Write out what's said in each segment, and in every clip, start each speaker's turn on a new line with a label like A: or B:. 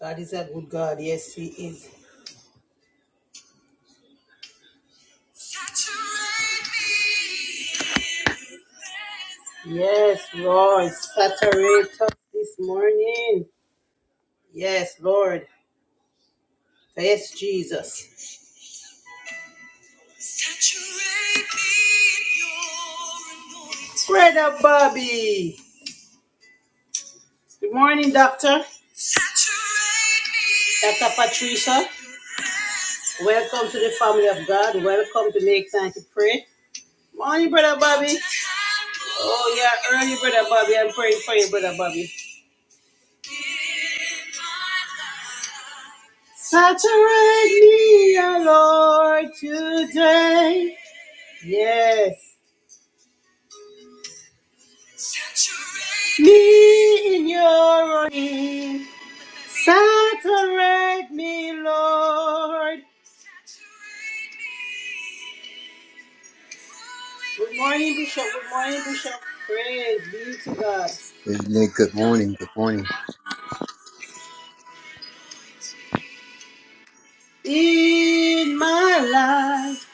A: God is a good God. Yes, He is. Yes, Lord. Saturate us this morning. Yes, Lord. Yes, Jesus. Brother Bobby. Good morning, Doctor. Dr. Patricia. Welcome to the family of God. Welcome to Make Time to Pray. Morning, Brother Bobby. Oh, yeah, early, Brother Bobby. I'm praying for you, Brother Bobby. Saturate me, O Lord, today. Yes. Saturate me in your oil. Saturate me, Lord. Good morning, Bishop. Good morning, Bishop. Praise be to God.
B: Amen. Good morning. Good morning.
A: In my life,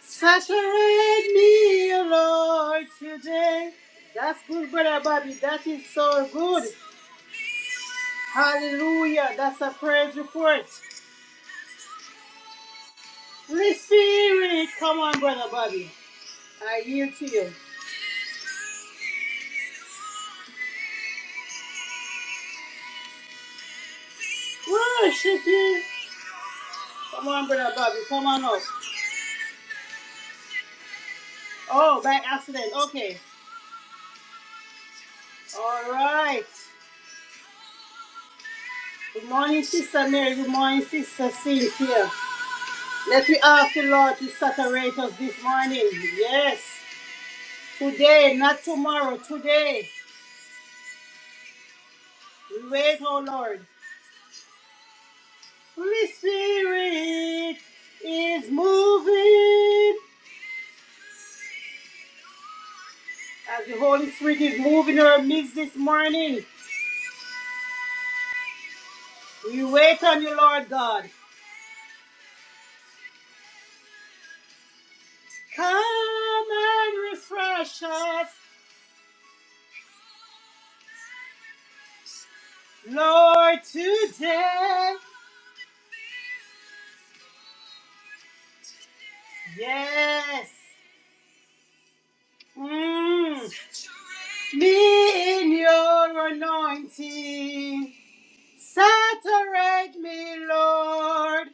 A: saturate me, Lord, today. That's good, Brother Bobby. That is so good. Hallelujah. That's a praise report. Holy Spirit, come on, Brother Bobby. I yield to you. Well, it should be. Come on, brother Bobby. Come on up. Oh, by accident. Okay. All right. Good morning, Sister Mary. Good morning, Sister Cynthia. Let me ask the Lord to saturate us this morning. Yes. Today, not tomorrow. Today. We wait, oh Lord. Holy Spirit is moving. As the Holy Spirit is moving in our midst this morning, we wait on you, Lord God. Come and refresh us, Lord, today. Yes. Mm. Me in your anointing. Saturate me, Lord.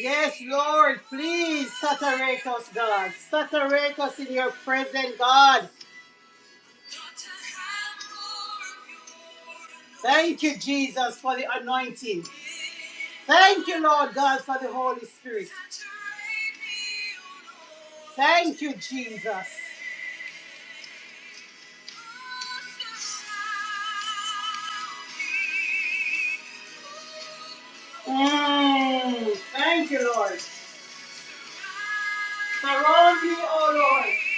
A: Yes, Lord, please saturate us, God. Saturate us in your presence, God. Thank you, Jesus, for the anointing. Thank you, Lord God, for the Holy Spirit. Thank you, Jesus. Mm, thank you, Lord. Surround me, oh Lord.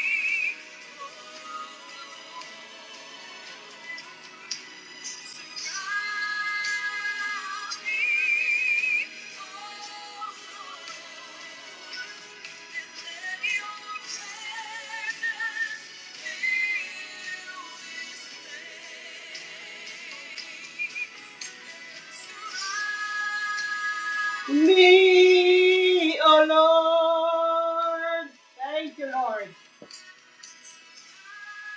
A: Me, oh Lord. Thank you, Lord.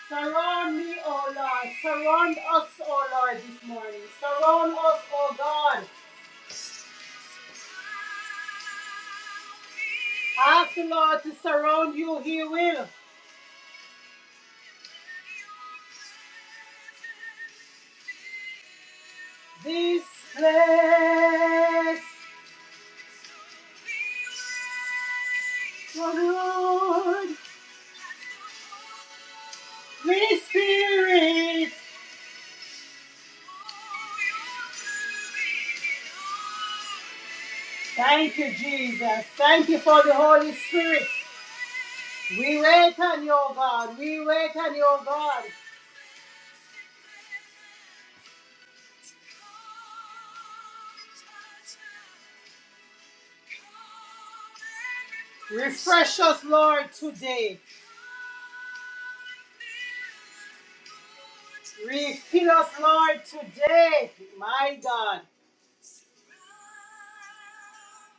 A: Surround me, oh Lord. Surround us, oh Lord, this morning. Surround us, oh God. Ask the Lord to surround you, He will. This place, oh Lord, Free Spirit. Thank you, Jesus. Thank you for the Holy Spirit. We wait on you, O God. We wait on you, O God. Refresh us, Lord, today. Refill us, Lord, today. My God.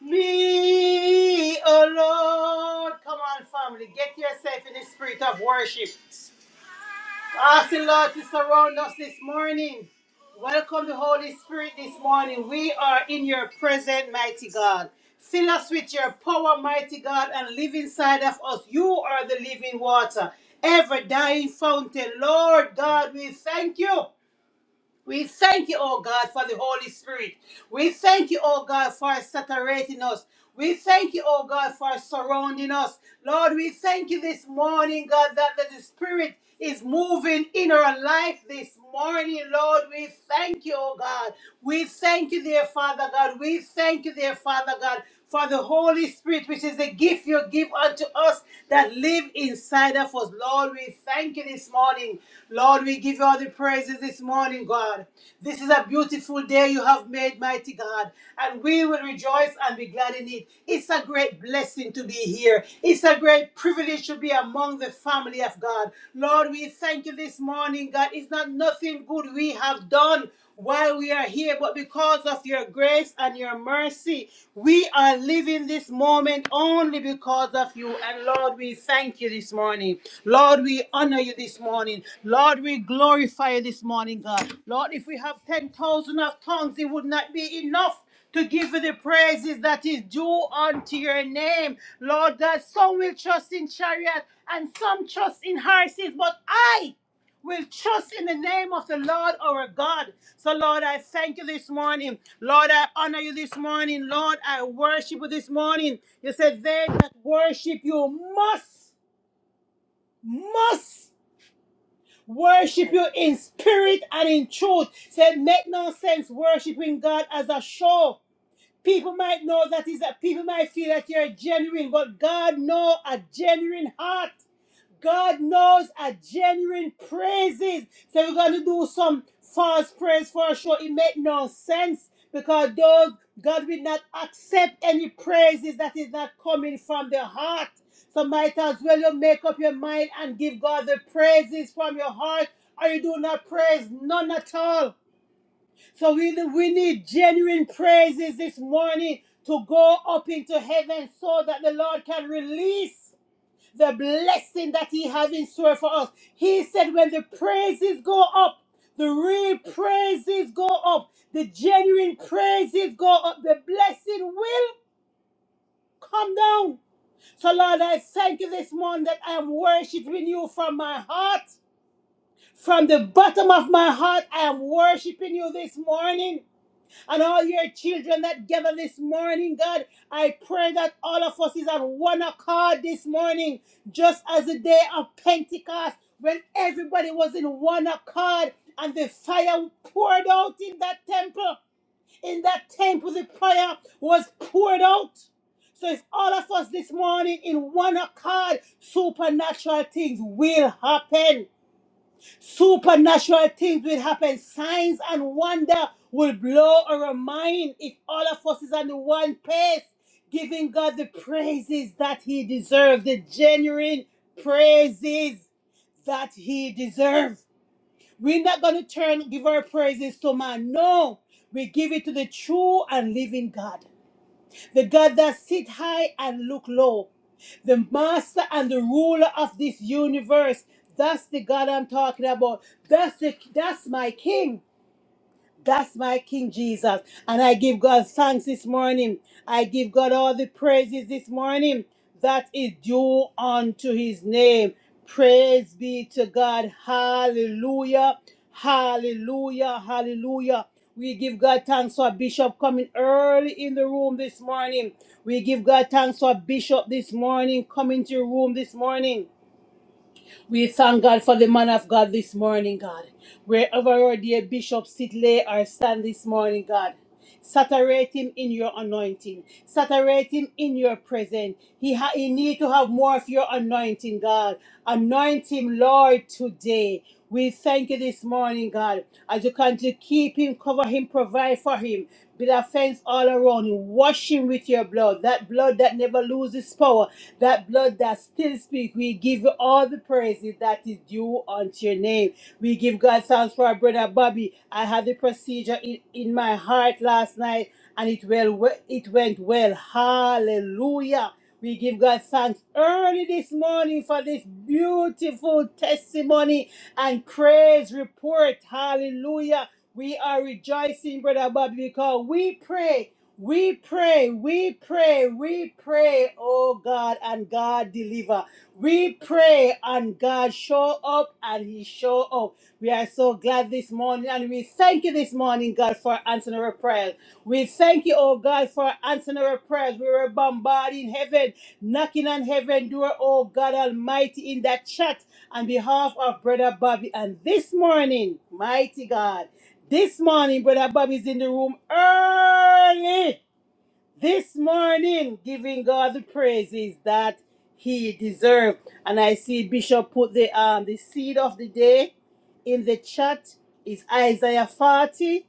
A: Me, oh Lord. Come on, family. Get yourself in the spirit of worship. Ask the Lord to surround us this morning. Welcome the Holy Spirit this morning. We are in your presence, mighty God. Fill us with your power, mighty God, and live inside of us. You are the living water, ever dying fountain. Lord God, we thank you. We thank you, oh God, for the Holy Spirit. We thank you, oh God, for saturating us. We thank you, oh God, for surrounding us. Lord, we thank you this morning, God, that, that the Spirit is moving in our life this morning, Lord. We thank you, oh God. We thank you, dear Father God. We thank you, dear Father God for the Holy Spirit, which is the gift you give unto us that live inside of us. Lord, we thank you this morning. Lord, we give you all the praises this morning, God. This is a beautiful day you have made, mighty God, and we will rejoice and be glad in it. It's a great blessing to be here. It's a great privilege to be among the family of God. Lord, we thank you this morning, God. It's not nothing good we have done while we are here, but because of your grace and your mercy, we are living this moment only because of you. And Lord, we thank you this morning. Lord, we honor you this morning. Lord, we glorify you this morning, God. Lord, if we have 10,000 of tongues, it would not be enough to give you the praises that is due unto your name. Lord, that some will trust in chariot and some trust in horses, but I will trust in the name of the Lord our God. So, Lord, I thank you this morning. Lord, I honor you this morning. Lord, I worship you this morning. You said, They that worship you must, must worship you in spirit and in truth. Said, Make no sense worshiping God as a show. People might know that is that people might feel that you're genuine, but God know a genuine heart. God knows a genuine praises. So we're going to do some false praise for sure. It make no sense because those God will not accept any praises that is not coming from the heart. So might as well you make up your mind and give God the praises from your heart, or you do not praise none at all. So we, we need genuine praises this morning to go up into heaven so that the Lord can release the blessing that he has in store for us. He said, when the praises go up, the real praises go up, the genuine praises go up, the blessing will come down. So, Lord, I thank you this morning that I am worshiping you from my heart. From the bottom of my heart, I am worshiping you this morning and all your children that gather this morning, God. I pray that all of us is at one accord this morning, just as the day of Pentecost when everybody was in one accord and the fire poured out in that temple. In that temple, the prayer was poured out. So, if all of us this morning in one accord, supernatural things will happen. Supernatural things will happen. Signs and wonder will blow our mind if all of us is on the one pace, giving God the praises that He deserves, the genuine praises that He deserves. We're not going to turn, give our praises to man. No, we give it to the true and living God the God that sit high and look low, the master and the ruler of this universe. That's the God I'm talking about. That's the that's my king. That's my King Jesus. And I give God thanks this morning. I give God all the praises this morning that is due unto his name. Praise be to God. Hallelujah. Hallelujah. Hallelujah. We give God thanks for Bishop coming early in the room this morning. We give God thanks for Bishop this morning coming to your room this morning. We thank God for the man of God this morning, God. Wherever our dear bishop sit, lay, or stand this morning, God. Saturate him in your anointing. Saturate him in your presence. He, ha- he need to have more of your anointing, God. Anoint him, Lord, today. We thank you this morning, God, as you continue to keep him, cover him, provide for him. Build a fence all around him. Wash him with your blood, that blood that never loses power, that blood that still speaks. We give you all the praises that is due unto your name. We give God thanks for our brother Bobby. I had the procedure in, in my heart last night and it well it went well. Hallelujah. We give God thanks early this morning for this beautiful testimony and praise report. Hallelujah. We are rejoicing, Brother Bobby, because we pray we pray, we pray, we pray, oh God, and God deliver. We pray and God show up and He show up. We are so glad this morning and we thank you this morning, God, for answering our prayers. We thank you, oh God, for answering our prayers. We were bombarding heaven, knocking on heaven door, oh God Almighty, in that chat on behalf of Brother Bobby. And this morning, mighty God, this morning, Brother Bobby's in the room early this morning giving God the praises that he deserved. And I see Bishop put the um the seed of the day in the chat is Isaiah 40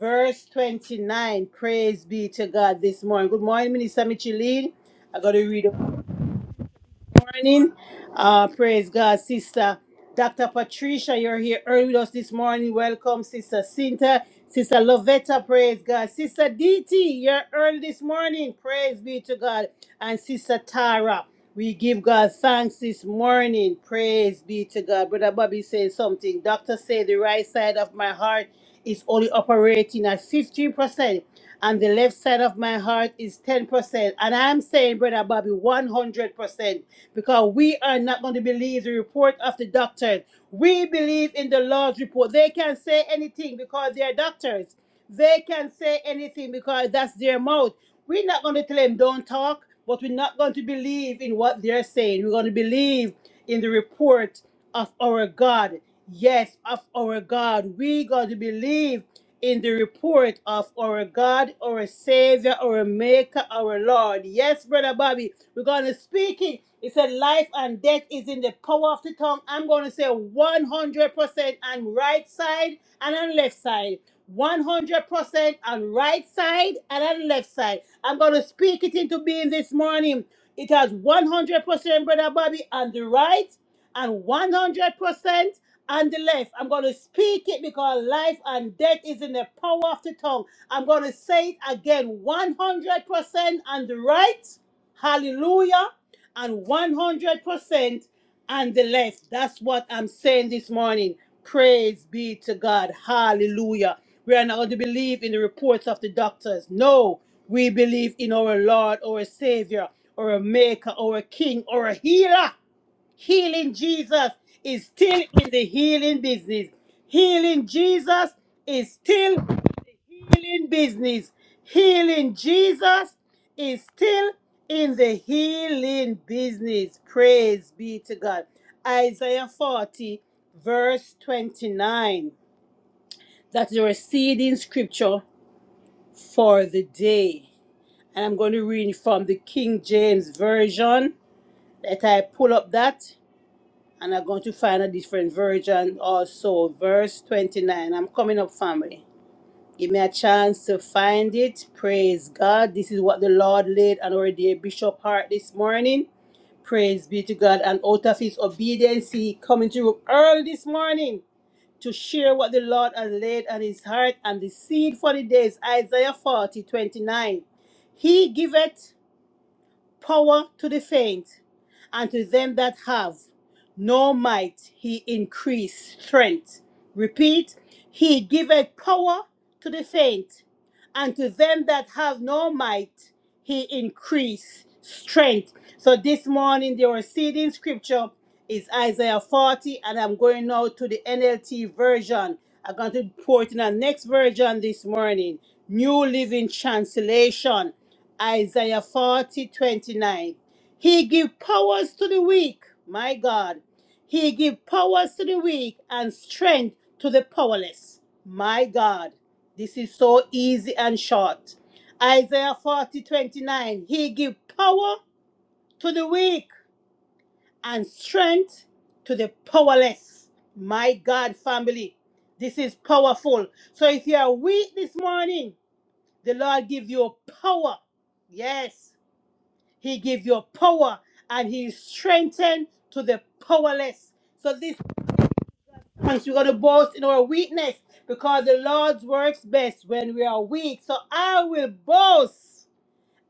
A: verse 29. Praise be to God this morning. Good morning, Minister Micheline. I gotta read morning. Uh, praise God, Sister Dr. Patricia, you're here early with us this morning. Welcome, Sister Cinta, Sister Lovetta, praise God. Sister DT, you're early this morning. Praise be to God. And Sister Tara, we give God thanks this morning. Praise be to God. Brother Bobby said something. Doctor said the right side of my heart is only operating at 15%, and the left side of my heart is 10%. And I'm saying, Brother Bobby, 100%, because we are not going to believe the report of the doctors. We believe in the Lord's report. They can say anything because they are doctors. They can say anything because that's their mouth. We're not going to tell them don't talk, but we're not going to believe in what they're saying. We're going to believe in the report of our God. Yes, of our God. We got to believe in the report of our God, our Savior, our Maker, our Lord. Yes, Brother Bobby, we're going to speak it. It said, Life and death is in the power of the tongue. I'm going to say 100% on right side and on left side. 100% on right side and on left side. I'm going to speak it into being this morning. It has 100%, Brother Bobby, on the right and 100% on the left. I'm going to speak it because life and death is in the power of the tongue. I'm going to say it again 100% on the right, hallelujah, and 100% on the left. That's what I'm saying this morning. Praise be to God, hallelujah. We are not going to believe in the reports of the doctors. No, we believe in our Lord, our Savior, our Maker, our King, our Healer. Healing Jesus is still in the healing business. Healing Jesus is still in the healing business. Healing Jesus is still in the healing business. Praise be to God. Isaiah 40, verse 29. That is a receding scripture for the day. And I'm going to read from the King James Version. Let I pull up that and I'm going to find a different version also. Verse 29. I'm coming up, family. Give me a chance to find it. Praise God. This is what the Lord laid on our dear Bishop Hart this morning. Praise be to God. And out of his obedience, he coming to room early this morning to share what the Lord has laid on his heart and the seed for the days. Isaiah 40 29. He giveth power to the faint, and to them that have no might he increase strength. Repeat, he giveth power to the faint, and to them that have no might he increase strength. So this morning the receding scripture is Isaiah 40, and I'm going now to the NLT version. I'm going to pour it in the next version this morning. New Living Translation. Isaiah 40 29, He give powers to the weak, my God. He give powers to the weak and strength to the powerless, my God. This is so easy and short. Isaiah 40 29, He give power to the weak and strength to the powerless, my God, family. This is powerful. So if you are weak this morning, the Lord give you power. Yes. He gives you power and he strengthens to the powerless. So this thanks we're gonna boast in our weakness because the Lord works best when we are weak. So I will boast.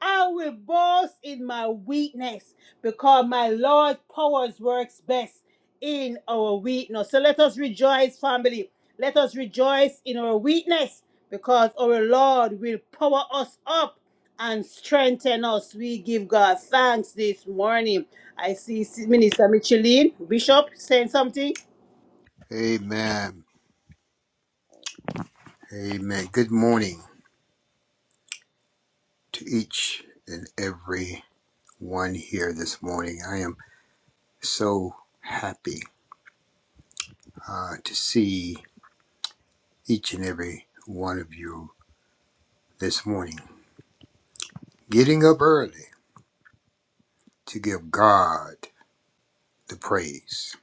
A: I will boast in my weakness because my Lord powers works best in our weakness. So let us rejoice, family. Let us rejoice in our weakness because our Lord will power us up and strengthen us. We give God thanks this morning. I see Minister Micheline, Bishop, saying something.
B: Amen. Amen. Good morning to each and every one here this morning. I am so happy uh, to see each and every one of you this morning. Getting up early to give God the praise.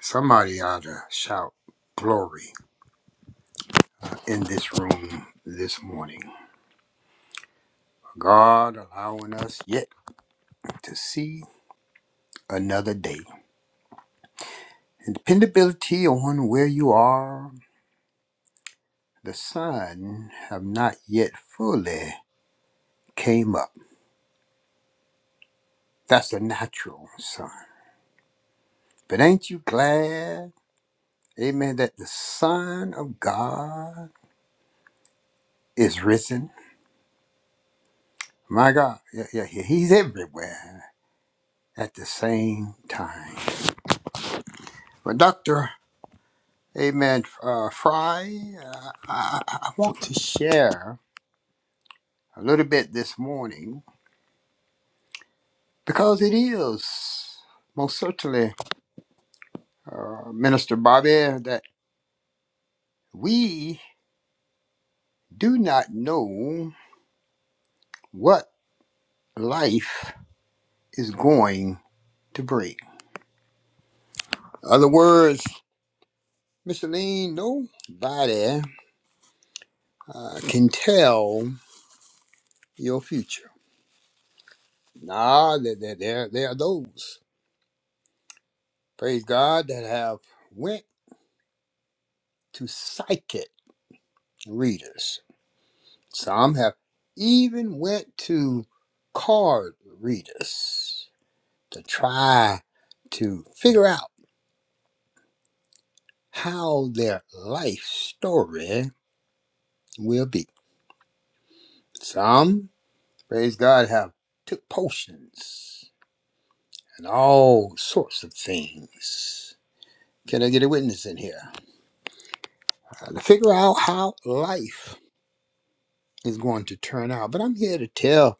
B: Somebody ought to shout glory in this room this morning. God allowing us yet to see another day. And dependability on where you are, the sun have not yet fully came up. That's the natural sun. But ain't you glad, amen, that the Son of God is risen? My God, yeah, yeah, yeah, he's everywhere at the same time. But Dr. Amen uh, Fry, uh, I, I I want to share a little bit this morning because it is most certainly. uh, Minister Bobby, that we do not know what life is going to bring. Other words, Mr. Lean, nobody uh, can tell your future. Nah, there, there, there there are those, praise God, that have went to psychic readers. Some have even went to card readers to try to figure out how their life story will be. Some, praise God, have took potions and all sorts of things. Can I get a witness in here? Uh, to figure out how life is going to turn out. But I'm here to tell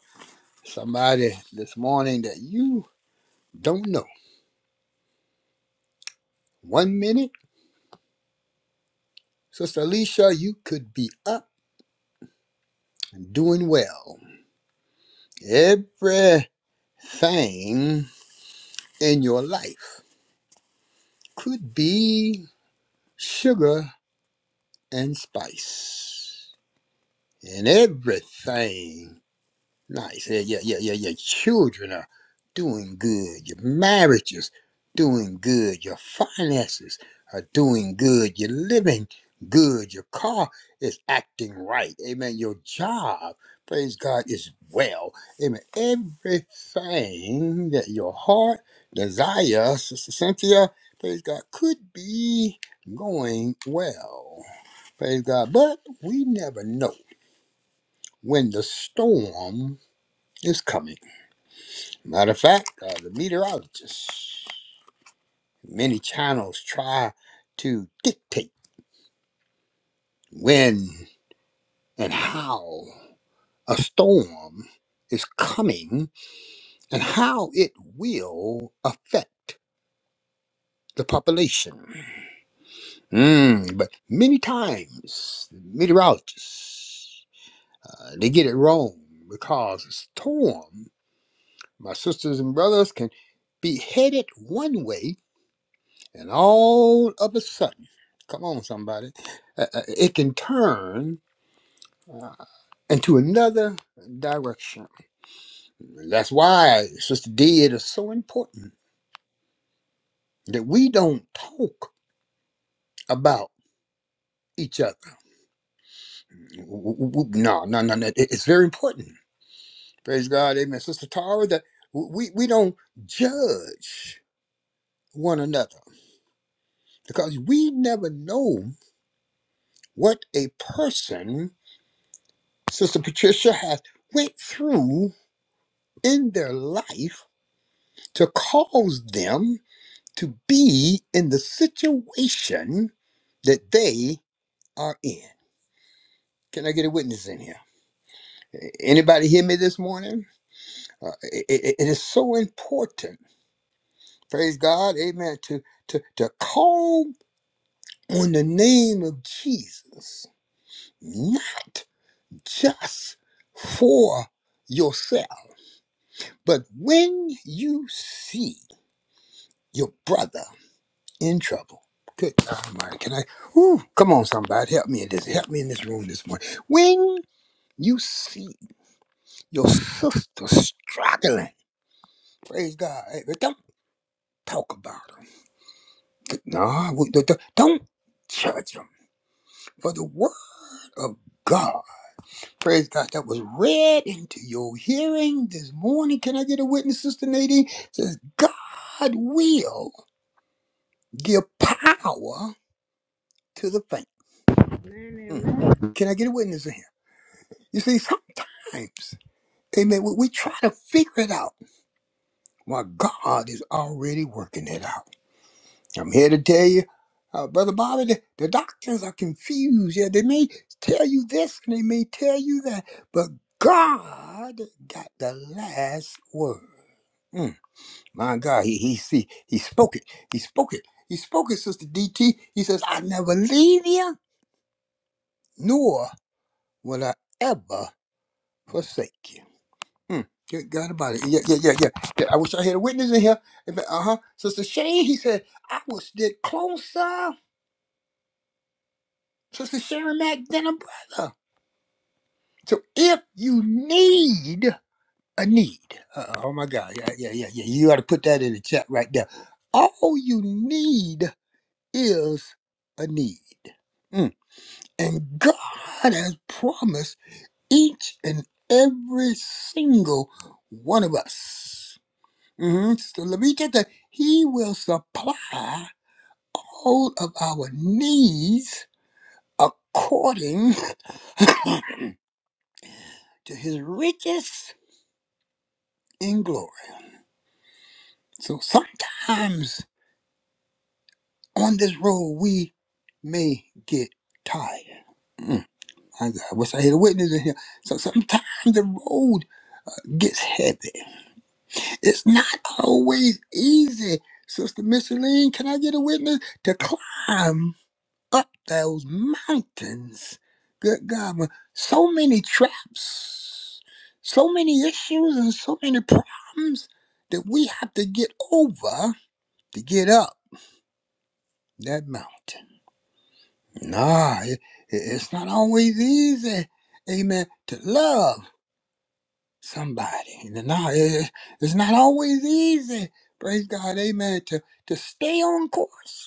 B: somebody this morning that you don't know. One minute, Sister Alicia, you could be up and doing well. Everything in your life could be sugar, and spice, and everything Nice. Yeah, yeah, yeah, yeah. Your children are doing good. Your marriages doing good. Your finances are doing good. You're living good. Your car is acting right. Amen. Your job, praise God, is well. Amen. Everything that your heart desires, Sister Cynthia, praise God, could be going well. Praise God. But we never know when the storm is coming Matter of fact, uh, the meteorologists, many channels try to dictate when and how a storm is coming and how it will affect the population. Mm, but many times, the meteorologists, uh, they get it wrong because a storm, my sisters and brothers, can be headed one way And all of a sudden, come on, somebody, uh, uh, it can turn uh, into another direction. That's why Sister D, it is so important that we don't talk about each other. W- w- w- No, no, no, no. it- It's very important. Praise God, Amen. Sister Tara, that w- we we don't judge one another because we never know what a person, Sister Patricia, has went through in their life to cause them to be in the situation that they are in. Can I get a witness in here? Anybody hear me this morning? Uh, it, it it is so important, praise God, amen, to, to, to call on the name of Jesus, not just for yourself, but when you see your brother in trouble. Good God Almighty, can I? Whew, come on, somebody, help me in this. Help me in this room this morning. When you see your sister struggling, praise God. Hey, but don't talk about them. No, we- don't don't- don't judge them. For the word of God, praise God, that was read into your hearing this morning. Can I get a witness, Sister Nadine? Says God will give power to the faint. Mm. Can I get a witness in here? You see, sometimes. Amen. We, we try to figure it out while God is already working it out. I'm here to tell you, uh, Brother Bobby, the, the doctors are confused. Yeah, they may tell you this and they may tell you that, but God got the last word. Mm, my God, he, he see he spoke it. He spoke it. He spoke it, Sister DT. He says, I never leave you, nor will I ever forsake you. Hmm. Good God about it. Yeah, yeah, yeah, yeah. Yeah, I wish I had a witness in here. Uh huh. Sister Shane, he said, I was the closer, Sister Sharon Mack, than a brother. So if you need a need, uh, oh my God, yeah, yeah, yeah, yeah. You ought to put that in the chat right there. All you need is a need. Mm. And God has promised each and every single one of us. hmm So let me get that. He will supply all of our needs according to his riches in glory. So sometimes on this road, we may get tired. Mm, my God, I wish I had a witness in here. So sometimes the road gets heavy. It's not always easy. Sister Micheline, can I get a witness to climb up those mountains. Good God, with so many traps, so many issues, and so many problems that we have to get over to get up that mountain. Nah, it, it- it's not always easy, amen, to love somebody. Nah, it, it's not always easy, praise God, amen, to, to stay on course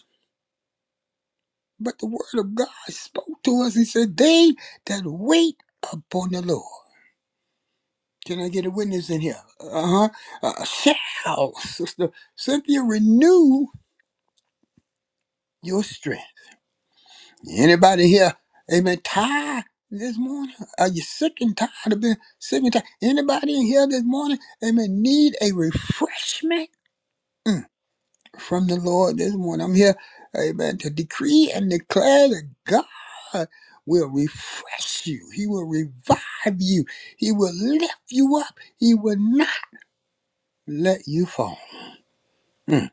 B: But the word of God spoke to us. He said, They that wait upon the Lord. Can I get a witness in here? Uh-huh. Uh, shall, Sister Cynthia, renew your strength. Anybody here, amen, tired this morning? Are you sick and tired of being sick and tired? Anybody in here this morning, amen, need a refreshment? Mm. from the Lord this morning. I'm here, amen, to decree and declare that God will refresh you. He will revive you. He will lift you up. He will not let you fall. Mm.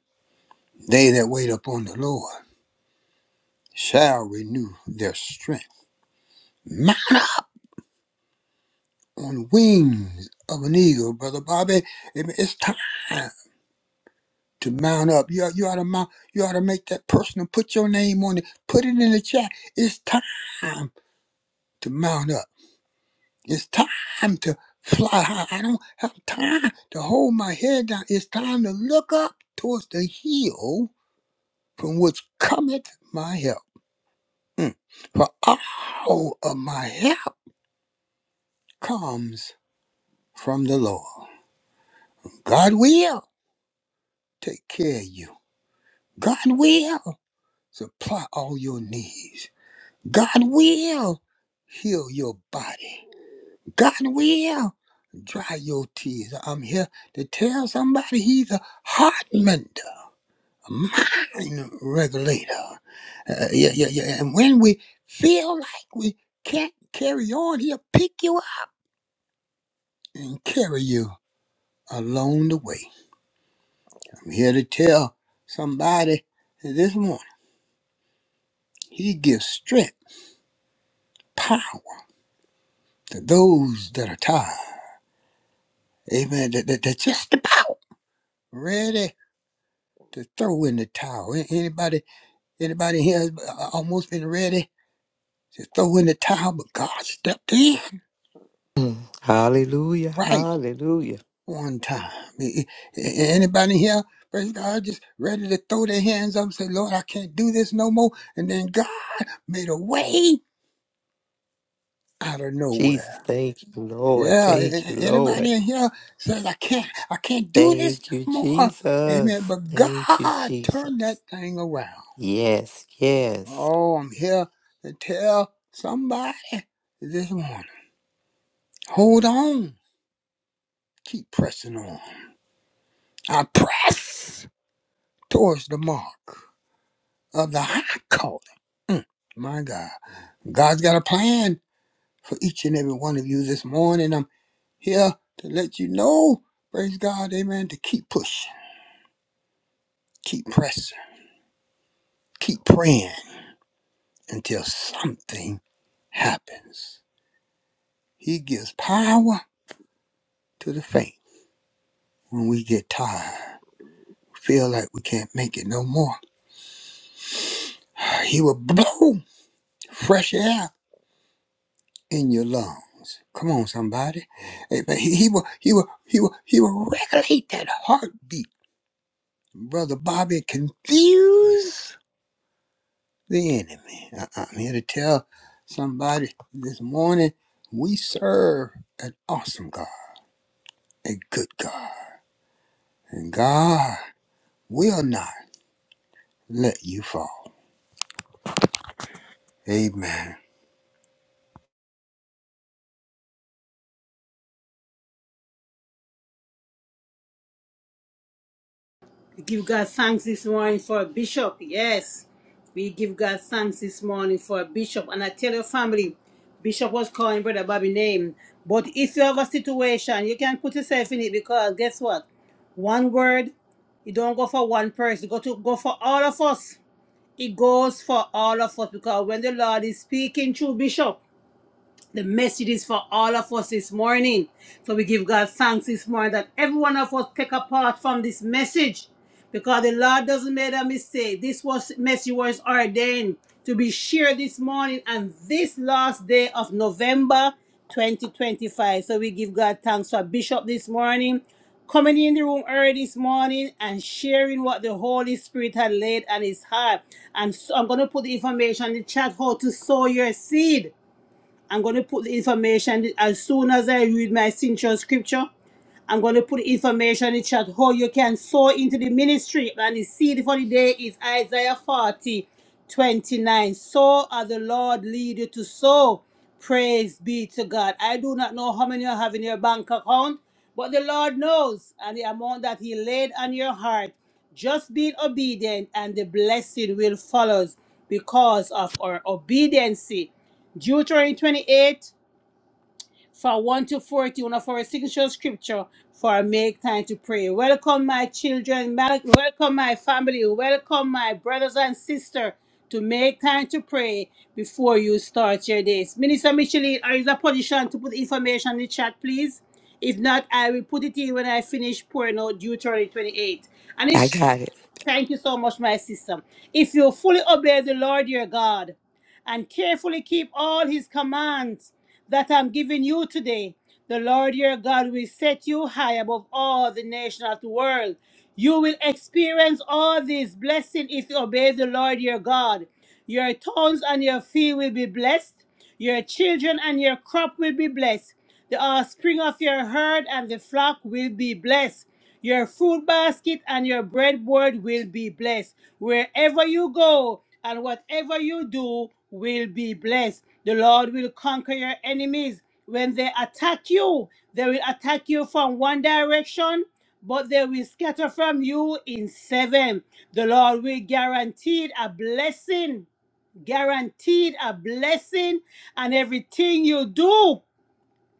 B: They that wait upon the Lord shall renew their strength. Mount up on wings of an eagle, brother Bobby. Amen. It's time to mount up. You, you ought to mount. You ought to make that personal. Put your name on it. Put it in the chat. It's time to mount up. It's time to fly high. I don't have time to hold my head down. It's time to look up towards the hill from which cometh my help. For all of my help comes from the Lord. God will take care of you. God will supply all your needs. God will heal your body. God will dry your tears. I'm here to tell somebody he's a heart mender. mind regulator. Uh, uh, yeah, yeah, yeah. And when we feel like we can't carry on, he'll pick you up and carry you along the way. I'm here to tell somebody this morning, he gives strength, power to those that are tired. Amen. That, that, that's just about ready to throw in the towel. A- Anybody, anybody here has uh, almost been ready to throw in the towel, but God stepped in
C: Hallelujah,
B: right
C: hallelujah.
B: one time. A- a- Anybody here, praise God, just ready to throw their hands up and say, Lord, I can't do this no more. And then God made a way out of
C: Jesus,
B: nowhere.
C: thank you, Lord.
B: Yeah, a-
C: Thank you,
B: a-
C: Lord.
B: anybody in here says, I can't, I can't do this
C: Thank you,
B: no more. Amen.
C: Jesus.
B: But
C: Thank you,
B: God turned
C: Jesus.
B: that thing around.
C: Yes, yes.
B: Oh, I'm here to tell somebody this morning. Hold on. Keep pressing on. I press towards the mark of the high calling. Mm, my God. God's got a plan for each and every one of you this morning. I'm here to let you know, praise God, amen, to keep pushing, keep pressing, keep praying until something happens. He gives power to the faint when we get tired, feel like we can't make it no more. He will blow fresh air in your lungs. Come on, somebody. Amen. He, he will, he will, he will, he will regulate that heartbeat Brother Bobby confuse the enemy. I- I'm here to tell somebody this morning we serve an awesome God, a good God. And God will not let you fall. Amen.
A: Give God thanks this morning for a bishop. Yes, we give God thanks this morning for a bishop. And I tell your family, Bishop was calling Brother Bobby name. But if you have a situation, you can put yourself in it because guess what? One word, it don't go for one person. It go to go for all of us. It goes for all of us because when the Lord is speaking through Bishop. The message is for all of us this morning. So we give God thanks this morning that every one of us take a part from this message because the Lord doesn't make a mistake. This was message was ordained to be shared this morning and this last day of November 2025. So we give God thanks for Bishop this morning coming in the room early this morning and sharing what the Holy Spirit had laid on his heart. And so I'm going to put the information in the chat how to sow your seed. I'm going to put the information as soon as I read my signature scripture. I'm going to put the information in the chat how you can sow into the ministry. And the seed for the day is Isaiah forty twenty nine. 29. Sow as the Lord lead you to sow. Praise be to God. I do not know how many you have in your bank account, but the Lord knows and the amount that He laid on your heart. Just be obedient, and the blessing will follow us because of our obedience. Deuteronomy 28, for 1 to forty, one of our signature scripture for make time to pray. Welcome, my children. mal- Welcome, my family. Welcome, my brothers and sisters, to make time to pray before you start your days. Minister Micheline, are you in a position to put information in the chat, please? If not, I will put it in when I finish pouring out Deuteronomy 28. and
C: I
A: it's.
C: got it.
A: Thank you so much, my sister. If you fully obey the Lord your God and carefully keep all his commands that I'm giving you today, the Lord your God will set you high above all the nations of the world. You will experience all these blessings if you obey the Lord your God. Your towns and your field will be blessed. Your children and your crop will be blessed. The offspring of your herd and the flock will be blessed. Your food basket and your breadboard will be blessed. Wherever you go and whatever you do will be blessed. The Lord will conquer your enemies. When they attack you, they will attack you from one direction, but they will scatter from you in seven. The Lord will guarantee a blessing guaranteed a blessing and everything you do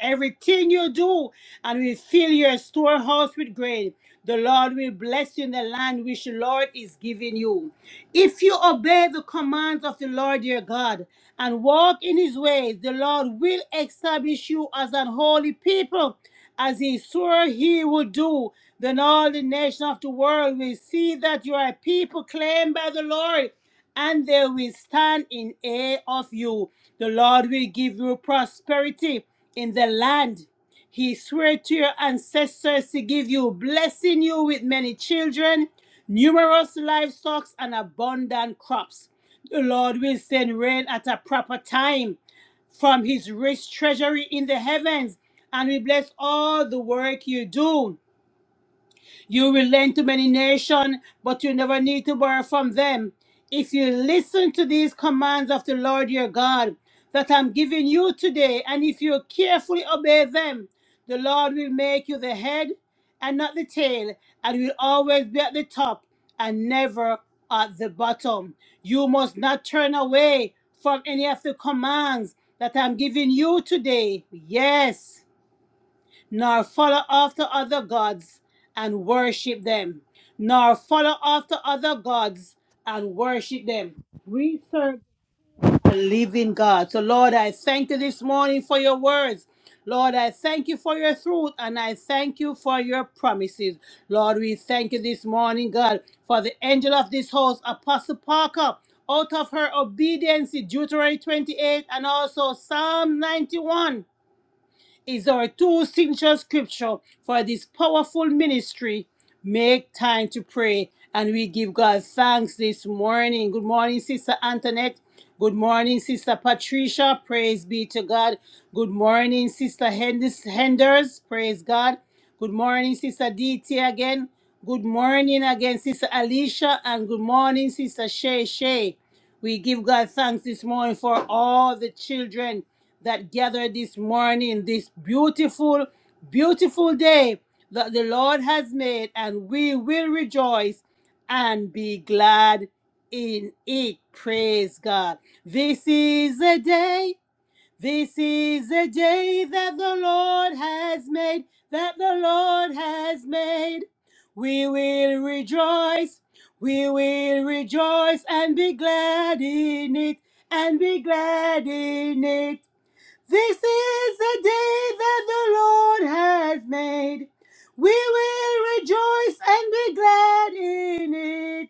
A: everything you do and we fill your storehouse with grain the lord will bless you in the land which the lord is giving you if you obey the commands of the lord your god and walk in his ways the lord will establish you as an holy people as he swore he would do then all the nations of the world will see that you are a people claimed by the lord and they will stand in awe of you. The Lord will give you prosperity in the land. He swore to your ancestors to give you, blessing you with many children, numerous livestock, and abundant crops. The Lord will send rain at a proper time from his rich treasury in the heavens and will bless all the work you do. You will lend to many nations, but you never need to borrow from them. If you listen to these commands of the Lord your God that I'm giving you today, and if you carefully obey them, the Lord will make you the head and not the tail, and will always be at the top and never at the bottom. You must not turn away from any of the commands that I'm giving you today. Yes nor follow after other gods and worship them, nor follow after other gods and worship them. We serve a living God. So, Lord, I thank you this morning for your words. Lord, I thank you for your truth and I thank you for your promises. Lord, we thank you this morning, God, for the angel of this house, Apostle Parker, out of her obedience, Deuteronomy 28 and also Psalm 91 is our two signature scripture for this powerful ministry. Make time to pray. And we give God thanks this morning. Good morning, Sister Antoinette. Good morning, Sister Patricia. Praise be to God. Good morning, Sister Hendes- Henders. Praise God. Good morning, Sister DT again. Good morning again, Sister Alicia. And good morning, Sister Shay Shay. We give God thanks this morning for all the children that gathered this morning, this beautiful, beautiful day that the Lord has made, and we will rejoice and be glad in it. Praise God. This is a day this is a day that the Lord has made, that the Lord has made. We will rejoice, we will rejoice and be glad in it, and be glad in it. This is the day that the Lord has made. We will rejoice and be glad in it.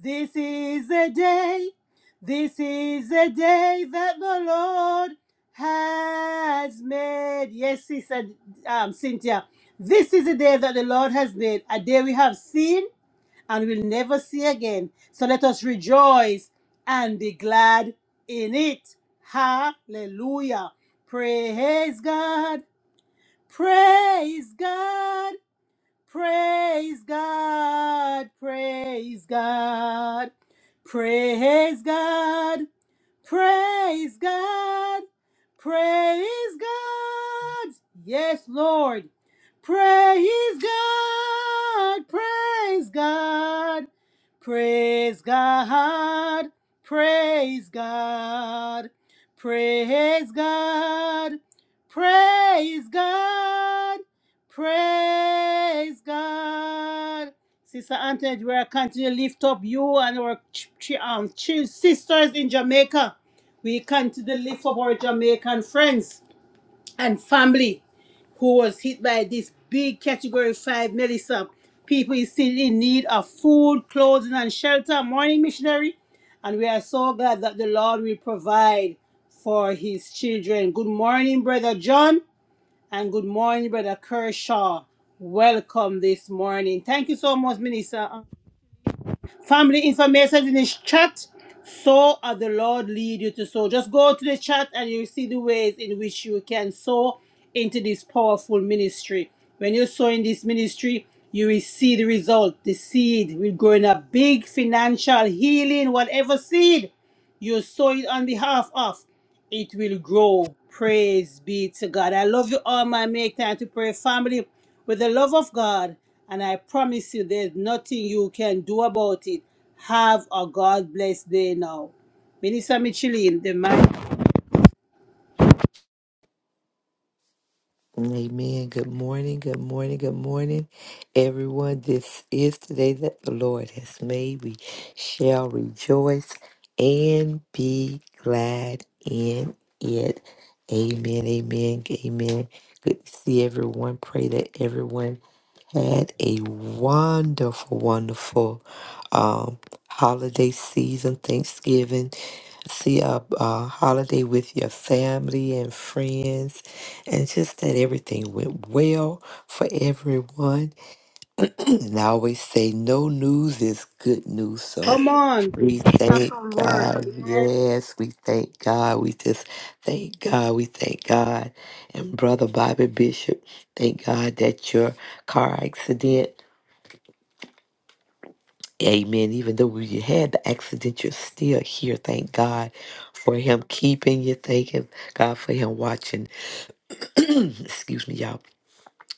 A: This is the day, this is the day that the Lord has made. Yes, he said, um, Cynthia, this is the day that the Lord has made, a day we have seen and will never see again. So let us rejoice and be glad in it. Hallelujah. Praise God. Praise God. Praise God. Praise God. Praise God. Praise God. Praise God. Yes, Lord. Praise God, praise God, praise God, praise God, praise God, praise God, praise God. Sister Antoinette, we are continuing to lift up you and our ch- ch- um, ch- sisters in Jamaica. We continue to lift up our Jamaican friends and family who was hit by this big category 5 melissa people is still in need of food clothing and shelter morning missionary and we are so glad that the lord will provide for his children good morning brother john and good morning brother kershaw welcome this morning thank you so much minister Family information in this chat. So are the Lord lead you to sow. Just go to the chat and you'll see the ways in which you can sow into this powerful ministry. When you sow in this ministry, you will see the result. The seed will grow in a big financial healing, whatever seed you sow it on behalf of it will grow. Praise be to God. I love you all, my make time to pray family with the love of God. And I promise you, there's nothing you can do about it. Have a God blessed day now. Minister Micheline, the man.
C: Amen. Good morning, good morning, good morning, everyone. This is the day that the Lord has made. We shall rejoice and be glad in it. Amen, amen, amen. Good to see everyone. Pray that everyone had a wonderful, wonderful um, holiday season, Thanksgiving. See a, a holiday with your family and friends, and just that everything went well for everyone. And I always say, no news is good news. So
A: Come on,
C: we
A: have
C: thank
A: some word.
C: God. Yes, we thank God. We just thank God. We thank God. And Brother Bobby Bishop, thank God that your car accident Amen. Even though you had the accident, you're still here. Thank God for Him keeping you. Thank Him, God, for Him watching. Excuse me, y'all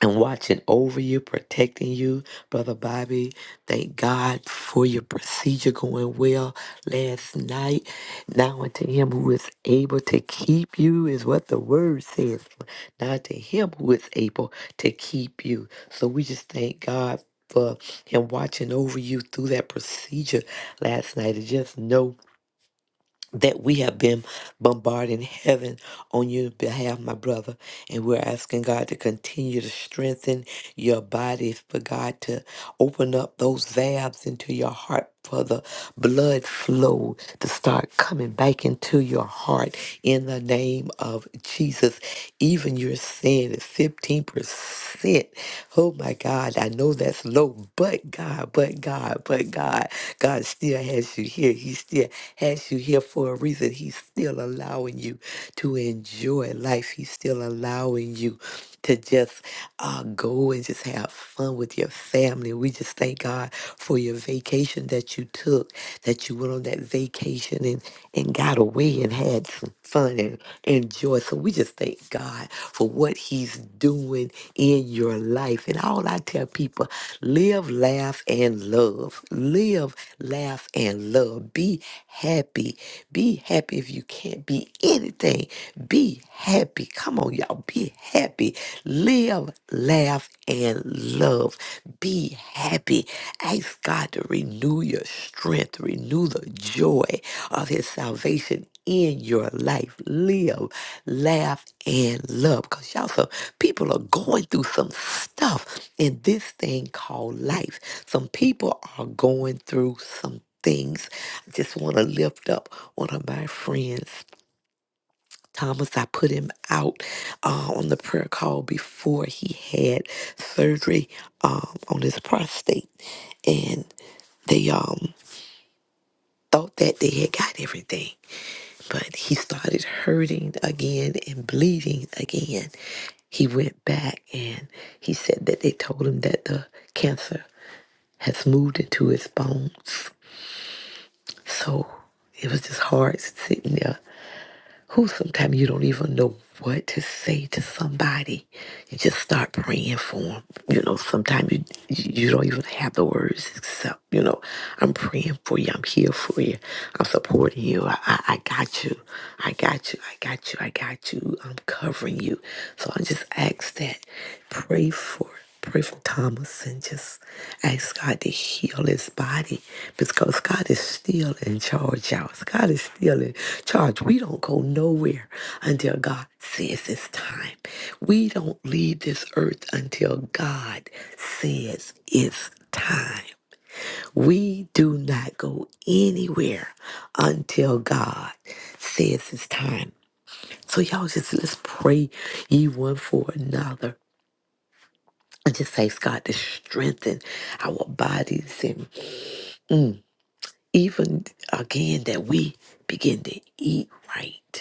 C: and watching over you, protecting you, Brother Bobby. Thank God for your procedure going well last night. Now unto him who is able to keep you is what the word says. Now unto him who is able to keep you. So we just thank God for him watching over you through that procedure last night. And just know that we have been bombarding heaven on your behalf, my brother. And we're asking God to continue to strengthen your body, for God to open up those valves into your heart for the blood flow to start coming back into your heart in the name of Jesus. Even you're saying that 15% Oh my God, I know that's low, but God, but God, but God, God still has you here. He still has you here for a reason. He's still allowing you to enjoy life. He's still allowing you to just uh, go and just have fun with your family. We just thank God for your vacation that you took, that you went on that vacation and, and got got away and had some fun and enjoy. So we just thank God for what He's doing in your life. And all I tell people live, laugh, and love. Live, laugh, and love. Be happy. Be happy if you can't be anything. Be happy. Come on, y'all. Be happy. Live, laugh, and love love. Be happy. Ask God to renew your strength, renew the joy of His salvation in your life. Live, laugh, and love. Because y'all, some people are going through some stuff in this thing called life. Some people are going through some things. I just want to lift up one of my friends Thomas, I put him out uh, on the prayer call before he had surgery um, on his prostate, and they um thought that they had got everything, but he started hurting again and bleeding again. He went back and he said that they told him that the cancer has moved into his bones. So it was just hard sitting there who sometimes you don't even know what to say to somebody. You just start praying for them. You know, sometimes you you don't even have the words except, you know, I'm praying for you. I'm here for you. I'm supporting you. I, I, I got you. I got you. I got you. I got you. I'm covering you. So I just ask that. Pray for Pray for Thomas and just ask God to heal his body because God is still in charge, y'all. God is still in charge. We don't go nowhere until God says it's time. We don't leave this earth until God says it's time. We do not go anywhere until God says it's time. So y'all just let's pray ye one for another. I just ask God to strengthen our bodies and even again that we begin to eat right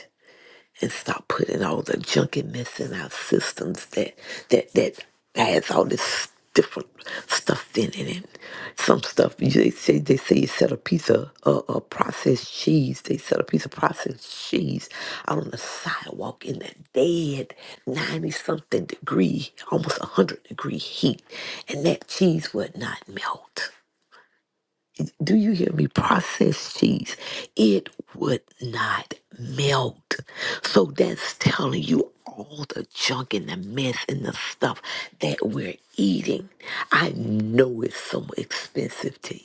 C: and stop putting all the junkiness in our systems that that that has all this different stuff in it. And some stuff you- they say they say you set a piece of uh, uh, processed cheese. They set a piece of processed cheese out on the sidewalk in that dead ninety something degree, almost hundred degree heat, and that cheese would not melt do you hear me? Processed cheese, it would not melt. So that's telling you all the junk and the mess and the stuff that we're eating. I know it's so expensive to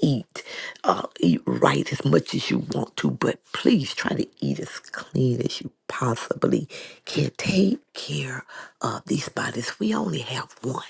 C: eat. Uh, eat right as much as you want to, but please try to eat as clean as you possibly can. Take care of these bodies. We only have one.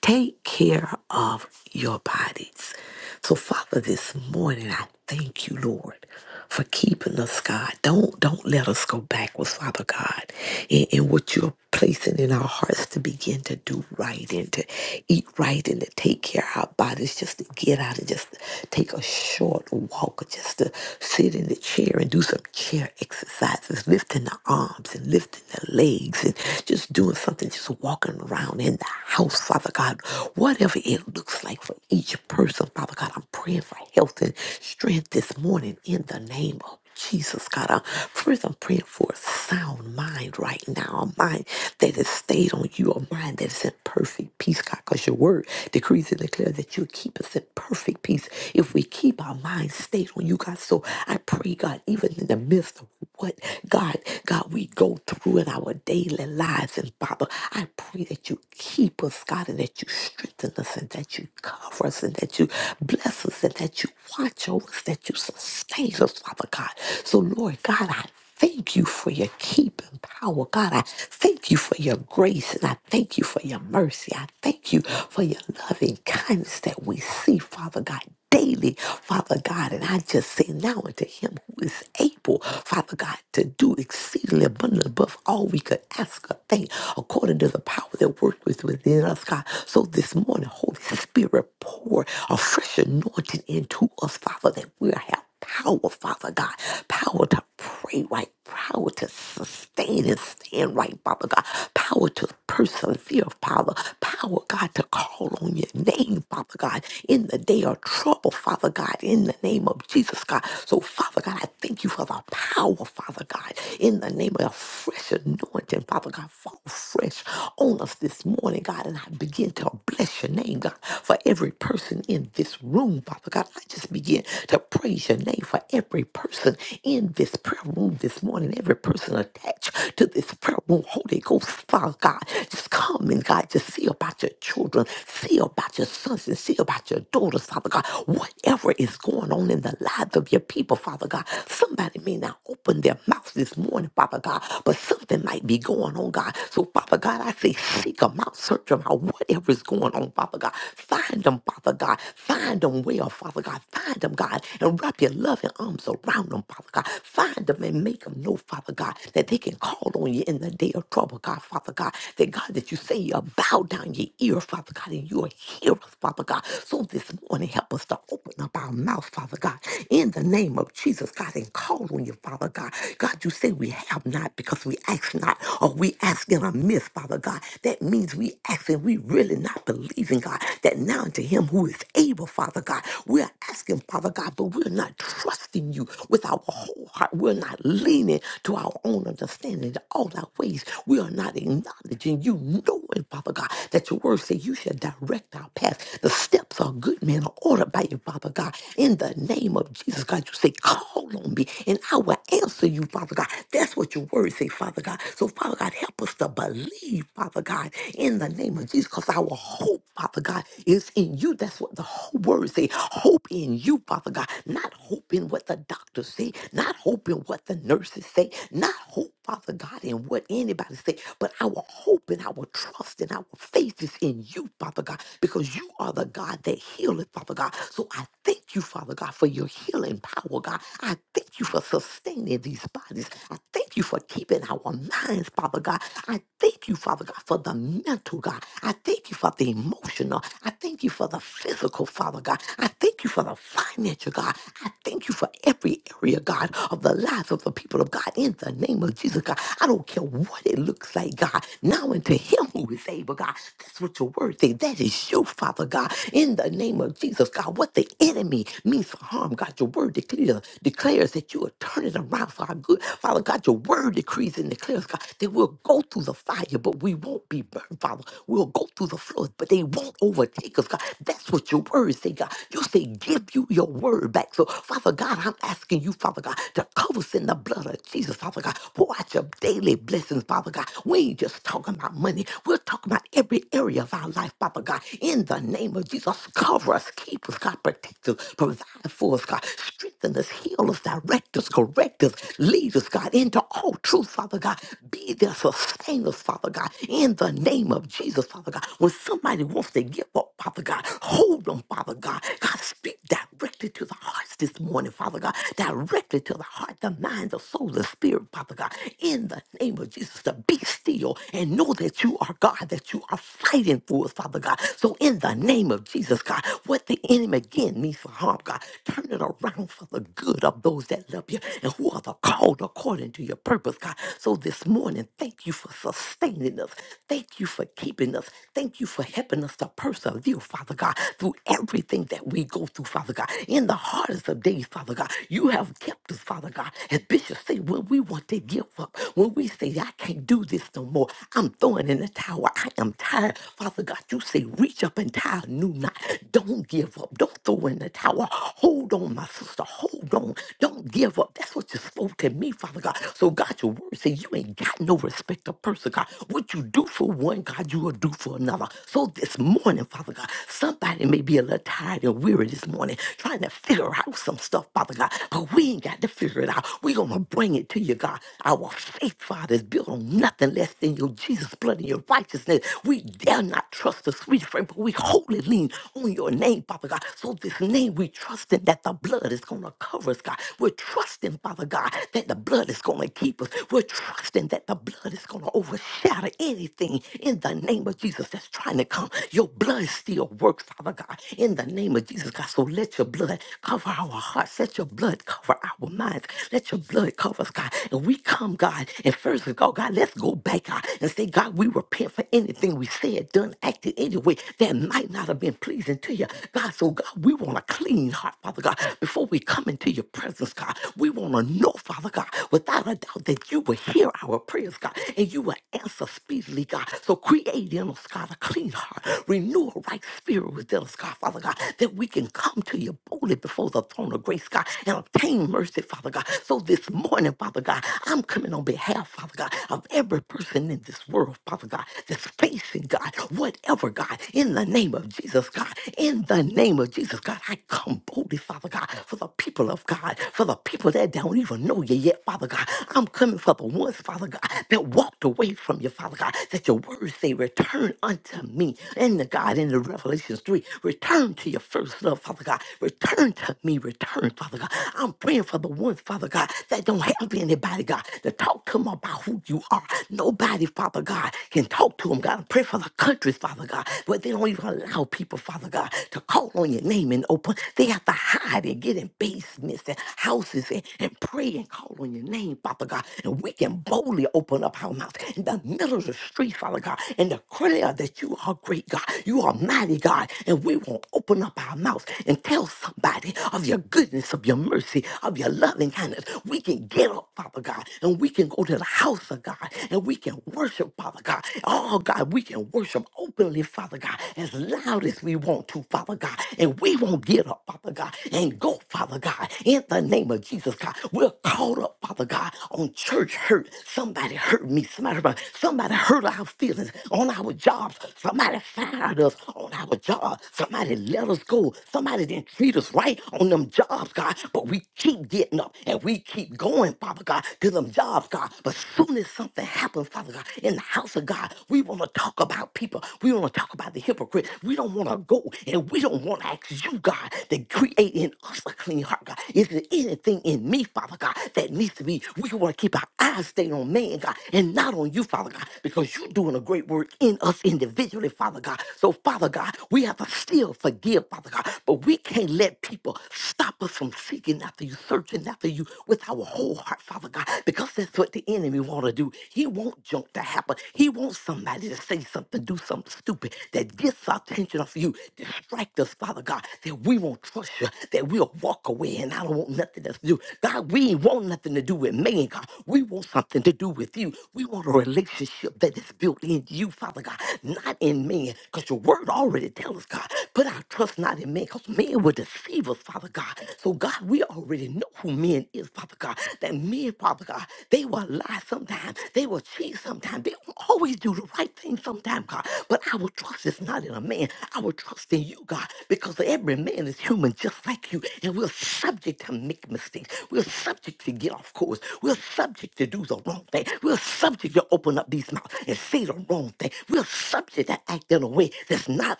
C: Take care of your bodies. So, Father, this morning, I Thank you, Lord, for keeping us, God. Don't don't let us go backwards, Father God, in, in what you're placing in our hearts to begin to do right and to eat right and to take care of our bodies, just to get out and just take a short walk, or just to sit in the chair and do some chair exercises, lifting the arms and lifting the legs and just doing something, just walking around in the house, Father God. Whatever it looks like for each person, Father God, I'm praying for health and strength this morning in the name of Jesus, God. Uh, first, I'm praying for a sound mind right now, a mind that is stayed on you, a mind that is in perfect peace, God, because your word decrees and declares that you'll keep us in perfect peace if we keep our minds stayed on you, God. So I pray, God, even in the midst of what, God, God, we go through in our daily lives. And Father, I pray that you keep us, God, and that you strengthen us and that you cover us and that you bless us and that you you watch over us, that you sustain us, Father God. So, Lord God, I thank you for your keeping power. God, I thank you for your grace and I thank you for your mercy. I thank you for your loving kindness that we see, Father God. Daily, Father God, and I just say now unto him who is able, Father God, to do exceedingly abundantly above all we could ask or think, according to the power that worketh within us, God. So this morning, Holy Spirit, pour a fresh anointing spoken into us, Father, that we have power, Father God, power to pray right, power to sustain and stand right, Father God, power to persevere, Father, power, God, to call on your name, Father God, in the day of trouble, Father God, in the name of Jesus, God. So, Father God, I thank you for the power, Father God, in the name of the fresh anointing, Father God, fall fresh on us this morning, God, and I begin to bless your name, God, for every person in this room room, Father God. I just begin to praise your name for every person in this prayer room this morning, every person attached to this prayer room. Holy Ghost, Father God, just come and God, just see about your children, see about your sons, and see about your daughters, Father God. Whatever is going on in the lives of your people, Father God, somebody may not open their mouth this morning, Father God, but something might be going on, God. So, Father God, I say, seek them out, search them out, whatever is going on, Father God. Find them, Father God. Find Find them well, Father God. Find them, God, and wrap your loving arms around them, Father God. Find them and make them know, Father God, that they can call on you in the day of trouble, God, Father God. That God, that you say you bow down your ear, Father God, and you will hear us, Father God. So this morning, help us to open up our mouth, Father God, in the name of Jesus, God, and call on you, Father God. God, you say we have not because we ask not, or we ask in a miss, Father God. That means we ask and we really not believing, God, that now to him who is He's able, Father God. We're asking, Father God, but we're not trusting you with our whole heart. We're not leaning to our own understanding, to all our ways. We are not acknowledging you, knowing, Father God, that your word says you shall direct our path. The steps of a good men are ordered by you, Father God. In the name of Jesus, God, you say, call on me and I will answer you, Father God. That's what your word say, Father God. So, Father God, help us to believe, Father God, in the name of Jesus, because our hope, Father God, is in you you. That's what the whole word say. Hope in you, Father God. Not hope in what the doctors say, not hope in what the nurses say, not hope, Father God, in what anybody say, but our hope and our trust and our faith is in you, Father God, because you are the God that healeth, Father God. So I thank you, Father God, for your healing power, God. I thank you for sustaining these bodies. I thank you for keeping our minds, Father God. I thank you, Father God, for the mental, God. I thank you for the emotional. I thank thank you for the physical, Father God. I thank you for the financial, God. I thank you for every area, God, of the lives of the people of God. In the name of Jesus, God, I don't care what it looks like, God. Now unto Him who is able, God. That's what your word says. That is you, Father God. In the name of Jesus, God, what the enemy means for harm, God, your word declares, declares that you will turn it around for our good. Father God, your word decrees and declares, God, that we'll go through the fire, but we won't be burned, Father. We'll go through the flood, but they won't overtake overtake us, God. That's what your word say, God. You say, give you your word back. So, Father God, I'm asking you, Father God, to cover us in the blood of Jesus, Father God. Pour out your daily blessings, Father God. We ain't just talking about money. We're talking about every area of our life, Father God. In the name of Jesus, cover us, keep us, God, protect us, provide for us, God. Strengthen us, heal us, direct us, correct us, lead us, God, into all truth, Father God. Be there, sustain us, Father God. In the name of Jesus, Father God. When somebody wants once they give up, Father God. Hold them, Father God. God, speak directly to the hearts this morning, Father God. Directly to the heart, the mind, the soul, the spirit, Father God. In the name of Jesus, to be still and know that you are God, that you are fighting for us, Father God. So in the name of Jesus, God, what the enemy again means for harm, God, turn it around for the good of those that love you and who are the called according to your purpose, God. So this morning, thank you for sustaining us. Thank you for keeping us. Thank you for helping us to persevere, Father God, through everything that we go through, Father God. In the hardest of days, Father God, you have kept us, Father God. As Bishop say, when we want to give up, when we say, I can't do this no more, I'm throwing in the towel, I am tired, Father God, you say, reach up and tie a new knot. Don't give up. Don't throw in the towel. Hold on, my sister. Hold on. Don't give up. That's what you spoke to me, Father God. So God, your word says you ain't got no respect of person, God. What you do for one, God, you will do for another tomorrow. So this morning, Father God, somebody may be a little tired and weary this morning trying to figure out some stuff, Father God, but we ain't got to figure it out. We're going to bring it to you, God. Our faith, Father, is built on nothing less than your Jesus' blood and your righteousness. We dare not trust the sweet frame, but we wholly lean on your name, Father God. So this name, we trusting that the blood is going to cover us, God. We're trusting, Father God, that the blood is going to keep us. We're trusting that the blood is going to overshadow anything in the name of Jesus. Jesus, that's trying to come. Your blood still works, Father God, in the name of Jesus, God. So let your blood cover our hearts. Let your blood cover our minds. Let your blood cover us, God. And we come, God, and first of all, God, let's go back, God, and say, God, we repent for anything we said, done, acted anyway that might not have been pleasing to you, God. So, God, we want a clean heart, Father God. Before we come into your presence, God, we want to know, Father God, without a doubt that you will hear our prayers, God, and you will answer speedily, God. So, create in us, God, a clean heart. Renew a right spirit within us, God, Father God, that we can come to you boldly before the throne of grace, God, and obtain mercy, Father God. So this morning, Father God, I'm coming on behalf, Father God, of every person in this world, Father God, that's facing, God, whatever, God, in the name of Jesus, God, in the name of Jesus, God, I come boldly, Father God, for the people of God, for the people that don't even know you yet, Father God. I'm coming for the ones, Father God, that walked away from you, Father God, that your word first say, Return unto me. And the God in the Revelations 3, return to your first love, Father God. Return to me, return, Father God. I'm praying for the ones, Father God, that don't have anybody, God, to talk to them about who you are. Nobody, Father God, can talk to them, God. I pray for the countries, Father God, where they don't even allow people, Father God, to call on your name and open. They have to hide and get in basements and houses and, and pray and call on your name, Father God. And we can boldly open up our mouths in the middle of the street, free, Father God, and declare that you are great, God. You are mighty, God. And we won't open up our mouth and tell somebody of your goodness, of your mercy, of your loving kindness. We can get up, Father God, and we can go to the house of God and we can worship, Father God. Oh, God, we can worship openly, Father God, as loud as we want to, Father God. And we won't get up, Father God, and go, Father God, in the name of Jesus, God. We're caught up, Father God, on church hurt. Somebody hurt me. Somebody, somebody hurt our feelings on our jobs. Somebody fired us on our job. Somebody let us go. Somebody didn't treat us right on them jobs, God. But we keep getting up and we keep going, Father God, to them jobs, God. But soon as something happens, Father God, in the house of God, we want to talk about people. We want to talk about the hypocrite. We don't want to go and we don't want to ask you, God, to create in us a clean heart, God. Is there anything in me, Father God, that needs to be? We want to keep our eyes stayed on man, God, and not on you, Father. Father God, because you're doing a great work in us individually, Father God. So, Father God, we have to still forgive, Father God, but we can't let people stop us from seeking after you, searching after you with our whole heart, Father God, because that's what the enemy want to do. He want junk to happen. He wants somebody to say something, do something stupid that gets our attention off you, distract us, Father God, that we won't trust you, that we'll walk away, and I don't want nothing else to do. God, we ain't want nothing to do with man, God. We want something to do with you. We want a a relationship that is built in you, Father God, not in man. Because your word already tells us, God, put our trust not in man, because man will deceive us, Father God. So, God, we already know who men is, Father God. That men, Father God, they will lie sometimes, they will cheat sometimes, they will always do the right thing sometimes, God. But our trust is not in a man. Our trust in you, God, because every man is human just like you, and we're subject to make mistakes. We're subject to get off course. We're subject to do the wrong thing. We're subject subject to open up these mouths and say the wrong thing. We're subject to act in a way that's not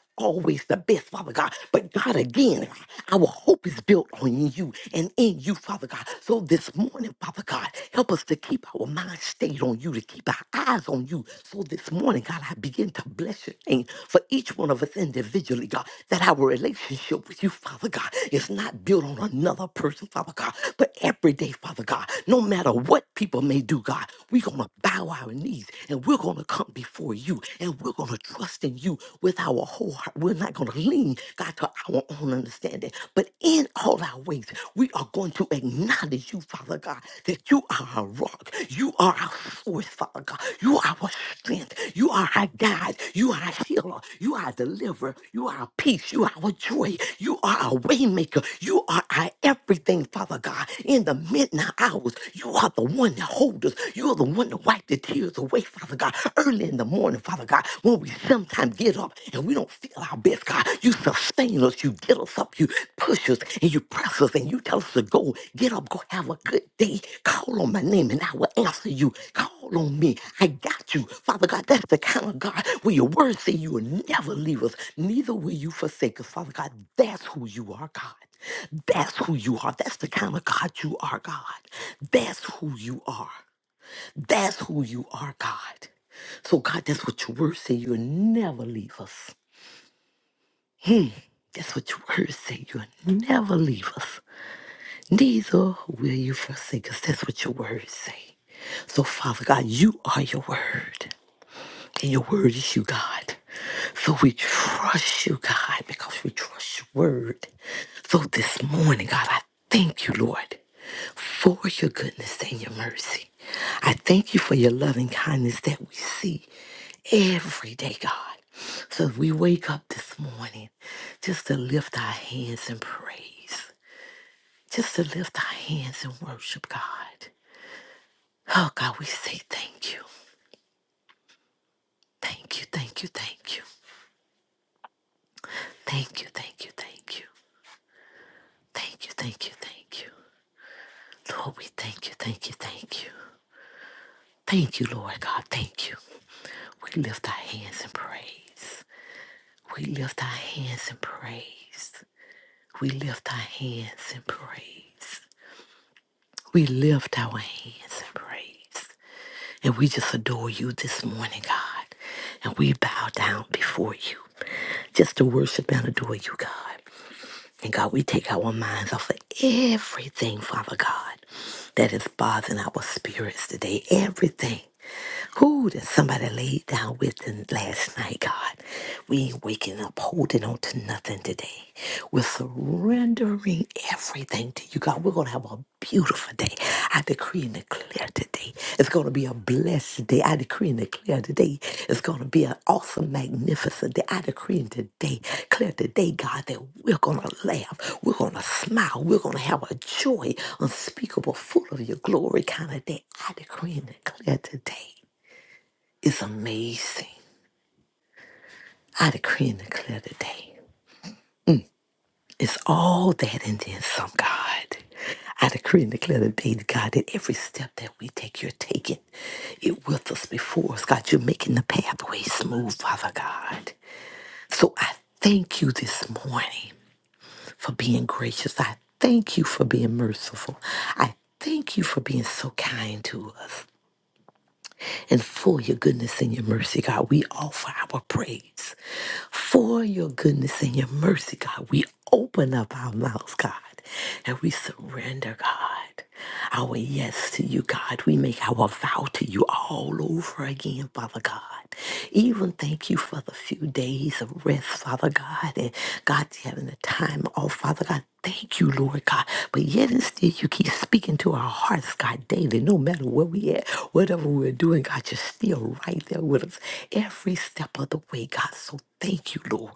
C: always the best, Father God. But God, again, our hope is built on you and in you, Father God. So this morning, Father God, help us to keep our mind stayed on you, to keep our eyes on you. So this morning, God, I begin to bless your name for each one of us individually, God, that our relationship with you, Father God, is not built on another person, Father God, but every day, Father God, no matter what people may do, God, we gonna bow our knees and we're gonna come before you and we're gonna trust in you with our whole heart. We're not gonna lean, God, to our own understanding, but in all our ways, we are going to acknowledge you, Father God, that you are our rock, you are our source, Father God, you are our strength, you are our guide, you are our healer, you are our deliverer, you are our peace, you are our joy, you are our waymaker, you are our everything, Father God. In the midnight hours, you are the one that holds us. You are the one to wipe the tears away, Father God. Early in the morning, Father God, when we sometimes get up and we don't feel our best, God, you sustain us, you get us up, you push us, and you press us, and you tell us to go. Get up, go have a good day. Call on my name, and I will answer you. Call on me. I got you. Father God, that's the kind of God where your word say you will never leave us, neither will you forsake us. Father God, that's who you are, God. That's who you are. That's the kind of God you are, God. That's who you are. That's who you are, God. So, God, that's what your word say. You'll never leave us. That's what your word say. You'll never leave us. Neither will you forsake us. That's what your word say. So, Father God, you are your word. And your word is you, God. So we trust you, God, because we trust your word. So this morning, God, I thank you, Lord, for your goodness and your mercy. I thank you for your loving kindness that we see every day, God. So we wake up this morning just to lift our hands in praise, just to lift our hands and worship, God. Oh, God, we say thank you. Thank you, thank you, thank you. Thank you, thank you, thank you. Thank you, thank you, thank you. Lord, we thank you, thank you, thank you. Thank you, Lord God, thank you. We lift our hands in praise. We lift our hands in praise. We lift our hands in praise. We lift our hands in praise. And we just adore you this morning, God. And we bow down before you just to worship and adore you, God. And God, we take our minds off of everything, Father God, that is bothering our spirits today. Everything. Who did somebody lay down with in last night, God? We ain't waking up holding on to nothing today. We're surrendering everything to you, God. We're going to have a beautiful day. I decree and declare today it's going to be a blessed day. I decree and declare today it's going to be an awesome, magnificent day. I decree and today, declare today, God, that we're going to laugh. We're going to smile. We're going to have a joy unspeakable, full of your glory kind of day. I decree and declare today is amazing. I decree and declare today. It's all that and then some, God. I decree and declare today, God, that every step that we take, you're taking it with us before us. God, you're making the pathway smooth, Father God. So I thank you this morning for being gracious. I thank you for being merciful. I thank you for being so kind to us. and for your goodness and your mercy, God. We offer our praise for your goodness and your mercy, God. We open up our mouths, God, and we surrender, God. Our yes to you, God. We make our vow to you all over again, Father God. Even thank you for the few days of rest, Father God. And God, having a time off, Father God. Thank you, Lord God. But yet and still, you keep speaking to our hearts, God, daily, no matter where we at, whatever we're doing, God, you're still right there with us every step of the way, God. So thank you, Lord.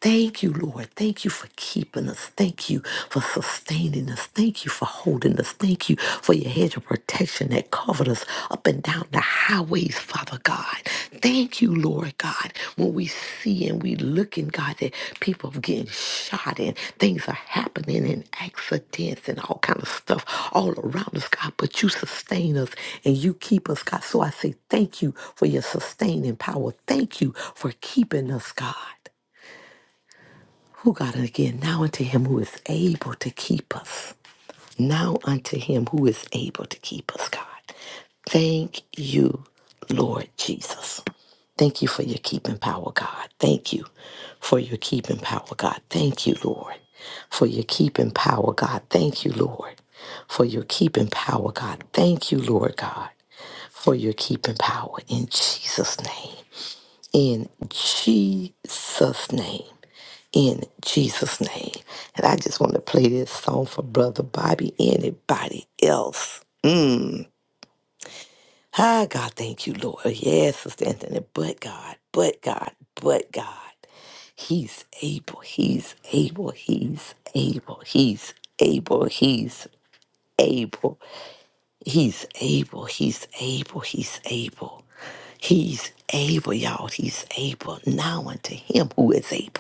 C: Thank you, Lord. Thank you for keeping us. Thank you for sustaining us. Thank you for holding us. Thank you for your hedge of protection that covered us up and down the highways, Father God. Thank you, Lord God, when we see and we look in God that people are getting shot and things are happening and accidents and all kind of stuff all around us, God. But you sustain us and you keep us, God. So I say thank you for your sustaining power. Thank you for keeping us, God. Who God and again now unto him who is able to keep us. Now unto him who is able to keep us, God. Thank you, Lord Jesus. Thank you for your keeping power, God. Thank you for your keeping power, God. Thank you, Lord, for your keeping power, God. Thank you, Lord, for your keeping power, God. Thank you, Lord God, for your keeping power in Jesus' name. In Jesus' name in Jesus' name. And I just want to play this song for Brother Bobby, anybody else. Ah, God, thank you, Lord. Yes, Sister Anthony, but God, but God, but God. He's able, he's able, he's able, he's able, he's able, he's able, he's able, he's able. He's able, y'all. He's able. Now unto him who is able.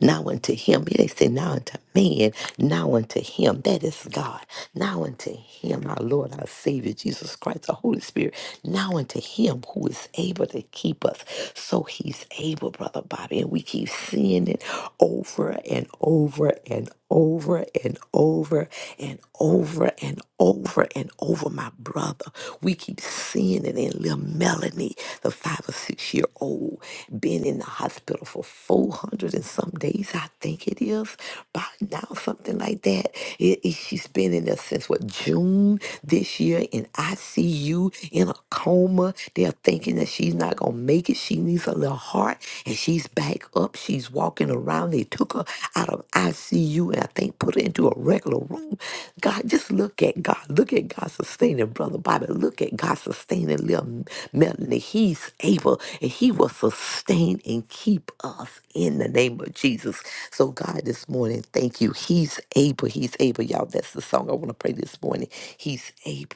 C: Now unto him. They say, now unto man. Now unto him. That is God. Now unto him, our Lord, our Savior, Jesus Christ, the Holy Spirit. Now unto him who is able to keep us. So he's able, Brother Bobby. And we keep seeing it over and over and over and over and over and over and over, my brother. Father. We keep seeing it in little Melanie, the five or six year old, been in the hospital for 400 and some days, I think it is, by now, something like that. It, it- she's been in there since what, June this year in ICU, in a coma. They're thinking that she's not going to make it. She needs a little heart, and she's back up. She's walking walking around. They took her out of ICU and I think put her into a regular room. God, just look at God. Look at God sustaining Brother Bobby. Look at God sustaining little Melanie. He's able and he will sustain and keep us in the name of Jesus. So God, this morning, thank you. He's able. He's able. Y'all, that's the song I want to pray this morning. He's able.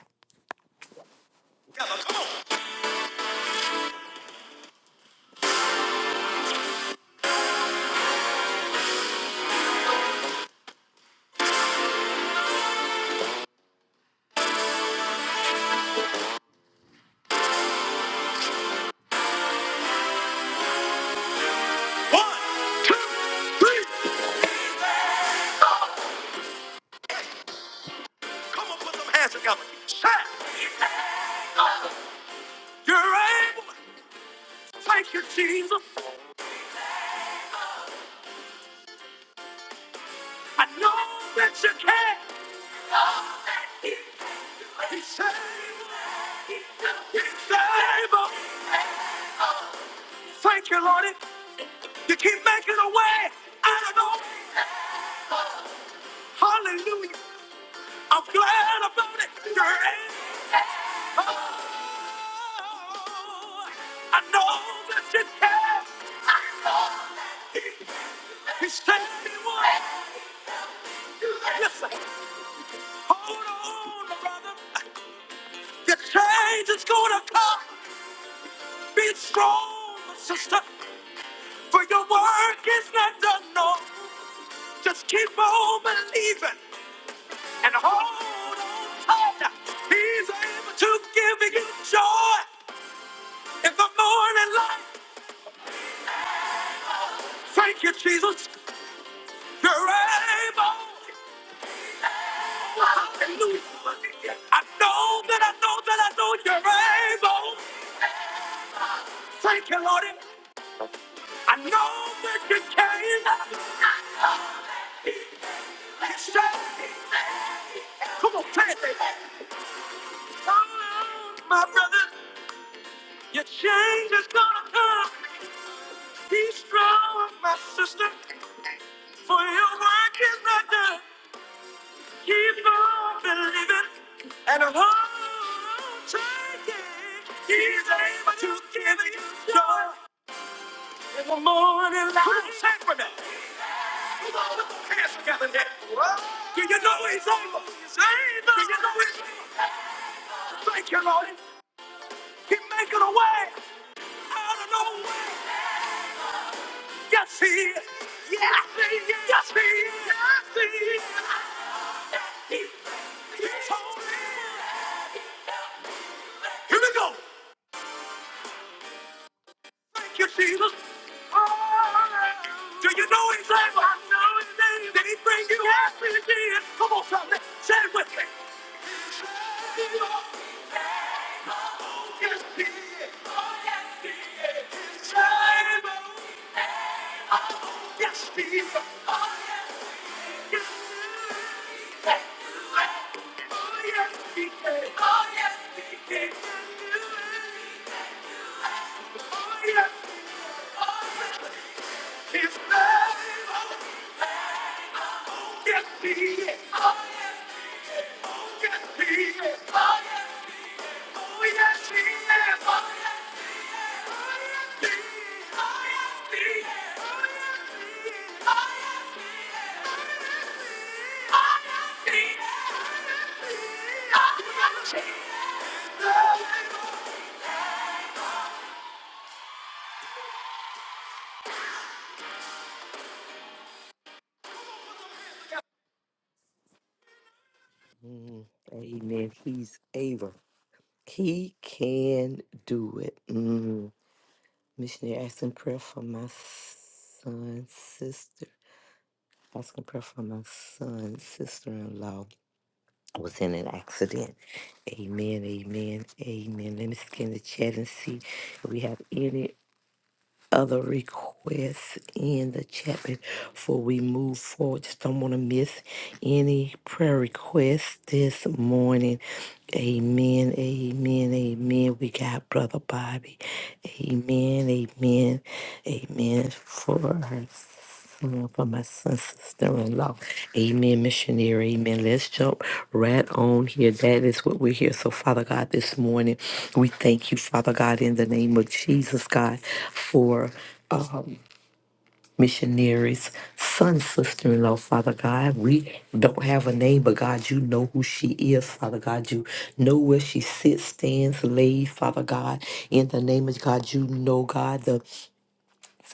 C: Come on, put some hands together. Shout, you're able. Thank you, Jesus. I know that you can. He's able. He's able. Thank you, Lord. You keep making a way. I don't know. Hallelujah. I'm glad about it. You're able. I know that you can. You saved Listen, hold on, brother. The change is going to come. Be strong, sister, for your work is not done. No, just keep on believing. and hold on tight. He's able to give you joy in the morning light. Thank you, Jesus. You're able. Hallelujah. I know that I know that I know you're able. Thank you, Lord. I know that you can. You said, come on, say it. Come on, my brother. Your change is gonna come. Be strong, my sister, for your work is not done. Keep on believing and hold tight. yeah. He's able to give you joy in the morning light. Come on, sing with me. Put all the Hands together here. Do you know he's able? He's able. Do you know he's able? Thank you, Lord. He's making a way out of no way. Yes, he is. Yes, he is. Yes, he is. Yes, he is. He- He's holy. Here we go. Thank you, Jesus. Do you know his name? I know his name. Did he bring you Yes, he did. Come on, somebody. Say it with me. Yes, he did. Oh, yes, he did. His name. Oh, yes, he did. Oh, yes, he did. Oh, yes, he did. Oh, yes, he did. Oh, yes, his name. Yes, he did. Mm, Amen. He's able. He can do it. Mm. Missionary asking prayer for my son, sister. Asking prayer for my son's sister-in-law was in an accident. Amen, amen, amen. Let me scan the chat and see if we have any other requests in the chat before we move forward. Just don't want to miss any prayer requests this morning. Amen, amen, amen. We got Brother Bobby. Amen, amen, amen. For her Come on, for my son, sister-in-law. Amen, missionary. Amen. Let's jump right on here. That is what we're here. So, Father God, this morning, we thank you, Father God, in the name of Jesus, God, for um, missionaries, son, sister-in-law, Father God. We don't have a name, but God, you know who she is, Father God. You know where she sits, stands, lays, Father God. In the name of God, you know, God, the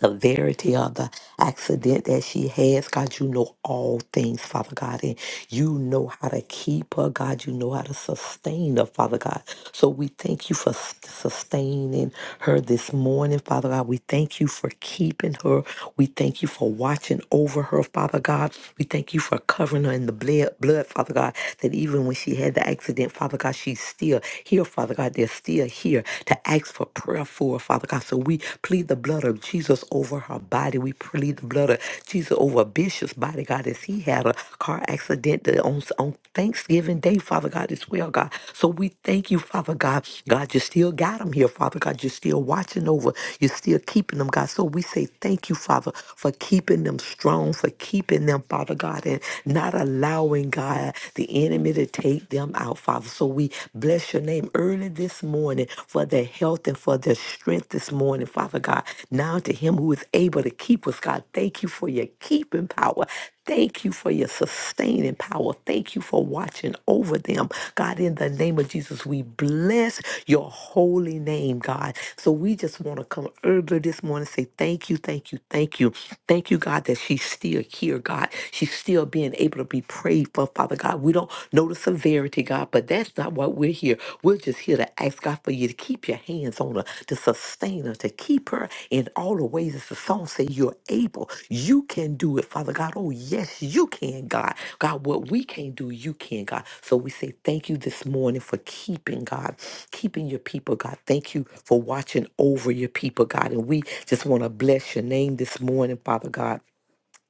C: severity of the accident that she has. God, you know all things, Father God, and you know how to keep her. God, you know how to sustain her, Father God. So we thank you for s- sustaining her this morning, Father God. We thank you for keeping her. We thank you for watching over her, Father God. We thank you for covering her in the blood, blood, Father God, that even when she had the accident, Father God, she's still here, Father God. They're still here to asked for prayer for, Father God. So we plead the blood of Jesus over her body. We plead the blood of Jesus over Bishop's body, God, as he had a car accident that on, on Thanksgiving Day, Father God, as well, God. So we thank you, Father God. God, you still got him here, Father God. You're still watching over. You're still keeping them, God. So we say thank you, Father, for keeping them strong, for keeping them, Father God, and not allowing, God, the enemy to take them out, Father. So we bless your name early this morning for their health and for their strength this morning, Father God. Now to him who is able to keep us, God, thank you for your keeping power. Thank you for your sustaining power. Thank you for watching over them. God, in the name of Jesus, we bless your holy name, God. So we just want to come early this morning and say thank you, thank you, thank you. Thank you, God, that she's still here, God. She's still being able to be pray for, Father God. We don't know the severity, God, but that's not what we're here. We're just here to ask God for you to keep your hands on her, to sustain her, to keep her in all the ways as the song says you're able. You can do it, Father God. Oh, yes, you can, God. God, what we can't do, you can, God. So we say thank you this morning for keeping, God, keeping your people, God. Thank you for watching over your people, God. And we just want to bless your name this morning, Father God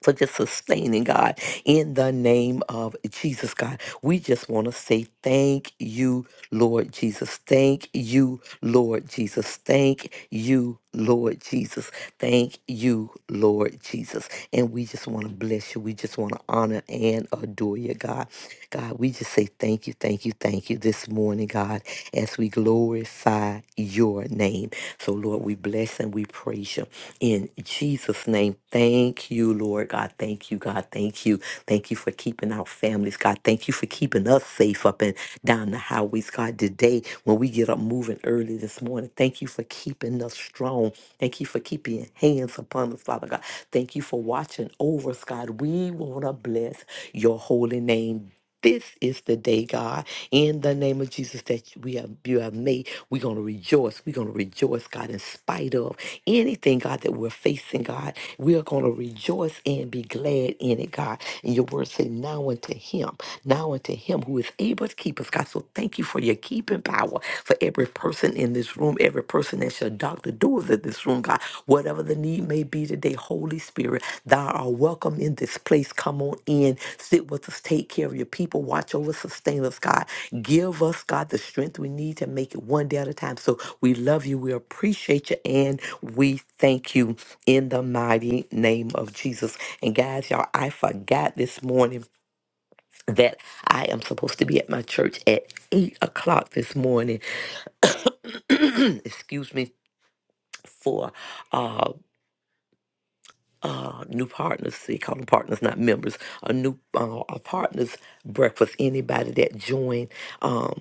C: for just sustaining God in the name of Jesus God. We just want to say thank you, Lord Jesus. Thank you, Lord Jesus. Thank you, Lord Jesus. Thank you, Lord Jesus. And we just want to bless you. We just want to honor and adore you, God. God, we just say thank you, thank you, thank you this morning, God, as we glorify glorify your name. So, Lord, we bless and we praise you. In Jesus' name, thank you, Lord God. Thank you, God. Thank you. Thank you for keeping our families, God. Thank you for keeping us safe up and down the highways, God. Today, when we get up moving early this morning, thank you for keeping us strong. Thank you for keeping your hands upon us, Father God. Thank you for watching over us, God. We want to bless your holy name this is the day, God, in the name of Jesus, that we have you have made. We're gonna rejoice. We're gonna rejoice, God, in spite of anything, God, that we're facing, God. We are gonna rejoice and be glad in it, God. And your word say, now unto him, now unto him who is able to keep us, God. So thank you for your keeping power for every person in this room, every person that's your doctor the doers of this room, God. Whatever the need may be today, Holy Spirit, thou art welcome in this place. Come on in, sit with us, take care of your people, watch over, sustain us, God. Give us, God, the strength we need to make it one day at a time. So we love you, we appreciate you, and we thank you in the mighty name of Jesus. And guys, y'all, I forgot this morning that I am supposed to be at my church at eight o'clock this morning. Excuse me for uh, uh, new partners. they call them partners, not members. A new uh, a partners breakfast. Anybody that joined. Um,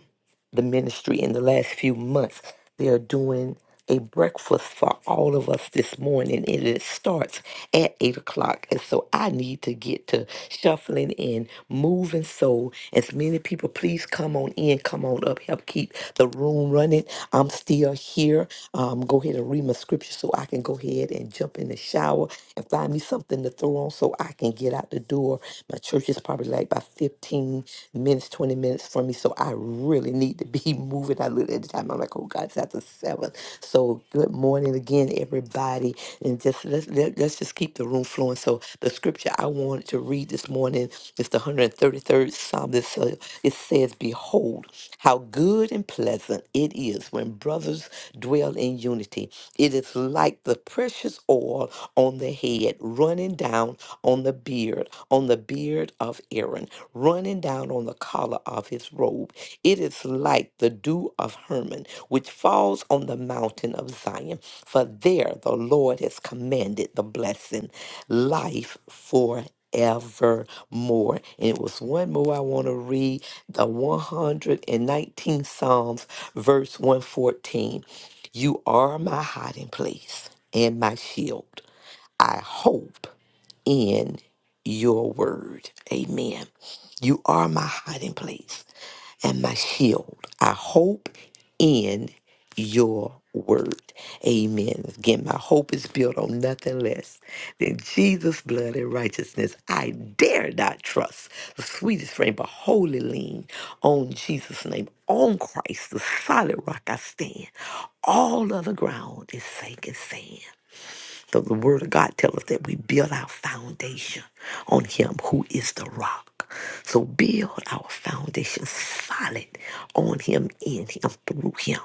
C: the ministry in the last few months. They are doing a breakfast for all of us this morning, and it starts at 8 o'clock. And so I need to get to shuffling and moving. So, as many people, please come on in, come on up, help keep the room running. I'm still here. Um, go ahead and read my scripture so I can go ahead and jump in the shower and find me something to throw on so I can get out the door. My church is probably like by 15 15 minutes, 20 minutes for me. So I really need to be moving. I look at the time, I'm like, oh God, it's after seven. So good morning again, everybody. And just let's let, let's just keep the room flowing. So the scripture I wanted to read this morning is the 133rd Psalm. This uh, it says, Behold, how good and pleasant it is when brothers dwell in unity. It is like the precious oil on the head running down on the beard beard, on the beard of Aaron, running down on the collar of his robe. It is like the dew of Hermon, which falls on the mountain of Zion. For there the Lord has commanded the blessing, life forevermore. And it was one more I want to read the 119th Psalms, verse 114. You are my hiding place and my shield. I hope in your word. Amen. You are my hiding place and my shield. I hope in your word. Amen. Again, my hope is built on nothing less than Jesus' blood and righteousness. I dare not trust the sweetest frame, but wholly lean on Jesus' name, on Christ, the solid rock I stand. All other ground is sinking sand. The, the word of God tells us that we build our foundation on him who is the rock. So build our foundation solid on him, in him, through him.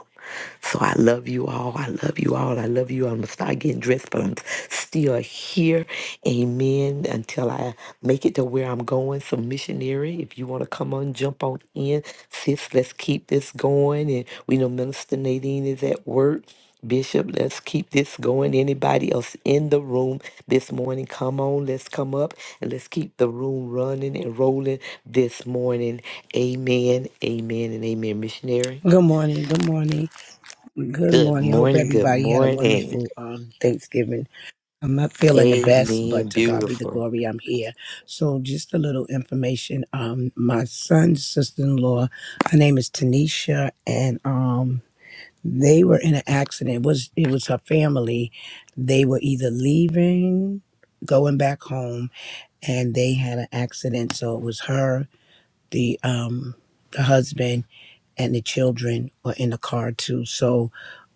C: So I love you all. I love you all. I love you. all. I'm gonna start getting dressed, but I'm still here. Amen. Until I make it to where I'm going. So missionary, if you want to come on, jump on in, sis. Let's keep this going. And we know Minister Nadine is at work. Bishop, let's keep this going. Anybody else in the room this morning? Come on, let's come up and let's keep the room running and rolling this morning. Amen, amen, and amen. Missionary,
D: Good morning. Good morning. Good
C: good
D: morning. Hope
C: morning, good
D: everybody had a
C: morning.
D: wonderful um, Thanksgiving. I'm not feeling the best,
C: Amen,
D: but to God be the
C: beautiful.
D: glory, I'm here. So, just a little information. Um, my son's sister in law, her name is Tanisha, and um, they were in an accident. It was it was her family? They were either leaving, going back home, and they had an accident. So it was her, the um, the husband and the children were in the car too. So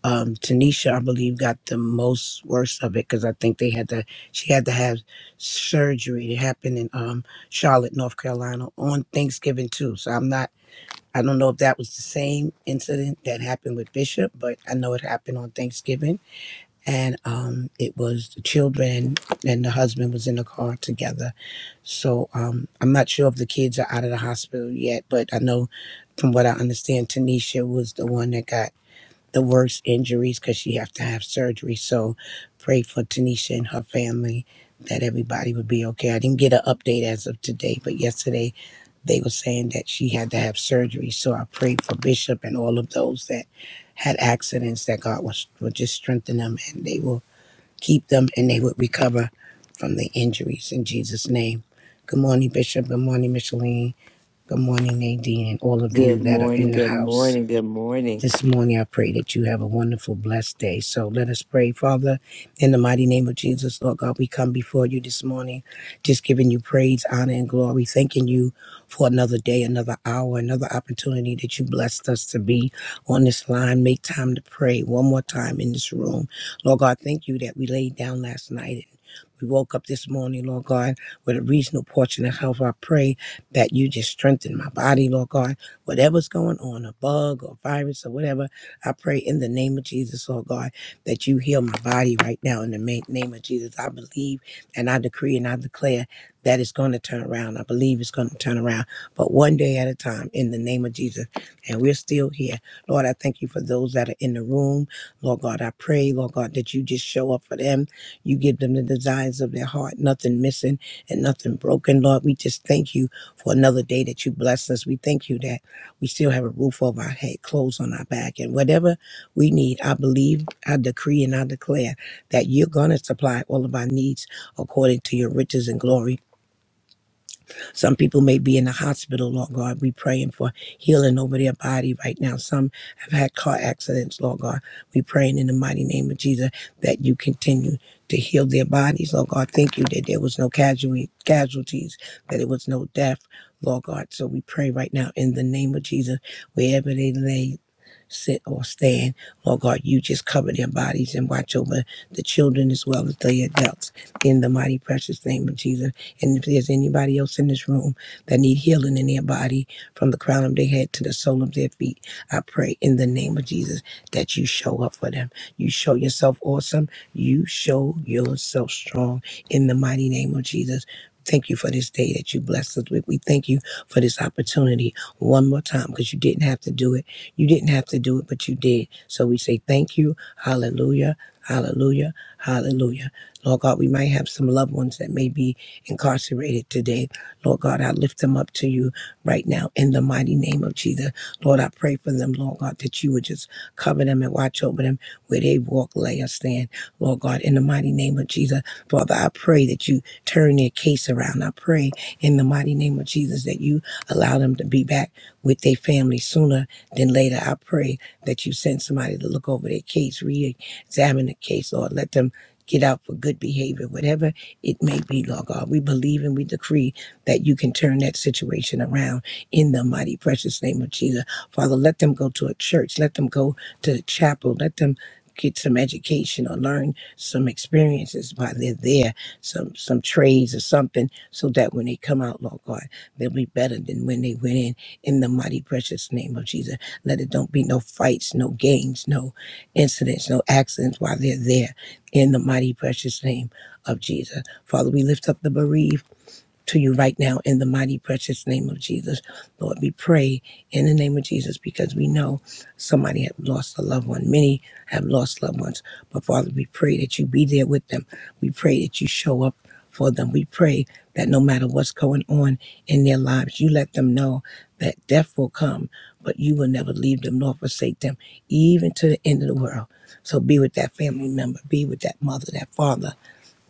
D: um, Tanisha, I believe, got the most worst of it because I think they had to. She had to have surgery. It happened in um, Charlotte, North Carolina, on Thanksgiving too. So I'm not. I don't know if that was the same incident that happened with Bishop, but I know it happened on Thanksgiving and um, it was the children and the husband was in the car together. So um, I'm not sure if the kids are out of the hospital yet, but I know from what I understand, Tanisha was the one that got the worst injuries because she have to have surgery. So pray for Tanisha and her family that everybody would be okay. I didn't get an update as of today, but yesterday they were saying that she had to have surgery. So I prayed for Bishop and all of those that had accidents that God was, would just strengthen them and they will keep them, and they would recover from the injuries in Jesus' name. Good morning, Bishop. Good morning, Micheline. Good morning, Nadine, and all of you
C: Good
D: that are
C: morning,
D: in the
C: good
D: house.
C: morning, good morning.
D: This morning, I pray that you have a wonderful, blessed day. So let us pray, Father, in the mighty name of Jesus, Lord God. We come before you this morning, just giving you praise, honor, and glory, thanking you for another day, another hour, another opportunity that you blessed us to be on this line. Make time to pray one more time in this room. Lord God, thank you that we laid down last night. and We woke up this morning, Lord God, with a reasonable portion of health. I pray that you just strengthen my body, Lord God whatever's going on, a bug or virus or whatever, I pray in the name of Jesus, Lord God, that you heal my body right now in the ma- name of Jesus. I believe and I decree and I declare that it's going to turn around. I believe it's going to turn around, but one day at a time in the name of Jesus. And we're still here. Lord, I thank you for those that are in the room. Lord God, I pray, Lord God, that you just show up for them. You give them the desires of their heart, nothing missing and nothing broken. Lord, we just thank you for another day that you bless us. We thank you that. We still have a roof over our head, clothes on our back, and whatever we need, I believe, I decree, and I declare that you're going to supply all of our needs according to your riches and glory some people may be in the hospital, Lord God. We praying for healing over their body right now. Some have had car accidents, Lord God. We praying in the mighty name of Jesus that you continue to heal their bodies, Lord God. Thank you that there was no casualty, casualties, that it was no death, Lord God. So we pray right now in the name of Jesus, wherever they lay, sit or stand, Lord God, you just cover their bodies and watch over the children as well as the adults in the mighty precious name of Jesus. And if there's anybody else in this room that need healing in their body from the crown of their head to the sole of their feet, I pray in the name of Jesus that you show up for them. You show yourself awesome. You show yourself strong in the mighty name of Jesus. Thank you for this day that you blessed us with. We thank you for this opportunity one more time because you didn't have to do it. You didn't have to do it, but you did. So we say thank you. Hallelujah. Hallelujah. Hallelujah. Lord God, we might have some loved ones that may be incarcerated today. Lord God, I lift them up to you right now in the mighty name of Jesus. Lord, I pray for them, Lord God, that you would just cover them and watch over them where they walk, lay, or stand. Lord God, in the mighty name of Jesus, Father, I pray that you turn their case around. I pray in the mighty name of Jesus that you allow them to be back with their family sooner than later. I pray that you send somebody to look over their case, re examine the case, Lord. Let them get out for good behavior. Whatever it may be, Lord God. We believe and we decree that you can turn that situation around in the mighty, precious name of Jesus. Father, let them go to a church, let them go to a chapel, let them get some education or learn some experiences while they're there, some some trades or something, so that when they come out, Lord God, they'll be better than when they went in. In the mighty precious name of Jesus. Let it don't be no fights, no games, no incidents, no accidents while they're there. In the mighty precious name of Jesus. Father, we lift up the bereaved to you right now in the mighty, precious name of Jesus. Lord, we pray in the name of Jesus because we know somebody has lost a loved one. Many have lost loved ones. But Father, we pray that you be there with them. We pray that you show up for them. We pray that no matter what's going on in their lives, you let them know that death will come, but you will never leave them nor forsake them, even to the end of the world. So be with that family member, be with that mother, that father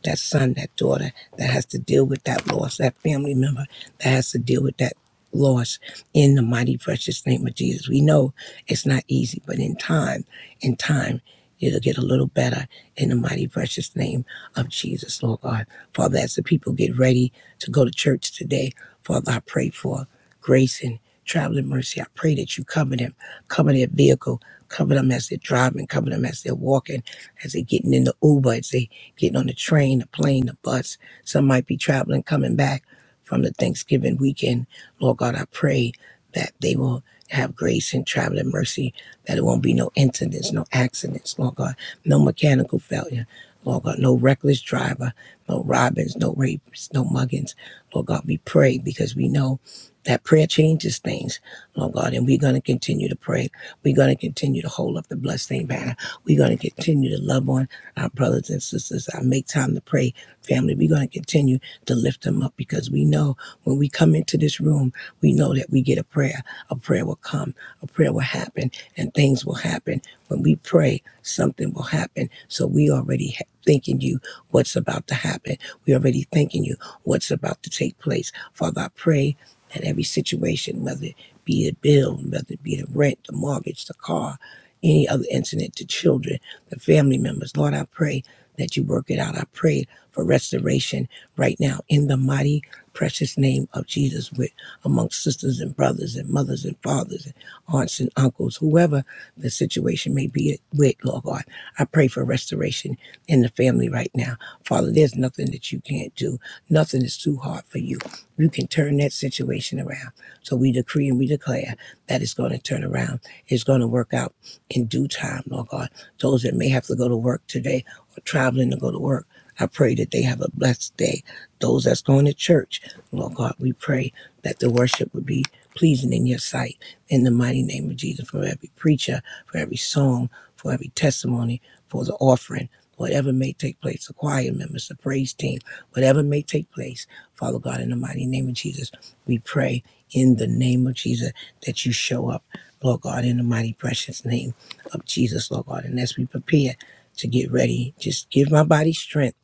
D: that son, that daughter that has to deal with that loss, that family member that has to deal with that loss in the mighty precious name of Jesus. We know it's not easy, but in time, in time, it'll get a little better in the mighty precious name of Jesus, Lord God. Father, as the people get ready to go to church today, Father, I pray for grace and traveling mercy. I pray that you cover them, cover their vehicle, cover them as they're driving, cover them as they're walking, as they're getting in the Uber, as they getting on the train, the plane, the bus. Some might be traveling, coming back from the Thanksgiving weekend. Lord God, I pray that they will have grace and traveling mercy, that it won't be no incidents, no accidents, Lord God, no mechanical failure. Lord God, no reckless driver, no robins, no rapes, no muggings. Lord God, we pray because we know that prayer changes things, Lord God, and we're going to continue to pray. We're going to continue to hold up the bloodstained banner. We're going to continue to love on our brothers and sisters. I make time to pray. Family, we're going to continue to lift them up because we know when we come into this room, we know that we get a prayer. A prayer will come, a prayer will happen, and things will happen. When we pray, something will happen. So we already ha- thanking you what's about to happen. We already thanking you what's about to take place. Father, I pray that every situation, whether it be the bill, whether it be the rent, the mortgage, the car, any other incident to children, the family members. Lord, I pray that you work it out. I pray for restoration right now in the mighty, precious name of Jesus, with amongst sisters and brothers and mothers and fathers and aunts and uncles, whoever the situation may be with, Lord God. I pray for restoration in the family right now. Father, there's nothing that you can't do. Nothing is too hard for you. You can turn that situation around. So we decree and we declare that it's going to turn around. It's going to work out in due time, Lord God. Those that may have to go to work today or traveling to go to work, I pray that they have a blessed day. Those that's going to church, Lord God, we pray that the worship would be pleasing in your sight. In the mighty name of Jesus, for every preacher, for every song, for every testimony, for the offering, whatever may take place, the choir members, the praise team, whatever may take place, Father God, in the mighty name of Jesus, we pray in the name of Jesus that you show up, Lord God, in the mighty precious name of Jesus, Lord God. And as we prepare to get ready, just give my body strength,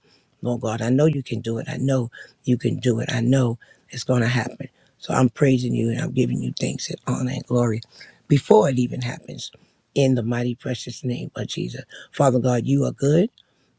D: Lord God. I know you can do it. I know you can do it. I know it's going to happen. So I'm praising you and I'm giving you thanks and honor and glory before it even happens in the mighty, precious name of Jesus. Father God, you are good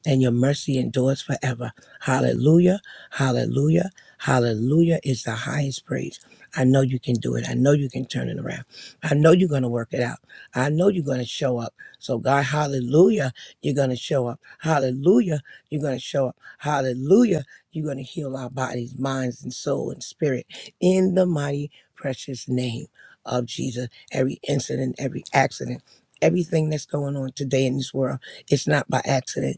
D: and your mercy endures forever. Hallelujah, hallelujah, hallelujah is the highest praise. I know you can do it. I know you can turn it around. I know you're going to work it out. I know you're going to show up. So, God, hallelujah, you're going to show up. Hallelujah, you're going to show up. Hallelujah, you're going to heal our bodies, minds, and soul and spirit in the mighty, precious name of Jesus. Every incident, every accident, everything that's going on today in this world, it's not by accident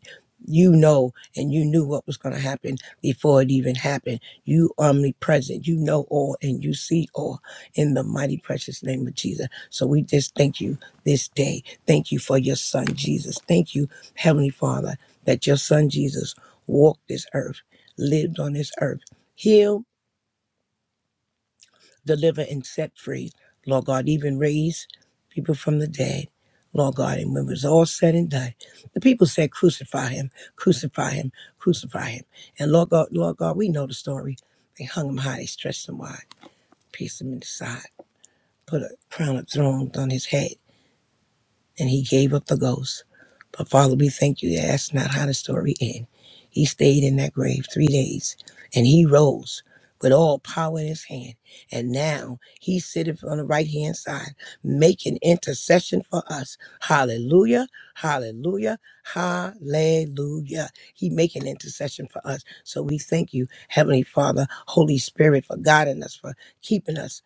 D: you know and you knew what was going to happen before it even happened. You omnipresent. You know all and you see all in the mighty precious name of Jesus. So we just thank you this day. Thank you for your son, Jesus. Thank you, Heavenly Father, that your son, Jesus, walked this earth, lived on this earth, healed deliver and set free. Lord God, even raise people from the dead. Lord God, and when it was all said and done, the people said, Crucify him, crucify him, crucify him. And Lord God, Lord God, we know the story. They hung him high, they stretched him wide, pierced him in the side, put a crown of thorns on his head and he gave up the ghost. But Father, we thank you that that's not how the story ends. He stayed in that grave three days and he rose with all power in his hand. And now he sitteth on the right hand side, making intercession for us. Hallelujah, hallelujah, hallelujah. He making intercession for us. So we thank you, Heavenly Father, Holy Spirit, for guiding us, for keeping us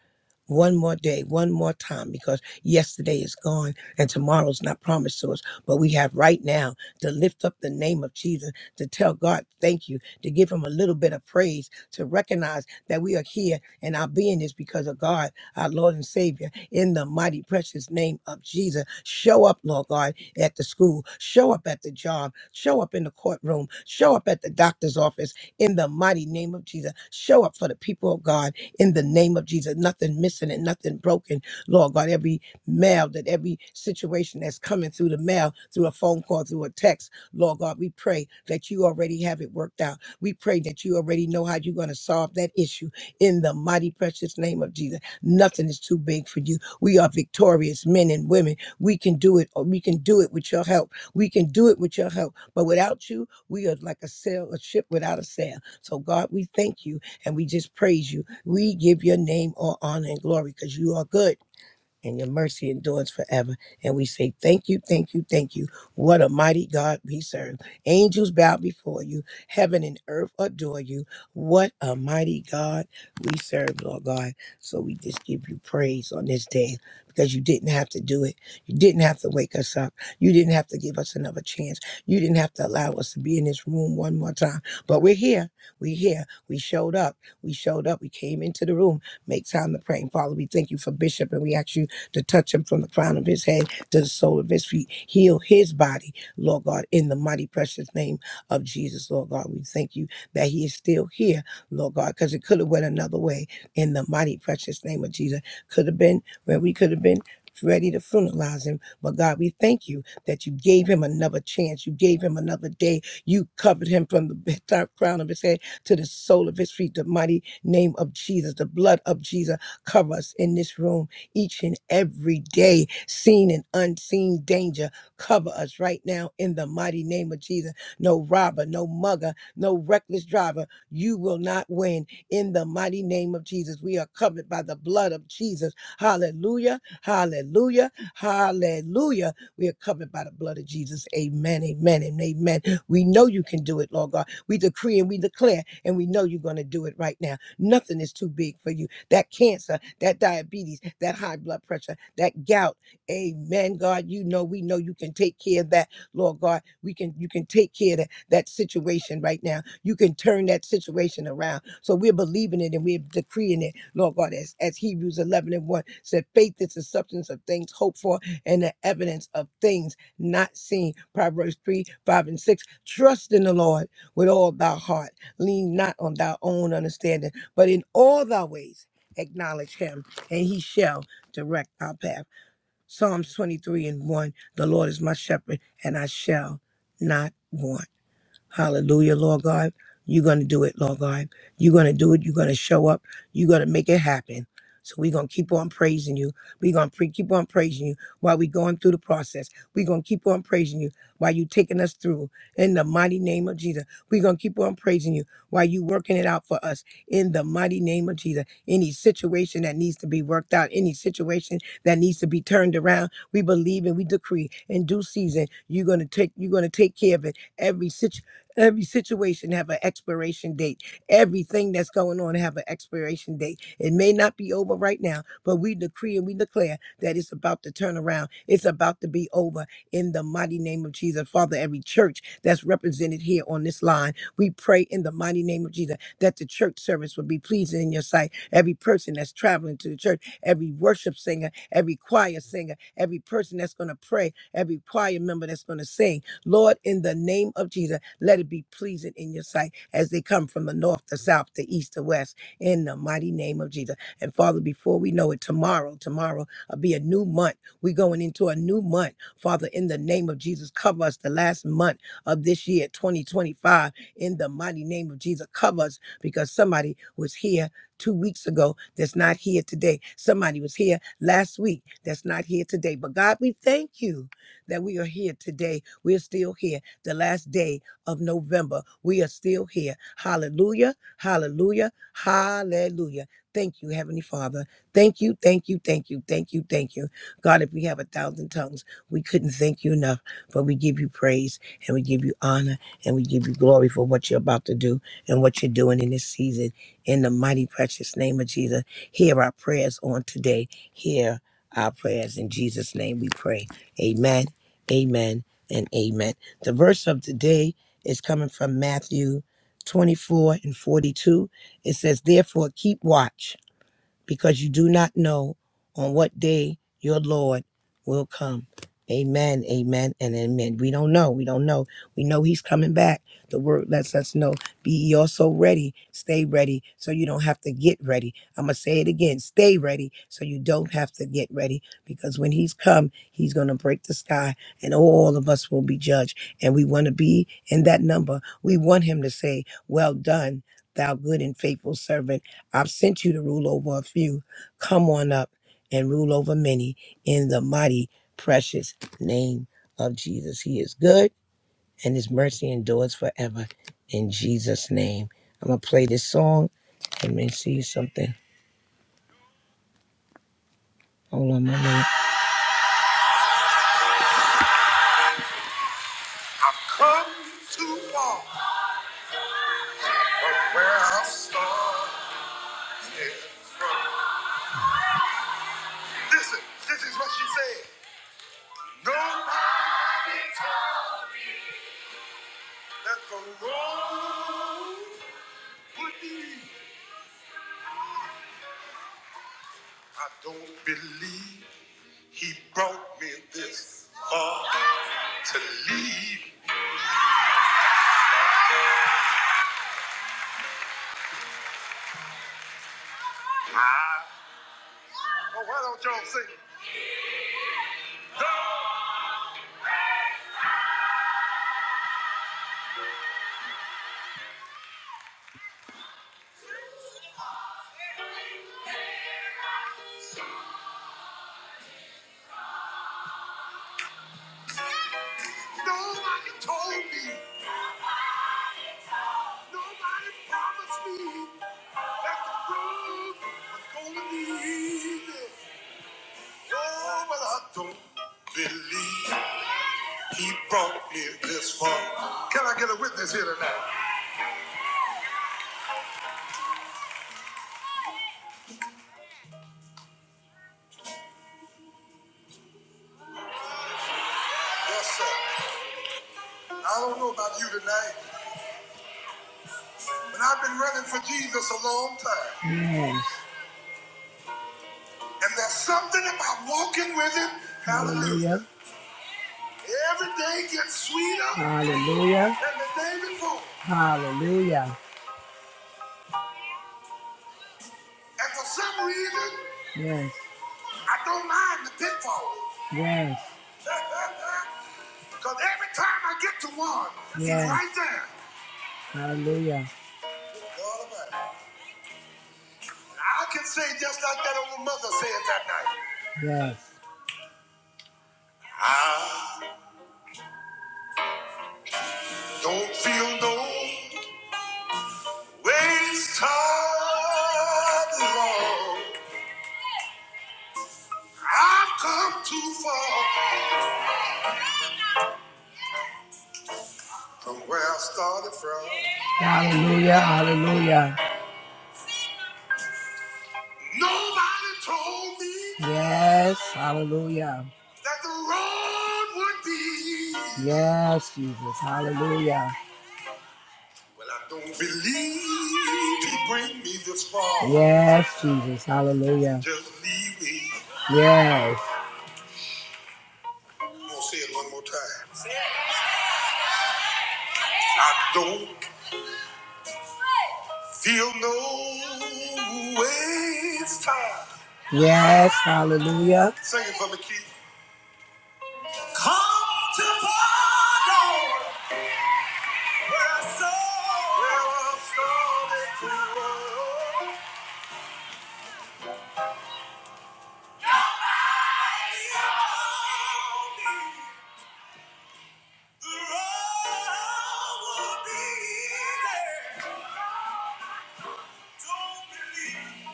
D: one more day, one more time, because yesterday is gone and tomorrow's not promised to us, but we have right now to lift up the name of Jesus, to tell God thank you, to give him a little bit of praise, to recognize that we are here and our being is because of God, our Lord and Savior, in the mighty precious name of Jesus. Show up, Lord God, at the school, show up at the job, show up in the courtroom, show up at the doctor's office, in the mighty name of Jesus. Show up for the people of God in the name of Jesus. Nothing missing and nothing broken, Lord God. Every mail, that every situation that's coming through the mail, through a phone call, through a text, Lord God, we pray that you already have it worked out. We pray that you already know how you're going to solve that issue in the mighty, precious name of Jesus. Nothing is too big for you. We are victorious men and women. We can do it. Or we can do it with your help. We can do it with your help. But without you, we are like a sail, a ship without a sail. So God, we thank you and we just praise you. We give your name all honor and glory because you are good and your mercy endures forever. And we say, Thank you, thank you, thank you. What a mighty God we serve. Angels bow before you, heaven and earth adore you. What a mighty God we serve, Lord God. So we just give you praise on this day because you didn't have to do it. You didn't have to wake us up. You didn't have to give us another chance. You didn't have to allow us to be in this room one more time. But we're here. We're here. We showed up. We showed up. We came into the room. Make time to pray. And Father, we thank you for Bishop and we ask you to touch him from the crown of his head to the sole of his feet. Heal his body, Lord God, in the mighty precious name of Jesus, Lord God. We thank you that he is still here, Lord God, because it could have went another way in the mighty precious name of Jesus. Could have been where we could have been ready to funeralize him. But God, we thank you that you gave him another chance. You gave him another day. You covered him from the crown of his head to the sole of his feet. The mighty name of Jesus, the blood of Jesus, cover us in this room each and every day, seen and unseen danger. Cover us right now in the mighty name of Jesus. No robber, no mugger, no reckless driver. You will not win in the mighty name of Jesus. We are covered by the blood of Jesus. Hallelujah, hallelujah, hallelujah. We are covered by the blood of Jesus. Amen, amen, and amen. We know you can do it, Lord God. We decree and we declare, and we know you're going to do it right now. Nothing is too big for you that cancer, that diabetes, that high blood pressure, that gout. Amen, God. You know, we know you can take care of that, Lord God. We can you can take care of that, that situation right now. You can turn that situation around. So we're believing it and we're decreeing it, Lord God, as, as Hebrews 11 and 1 said, faith is the substance of things hoped for and the evidence of things not seen. Proverbs 3, 5, and 6. Trust in the Lord with all thy heart. Lean not on thy own understanding, but in all thy ways acknowledge him, and he shall direct our path. Psalms 23 and 1 The Lord is my shepherd, and I shall not want. Hallelujah, Lord God. You're going to do it, Lord God. You're going to do it. You're going to show up. You're going to make it happen. So we're going to keep on praising you. We're going to pre- keep on praising you while we're going through the process. We're going to keep on praising you while you're taking us through. In the mighty name of Jesus, we're going to keep on praising you while you are working it out for us. In the mighty name of Jesus, any situation that needs to be worked out, any situation that needs to be turned around, we believe and we decree in due season, you're going to take, you're going to take care of it every situation Every situation have an expiration date. Everything that's going on have an expiration date. It may not be over right now, but we decree and we declare that it's about to turn around. It's about to be over in the mighty name of Jesus. Father, every church that's represented here on this line, we pray in the mighty name of Jesus that the church service will be pleasing in your sight. Every person that's traveling to the church, every worship singer, every choir singer, every person that's going to pray, every choir member that's going to sing, Lord, in the name of Jesus let it be pleasing in your sight as they come from the north, the south, the east, the west, in the mighty name of Jesus. And Father, before we know it, tomorrow, tomorrow will be a new month. We're going into a new month. Father, in the name of Jesus, cover us the last month of this year, 2025, in the mighty name of Jesus. Cover us because somebody was here two weeks ago that's not here today. Somebody was here last week that's not here today. But God, we thank you that we are here today. We're still here, the last day of November. We are still here. Hallelujah. Hallelujah. Hallelujah. Thank you, Heavenly Father. Thank you, thank you, thank you, thank you, thank you. God, if we have a thousand tongues, we couldn't thank you enough, but we give you praise and we give you honor and we give you glory for what you're about to do and what you're doing in this season. In the mighty, precious name of Jesus, hear our prayers on today. Hear our prayers. In Jesus' name we pray. Amen, amen, and amen. The verse of today it's coming from Matthew 24 and 42. It says, Therefore, keep watch because you do not know on what day your Lord will come. Amen, amen, and amen. We don't know. We don't know. We know He's coming back. The word lets us know. Be ye also ready. Stay ready so you don't have to get ready. I'm going to say it again. Stay ready so you don't have to get ready because when He's come, He's going to break the sky and all of us will be judged. And we want to be in that number. We want Him to say, Well done, thou good and faithful servant I've sent you to rule over a few. Come on up and rule over many in the mighty, precious name of Jesus. He is good and his mercy endures forever in Jesus' name. I'm going to play this song and then see something. Hold on, my minute. I've come to walk where I started from. Listen, this is what she said. Nobody told that the road would be I don't believe he brought me this far to leave. I, well, why don't y'all sing? No, nobody told me, nobody promised me that the road was gonna be easy. Oh, but I don't believe he brought me this far. Can I get a witness here tonight? Yes, sir. I don't know about you tonight, And I've been running for Jesus a long time. Yes. And there's something about walking with him. Hallelujah. Hallelujah. Every day gets sweeter. Hallelujah. Than the day before. Hallelujah. And for some reason, yes. I don't mind the pitfalls. Yes. Because every time I get to one, he's yes. it's right there. Hallelujah. All about it. I can say just like that old mother said that night. Yes. Ah. Don't feel no waste time long. I've come too far from where I started from. Hallelujah, hallelujah. Nobody told me. Yes, hallelujah. That the road would be. Yes, Jesus, hallelujah. Well, I don't believe he bring me this far. Yes, Jesus, hallelujah. Just leave me. Yes. I'm gonna say it one more time. I don't feel no waste time. Yes, hallelujah. Sing it for me, Keith. Come to Zion, where I saw- where I started to roam. The road will be there. Don't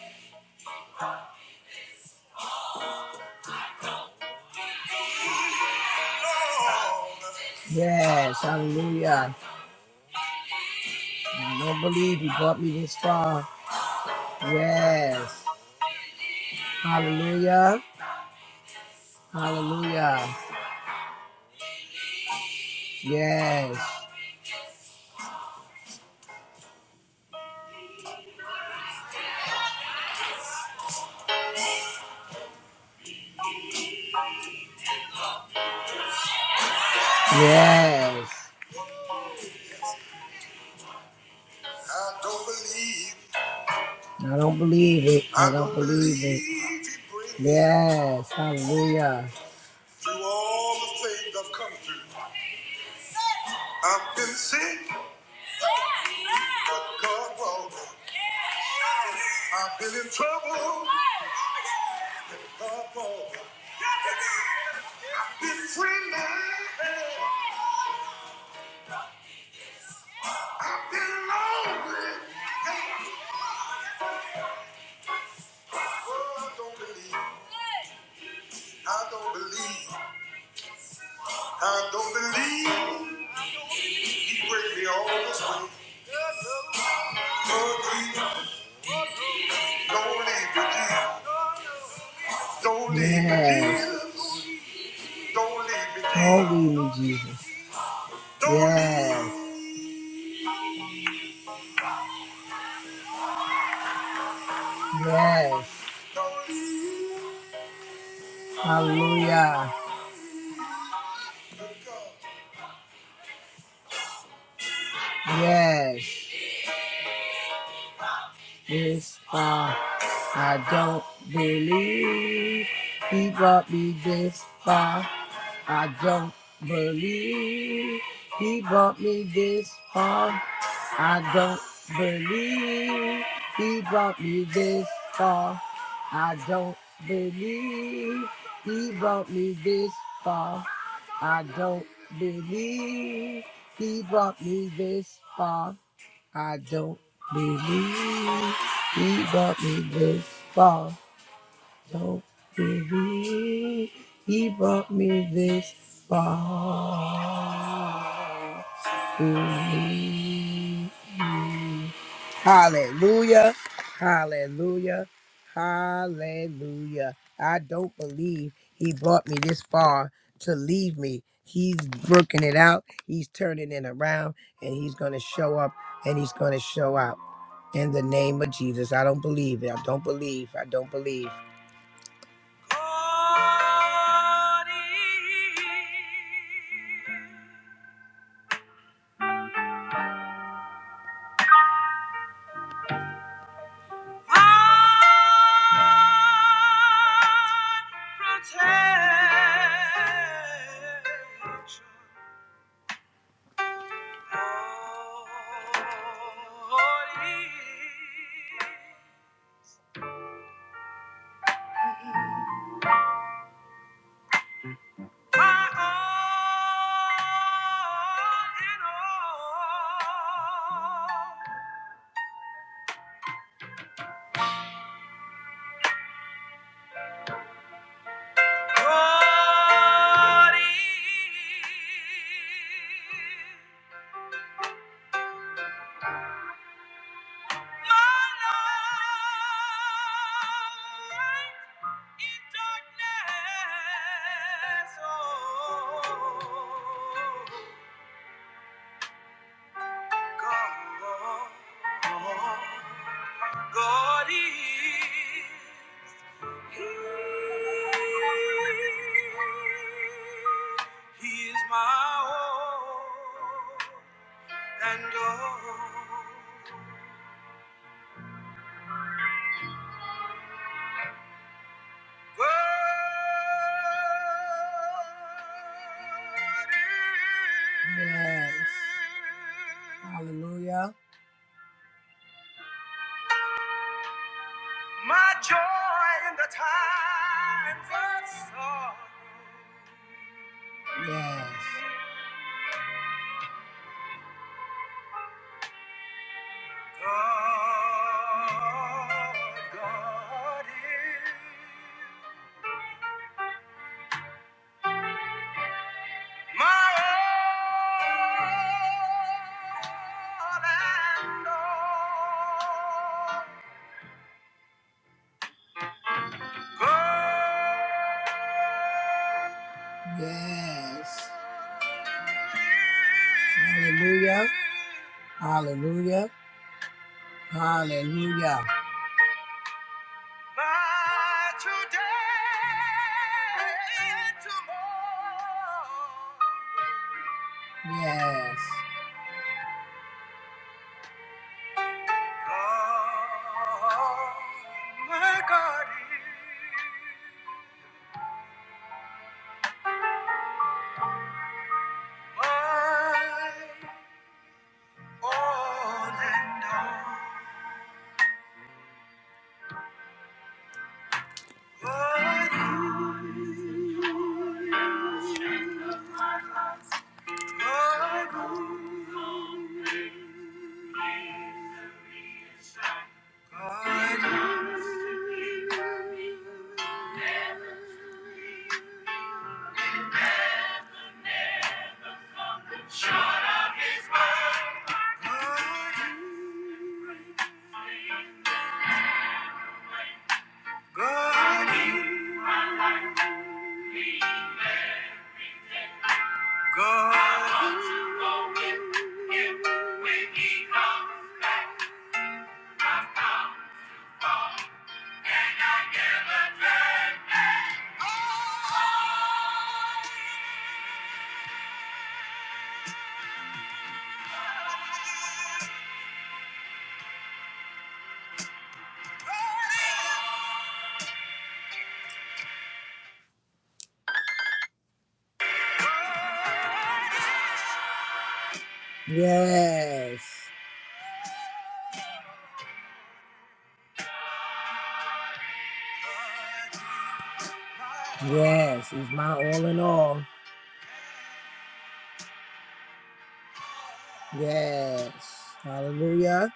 D: believe, Lord. Yes, hallelujah. I don't believe You brought me this far. Yes. Hallelujah. Hallelujah. Yes. Yes. I don't believe. it. I don't believe it. I don't believe it. Yes. Hallelujah. Through all the things I've come through. I've been sick. But I've been in trouble. But I've been friendly. I've been lonely. Oh, I don't believe. I don't believe. I don't believe. He brings me all this way. Don't leave me, Jesus. don't leave me, Jesus. Don't leave me, Yes. Jesus. Don't leave me, Jesus. Don't leave me, Jesus. Yes. Yes. Hallelujah. Yes. This far. I don't believe he brought me this far. I don't believe he brought me this far. I don't believe he brought me this far. I don't believe this far. Don't weary, he brought me this far. Mm. Hallelujah, hallelujah, hallelujah. I don't believe he brought me this far to leave me. He's working it out, he's turning it around, and he's going to show up and he's going to show out in the name of Jesus. I don't believe it. I don't believe. I don't believe. Protection. God is my light in darkness. Oh, God, God is he is my all. and oh, God Yes. Hallelujah. My joy in the times of sorrow. Yes. God, God is my all and all. Yes. Hallelujah. Hallelujah. Hallelujah. Yes. Yes. Yes. He's my all in all. Yes. Hallelujah.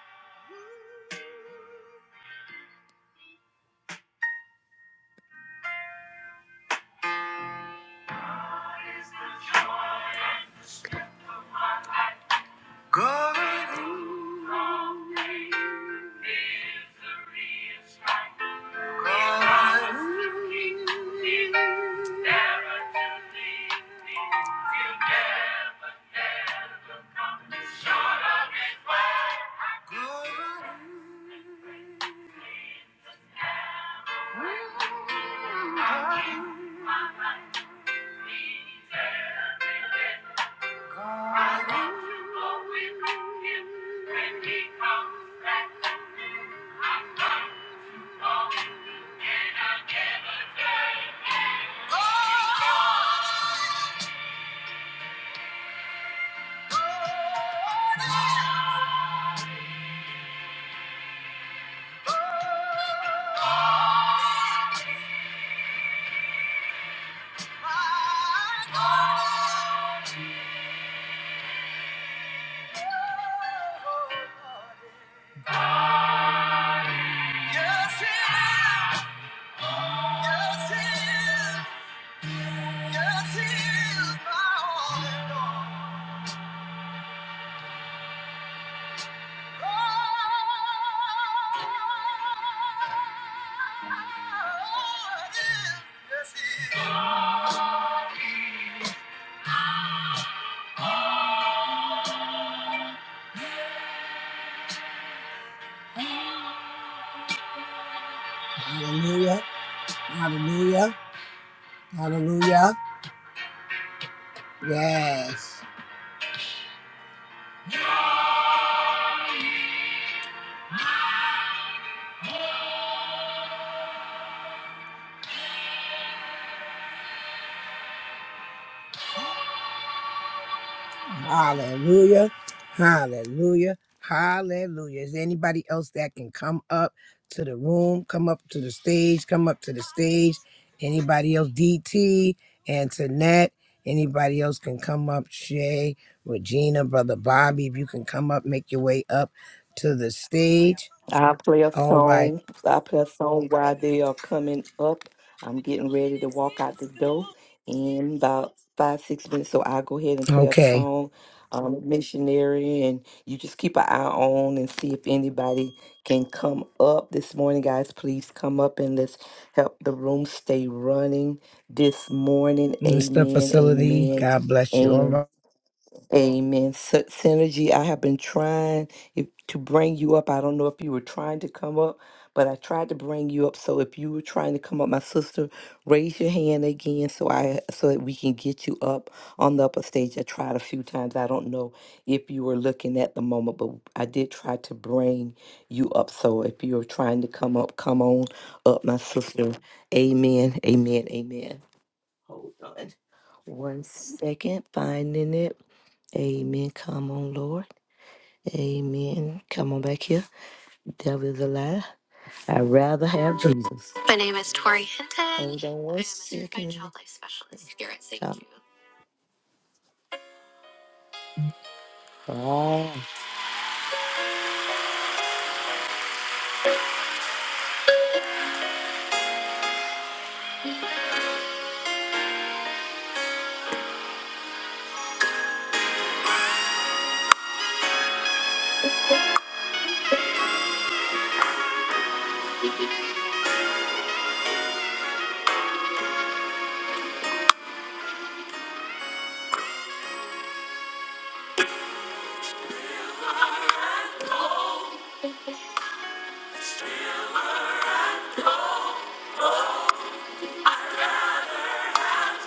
D: God. God. God. Hallelujah. Hallelujah. Hallelujah. Yes. Hallelujah. Hallelujah. Hallelujah. Is there anybody else that can come up to the room? Come up to the stage. Come up to the stage. Anybody else? DT, Antoinette. Anybody else can come up? Shay, Regina, Brother Bobby. If you can come up, make your way up to the stage.
C: I play a
D: All right.
C: song. I play a song while they are coming up. I'm getting ready to walk out the door in about five, six minutes. So I'll go ahead and play a
D: Okay.
C: song, um, missionary, and you just keep an eye on and see if anybody can come up this morning, guys. Please come up and let's help the room stay running this morning.
D: Mr.
C: Amen.
D: Facility,
C: Amen.
D: God bless you. All
C: And.
D: right.
C: Amen. Sy- Synergy, I have been trying if, to bring you up. I don't know if you were trying to come up, but I tried to bring you up. So if you were trying to come up, my sister, raise your hand again so I so that we can get you up on the upper stage. I tried a few times. I don't know if you were looking at the moment, but I did try to bring you up. So if you're trying to come up, come on up, my sister. Amen. Amen. Amen. Hold on one second, finding it. Amen. Come on, Lord. Amen. Come on back here. Devil is a lie. I'd rather have Jesus. My name is Tori Hinton. Hold on one I am a certified second. child life specialist here at St. Jude. Ah.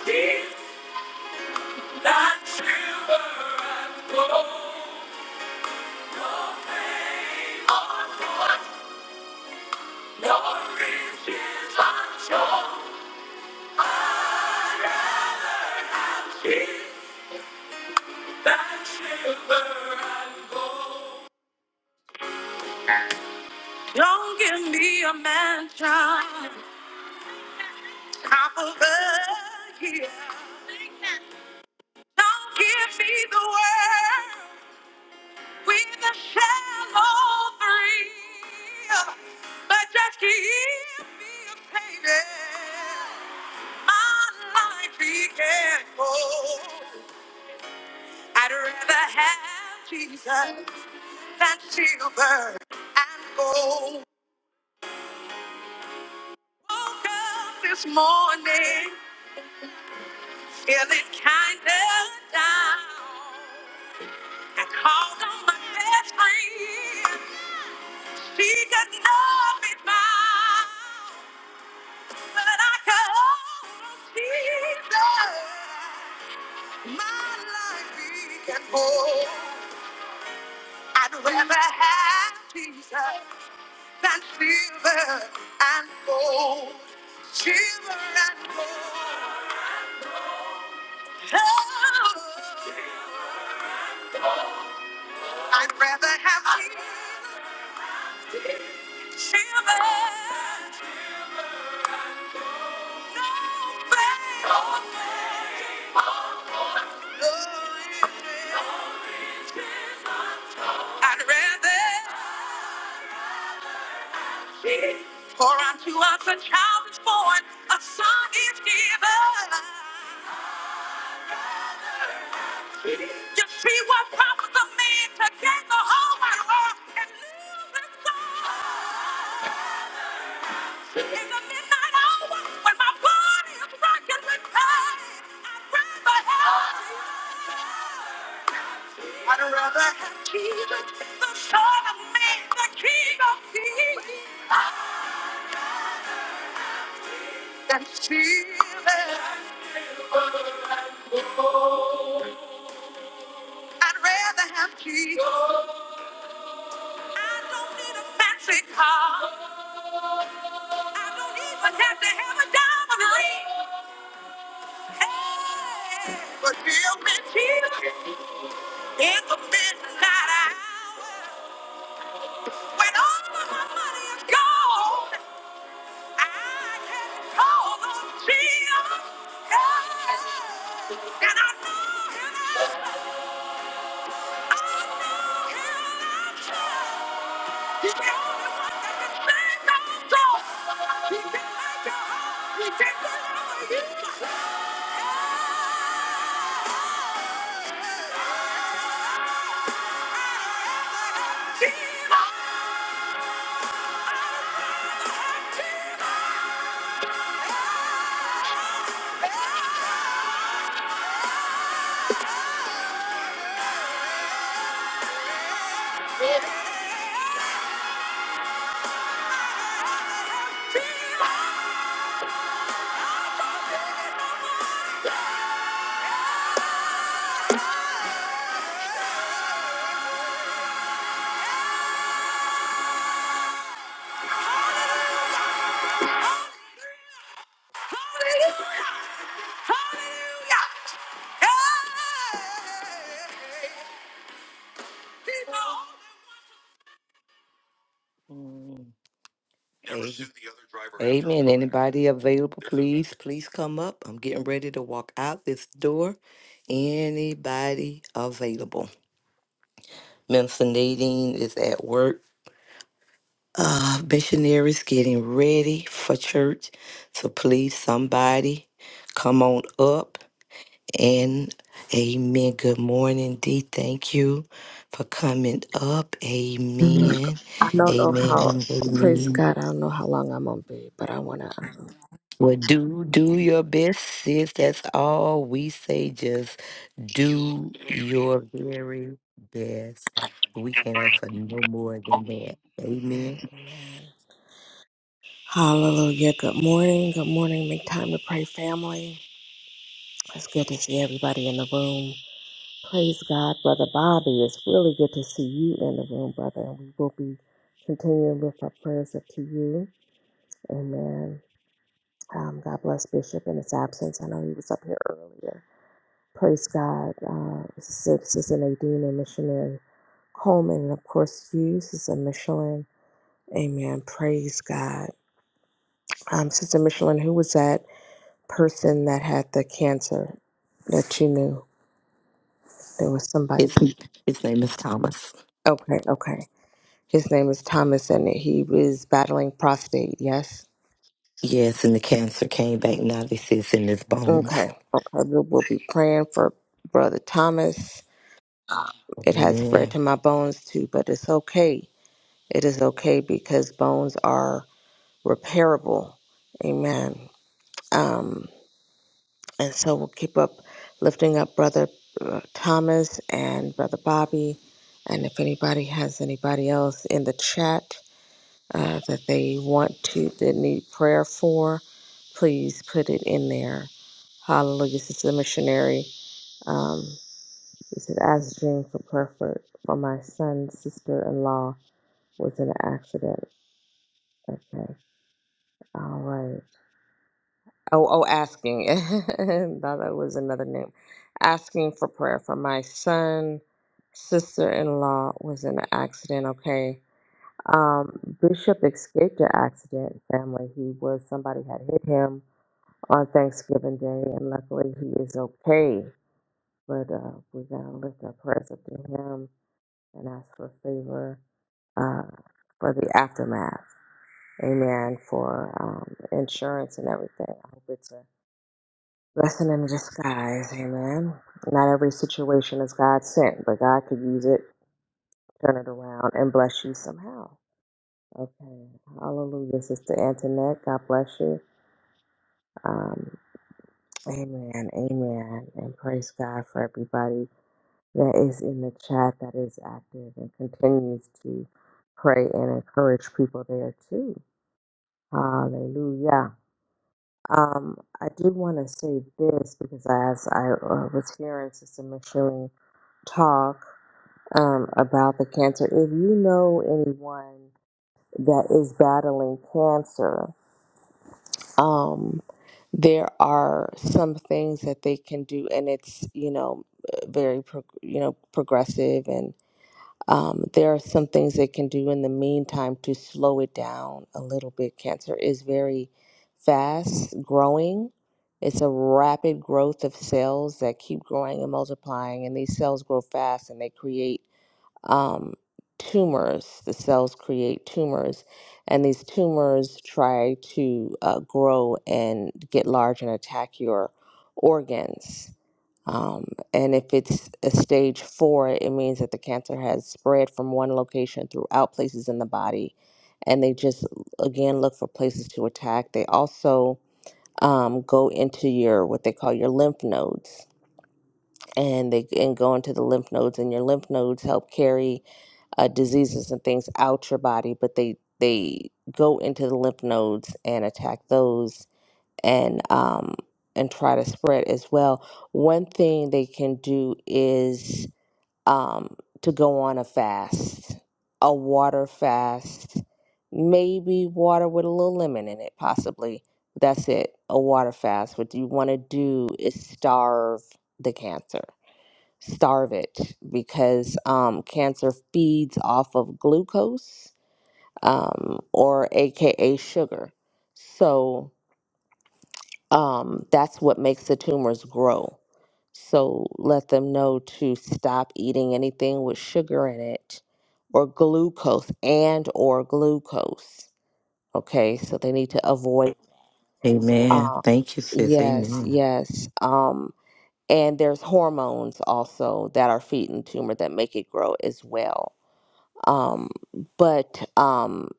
C: It's not silver and gold, nor fame or fortune, nor riches or show. I'd rather Don't give me a mansion top of the hill. Don't give me the world with a shallow thrill. But just give me a payday. My life began hold. I'd rather have Jesus than silver and gold. Woke up this morning feeling kinda down. I called on my best friend. She could not be found, but I called on Jesus. My life began whole. I'd rather have Jesus than silver and gold, silver and gold. I'd rather have you, children. No pain. No riches. I'd rather for unto us a child is born, a son is given. You see what profits a man to gain the whole wide world and lose his soul. In the midnight hour, when my body is rocking with pain, I'd rather have Jesus. I'd rather have Jesus, the Son of Man, the King of Kings, than Caesar. I'd rather have Jesus. I don't need a fancy car. I don't even have to have a diamond ring. Hey, but tell me, Jesus, in the midnight hour, when all of my money is gone, I can call on Jesus. Hey, and I know and I He's the only one that can break those chains. He can make your heart. He can devour you. Yeah. He's the only one. He's the only one. Holy, holy, holy, holy, holy, yeah. Yeah. Amen. Anybody available, please, please come up. I'm getting ready to walk out this door. Anybody available? Minister Nadine is at work. Uh, missionaries getting ready for church. So please, somebody, come on up and amen. Good morning, D. Thank you for coming up.
E: Mm,
C: Amen.
E: I don't know
C: Amen.
E: how. Praise
C: Amen.
E: God. I don't know how long I'm gonna be, but I wanna. Amen.
C: Well, do do your best, sis. That's all we say. Just do your very best. We can't ask for no more than that. Amen.
E: Amen. Hallelujah. Good morning. Good morning. Make time to pray, family. It's good to see everybody in the room. Praise God, brother Bobby. It's really good to see you in the room, brother. And we will be continuing with our prayers up to you. Amen. Um, God bless Bishop in his absence. I know he was up here earlier. Praise God, uh, Sister Nadine and Missionary Coleman, and of course you, Sister Michelin. Amen. Praise God. Um, Sister Michelin, who was that person that had the cancer that you knew? There was somebody.
C: His, his name is Thomas.
E: Okay, okay. His name is Thomas, and he was battling prostate. Yes.
C: Yes, and the cancer came back. Now this is in his bones.
E: Okay. Okay. We'll, we'll be praying for Brother Thomas. Um, it has spread
C: Amen.
E: to my bones too, but it's okay. It is okay because bones are repairable. Amen. Um, and so we'll keep up lifting up Brother uh, Thomas and Brother Bobby. And if anybody has anybody else in the chat uh, that they want to, that need prayer for, please put it in there. Hallelujah. This is the missionary. Um, he said, ask Jean for prayer for, for my son's sister in law was in an accident. Okay. All right. Oh, oh, asking. Thought that was another name. Asking for prayer for my son, sister-in-law was in an accident. Okay. Um, Bishop escaped the accident. Family. He was somebody had hit him on Thanksgiving Day, and luckily he is okay. But uh, we gotta lift our prayers up to him and ask for favor uh, for the aftermath. Amen. For um, insurance and everything. I hope it's a Blessing in disguise, amen. Not every situation is God sent, but God could use it, turn it around, and bless you somehow. Okay, hallelujah, Sister Antoinette. God bless you. Um, amen, amen, and praise God for everybody that is in the chat that is active and continues to pray and encourage people there too. Hallelujah. Um, I do want to say this because as I uh, was hearing Sister Micheline talk, um, about the cancer. If you know anyone that is battling cancer, um, there are some things that they can do, and it's you know very pro- you know progressive, and um, there are some things they can do in the meantime to slow it down a little bit. Cancer is very fast growing. It's a rapid growth of cells that keep growing and multiplying, and these cells grow fast and they create um, tumors. The cells create tumors, and these tumors try to uh, grow and get large and attack your organs. Um, and if it's a stage four, it means that the cancer has spread from one location throughout places in the body. And they just, again, look for places to attack. They also um, go into your, what they call your lymph nodes. And they and go into the lymph nodes, and your lymph nodes help carry uh, diseases and things out your body, but they they go into the lymph nodes and attack those and um, and try to spread as well. One thing they can do is um, to go on a fast, a water fast, maybe water with a little lemon in it, possibly. That's it, a water fast. What you want to do is starve the cancer starve it because um, cancer feeds off of glucose um, or AKA sugar. So um, that's what makes the tumors grow. So let them know to stop eating anything with sugar in it or glucose and or glucose. Okay, so they need to avoid.
C: Amen.
E: Uh,
C: Thank you, sis.
E: yes,
C: Amen.
E: yes. Um, and there's hormones also that are feeding tumor that make it grow as well Um, but um,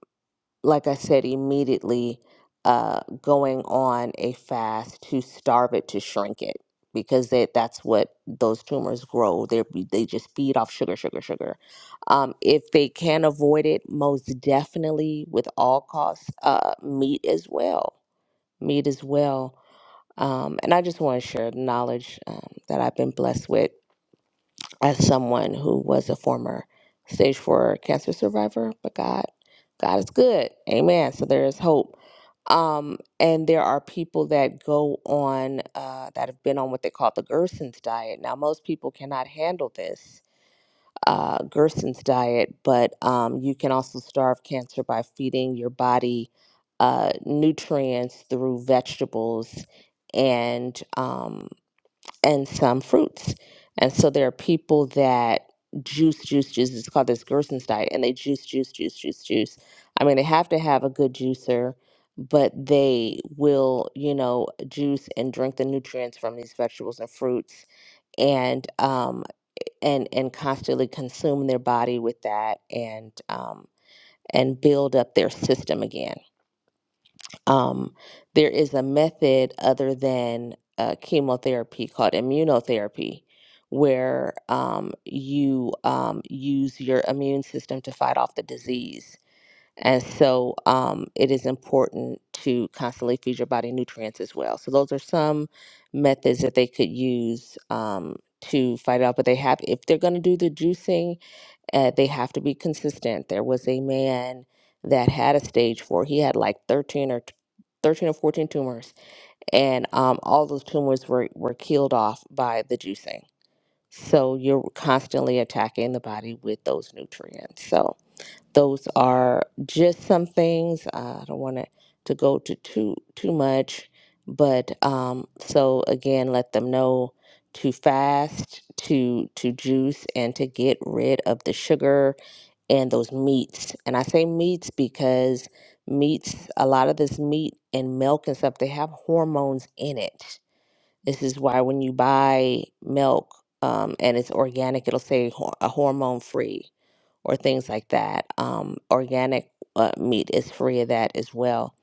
E: like I said, immediately uh, going on a fast to starve it to shrink it because that that's what those tumors grow. They they just feed off sugar, sugar, sugar. Um, if they can avoid it, most definitely with all costs, uh, meat as well, meat as well. Um, and I just want to share the knowledge um, that I've been blessed with as someone who was a former stage four cancer survivor, but God, God is good. Amen. So there is hope. Um, and there are people that go on uh, that have been on what they call the Gerson's diet. Now, most people cannot handle this uh, Gerson's diet, but um, you can also starve cancer by feeding your body uh, nutrients through vegetables and um, and some fruits. And so there are people that juice, juice, juice. It's called this Gerson's diet, and they juice, juice, juice, juice, juice. I mean, they have to have a good juicer, but they will, you know, juice and drink the nutrients from these vegetables and fruits, and um, and and constantly consume their body with that, and um, and build up their system again um, there is a method other than uh, chemotherapy called immunotherapy, where um, you um, use your immune system to fight off the disease. And so um, it is important to constantly feed your body nutrients as well. So those are some methods that they could use um, to fight it off. But they have, if they're going to do the juicing, uh, they have to be consistent. There was a man that had a stage four. He had like 13 or 13 or 14 tumors, and um, all those tumors were, were killed off by the juicing. So you're constantly attacking the body with those nutrients. So those are just some things. Uh, I don't want to to go to too too much, but um, so again, let them know to fast, to to juice, and to get rid of the sugar and those meats. And I say meats because meats, a lot of this meat and milk and stuff, they have hormones in it. This is why when you buy milk um, and it's organic, it'll say hor- a hormone free or things like that. Um, organic uh, meat is free of that as well.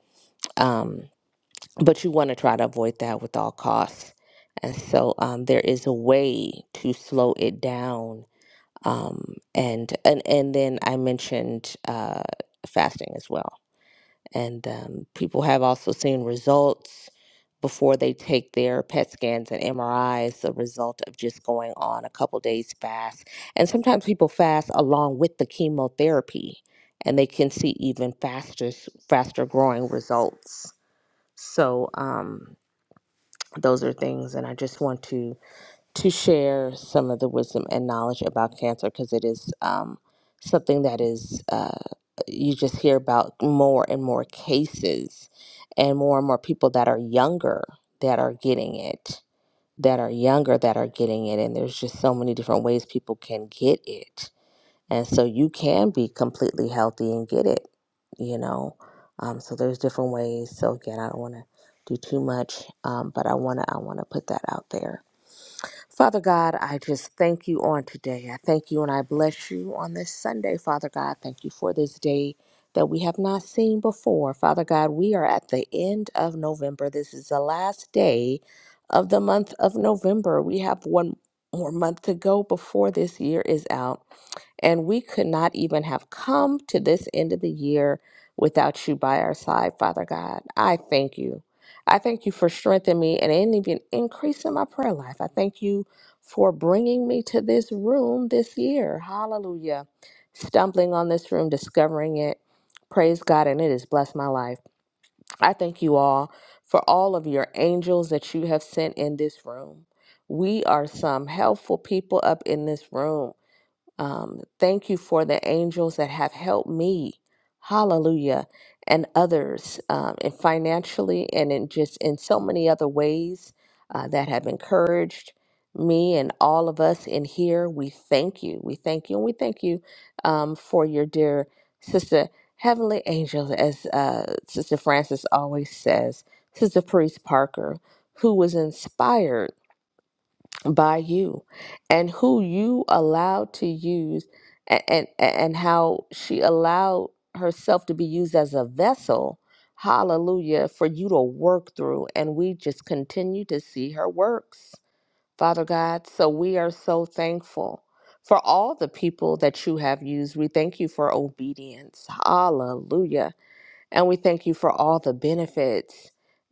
E: Um, but you want to try to avoid that with all costs. And so um, there is a way to slow it down um, and and and then I mentioned uh, fasting as well. And um, people have also seen results before they take their PET scans and MRIs, the result of just going on a couple days fast. And sometimes people fast along with the chemotherapy, and they can see even faster s- faster growing results. So um, those are things, and I just want to to share some of the wisdom and knowledge about cancer because it is um, something that is uh, you just hear about more and more cases and more and more people that are younger that are getting it that are younger that are getting it and there's just so many different ways people can get it and so you can be completely healthy and get it you know um, so there's different ways so again i don't want to do too much um, but i want to i want to put that out there Father God, I just thank you on today. I thank you and I bless you on this Sunday, Father God. Thank you for this day that we have not seen before. Father God, we are at the end of November. This is the last day of the month of November. We have one more month to go before this year is out. And we could not even have come to this end of the year without you by our side, Father God. I thank you. I thank you for strengthening me and in- even increasing my prayer life. I thank you for bringing me to this room this year. Hallelujah. Stumbling on this room, discovering it. Praise God, and it has blessed my life. I thank you all for all of your angels that you have sent in this room. We are some helpful people up in this room. Um, thank you for the angels that have helped me, hallelujah, and others, um, and financially and in just in so many other ways uh, that have encouraged me and all of us in here. We thank you. We thank you. And we thank you um, for your dear sister, heavenly angels, as uh, Sister Francis always says, Sister Priest Parker, who was inspired by you and who you allowed to use and, and and how she allowed herself to be used as a vessel hallelujah for you to work through and we just continue to see her works father god so we are so thankful for all the people that you have used we thank you for obedience hallelujah and we thank you for all the benefits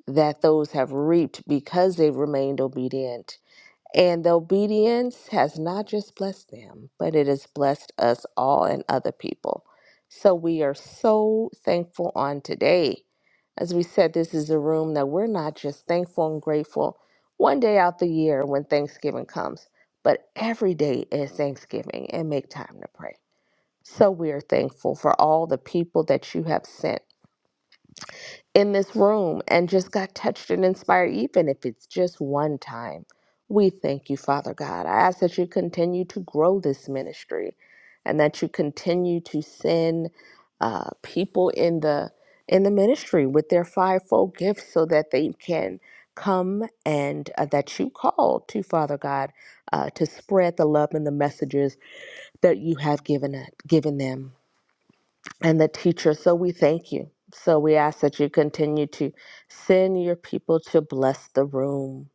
E: that those have reaped because they've remained obedient and the obedience has not just blessed them, but it has blessed us all and other people. So we are so thankful on today. As we said, this is a room that we're not just thankful and grateful one day out the year when Thanksgiving comes, but every day is Thanksgiving and make time to pray. So we are thankful for all the people that you have sent in this room and just got touched and inspired, even if it's just one time. We thank you, Father God. I ask that you continue to grow this ministry and that you continue to send uh, people in the in the ministry with their fivefold gifts so that they can come and uh, that you call to Father God uh, to spread the love and the messages that you have given uh, given them and the teacher. So we thank you. So we ask that you continue to send your people to bless the room.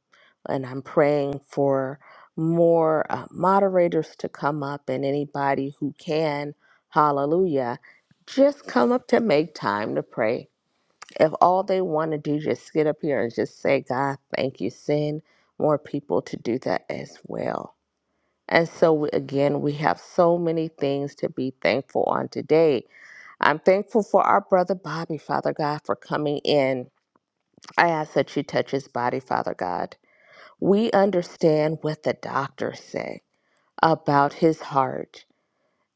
E: And I'm praying for more uh, moderators to come up and anybody who can, hallelujah, just come up to make time to pray. If all they want to do just get up here and just say, God, thank you, send more people to do that as well. And so, we- again, we have so many things to be thankful on today I'm thankful for our brother Bobby, Father God, for coming in. I ask that you touch his body, Father God. We understand what the doctors say about his heart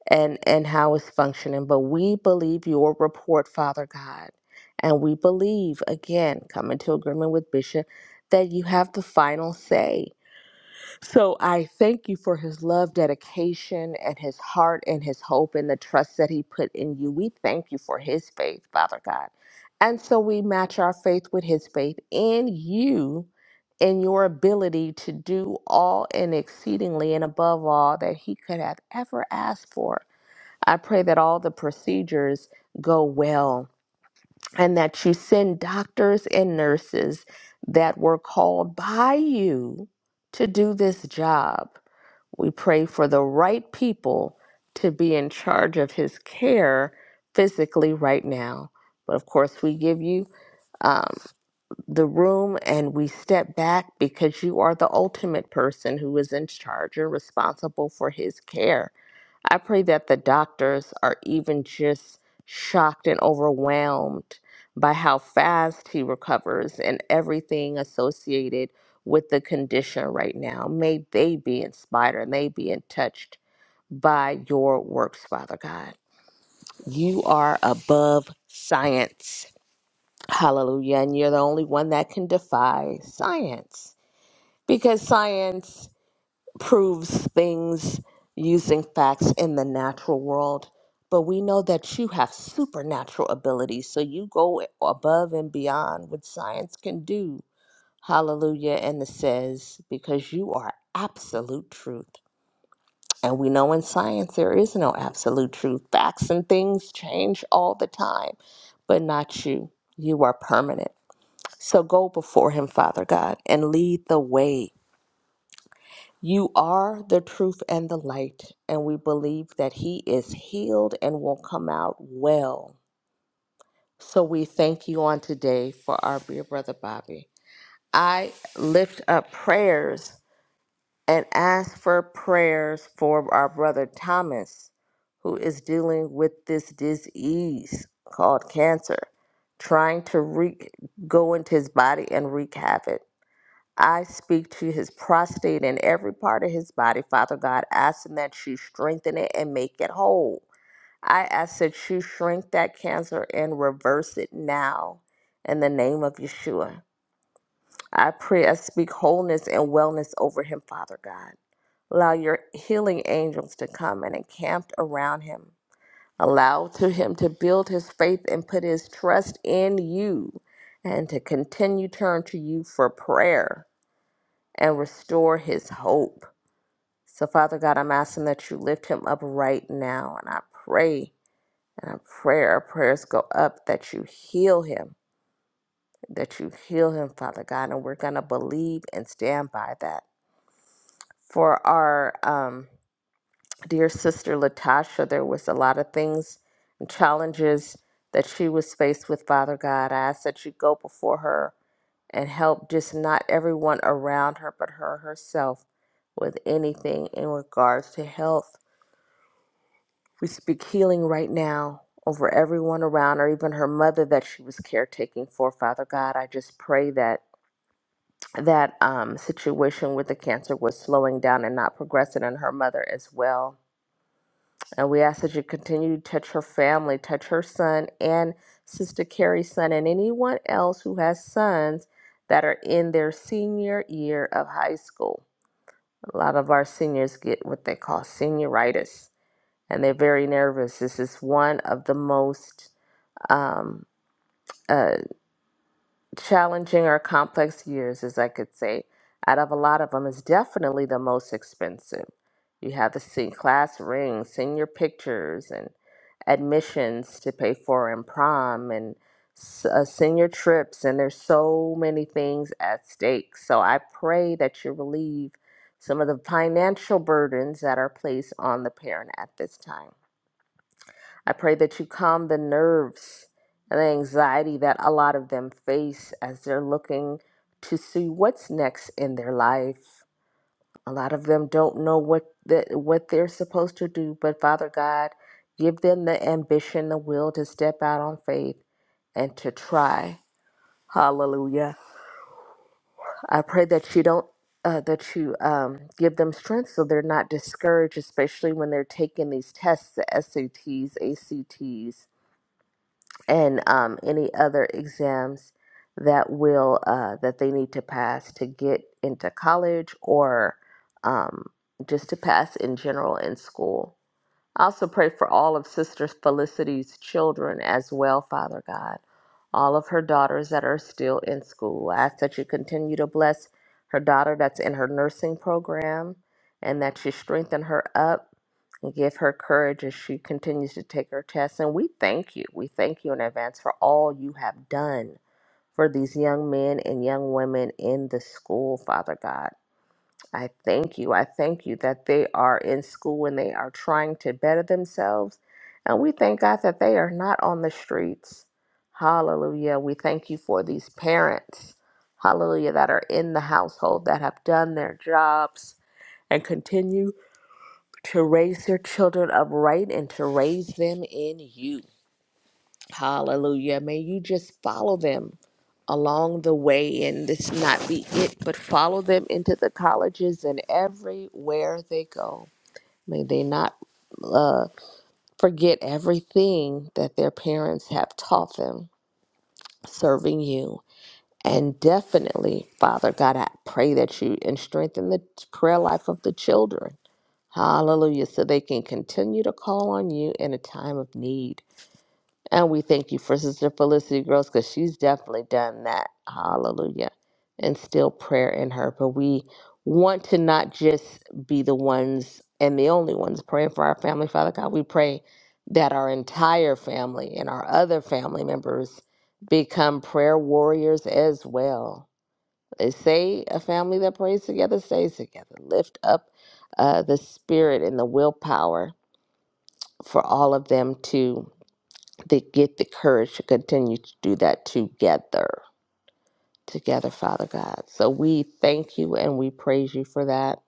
E: and, and how it's functioning, but we believe your report, Father God. And we believe, again, coming to agreement with Bishop, that you have the final say so I thank you for his love, dedication, and his heart and his hope and the trust that he put in you. We thank you for his faith, Father God. And so we match our faith with his faith in you and your ability to do all and exceedingly and above all that he could have ever asked for. I pray that all the procedures go well and that you send doctors and nurses that were called by you to do this job we pray for the right people to be in charge of his care physically right now. But of course, we give you um, the room and we step back because you are the ultimate person who is in charge and responsible for his care. I pray that the doctors are even just shocked and overwhelmed by how fast he recovers and everything associated with the condition right now. May they be inspired and they be touched by your works, Father God. You are above science. Hallelujah. And you're the only one that can defy science because science proves things using facts in the natural world, but we know that you have supernatural abilities. So you go above and beyond what science can do. Hallelujah. And it says, because you are absolute truth. And we know in science there is no absolute truth. Facts and things change all the time, but not you. You are permanent. So go before Him, Father God, and lead the way you are the truth and the light, and we believe that he is healed and will come out well. So we thank you on today for our dear brother Bobby. I lift up prayers and ask for prayers for our brother Thomas, who is dealing with this disease called cancer, trying to wreak, go into his body and wreak havoc. I speak to his prostate and every part of his body, Father God, asking that you strengthen it and make it whole. I ask that you shrink that cancer and reverse it now in the name of Yeshua. I pray I speak wholeness and wellness over him, Father God. Allow your healing angels to come and encamp around him. Allow to him to build his faith and put his trust in you and to continue turn to you for prayer and restore his hope. So, Father God, I'm asking that you lift him up right now. And I pray, and I pray our prayers go up that you heal him, that you heal him, Father God. And we're going to believe and stand by that. For our um, dear sister Latasha, there was a lot of things and challenges that she was faced with, Father God. I ask that you go before her and help just not everyone around her, but her herself with anything in regards to health. We speak healing right now over everyone around her, even her mother that she was caretaking for. Father God, I just pray that that um, situation with the cancer was slowing down and not progressing, and her mother as well. And we ask that you continue to touch her family, touch her son and Sister Carrie's son, and anyone else who has sons that are in their senior year of high school. A lot of our seniors get what they call senioritis, and they're very nervous. This is one of the most um, uh, challenging or complex years, as I could say, out of a lot of them, is definitely the most expensive. You have the sing- class ring, senior pictures, and admissions to pay for, and prom, and s- uh, senior trips, and there's so many things at stake. So I pray that you relieve some of the financial burdens that are placed on the parent at this time. I pray that you calm the nerves and the anxiety that a lot of them face as they're looking to see what's next in their life. A lot of them don't know what the, what they're supposed to do, but Father God, give them the ambition, the will to step out on faith and to try. Hallelujah. I pray that you don't uh, that you um, give them strength so they're not discouraged, especially when they're taking these tests, the SATs, ACTs, and um, any other exams that will uh, that they need to pass to get into college or um, just to pass in general in school. I also pray for all of Sister Felicity's children as well, Father God. All of her daughters that are still in school. I ask that you continue to bless her daughter that's in her nursing program and that you strengthen her up and give her courage as she continues to take her tests. And we thank you. We thank you in advance for all you have done for these young men and young women in the school, Father God. I thank you. I thank you that they are in school and they are trying to better themselves. And we thank God that they are not on the streets. Hallelujah. We thank you for these parents, hallelujah, that are in the household that have done their jobs and continue to raise their children upright and to raise them in you. Hallelujah. May you just follow them along the way and this not be it, but follow them into the colleges and everywhere they go. May they not uh, forget everything that their parents have taught them serving you. And definitely, Father God, I pray that you and strengthen the prayer life of the children. Hallelujah. So they can continue to call on you in a time of need. And we thank you for Sister Felicity Gross because she's definitely done that. Hallelujah. And still prayer in her. But we want to not just be the ones and the only ones praying for our family. Father God, we pray that our entire family and our other family members become prayer warriors as well. They say a family that prays together stays together. Lift up uh, the spirit and the willpower for all of them to they get the courage to continue to do that together. Together, Father God. So we thank you and we praise you for that.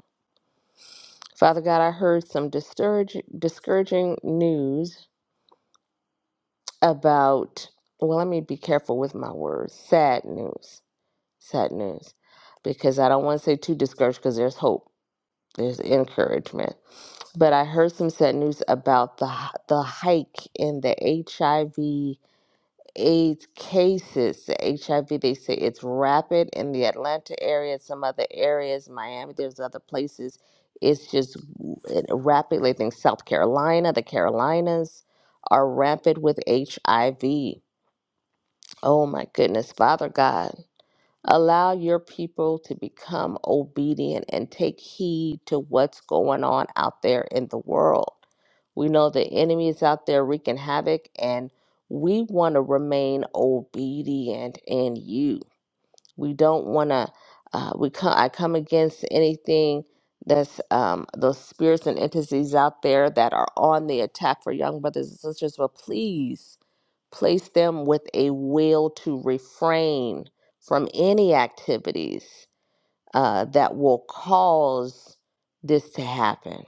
E: Father God, I heard some discourage, discouraging news about, well, let me be careful with my words. Sad news. Sad news. Because I don't want to say too discouraged because there's hope, there's encouragement. But I heard some sad news about the, the hike in the HIV AIDS cases, the HIV, they say it's rapid in the Atlanta area, some other areas, Miami, there's other places. It's just w- it rapidly, I think South Carolina, the Carolinas are rampant with HIV. Oh my goodness, Father God. Allow your people to become obedient and take heed to what's going on out there in the world. We know the enemy is out there wreaking havoc, and we want to remain obedient in you. We don't want to. Uh, we come. I come against anything that's um, those spirits and entities out there that are on the attack for young brothers and sisters. But please Place them with a will to refrain from any activities uh, that will cause this to happen.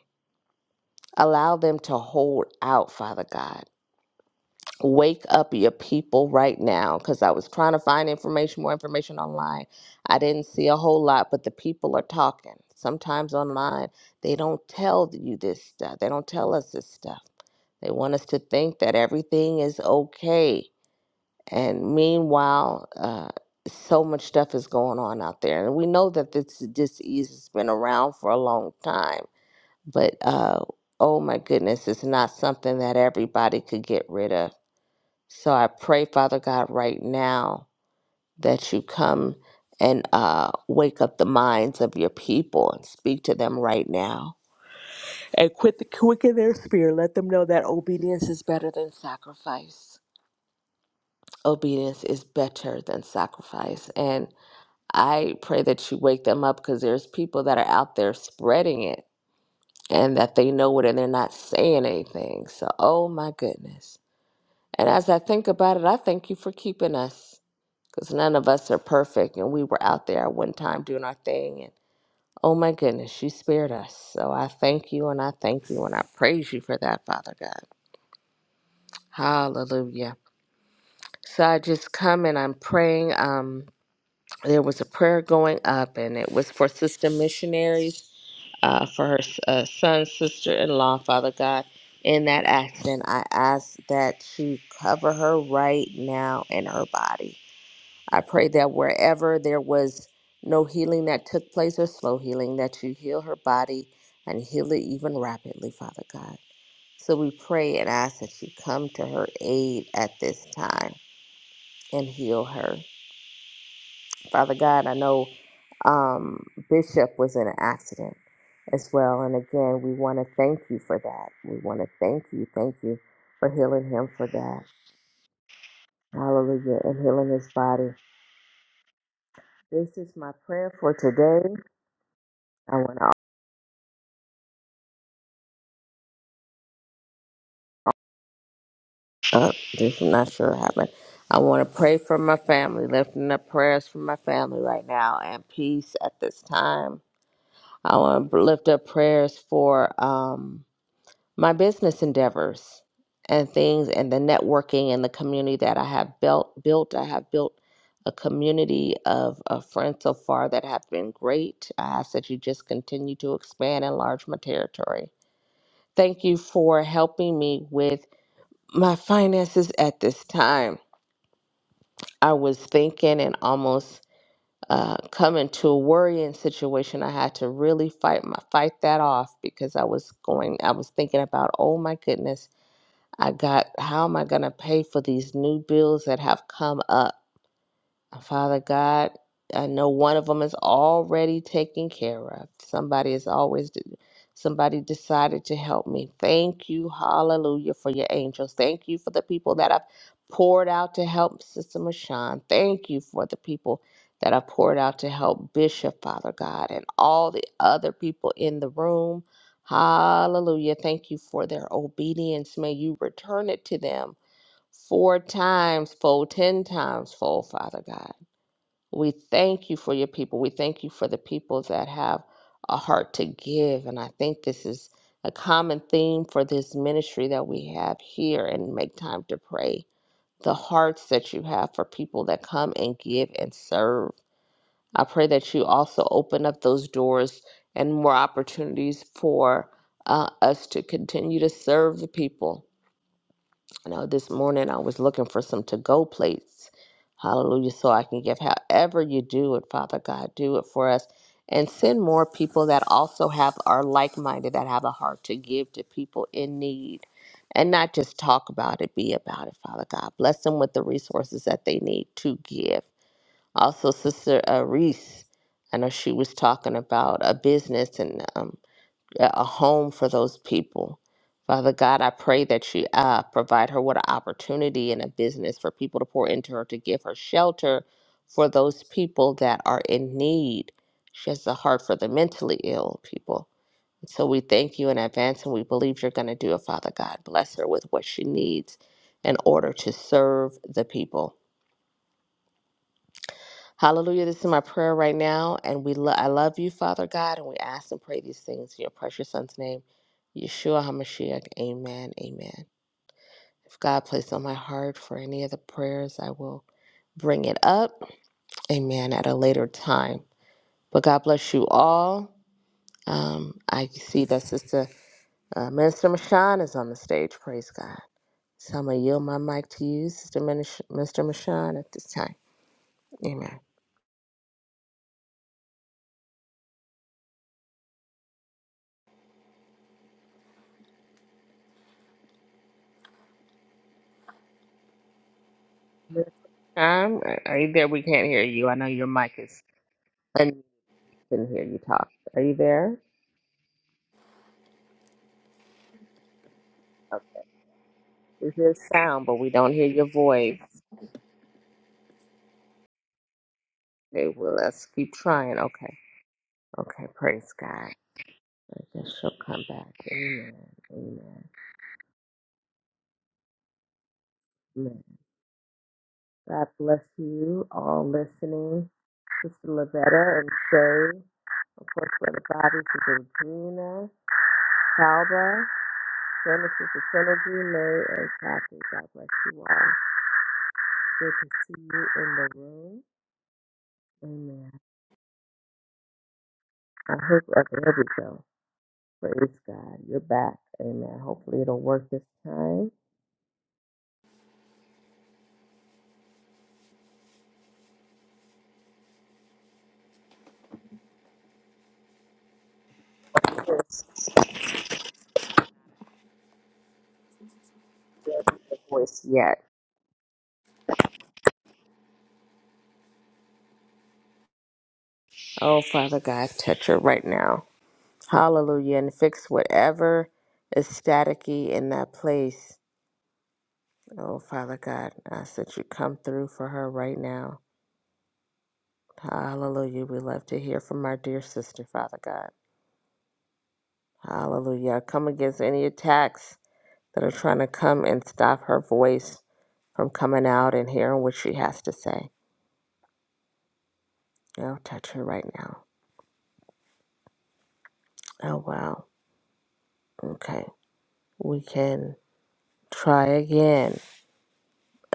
E: Allow them to hold out, Father God. Wake up your people right now because I was trying to find information, more information online. I didn't see a whole lot, but the people are talking. Sometimes online, they don't tell you this stuff, they don't tell us this stuff. They want us to think that everything is okay and meanwhile, uh, so much stuff is going on out there. And we know that this disease has been around for a long time, but uh, oh my goodness, it's not something that everybody could get rid of. So I pray, Father God, right now that you come and uh, wake up the minds of your people and speak to them right now. And quit the quicken their spirit. Let them know that obedience is better than sacrifice. Obedience is better than sacrifice. and. I pray that you wake them up because there's people that are out there spreading it and that they know it and they're not saying anything. So, oh my goodness. And as I think about it, I thank you for keeping us because none of us are perfect. And we were out there at one time doing our thing. And oh my goodness, you spared us. So I thank you and I thank you and I praise you for that, Father God. Hallelujah. So I just come and I'm praying. Um, there was a prayer going up and it was for sister missionaries uh, for her uh, son, sister in law, Father God, in that accident. I ask that you cover her right now in her body. I pray that wherever there was no healing that took place or slow healing, that you heal her body and heal it even rapidly, Father God. So we pray and ask that you come to her aid at this time and heal her. Father God, I know um, Bishop was in an accident as well. And again, we want to thank you for that. We want to thank you, thank you for healing him for that. Hallelujah. And healing his body. This is my prayer for today. I want to, uh, this is not sure what happened. I want to pray for my family, lifting up prayers for my family right now and peace at this time. I want to lift up prayers for, um, my business endeavors and things and the networking and the community that I have built built I have built a community of, of friends so far that have been great. I ask that you just continue to expand and enlarge my territory. Thank you for helping me with my finances at this time. I was thinking and almost uh, coming to a worrying situation. I had to really fight my fight that off because I was going. I was thinking about, oh my goodness, I got, how am I going to pay for these new bills that have come up? Uh, Father God, I know one of them is already taken care of. Somebody is always, somebody decided to help me. Thank you, hallelujah, for your angels. Thank you for the people that I've poured out to help Sister Mashawn. Thank you for the people that I've poured out to help Bishop, Father God, and all the other people in the room. Hallelujah. Thank you for their obedience. May you return it to them four times fold, ten times fold, Father God. We thank you for your people. We thank you for the people that have a heart to give. And I think this is a common theme for this ministry that we have here and make time to pray. The hearts that you have for people that come and give and serve. I pray that you also open up those doors and more opportunities for uh, us to continue to serve the people I know this morning I was looking for some to go plates. Hallelujah. So I can give however you do it, Father God, do it for us. And send more people that also have are like minded, that have a heart to give to people in need. And not just talk about it, be about it, Father God. Bless them with the resources that they need to give. Also, Sister uh, Reese, I know she was talking about a business and um, yeah, a home for those people. Father God, I pray that you uh, provide her with an opportunity and a business for people to pour into her to give her shelter for those people that are in need. She has a heart for the mentally ill people. So we thank you in advance and we believe you're going to do it, Father God. Bless her with what she needs in order to serve the people. Hallelujah. This is my prayer right now. And we lo- I love you, Father God, and we ask and pray these things in your precious son's name, Yeshua HaMashiach. Amen. Amen. If God placed on my heart for any of the prayers, I will bring it up. Amen. At a later time. But God bless you all. Um, I see that Sister uh, Minister Mashan is on the stage. Praise God. So I'm going to yield my mic to you, Sister Minis- Mister Mashan, at this time. Amen. Miss Tom, are are you there? We can't hear you. I know your mic is and we can hear you talk. Are you there? Okay. We hear sound, but we don't hear your voice. Okay, well, let's keep trying. Okay. Okay, praise God. I guess she'll come back. Amen. Amen. Amen. God bless you all listening. Sister Lavetta and Shay. Of course, for the bodies of Regina, Calba, Genesis, the Synergy, May, and Kathy. God bless you all. Good to see you in the room. Amen. I hope after every show, praise God, you're back. Amen. Hopefully it'll work this time. Yes, voice yet. Oh, Father God, touch her right now. Hallelujah. And fix whatever is staticky in that place. Oh, Father God, I ask that you come through for her right now. Hallelujah. We love to hear from our dear sister, Father God. Hallelujah. I come against any attacks that are trying to come and stop her voice. from coming out and hearing what she has to say. I'll touch her right now. Oh, wow. Okay. We can try again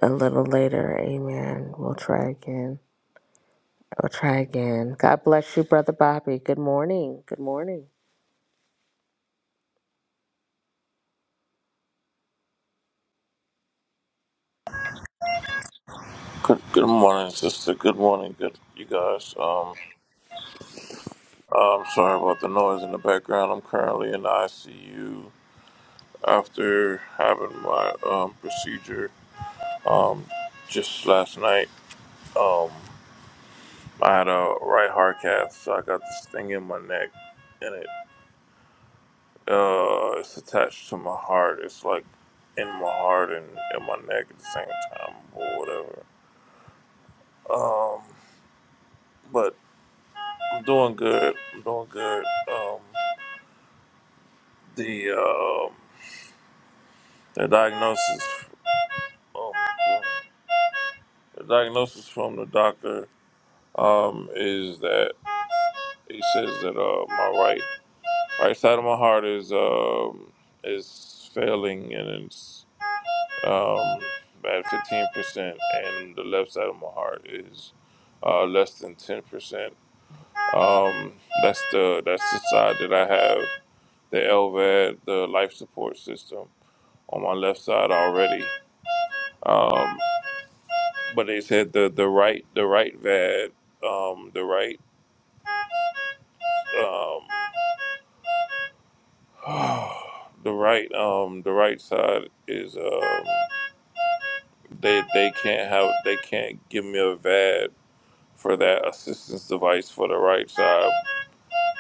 E: a little later. Amen. We'll try again. We'll try again. God bless you, Brother Bobby. Good morning. Good morning.
F: Good, good morning, sister. Good morning, good you guys. Um, I'm sorry about the noise in the background. I'm currently in the ICU after having my um, procedure just last night. I had a right heart cath, so I got this thing in my neck, and it uh, it's attached to my heart. It's like in my heart and in my neck at the same time, or whatever. Um, but I'm doing good. I'm doing good. Um, the um, the diagnosis Oh, yeah. The diagnosis from the doctor um, is that he says that uh, my right right side of my heart is um, is failing and it's um, at fifteen percent, and the left side of my heart is uh, less than ten percent. Um, that's the that's the side that I have the LVAD, the life support system on my left side already. Um, but they said the the right the right VAD um, the right Um, the right um the right side is um they they can't have they can't give me a VAD for that assistance device for the right side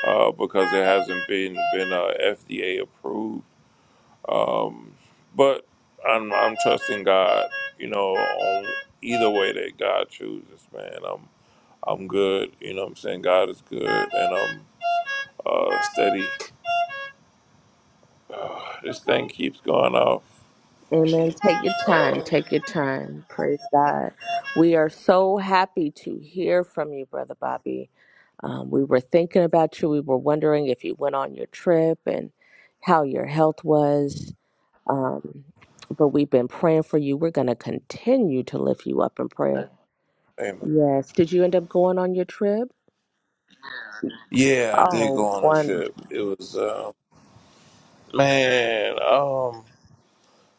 F: uh, because it hasn't been been uh, FDA approved. Um, but I'm I'm trusting God. You know, on either way that God chooses, man, I'm I'm good. You know, what I'm saying God is good, and I'm uh, steady. Uh, this thing keeps going off.
E: Amen. Take your
F: Uh,
E: time. Take your time. Praise God. We are so happy to hear from you, Brother Bobby. Um, we were thinking about you. We were wondering if you went on your trip and how your health was Um, but we've been praying for you. We're going to continue to lift you up in prayer.
F: amen.
E: Yes. Did you end up going on your trip?
F: Yeah, I did
E: Oh,
F: go on a
E: wonderful.
F: trip. It was uh, man, um,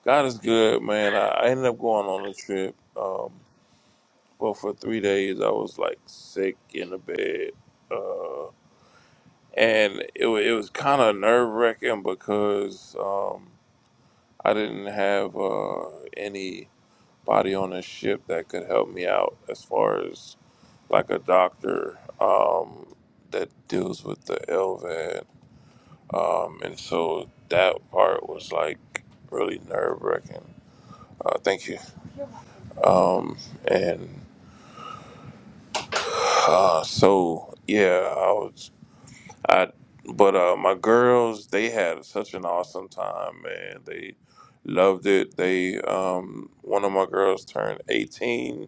F: God is good, man. I, I ended up going on a trip, um, but for three days I was like sick in the bed, uh, and it wa- it was kind of nerve wracking because um, I didn't have uh, anybody on the ship that could help me out as far as like a doctor um, that deals with the LVAD Um, and so that part was like really nerve wracking. Uh, thank you. Um, and uh, so yeah, I was I, but uh, my girls they had such an awesome time, man. They loved it. They um, one of my girls turned eighteen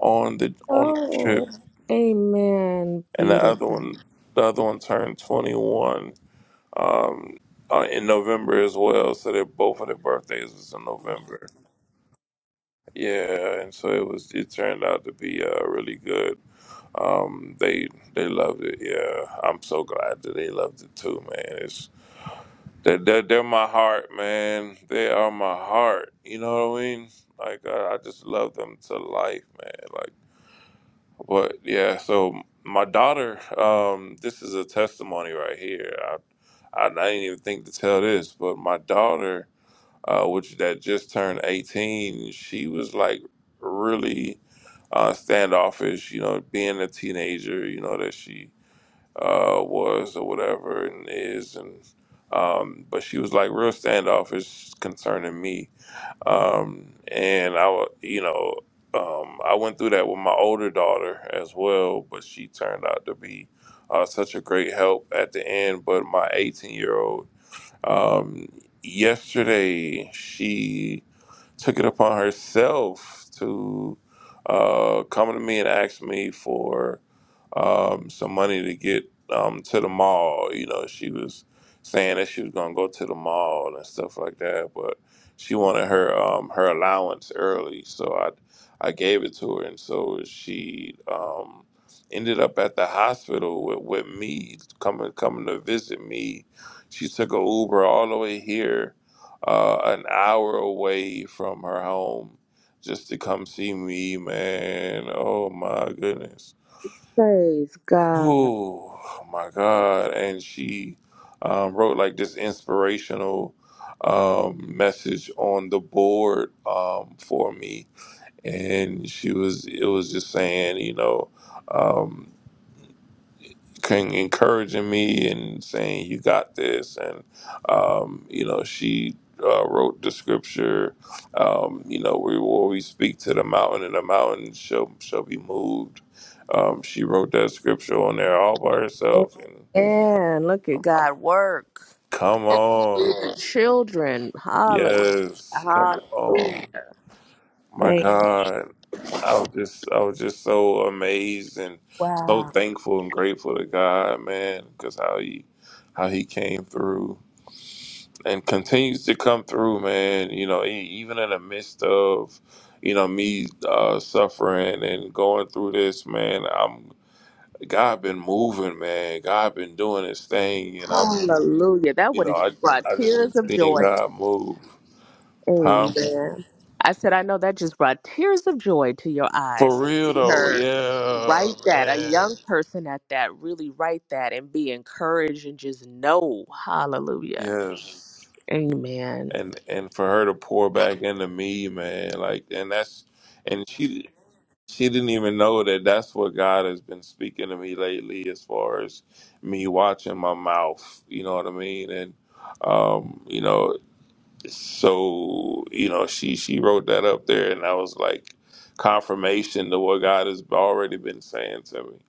F: on the on the trip,
E: Oh, amen.
F: and the other
E: Beautiful.
F: one the other one turned twenty one. Um, uh, in November as well, so their both of their birthdays was in November Yeah, and so it was. It turned out to be uh, really good. Um, they they loved it. Yeah, I'm so glad that they loved it too, man. It's they're, they're, they're my heart, man. They are my heart. You know what I mean? Like I, I just love them to life, man. Like, but yeah. So my daughter, um, this is a testimony right here. I I, I didn't even think to tell this, but my daughter, uh, which that just turned 18, she was like really uh, standoffish, you know, being a teenager, you know, that she uh, was or whatever and is. And um, but she was like real standoffish concerning me. Um, and I, wa- you know, um, I went through that with my older daughter as well, but she turned out to be uh, such a great help at the end. But my 18 year old, um, yesterday, she took it upon herself to uh, come to me and ask me for um, some money to get um, to the mall. You know, she was saying that she was gonna go to the mall and stuff like that, but she wanted her um, her allowance early, so I I gave it to her, and so she um, ended up at the hospital with, with me coming coming to visit me. She took a Uber all the way here, uh, an hour away from her home, just to come see me, man. Oh my goodness
E: Praise God.
F: oh my God. And she um, wrote like this inspirational um, message on the board um, for me. And she was, it was just saying, you know, um, can encouraging me and saying you got this and um, you know she uh, wrote the scripture um, you know we will we speak to the mountain and the mountain shall shall be moved um, she wrote that scripture on there all by herself and
E: Amen. Look at God work.
F: come on
E: The children. Hallelujah.
F: yes come on
E: Hallelujah.
F: my
E: Thank
F: god i was just i was just so amazed and so
E: Wow.
F: thankful and grateful to god man because how he how he came through and continues to come through, man. You know, e- even in the midst of, you know, me uh, suffering and going through this, man. I'm God been moving, man. God been doing His thing, and I'm,
E: Hallelujah. That
F: you
E: would
F: know,
E: have
F: I
E: just brought
F: I just
E: tears of
F: been seeing
E: joy.
F: God move, huh?
E: Amen. I said, I know that just brought tears of joy to your eyes
F: For
E: to
F: real
E: see
F: though,
E: her
F: yeah,
E: write that, a
F: man,
E: young person at that, really write that and be encouraged and just know. Hallelujah.
F: yes.
E: Amen.
F: And and for her to pour back into me, man, like, and that's and she she didn't even know that that's what God has been speaking to me lately as far as me watching my mouth, you know what I mean? And um, you know, so you know, she she wrote that up there and I was like confirmation to what God has already been saying to me.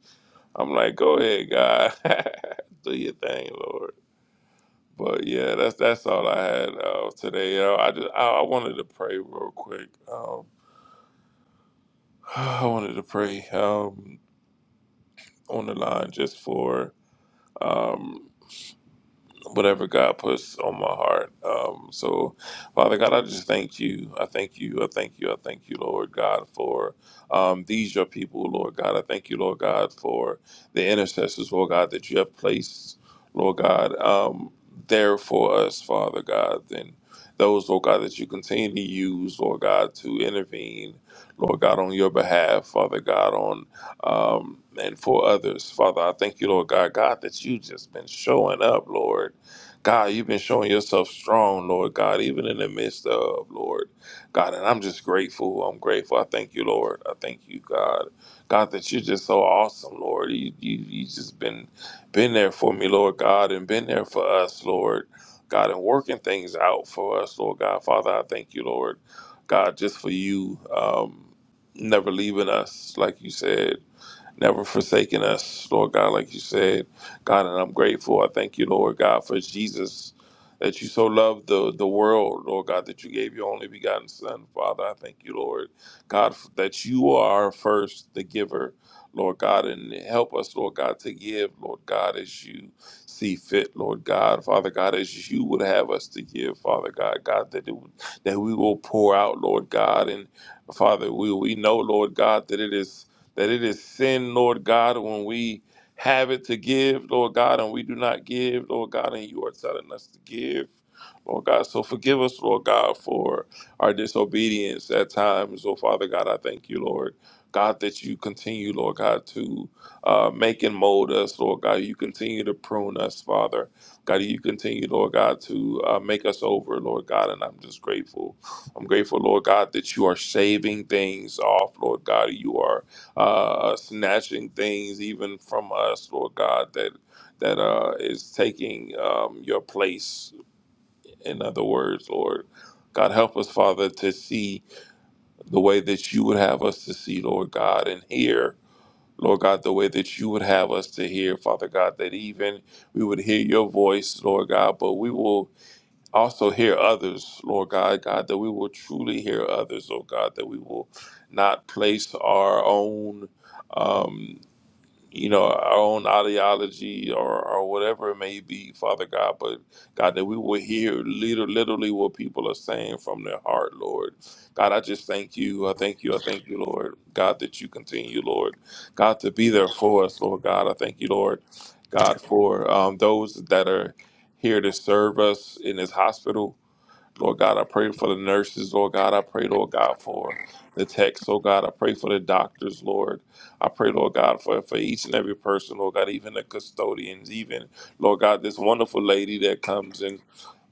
F: I'm like, "Go ahead, God. Do your thing, Lord." But yeah, that's that's all I had uh, today. You know, I just I, I wanted to pray real quick. Um, I wanted to pray. Um, on the line just for um, whatever God puts on my heart. Um, so, Father God, I just thank you. I thank you. I thank you. I thank you, Lord God, for um, these your people, Lord God. I thank you, Lord God, for the intercessors, Lord God, that you have placed, Lord God, um, there for us, Father God. And those, Lord God, that you continue to use, Lord God, to intervene, Lord God, on your behalf, Father God, on um, and for others. Father, I thank you, Lord God, God, that you just been showing up, Lord. God, you've been showing yourself strong, Lord God, even in the midst of, Lord God. And I'm just grateful. I'm grateful. I thank you, Lord. I thank you, God. God, that you're just so awesome, Lord. You, you, you just been, been there for me, Lord God, and been there for us, Lord God, and working things out for us, Lord God. Father, I thank you, Lord God, just for you, um, never leaving us, like you said never forsaking us, Lord God, like you said. God, and I'm grateful. I thank you, Lord God, for Jesus, that you so loved the, the world, Lord God, that you gave your only begotten Son, Father. I thank you, Lord God, f- that you are first the giver, Lord God, and help us, Lord God, to give, Lord God, as you see fit, Lord God, Father God, as you would have us to give, Father God, God, that, it, would- that we will pour out, Lord God, and Father, we, we know, Lord God, that it is that it is sin, Lord God, when we have it to give, Lord God, and we do not give, Lord God, and you are telling us to give, Lord God. So forgive us, Lord God, for our disobedience at times. Oh, Father God, I thank you, Lord. God, that you continue, Lord God, to uh, make and mold us, Lord God. You continue to prune us, Father. God, you continue, Lord God, to uh, make us over, Lord God, and I'm just grateful. I'm grateful, Lord God, that you are shaving things off, Lord God. You are uh, snatching things even from us, Lord God, that that uh, is taking um, your place. In other words, Lord God, help us, Father, to see the way that you would have us to see, Lord God, and hear. Lord God, the way that you would have us to hear, Father God, that even we would hear your voice, Lord God, but we will also hear others, Lord God, God, that we will truly hear others, oh God, that we will not place our own um, you know, our own ideology or, or whatever it may be, Father God, but God, that we will hear literally, literally what people are saying from their heart, Lord. God, I just thank you. I thank you. I thank you, Lord. God, that you continue, Lord. God, to be there for us, Lord God. I thank you, Lord. God, for um, those that are here to serve us in this hospital. Lord God, I pray for the nurses, Lord God. I pray, Lord God, for the techs, oh God. I pray for the doctors, Lord. I pray, Lord God, for, for each and every person, Lord God, even the custodians, even, Lord God, this wonderful lady that comes and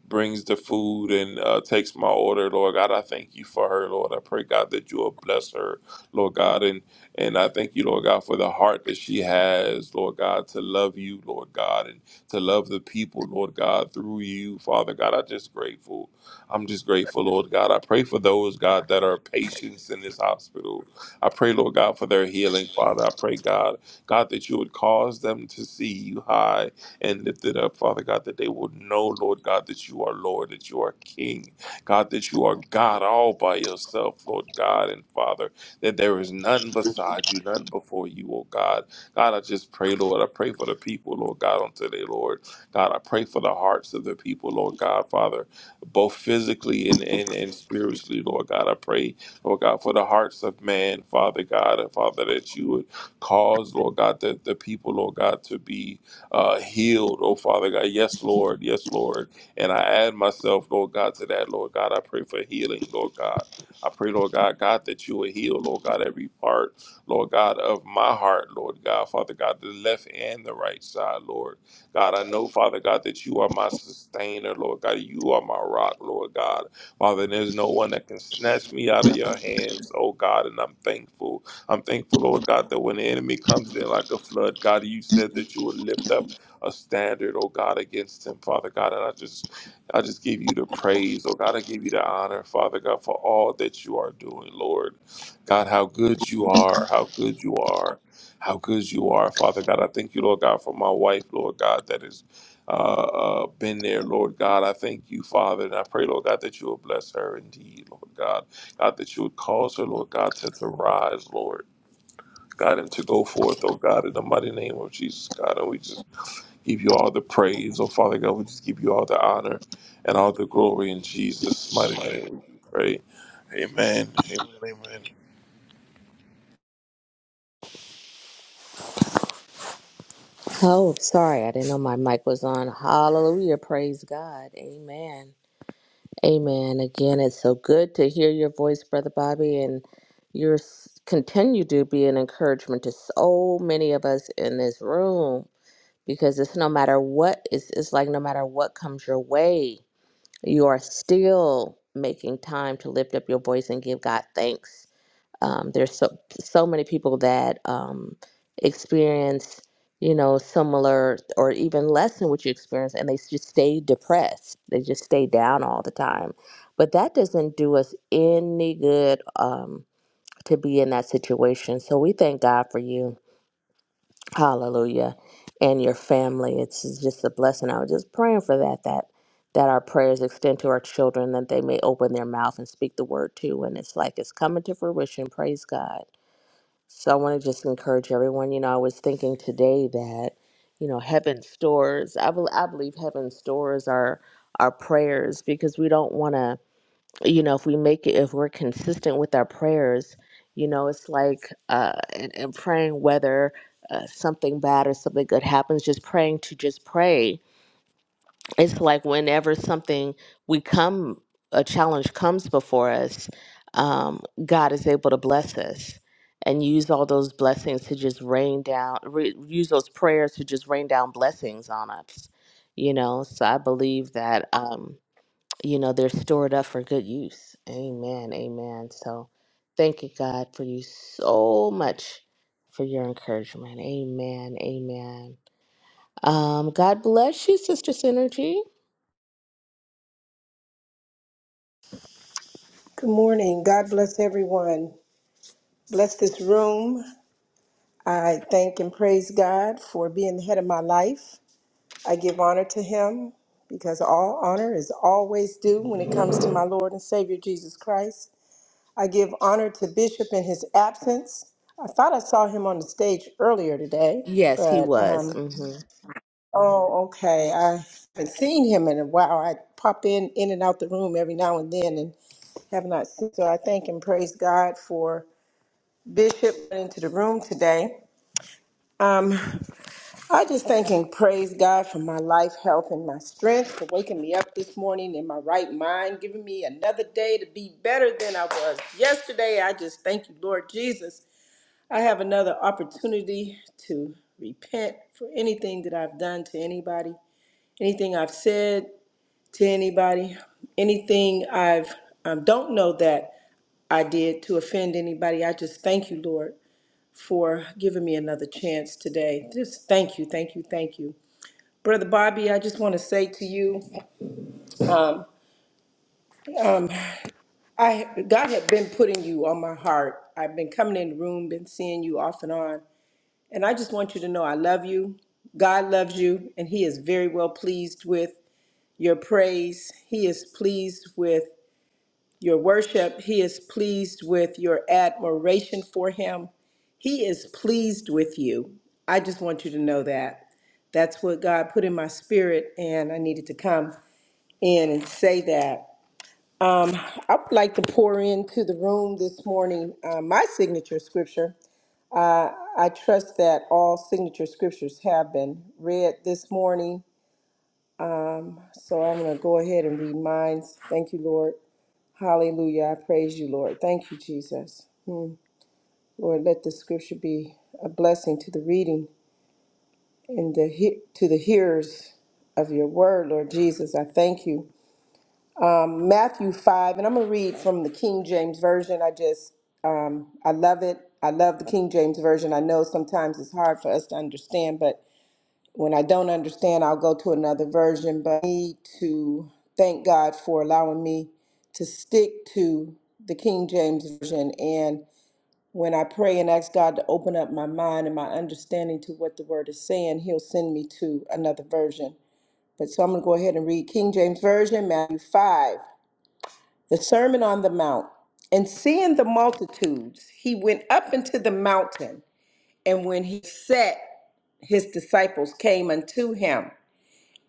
F: brings the food and uh, takes my order, Lord God. I thank you for her, Lord. I pray, God, that you will bless her, Lord God. And, and I thank you, Lord God, for the heart that she has, Lord God, to love you, Lord God, and to love the people, Lord God, through you, Father God. I'm just grateful. I'm just grateful, Lord God. I pray for those, God, that are patients in this hospital. I pray, Lord God, for their healing, Father. I pray, God, God, that you would cause them to see you high and lifted up, Father God, that they will know, Lord God, that you are Lord, that you are King, God, that you are God all by yourself, Lord God and Father, that there is none beside you, none before you, oh God. God, I just pray, Lord, I pray for the people, Lord God, on today, Lord. God, I pray for the hearts of the people, Lord God, Father, both physically and, and, and spiritually, Lord God. I pray, Lord God, for the hearts of man, Father God, and Father, that you would cause, Lord God, the, the people, Lord God, to be uh, healed, oh Father God. Yes, Lord. Yes, Lord. And I add myself, Lord God, to that, Lord God. I pray for healing, Lord God. I pray, Lord God, God, that you will heal, Lord God, every part, Lord God, of my heart, Lord God, Father God, the left and the right side, Lord God. I know, Father God, that you are my sustainer, Lord God. You are my rock, Lord God. Father, there's no one that can snatch me out of your hands, oh God, and I'm thankful. I'm thankful, Lord God, that when the enemy comes in like a flood, God, you said that you would lift up a standard, oh God, against him, Father God. And I just I just give you the praise, oh God. I give you the honor, Father God, for all that you are doing, Lord. God, how good you are, how good you are, how good you are, Father God. I thank you, Lord God, for my wife, Lord God, that has uh, uh, been there, Lord God. I thank you, Father, and I pray, Lord God, that you will bless her indeed, Lord God. God, that you would cause her, Lord God, to, to rise, Lord. God, and to go forth, oh God, in the mighty name of Jesus, God. And we just give you all the praise, oh Father God. We just give you all the honor and all the glory in Jesus' mighty name. We pray. Amen. Amen. Amen.
E: Oh, sorry, I didn't know my mic was on. Hallelujah, praise God. Amen. Amen. Again, it's so good to hear your voice, Brother Bobby, and you continue to be an encouragement to so many of us in this room. because it's no matter what it's, it's like no matter what comes your way you are still making time to lift up your voice and give god thanks um, there's so so many people that um, experience you know similar or even less than what you experience and they just stay depressed they just stay down all the time but that doesn't do us any good um, to be in that situation so we thank god for you Hallelujah. And your family. It's just a blessing. I was just praying for that, that that our prayers extend to our children, that they may open their mouth and speak the word too. And it's like it's coming to fruition. Praise God. So I want to just encourage everyone. You know, I was thinking today that, you know, heaven stores, I, bel I believe heaven stores our our prayers because we don't want to you know if we make it if we're consistent with our prayers you know it's like uh and, and praying whether uh, something bad or something good happens just praying to just pray it's like whenever something we come a challenge comes before us um god is able to bless us and use all those blessings to just rain down re- use those prayers to just rain down blessings on us you know so i believe that um you know, they're stored up for good use. Amen. Amen. So thank you, God, for you so much for your encouragement. Amen. Amen. Um, God bless you, Sister Synergy.
G: Good morning. God bless everyone. Bless this room. I thank and praise God for being the head of my life. I give honor to Him because all honor is always due when it comes to my Lord and Savior Jesus Christ. I give honor to Bishop in his absence. I thought I saw him on the stage earlier today,
E: Yes, he
G: but
E: was.
G: um,
E: hmm
G: oh, okay. I haven't seen him in a while. I pop in in and out the room every now and then, and have not seen. So I thank and praise God for Bishop went into the room today. Um, I just thank and praise God for my life, health, and my strength for waking me up this morning in my right mind, giving me another day to be better than I was yesterday. I just thank you, Lord Jesus. I have another opportunity to repent for anything that I've done to anybody, anything I've said to anybody, anything I've um, don't know that I did to offend anybody. I just thank you, Lord. for giving me another chance today. Just thank you, thank you, thank you. Brother Bobby, I just want to say to you, um, I God had been putting you on my heart. I've been coming in the room, been seeing you off and on, and I just want you to know I love you. God loves you, and He is very well pleased with your praise. He is pleased with your worship. He is pleased with your admiration for him. He is pleased with you. I just want you to know that. That's what God put in my spirit, and I needed to come in and say that. I would like to pour into the room this morning uh, my signature scripture. I trust that all signature scriptures have been read this morning. So I'm going to go ahead and read mine. Thank you, Lord. Hallelujah. I praise you, Lord. Thank you, Jesus. Lord, let the scripture be a blessing to the reading and the he- to the hearers of your word, Lord Jesus. I thank you. Um, Matthew 5, and I'm going to read from the King James Version. I just, um, I love it. I love the King James Version. I know sometimes it's hard for us to understand, but when I don't understand, I'll go to another version. But I need to thank God for allowing me to stick to the King James Version. And When I pray and ask God to open up my mind and my understanding to what the word is saying, he'll send me to another version. But so I'm going to go ahead and read King James Version, Matthew 5, the Sermon on the Mount. And seeing the multitudes, he went up into the mountain. And when he sat, his disciples came unto him.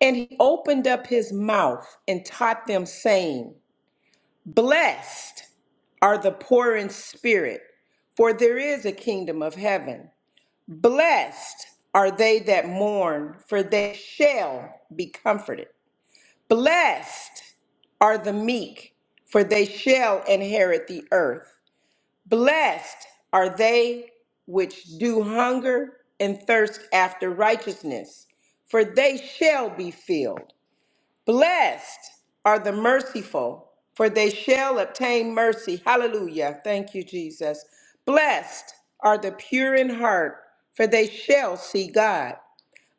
G: And he opened up his mouth and taught them, saying, Blessed are the poor in spirit, for there is a kingdom of heaven. Blessed are they that mourn, for they shall be comforted. Blessed are the meek, for they shall inherit the earth. Blessed are they which do hunger and thirst after righteousness, for they shall be filled. Blessed are the merciful, for they shall obtain mercy. Hallelujah. Thank you, Jesus. Blessed are the pure in heart, for they shall see God.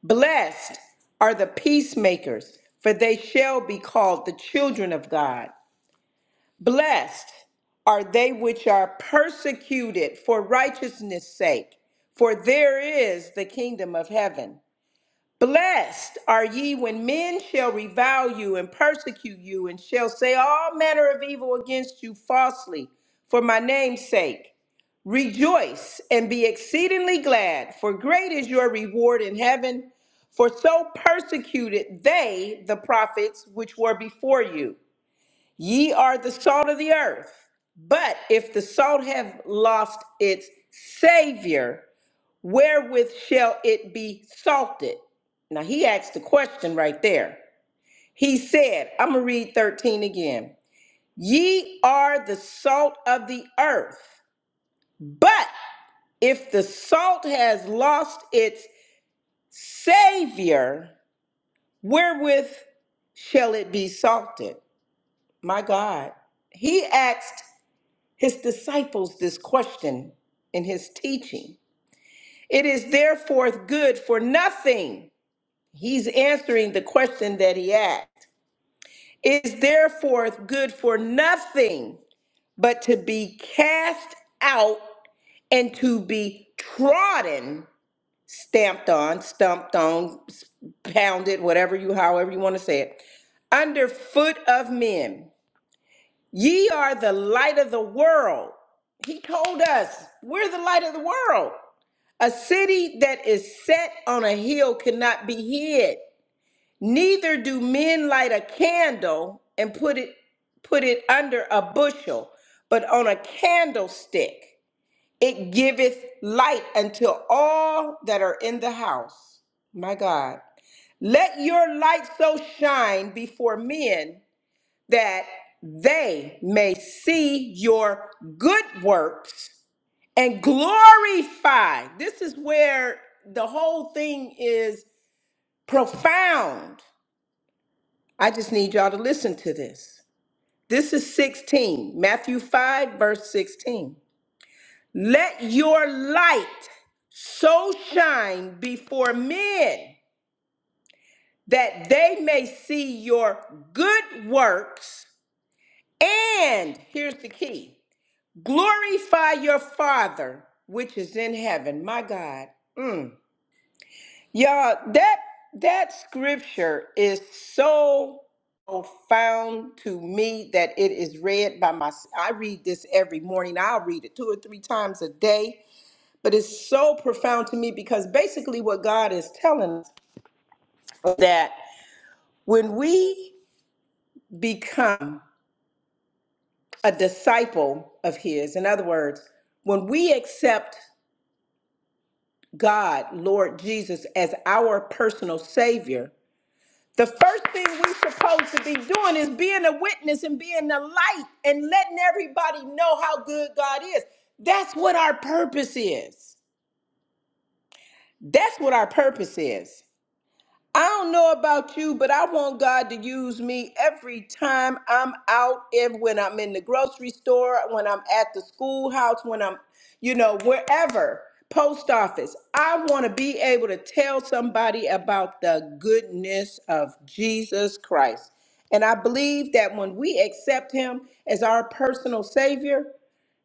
G: Blessed are the peacemakers, for they shall be called the children of God. Blessed are they which are persecuted for righteousness' sake, for there is the kingdom of heaven. Blessed are ye when men shall revile you and persecute you, and shall say all manner of evil against you falsely for my name's sake. Rejoice and be exceedingly glad, for great is your reward in heaven. For so persecuted they the prophets which were before you. Ye are the salt of the earth. But if the salt have lost its savior, wherewith shall it be salted? Now he asked the question right there. He said, I'm going to read 13 again. Ye are the salt of the earth, but if the salt has lost its savior, wherewith shall it be salted? My God. He asked his disciples this question in his teaching. It is therefore good for nothing He's answering the question that he asked. Is therefore good for nothing but to be cast out and to be trodden, stamped on, stumped on, s- pounded, whatever you, however you want to say it, under foot of men. Ye are the light of the world. He told us we're the light of the world. A city that is set on a hill cannot be hid. neither do men light a candle and put it put it under a bushel but on a candlestick it giveth light unto all that are in the house my god let your light so shine before men that they may see your good works and glorify this is where the whole thing is profound I just need y'all to listen to this. This is 16, Matthew 5, verse 16. Let your light so shine before men that they may see your good works. And here's the key glorify your Father which is in heaven. My God. Mm. Yeah, that that scripture is so profound to me that it is read by my I read this every morning. I'll read it two or three times a day, but it's so profound to me because basically what God is telling us is that when we become a disciple of his, in other words, when we accept God, Lord Jesus as our personal savior, The first thing we're supposed to be doing is being a witness and being the light and letting everybody know how good God is. That's what our purpose is. That's what our purpose is. I don't know about you, but I want God to use me every time I'm out, every, when I'm in the grocery store, when I'm at the schoolhouse, when I'm, you know, wherever, post office. I want to be able to tell somebody about the goodness of Jesus Christ. And I believe that when we accept Him as our personal Savior,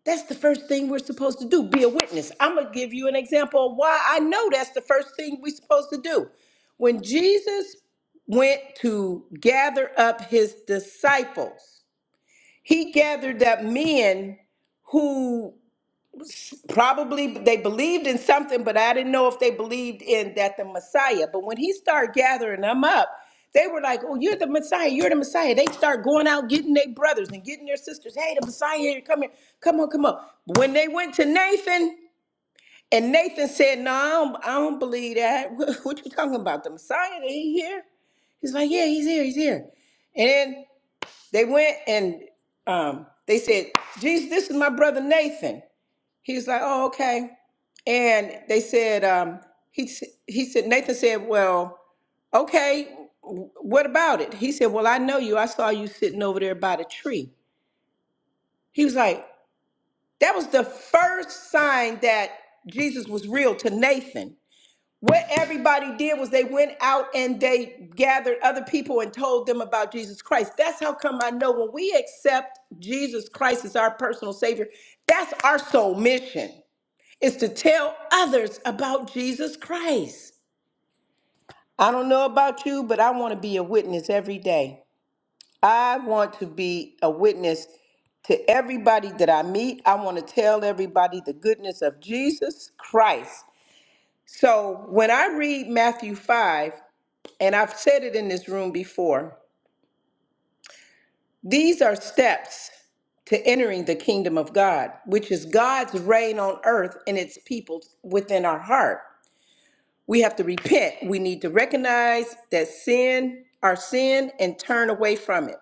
G: that's the first thing we're supposed to do be a witness. I'm going to give you an example of why I know that's the first thing we're supposed to do. When Jesus went to gather up his disciples, he gathered up men who probably they believed in something, but I didn't know if they believed in that the Messiah. But when he started gathering them up, they were like, "Oh, you're the Messiah! You're the Messiah!" They start going out getting their brothers and getting their sisters. Hey, the Messiah here! Come here! Come on! Come on! When they went to Nathan, and Nathan said, "No, I don't, I don't believe that. What what you talking about? The Messiah? He here?" He's like, "Yeah, he's here. He's here." And then they went and um, they said, "Jesus, this is my brother Nathan." He's like, oh, okay. And they said, um, he, s- he said, Nathan said, well, okay, w- what about it? He said, well, I know you. I saw you sitting over there by the tree. He was like, that was the first sign that Jesus was real to Nathan. What everybody did was they went out and they gathered other people and told them about Jesus Christ. That's how come I know when we accept Jesus Christ as our personal Savior, that's our sole mission is to tell others about Jesus Christ. I don't know about you, but I want to be a witness every day. I want to be a witness to everybody that I meet. I want to tell everybody the goodness of Jesus Christ. So when I read Matthew 5, and I've said it in this room before, these are steps to entering the kingdom of God, which is God's reign on earth and its people within our heart. We have to repent. We need to recognize that sin, our sin, and turn away from it.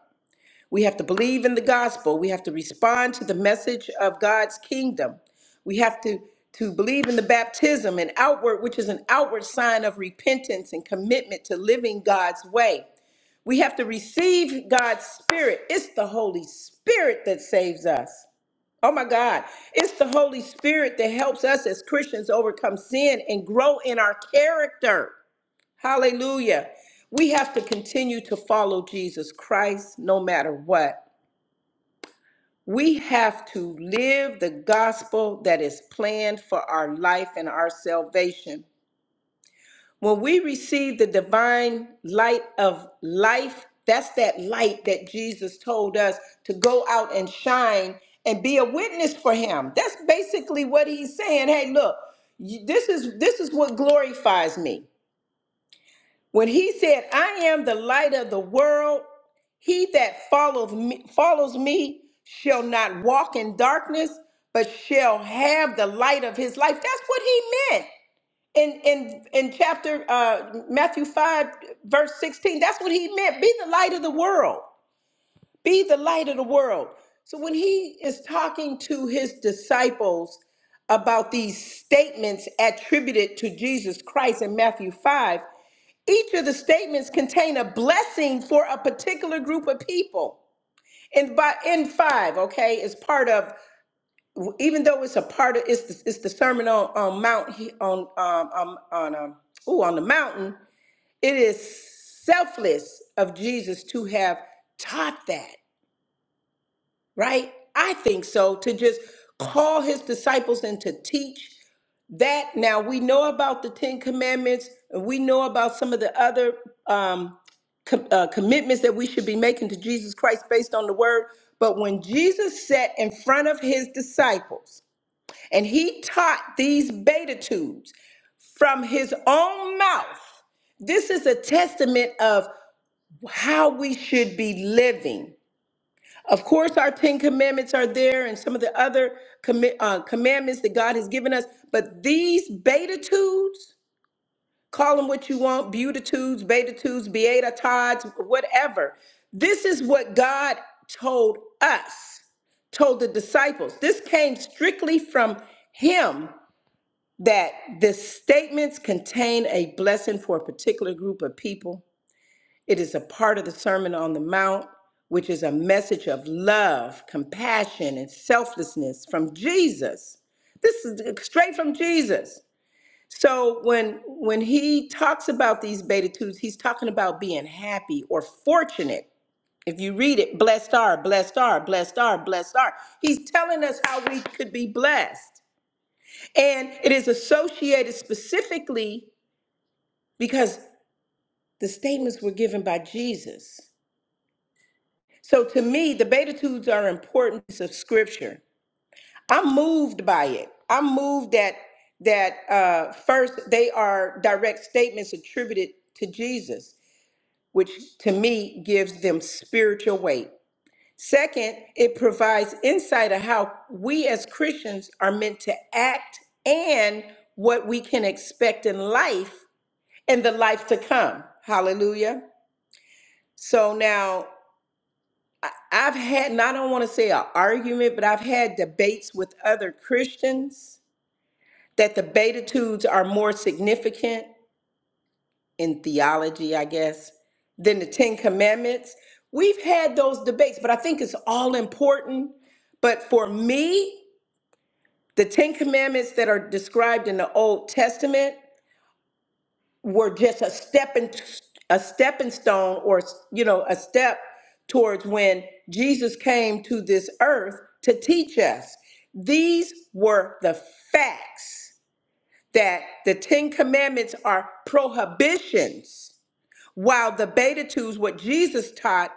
G: We have to believe in the gospel. We have to respond to the message of God's kingdom. We have to, to believe in the baptism and outward, which is an outward sign of repentance and commitment to living God's way. We have to receive God's Spirit. It's the Holy Spirit that saves us. Oh my God. It's the Holy Spirit that helps us as Christians overcome sin and grow in our character. Hallelujah. We have to continue to follow Jesus Christ no matter what. We have to live the gospel that is planned for our life and our salvation. When we receive the divine light of life, that's that light that Jesus told us to go out and shine and be a witness for him. That's basically what he's saying. Hey, look, you- this is this is what glorifies me. When he said, I am the light of the world, he that follows me, follows me shall not walk in darkness, but shall have the light of his life. That's what he meant. In, in, in chapter uh, Matthew 5, verse 16, that's what he meant. Be the light of the world. Be the light of the world. So when he is talking to his disciples about these statements attributed to Jesus Christ in Matthew 5, each of the statements contain a blessing for a particular group of people. And by in five, okay, is part of even though it's a part of it's the, it's the sermon on on Mount on um um, on um ooh on the mountain. It is selfless of Jesus to have taught that right? I think so, to just call his disciples and to teach that. Now, we know about the Ten Commandments, and we know about some of the other um, com- uh, commitments that we should be making to Jesus Christ based on the word. But when Jesus sat in front of his disciples and he taught these beatitudes from his own mouth, this is a testament of how we should be living of course, our Ten Commandments are there and some of the other commi- uh, commandments that God has given us, but these beatitudes, call them what you want, beatitudes, beatitudes, beatitudes, whatever. This is what God told us, told the disciples. This came strictly from Him that the statements contain a blessing for a particular group of people it is a part of the Sermon on the Mount, which is a message of love, compassion, and selflessness from Jesus. This is straight from Jesus. So when when he talks about these beatitudes, he's talking about being happy or fortunate. If you read it, blessed are, blessed are, blessed are, blessed are. He's telling us how we could be blessed. And it is associated specifically because the statements were given by Jesus. So to me, the Beatitudes are an important piece of scripture. I'm moved by it. I'm moved that that uh, first they are direct statements attributed to Jesus, which to me gives them spiritual weight. Second, it provides insight of how we as Christians are meant to act and what we can expect in life and the life to come. Hallelujah. So now I've had, and I don't want to say an argument, but I've had debates with other Christians that the Beatitudes are more significant in theology, I guess, than the Ten Commandments. We've had those debates, but I think it's all important. But for me, the Ten Commandments that are described in the Old Testament were just a stepping a stepping stone or you know a step towards when Jesus came to this earth to teach us. These were the facts that the 10 commandments are prohibitions while the Beatitudes, what Jesus taught,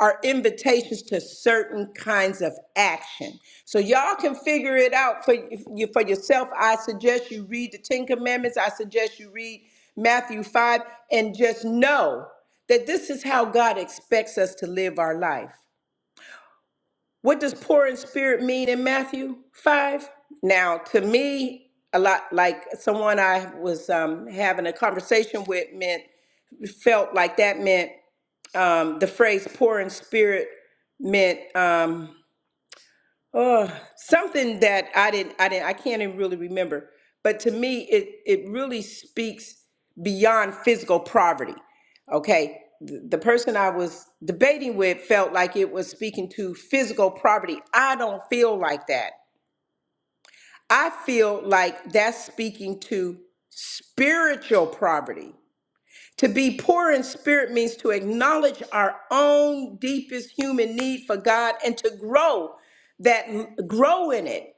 G: are invitations to certain kinds of action. So y'all can figure it out for you for yourself. I suggest you read the Ten Commandments. I suggest you read Matthew 5 and just know that this is how God expects us to live our life. What does poor in spirit mean in Matthew 5? Now, to me, a lot like someone I was um, having a conversation with meant felt like that meant um, the phrase poor in spirit meant um, oh, something that I didn't, I didn't, I can't even really remember. But to me, it it really speaks beyond physical poverty. Okay, the, the person I was debating with felt like it was speaking to physical poverty. I don't feel like that. I feel like that's speaking to spiritual poverty to be poor in spirit means to acknowledge our own deepest human need for God and to grow that grow in it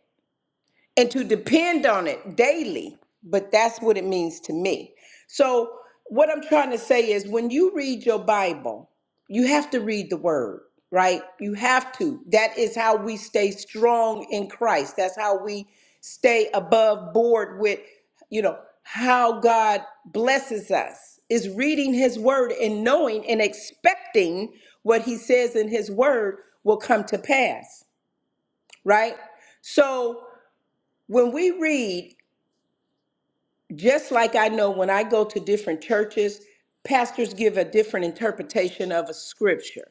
G: and to depend on it daily. But that's what it means to me. So, what I'm trying to say is when you read your Bible, you have to read the word, right? You have to. That is how we stay strong in Christ. That's how we stay above board with, you know, how God blesses us is reading his word and knowing and expecting what he says in his word will come to pass, right? So, when we read, just like I know when I go to different churches, pastors give a different interpretation of a scripture.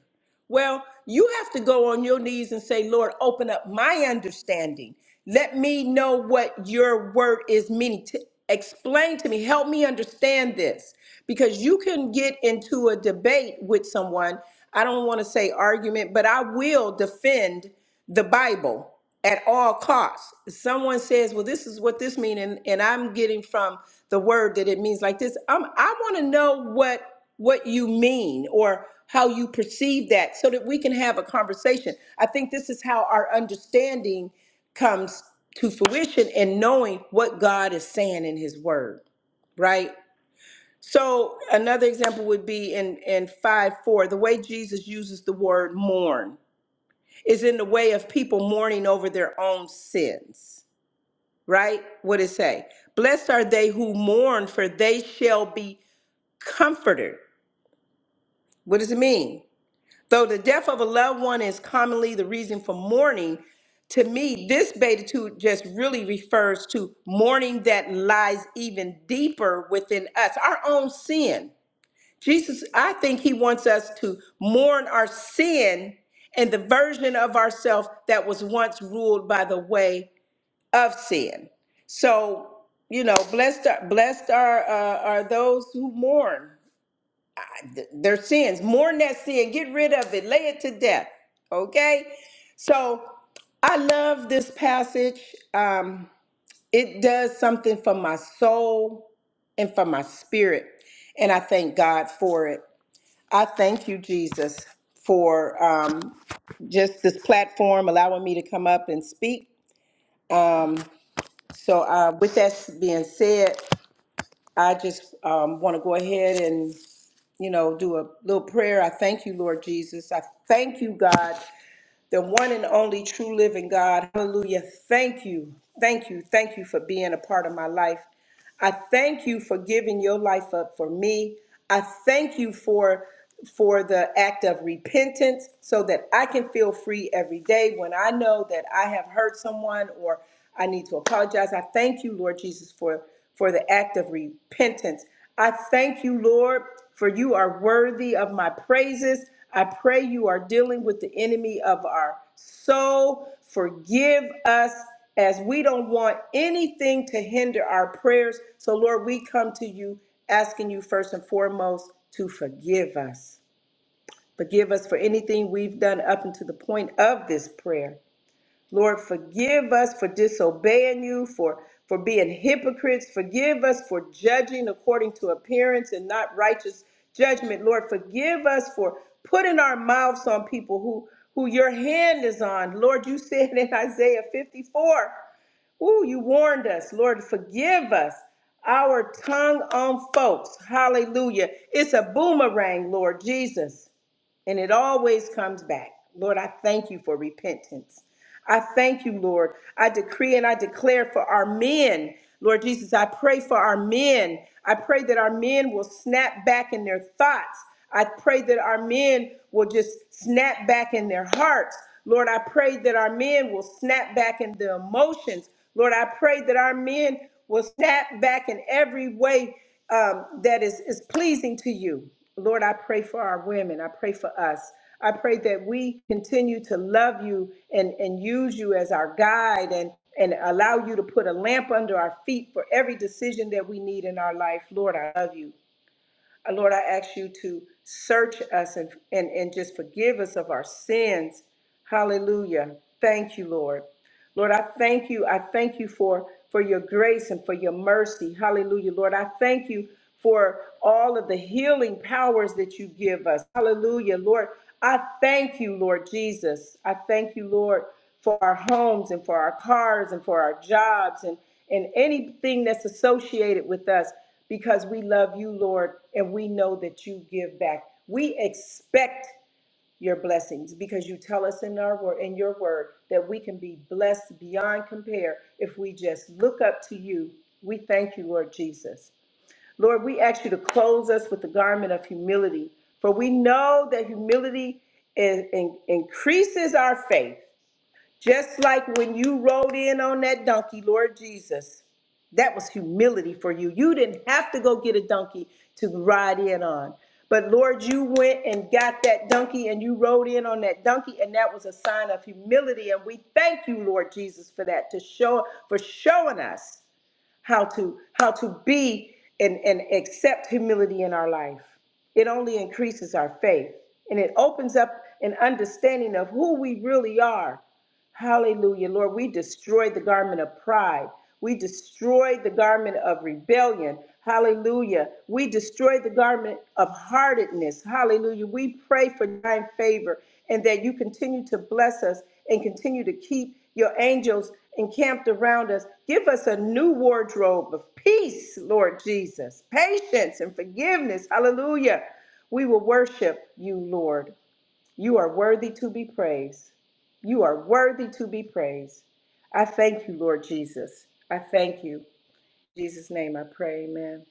G: Well, you have to go on your knees and say, Lord, open up my understanding. Let me know what your word is meaning. To explain to me, help me understand this. Because you can get into a debate with someone. I don't want to say argument, but I will defend the Bible at all costs. Someone says, "Well, this is what this means," and, and I'm getting from the word that it means like this. Um, I want to know what what you mean or how you perceive that so that we can have a conversation. I think this is how our understanding comes to fruition and knowing what God is saying in his word, right? So another example would be in in 5 4, the way Jesus uses the word mourn is in the way of people mourning over their own sins, right? What it say? Blessed are they who mourn, for they shall be comforted. What does it mean? Though the death of a loved one is commonly the reason for mourning, to me, this beatitude just really refers to mourning that lies even deeper within us, our own sin. Jesus, I think he wants us to mourn our sin and the version of ourself that was once ruled by the way of sin. So, you know, blessed are, blessed are, uh, are those who mourn their sins, mourn that sin, get rid of it, lay it to death. Okay? So I love this passage. Um, it does something for my soul and for my spirit. And I thank God for it. I thank you, Jesus, for um, just this platform allowing me to come up and speak. So, uh, with that being said, I just um, want to go ahead and you know, do a little prayer. I thank you, Lord Jesus. I thank you, God, the one and only true living God. Hallelujah. Thank you. Thank you. Thank you for being a part of my life. I thank you for giving your life up for me. I thank you for for the act of repentance so that I can feel free every day when I know that I have hurt someone or I need to apologize. I thank you, Lord Jesus, for for the act of repentance. I thank you, Lord, for you are worthy of my praises. I pray you are dealing with the enemy of our soul. Forgive us as we don't want anything to hinder our prayers. So, Lord, we come to you asking you first and foremost to forgive us. Forgive us for anything we've done up until the point of this prayer. Lord, forgive us for disobeying you, for, for being hypocrites. Forgive us for judging according to appearance and not righteous judgment. Lord, forgive us for putting our mouths on people who, who your hand is on. Lord, you said in Isaiah 54, ooh, you warned us. Lord, forgive us our tongue on folks. Hallelujah. It's a boomerang, Lord Jesus. And it always comes back. Lord, I thank you for repentance. I thank you, Lord. I decree and I declare for our men. Lord Jesus, I pray for our men. I pray that our men will snap back in their thoughts. I pray that our men will just snap back in their hearts. Lord, I pray that our men will snap back in the emotions. Lord, I pray that our men will snap back in every way um, that is, is pleasing to you. Lord, I pray for our women. I pray for us. I pray that we continue to love you and, and use you as our guide and, and allow you to put a lamp under our feet for every decision that we need in our life. Lord, I love you. Uh, Lord, I ask you to search us and, and, and just forgive us of our sins. Hallelujah. Thank you, Lord. Lord, I thank you. I thank you for for your grace and for your mercy. Hallelujah. Lord, I thank you for all of the healing powers that you give us. Hallelujah. Lord, I thank you, Lord Jesus. I thank you, Lord, for our homes and for our cars and for our jobs and and anything that's associated with us because we love you, Lord, and we know that you give back. We expect your blessings because you tell us in our word in your word that we can be blessed beyond compare if we just look up to you. We thank you, Lord Jesus. Lord, we ask you to clothe us with the garment of humility, for we know that humility in- in- increases our faith. Just like when you rode in on that donkey, Lord Jesus, that was humility for you. You didn't have to go get a donkey to ride in on. But Lord, you went and got that donkey and you rode in on that donkey, and that was a sign of humility. And we thank you, Lord Jesus, for that, to show for showing us how to how to be and, and accept humility in our life. It only increases our faith and it opens up an understanding of who we really are Hallelujah. Lord, we destroy the garment of pride. We destroy the garment of rebellion. Hallelujah. We destroy the garment of heartedness. Hallelujah. We pray for divine favor and that you continue to bless us and continue to keep your angels encamped around us. Give us a new wardrobe of peace, Lord Jesus, patience and forgiveness. Hallelujah. We will worship you, Lord. You are worthy to be praised. You are worthy to be praised. I thank you, Lord Jesus. I thank you. In Jesus' name I pray. Amen.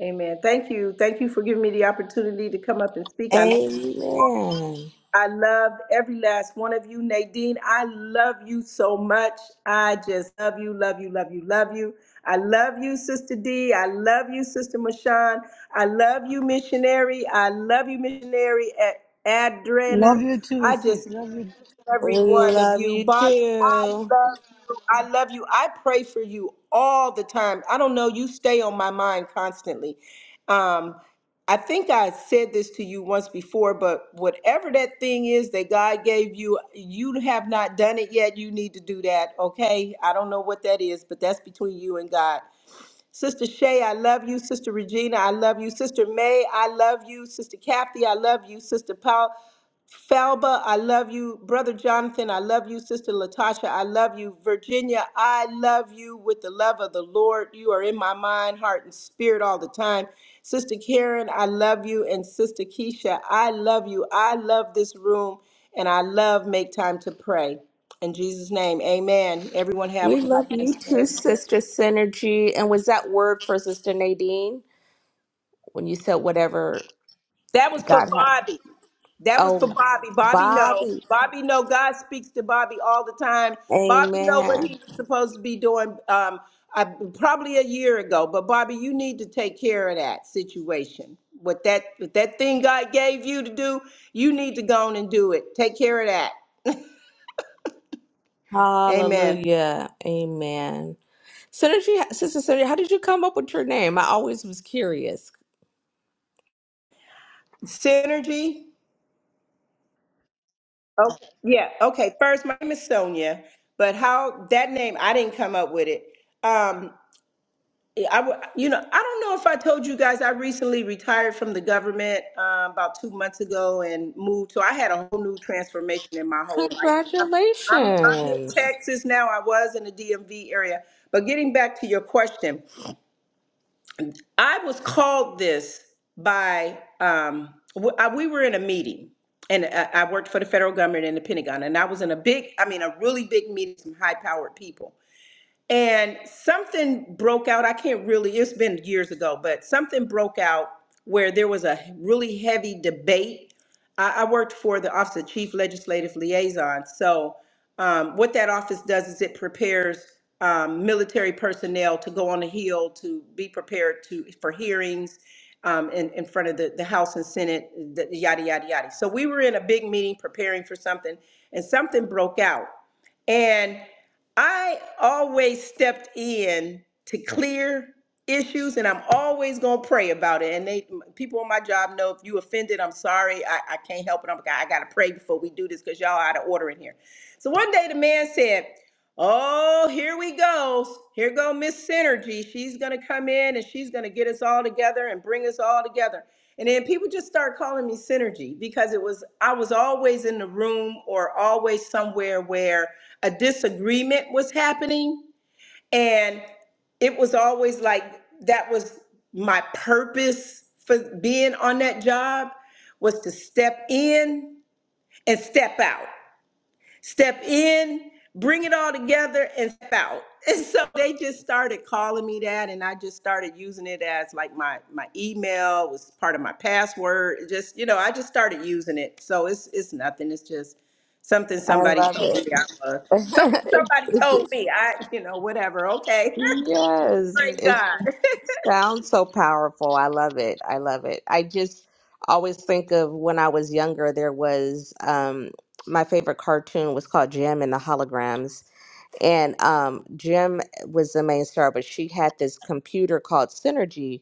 G: Amen. Thank you. Thank you for giving me the opportunity to come up and speak. I
E: Amen.
G: I love every last one of you. Nadine, I love you so much. I just love you, love you, love you, love you. I love you, Sister D. I love you, Sister Mashawn. I love you, missionary. I love you, missionary at Adrenner.
A: Love you too,
G: I
A: sis.
G: just
A: Love you.
G: every
E: We
G: one of
E: love
G: you.
E: you
G: Bobby, I
E: too.
G: love you. I love you. I pray for you all the time. I don't know, you stay on my mind constantly. Um, I think I said this to you once before, but whatever that thing is that God gave you, you have not done it yet. You need to do that, okay? I don't know what that is, but that's between you and God. Sister Shay, I love you. Sister Regina, I love you. Sister May, I love you. Sister Kathy, I love you. Sister Paul, Falba, I love you. Brother Jonathan, I love you. Sister Latasha, I love you. Virginia, I love you with the love of the Lord. You are in my mind, heart, and spirit all the time. Sister Karen, I love you. And Sister Keisha, I love you. I love this room, and I love make time to pray. In Jesus' name, amen. Everyone have a
E: We
G: God
E: love you
G: bless day.
E: too, Sister Synergy. And was that word for Sister Nadine when you said whatever
G: That was for
E: God had?
G: Bobby. That was for
E: Oh,
G: Bobby. Bobby know.
E: Bobby.
G: Bobby know God speaks to Bobby all the time. Bobby know what
E: Amen.
G: he was supposed to be doing um, I, probably a year ago. But Bobby, you need to take care of that situation. What that what that thing God gave you to do, you need to go on and do it. Take care of that. Amen.
E: Hallelujah. Amen. Synergy, Sister Synergy, how did you come up with your name? I always was curious.
G: Synergy. Okay. Yeah. Okay. First, my name is Sonia, but how that name I didn't come up with it. Um, I would, you know, I don't know if I told you guys I recently retired from the government um, about two months ago and moved. So I had a whole new transformation in my whole life. I'm, I'm, I'm in
E: Congratulations.
G: Texas now. I was in the DMV area. But getting back to your question, I was called this by, um, w- I, we were in a meeting and I, I worked for the federal government in the Pentagon. And I was in a big, I mean, a really big meeting, some high powered people and something broke out. I can't really, it's been years ago, but something broke out where there was a really heavy debate. I, I worked for the Office of Chief Legislative Liaison. So, um, what that office does is it prepares um, military personnel to go on the Hill to be prepared to for hearings um, in, in front of the, the House and Senate, the, yada, yada, yada. So, we were in a big meeting preparing for something, and something broke out. And I always stepped in to clear issues and I'm always gonna pray about it. And they people on my job know if you offended, I'm sorry. I, I can't help it. I'm I gotta pray before we do this because y'all out of order in here. So one day the man said, Oh, here we go. Here go Miss Synergy. She's gonna come in and she's gonna get us all together and bring us all together. And then people just start calling me Synergy because it was I was always in the room or always somewhere where a disagreement was happening and it was always like that was my purpose for being on that job was to step in and step out step in, bring it all together, and step out. And so they just started calling me that, and I just started using it as like my my email was part of my password. It Just you know, I just started using it. So it's it's nothing. It's just something
E: I
G: somebody
E: love
G: told
E: it.
G: me I was. Some,
E: it,
G: somebody
E: it
G: told
E: just,
G: me I you know whatever. Okay,
E: yes,
G: thank
E: it
G: God.
E: sounds so powerful. I love it. I love it. I just always think of when I was younger, there was um, my favorite cartoon was called Jim and the Holograms. And um, Jim was the main star, but she had this computer called Synergy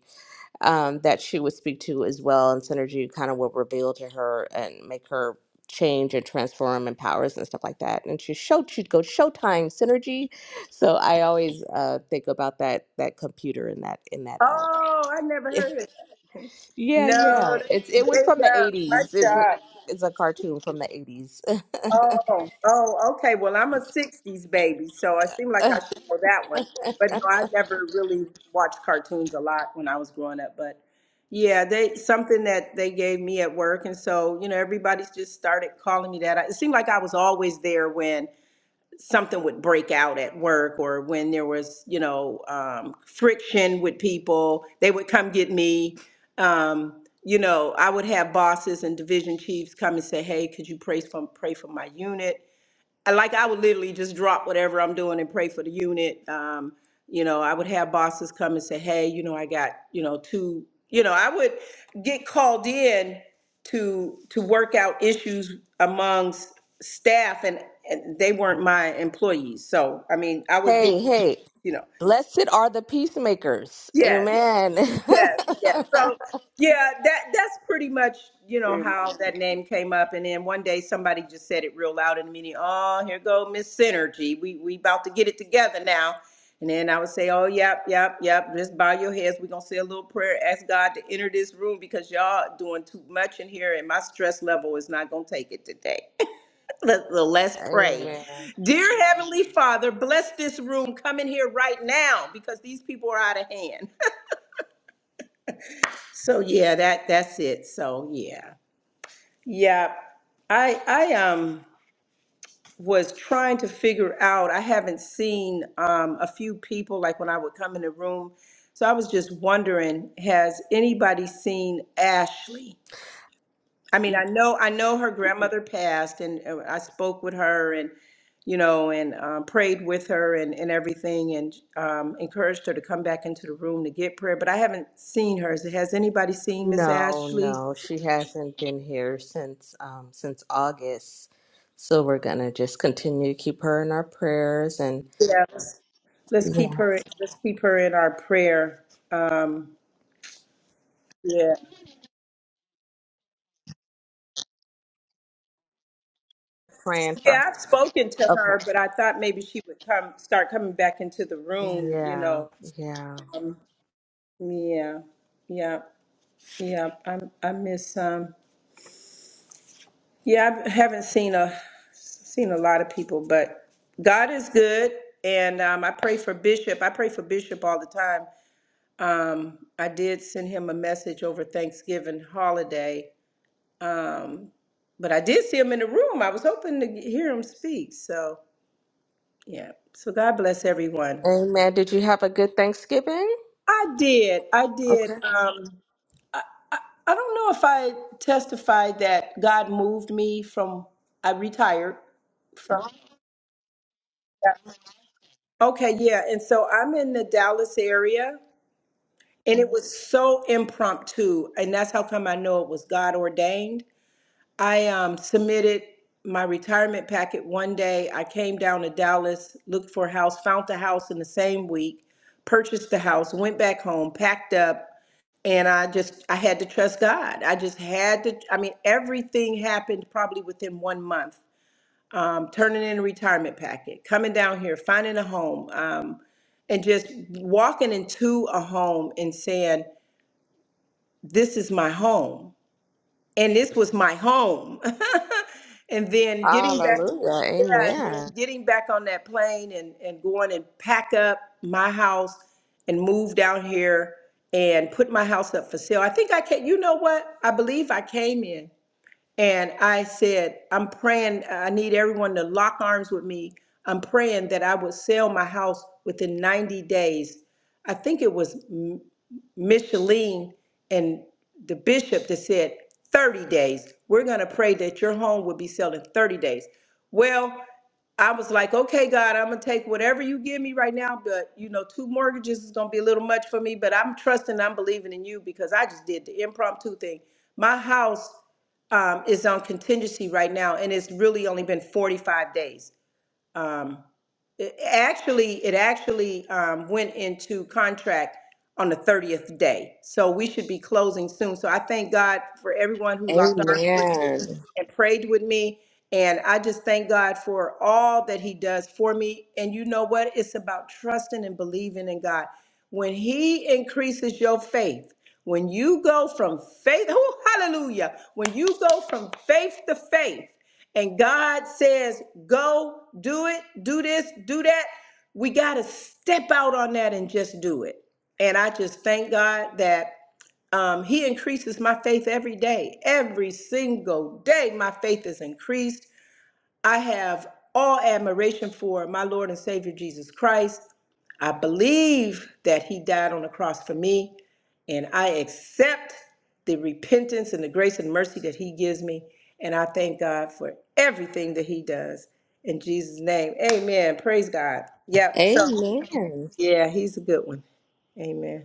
E: um, that she would speak to as well. And Synergy kind of will reveal to her and make her change and transform and powers and stuff like that. And she showed she'd go Showtime Synergy. So I always uh, think about that that computer in that in that. Uh,
G: Oh, I never heard of that.
E: yeah,
G: No,
E: yeah. It's
G: they,
E: it was
G: they,
E: from the
G: uh, my
E: eighties. It's a
G: God.
E: it's a cartoon from the eighties.
G: Oh, oh, okay. Well, I'm a '60s baby, so I seem like
E: hey,
G: I should know that one. But no, I never really watched cartoons a lot when I was growing up. But yeah, they something that they gave me at work, and so you know, everybody's just started calling me that. I- It seemed like I was always there when something would break out at work or when there was, you know, um, friction with people, they would come get me. Um, you know, I would have bosses and division chiefs come and say, "Hey, could you pray for pray for my unit?" I- like I would literally just drop whatever I'm doing and pray for the unit. Um, you know, I would have bosses come and say, "Hey, you know, I got you know two. You know, I would get called in to to work out issues amongst staff, and, and they weren't my employees. So I mean, I would get
E: hey.
G: you know,
E: Blessed are the peacemakers.
G: yes,
E: Amen.
G: Yes, yes. So yeah, that that's pretty much, you know, how that name came up. And then one day somebody just said it real loud in the meeting, Oh, here go Miss Synergy. We we about to get it together now. And then I would say, Oh, yep, yep, yep. Just bow your heads. We're gonna say a little prayer, ask God to enter this room because y'all doing too much in here and my stress level is not gonna take it today. Let, let's pray.
E: Amen.
G: Dear Heavenly Father, bless this room. Come in here right now because these people are out of hand. So yeah, that that's it. So yeah. Yeah. I I um was trying to figure out. I haven't seen um a few people like when I would come in the room. So I was just wondering, has anybody seen Ashley? I mean, I know I know her grandmother passed and uh, I spoke with her and you know and um, prayed with her and, and everything and um, encouraged her to come back into the room to get prayer but i haven't seen her has anybody seen miss
E: No,
G: ashley
E: no, she hasn't been here since um since August. So we're gonna just continue to keep her in our prayers and
G: Yeah, let's, let's keep
E: yeah,
G: her. Let's keep her in our prayer. Um, yeah,
E: praying for.
G: yeah. I've spoken to
E: Okay.
G: her, but I thought maybe she would come, start coming back into the room. You
E: Yeah,
G: know.
E: yeah.
G: Yeah, yeah, yeah. I I miss. Um, yeah, I haven't seen a seen a lot of people, but God is good, and um, I pray for Bishop. I pray for Bishop all the time. Um, I did send him a message over Thanksgiving holiday Um, but I did see him in the room. I was hoping to hear him speak. So yeah. So God bless everyone.
E: Amen. Did you have a good Thanksgiving?
G: I did. I did.
E: Okay.
G: Um, I don't know if I testified that God moved me from. I retired from. Okay, yeah. And so I'm in the Dallas area, and it was so impromptu, and that's how come I know it was God ordained I um, submitted my retirement packet one day. I came down to Dallas, looked for a house, found the house in the same week, purchased the house, went back home, packed up, and I just I had to trust God. I just had to. I mean, everything happened probably within one month. Um, turning in a retirement packet, coming down here, finding a home, um, and just walking into a home and saying, "This is my home." and this was my home. and then getting back,
E: Hallelujah.
G: yeah, and then
E: Amen.
G: getting back on that plane and, and going and pack up my house and move down here and put my house up for sale. I think I can, you know what? I believe I came in. And I said, I'm praying, I need everyone to lock arms with me. I'm praying that I would sell my house within 90 days. I think it was M- Micheline and the bishop that said 30 days. We're going to pray that your home will be sold in 30 days. Well, I was like, okay, God, I'm gonna take whatever you give me right now, but you know, two mortgages is gonna be a little much for me, but I'm trusting, I'm believing in you because I just did the impromptu thing. My house um, is on contingency right now, and it's really only been 45 days. Um, it- Actually, it actually um, went into contract on the 30th day, so we should be closing soon. So I thank God for everyone who locked arms with me
E: Amen.
G: and prayed with me. And I just thank God for all that He does for me. And you know what? It's about trusting and believing in God. When He increases your faith, when you go from faith, oh, hallelujah, when you go from faith to faith, and God says, go do it, do this, do that, we got to step out on that and just do it. And I just thank God that. Um, he increases my faith every day. Every single day, my faith is increased. I have all admiration for my Lord and Savior Jesus Christ. I believe that he died on the cross for me, and I accept the repentance and the grace and mercy that he gives me. And I thank God for everything that he does. In Jesus' name, amen. Praise God. Yep. So,
E: Amen.
G: yeah, he's a good one. Amen.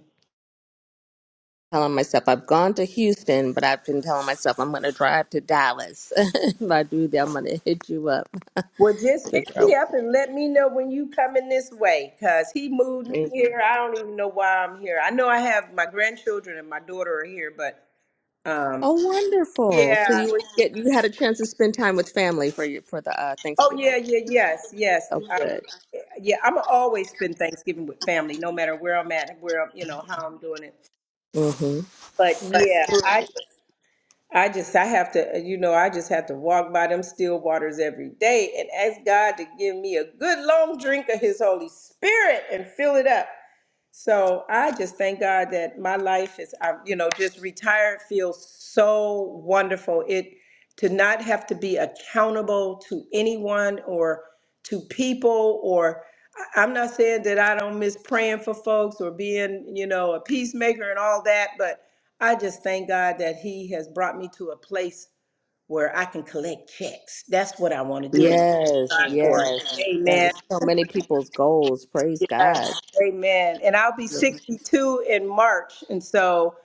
E: Telling myself I've gone to Houston, but I've been telling myself I'm gonna drive to Dallas. if I do that, I'm gonna hit you up.
G: Well, just hit
E: Figure
G: me up and let me know when you coming this way, cause he moved me
E: out.
G: here. I don't even know why I'm here. I know I have my grandchildren and my daughter are here, but um,
E: Oh, wonderful!
G: yeah.
E: So you were get you had a chance to spend time with family for your for the uh,
G: Oh yeah,
E: Thanksgiving.
G: yeah, yes, yes,
E: Oh,
G: um,
E: good.
G: yeah. I'm always spend Thanksgiving with family, no matter where I'm at, where I'm, you know, how I'm doing it.
E: hmm
G: But yeah, I just, I just, I have to, you know, I just have to walk by them still waters every day and ask God to give me a good long drink of His Holy Spirit and fill it up. So I just thank God that my life is, I'm, you know, just retired feels so wonderful. It to not have to be accountable to anyone or to people or I- I'm not saying that I don't miss praying for folks or being, you know, a peacemaker and all that, but I just thank God that He has brought me to a place where I can collect checks. That's what I want to do and
E: Yes,
G: thank God for it.
E: yes. That
G: Amen.
E: is so many people's goals. Praise God.
G: Yes, amen. And I'll be 62 in March. And so,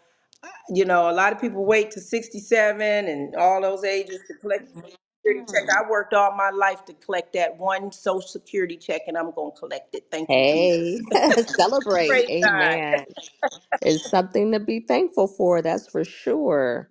G: you know, a lot of people wait to 67 and all those ages to collect the Social security check. I worked all my life to collect that one social security check and I'm going to collect it. Thank you,
E: Hey,
G: Jesus.
E: celebrate.
G: praise God.
E: Amen. It's something to be thankful for, that's for sure.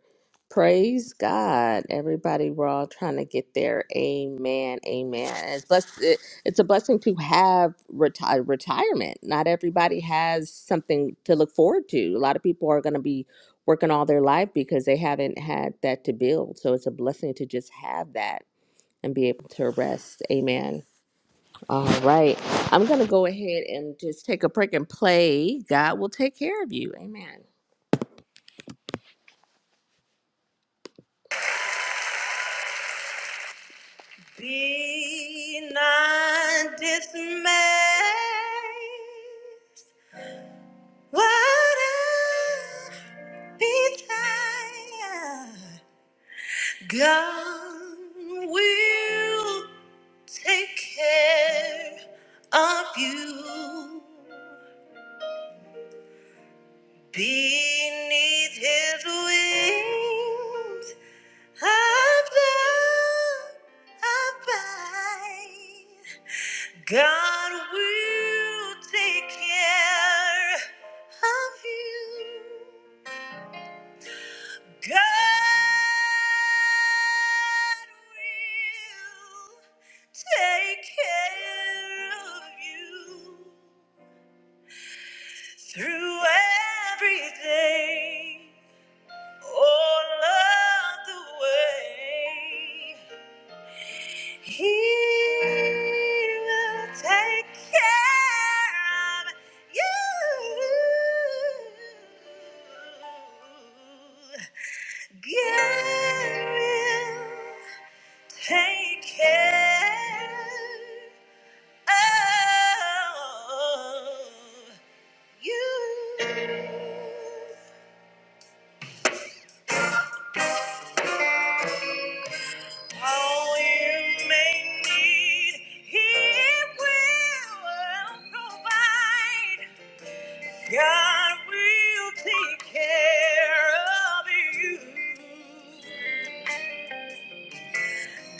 E: Praise God. Everybody, we're all trying to get there. Amen. Amen. It's, blessed, it, it's a blessing to have reti- retirement. Not everybody has something to look forward to. A lot of people are going to be working all their life because they haven't had that to build. So it's a blessing to just have that and be able to rest. Amen. All right. I'm going to go ahead and just take a break and play. God will take care of you. Amen. Be not dismayed. Whatever betide, God will take care of you. Beneath His wings, above, abide. God will take care of you. God will take care of you through everything, all of the way. He will take care of you. God will take care of you. All you may need, He will provide. God will take care of you.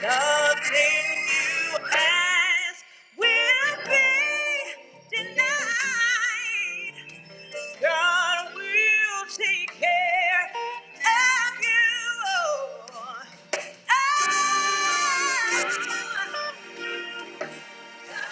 E: Nothing you ask will be denied. God will take care of you. Oh. Yeah.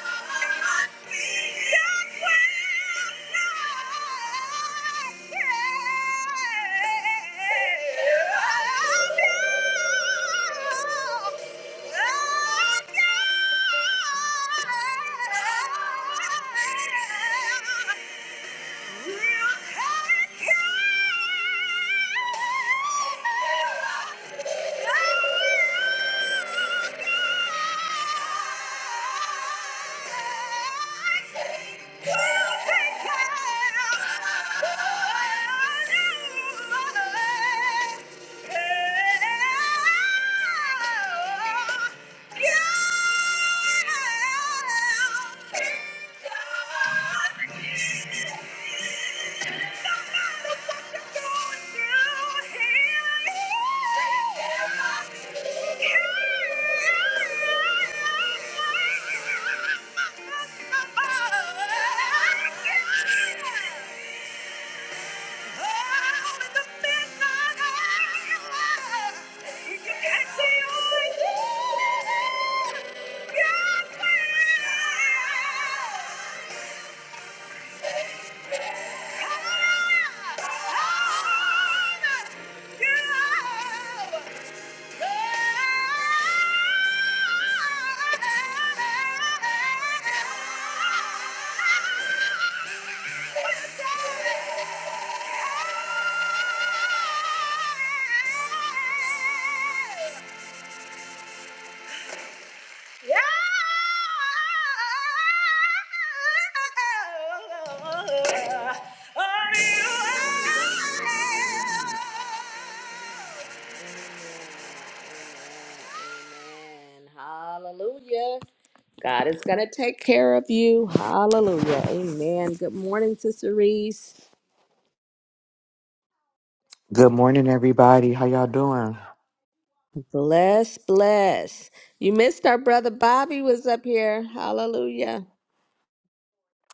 E: Yeah! Yeah! Hallelujah. God is going to take care of you. Hallelujah. Amen. Good morning, Sister Reese.
H: Good morning, everybody. How y'all doing?
E: Bless, bless. You missed our brother Bobby was up here. Hallelujah.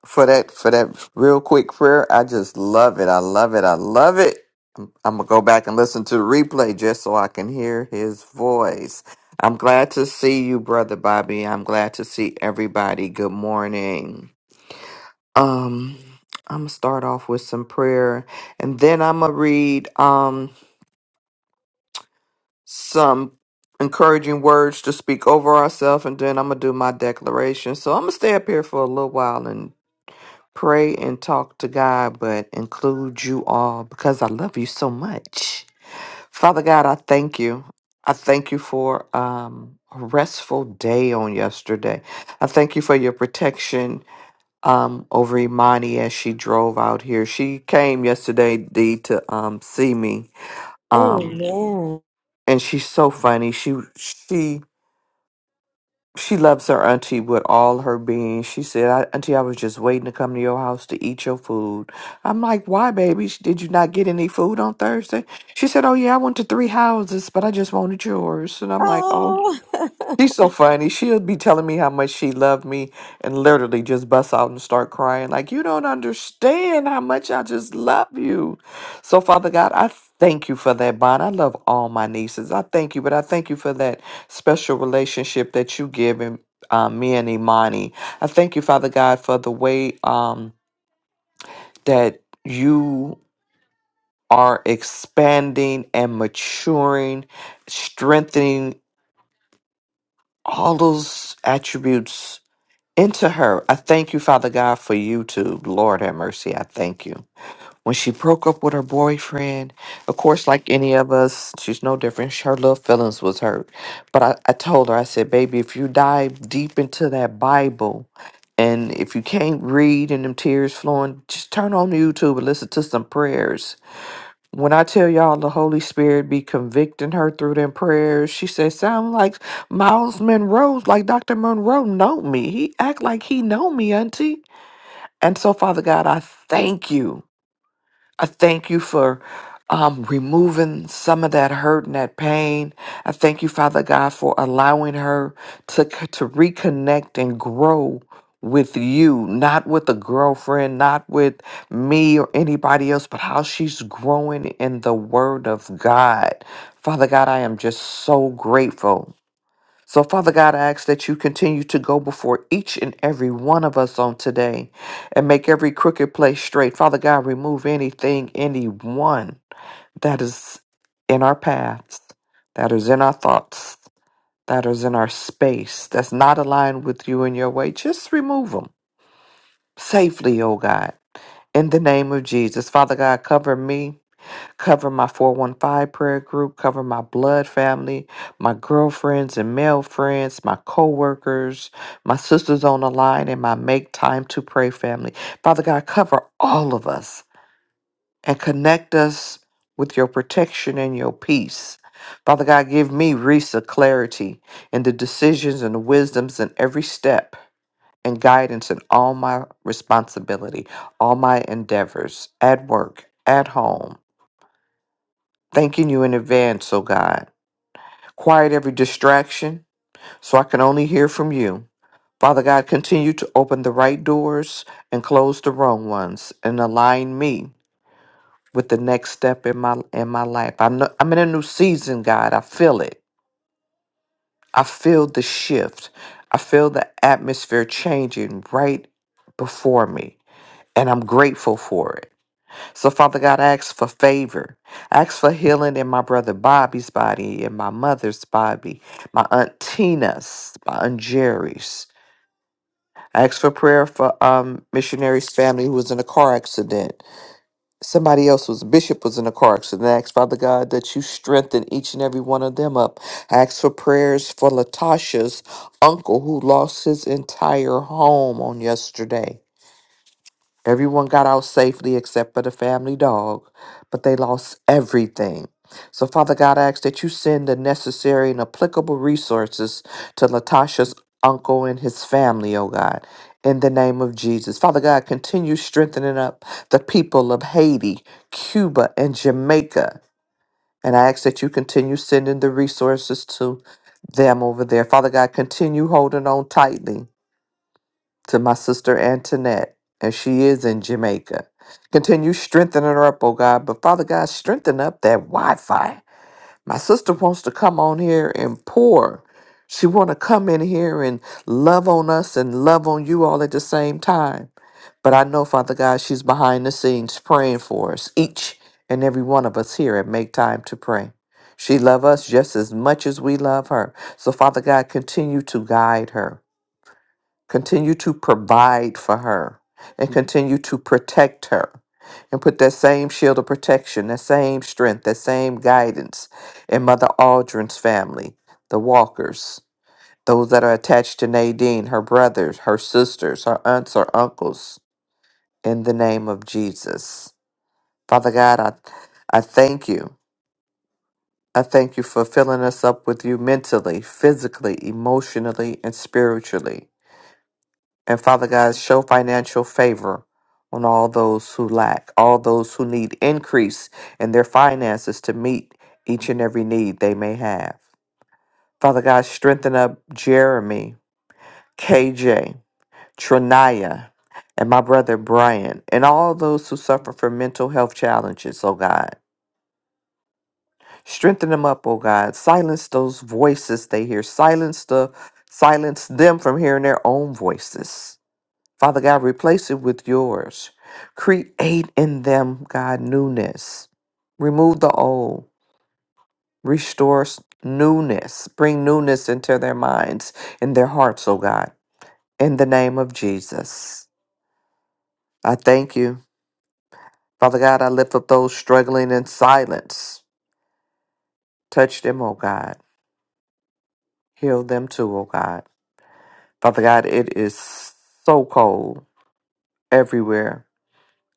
H: For that, for that real quick prayer, I just love it. I love it. I love it. I'm, I'm gonna go back and listen to the replay just so I can hear his voice. I'm glad to see you, brother Bobby. I'm glad to see everybody. Good morning. Um, I'm gonna start off with some prayer, and then I'm gonna read um some encouraging words to speak over ourselves, and then I'm gonna do my declaration. So I'm gonna stay up here for a little while and pray and talk to God, but include you all because I love you so much. Father God, I thank you. I thank you for um, a restful day on yesterday. I thank you for your protection um, over Imani as she drove out here. She came yesterday, D, to um, see me, um,
E: Amen.
H: and she's so funny. She she She loves her auntie with all her being. She said, I, Auntie, I was just waiting to come to your house to eat your food. I'm like, Why, baby? Sh- Did you not get any food on Thursday? She said, Oh, yeah, I went to three houses, but I just wanted yours. And I'm like, Oh.
E: Oh,
H: She's so funny. She'll be telling me how much she loved me and literally just bust out and start crying. Like, you don't understand how much I just love you. So, Father God, I thank you for that bond. I love all my nieces. I thank you, but I thank you for that special relationship that you give in, um, me and Imani. I thank you, Father God, for the way um, that you are expanding and maturing, strengthening all those attributes into her. I thank you, Father God, for YouTube. Lord have mercy. I thank you. When she broke up with her boyfriend, of course, like any of us, she's no different. Her little feelings was hurt. But I, I told her, I said, baby, if you dive deep into that Bible and if you can't read and them tears flowing, just turn on YouTube and listen to some prayers when I tell y'all the Holy Spirit be convicting her through them prayers, she said, sound like Miles Monroe's, like Dr. Monroe know me. He act like he know me, auntie. And so, Father God, I thank you. I thank you for um, removing some of that hurt and that pain. I thank you, Father God, for allowing her to c- to reconnect and grow with you, not with a girlfriend, not with me or anybody else, but how she's growing in the Word of God. Father God, I am just so grateful so, Father God, I ask that you continue to go before each and every one of us on today and make every crooked place straight. Father God, remove anything, anyone that is in our paths, that is in our thoughts, that is in our space, that's not aligned with you and your way. Just remove them safely, oh God. In the name of Jesus, Father God, cover me cover my 415 prayer group, cover my blood family, my girlfriends and male friends, my coworkers, my sisters on the line, and my make time to pray family. Father God, cover all of us and connect us with your protection and your peace. Father God, give me Risa clarity in the decisions and the wisdoms in every step and guidance in all my responsibility, all my endeavors at work, at home Thanking you in advance, O God. Quiet every distraction so I can only hear from you. Father God, continue to open the right doors and close the wrong ones and align me with the next step in my in my life. I'm no- I'm in a new season, God. I feel it. I feel the shift. I feel the atmosphere changing right before me, and I'm grateful for it. So, Father God, I ask for favor. I ask for healing in my brother Bobby's body, in my mother's body, my aunt Tina's, my aunt Jerry's. I ask for prayer for um missionary's family who was in a car accident. Somebody else was bishop was in a car accident. I ask Father God that you strengthen each and every one of them up. I ask for prayers for Latasha's uncle who lost his entire home on yesterday. Everyone got out safely except for the family dog, but they lost everything. So, Father God, I ask that you send the necessary and applicable resources to Latasha's uncle and his family, oh God, in the name of Jesus. Father God, continue strengthening up the people of Haiti, Cuba, and Jamaica. And I ask that you continue sending the resources to them over there. Father God, continue holding on tightly to my sister Antoinette, and she is in Jamaica. Continue strengthening her up, oh God. But Father God, strengthen up that Wi-Fi. My sister wants to come on here and pour. She want to come in here and love on us and love on you all at the same time. But I know, Father God, she's behind the scenes praying for us, each and every one of us here at Make Time to Pray. She love us just as much as we love her. So Father God, continue to guide her. Continue to provide for her and continue to protect her and put that same shield of protection, that same strength, that same guidance in Mother Aldrin's family, the Walkers, those that are attached to Nadine, her brothers, her sisters, her aunts, her uncles, in the name of Jesus. Father God, I, I thank you. I thank you for filling us up with you mentally, physically, emotionally, and spiritually. And Father God, show financial favor on all those who lack, all those who need increase in their finances to meet each and every need they may have. Father God, strengthen up Jeremy, KJ, Trinaya, and my brother Brian, and all those who suffer from mental health challenges, oh God. Strengthen them up, oh God. Silence those voices they hear. Silence the silence them from hearing their own voices. Father God, replace it with yours. Create in them, God, newness. Remove the old. Restore s- newness. Bring newness into their minds and their hearts, oh God. In the name of Jesus. I thank you. Father God, I lift up those struggling in silence. Touch them, oh God. Heal them too, oh God. Father God, it is so cold everywhere.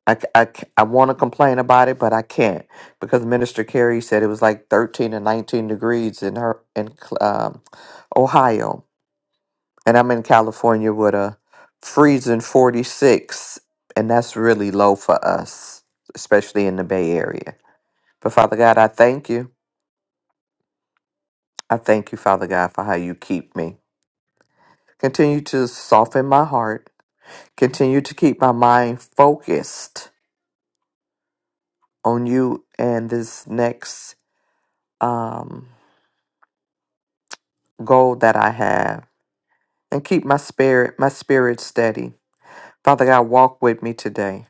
H: I, c- I, c- I want to complain about it, but I can't because Minister Carey said it was like 13 and 19 degrees in her in Cl- um, Ohio, and I'm in California with a freezing 46, and that's really low for us, especially in the Bay Area. But Father God, I thank you. I thank you, Father God, for how you keep me. Continue to soften my heart. Continue to keep my mind focused on you and this next. Um, goal that I have and keep my spirit, my spirit steady. Father God, walk with me today.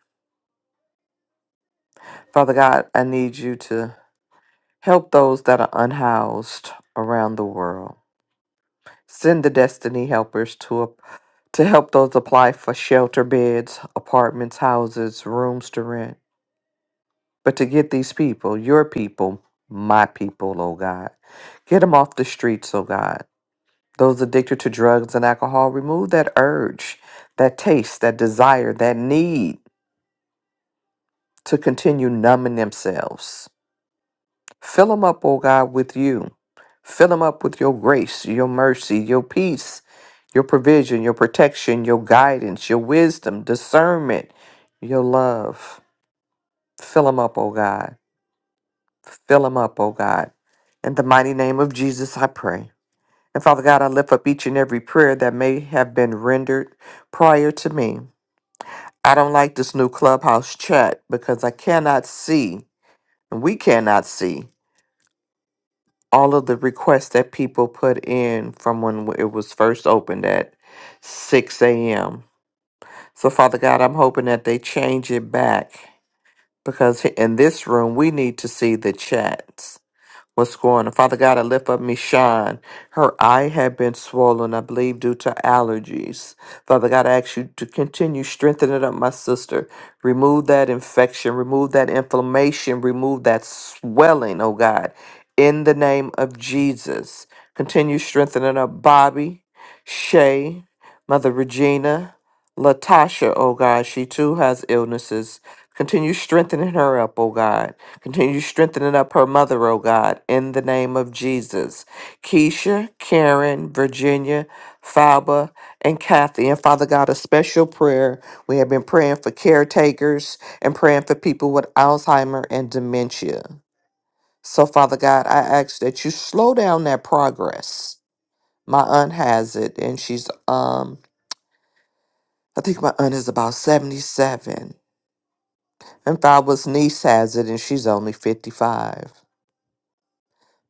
H: Father God, I need you to help those that are unhoused around the world. Send the destiny helpers to to help those apply for shelter beds, apartments, houses, rooms to rent. But to get these people, your people, my people, oh God, get them off the streets, oh God. Those addicted to drugs and alcohol, remove that urge, that taste, that desire, that need to continue numbing themselves. Fill them up, oh God, with you. Fill them up with your grace, your mercy, your peace, your provision, your protection, your guidance, your wisdom, discernment, your love. Fill them up, oh God. Fill them up, oh God. In the mighty name of Jesus, I pray. And Father God, I lift up each and every prayer that may have been rendered prior to me. I don't like this new clubhouse chat because I cannot see, and we cannot see, all of the requests that people put in from when it was first opened at 6 a.m. So, Father God, I'm hoping that they change it back because in this room, we need to see the chats. what's going on. Father God, I lift up Michonne. Her eye had been swollen, I believe, due to allergies. Father God, I ask you to continue strengthening up my sister. Remove that infection, remove that inflammation, remove that swelling, oh God, in the name of Jesus. Continue strengthening up Bobby, Shay, Mother Regina. Latasha, oh God, she too has illnesses. Continue strengthening her up, oh God. Continue strengthening up her mother, oh God, in the name of Jesus. Keisha, Karen, Virginia, Faba, and Kathy. And Father God, a special prayer. We have been praying for caretakers and praying for people with Alzheimer and dementia. So, Father God, I ask that you slow down that progress. My aunt has it, and she's um I think my aunt is about 77. And Father's niece has it, and she's only 55.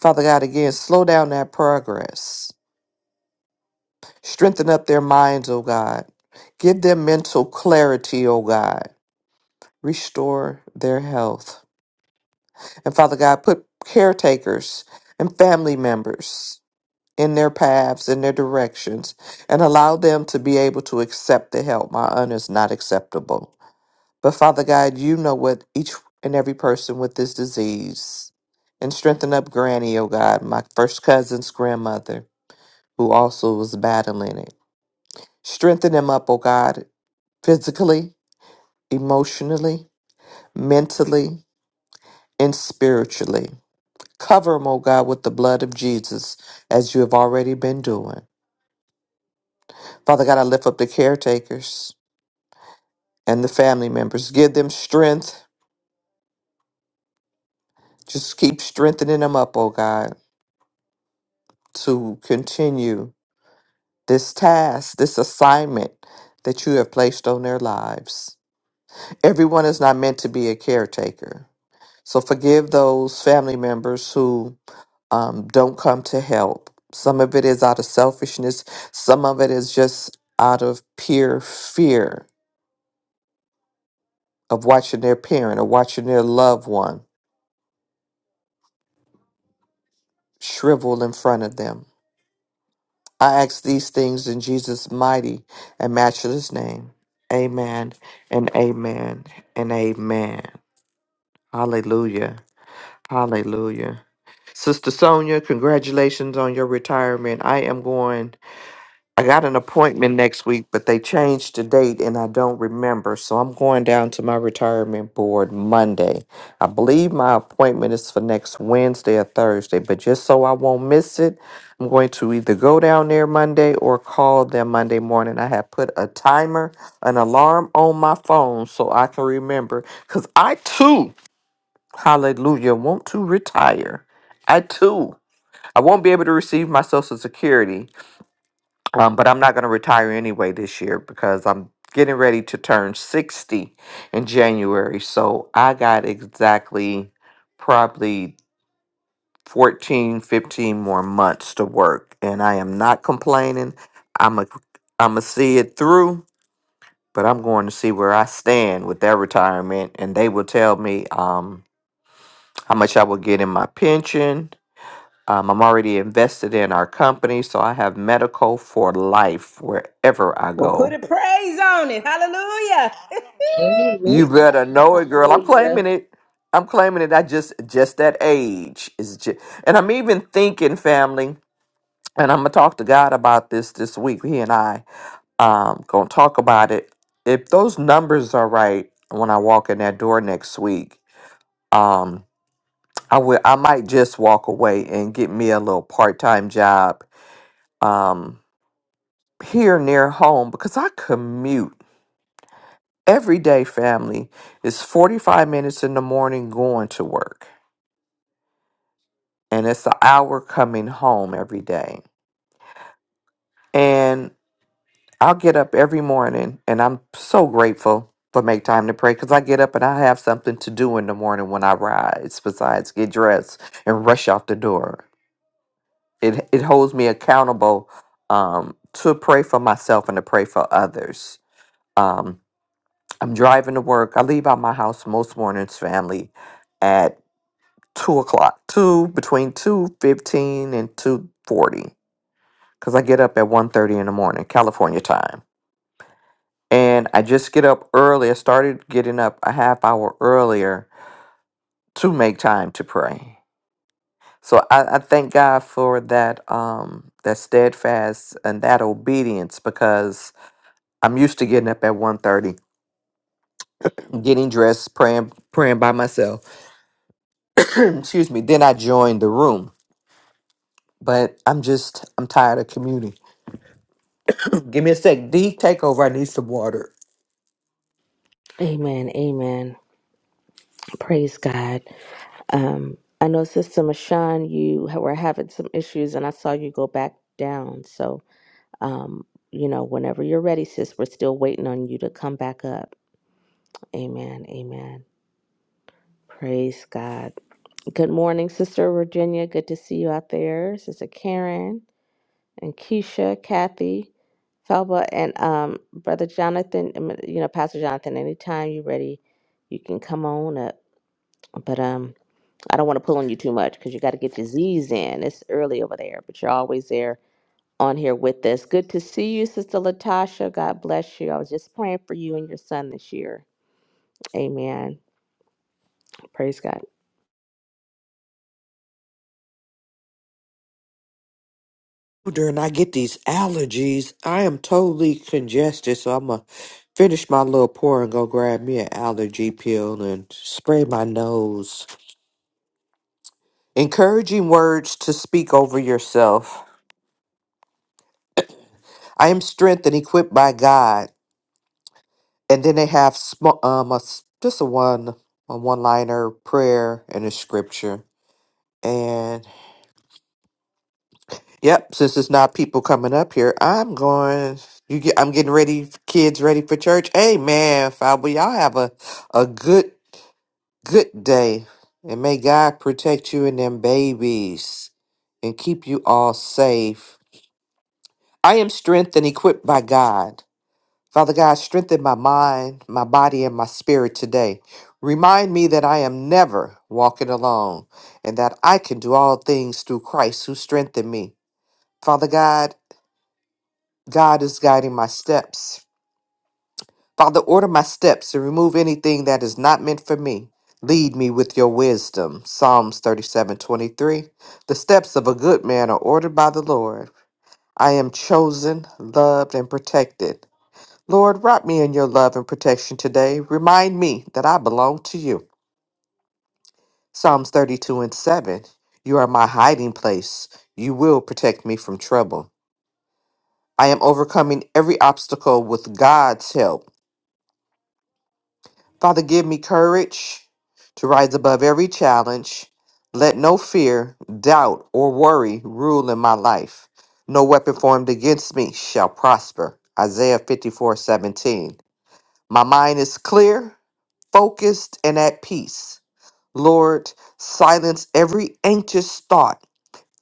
H: Father God, again, slow down that progress. Strengthen up their minds, O God. Give them mental clarity, O God. Restore their health. And Father God, put caretakers and family members in their paths, in their directions, and allow them to be able to accept the help. My aunt is not acceptable. But Father God, you know what each and every person with this disease. And strengthen up Granny, oh God, my first cousin's grandmother, who also was battling it. Strengthen him up, oh God, physically, emotionally, mentally, and spiritually. Cover him, oh God, with the blood of Jesus, as you have already been doing. Father God, I lift up the caretakers and the family members. Give them strength. Just keep strengthening them up, oh God, to continue this task, this assignment that you have placed on their lives. Everyone is not meant to be a caretaker. So forgive those family members who um, don't come to help. Some of it is out of selfishness, some of it is just out of pure fear of watching their parent or watching their loved one shrivel in front of them. I ask these things in Jesus' mighty and matchless name. Amen and amen and amen. Hallelujah. Hallelujah. Sister Sonia, congratulations on your retirement. I am going, I got an appointment next week, but they changed the date and I don't remember. So I'm going down to my retirement board Monday. I believe my appointment is for next Wednesday or Thursday, but just so I won't miss it, I'm going to either go down there Monday or call them Monday morning. I have put a timer, an alarm on my phone so I can remember because I too hallelujah, want to retire. I too, I won't be able to receive my Social Security, um, but I'm not going to retire anyway this year because I'm getting ready to turn 60 in January. So I got exactly probably 14, 15 more months to work, and I am not complaining. I'm a, I'm a see it through, but I'm going to see where I stand with that retirement, and they will tell me um, how much I will get in my pension Um, I'm already invested in our company, so I have medical for life wherever I
G: Well, put
H: go.
G: a praise on it. Hallelujah.
H: You
E: Amen.
H: better know it, girl. I'm
E: Hallelujah.
H: claiming it. I'm claiming it. I just just that age is just, and I'm even thinking, family. And I'm gonna talk to God about this this week. He and I um gonna talk about it. If those numbers are right when I walk in that door next week, um, I will. I might just walk away and get me a little part time job. Um, here near home because I commute every day, family. It's 45 minutes in the morning going to work, and it's an hour coming home every day. And I'll get up every morning, and I'm so grateful for Make Time to Pray because I get up and I have something to do in the morning when I rise, besides get dressed and rush out the door. It, it holds me accountable um, to pray for myself and to pray for others Um, I'm driving to work. I leave out my house most mornings, family, at two o'clock, two between two fifteen and two forty, because I get up at one thirty in the morning, California time, and I just get up early. I started getting up a half hour earlier to make time to pray. So I, I thank God for that um that steadfast and that obedience because I'm used to getting up at one thirty, getting dressed, praying praying by myself excuse me, then I joined the room. But I'm just, I'm tired of commuting. Give me a sec. D, take over. I need some water.
E: Amen. Amen. Praise God. Um, I know, Sister Mashawn, you ha- were having some issues, and I saw you go back down. So, um, you know, whenever you're ready, sis, we're still waiting on you to come back up. Amen. Amen. Praise God. Good morning, Sister Virginia. Good to see you out there, Sister Karen. and Keisha, Kathy, Felba, and um, Brother Jonathan. I mean, You know, Pastor Jonathan. Anytime you're ready, you can come on up. But um, I don't want to pull on you too much because you got to get your Z's in. It's early over there, but you're always there on here with us. Good to see you, Sister Latasha. God bless you. I was just praying for you and your son this year. Amen. Praise God.
H: Dude, And I get these allergies. I am totally congested, so I'm going to finish my little pour and go grab me an allergy pill and spray my nose. Encouraging words to speak over yourself. I am strengthened, equipped by God. And then they have sm- um, a s just a one, a one-liner prayer and a scripture Yep, since it's not people coming up here, I'm going. You get, I'm getting ready, kids ready for church. Amen. Father, y'all have a a good good day, and may God protect you and them babies, and keep you all safe. I am strengthened, and equipped by God. Father God, strengthen my mind, my body, and my spirit today. Remind me that I am never walking alone, and that I can do all things through Christ who strengthened me. Father God. God is guiding my steps. Father, order my steps and remove anything that is not meant for me. Lead me with your wisdom. Psalms thirty-seven twenty-three. The steps of a good man are ordered by the Lord. I am chosen, loved, and protected. Lord, wrap me in your love and protection today. Remind me that I belong to you. Psalms 32 and 7. You are my hiding place. You will protect me from trouble. I am overcoming every obstacle with God's help. Father, give me courage to rise above every challenge. Let no fear, doubt, or worry rule in my life. No weapon formed against me shall prosper. Isaiah 54 17. My mind is clear, focused, and at peace. Lord, silence every anxious thought.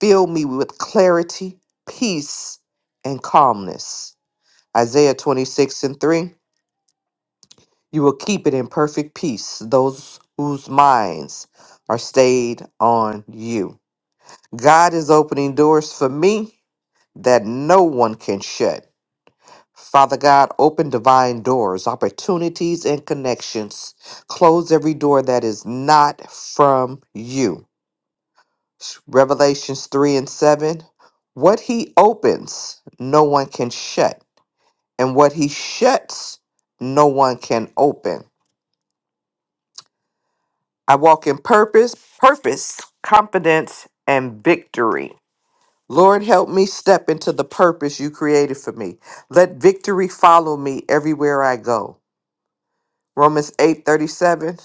H: Fill me with clarity, peace, and calmness. Isaiah 26 and 3. You will keep it in perfect peace those whose minds are stayed on you. God is opening doors for me that no one can shut. Father God, open divine doors, opportunities, and connections. Close every door that is not from you. Revelations 3 and 7. What he opens, no one can shut. And what he shuts, no one can open. I walk in purpose, purpose, confidence, and victory. Lord, help me step into the purpose you created for me. Let victory follow me everywhere I go. Romans 8 37,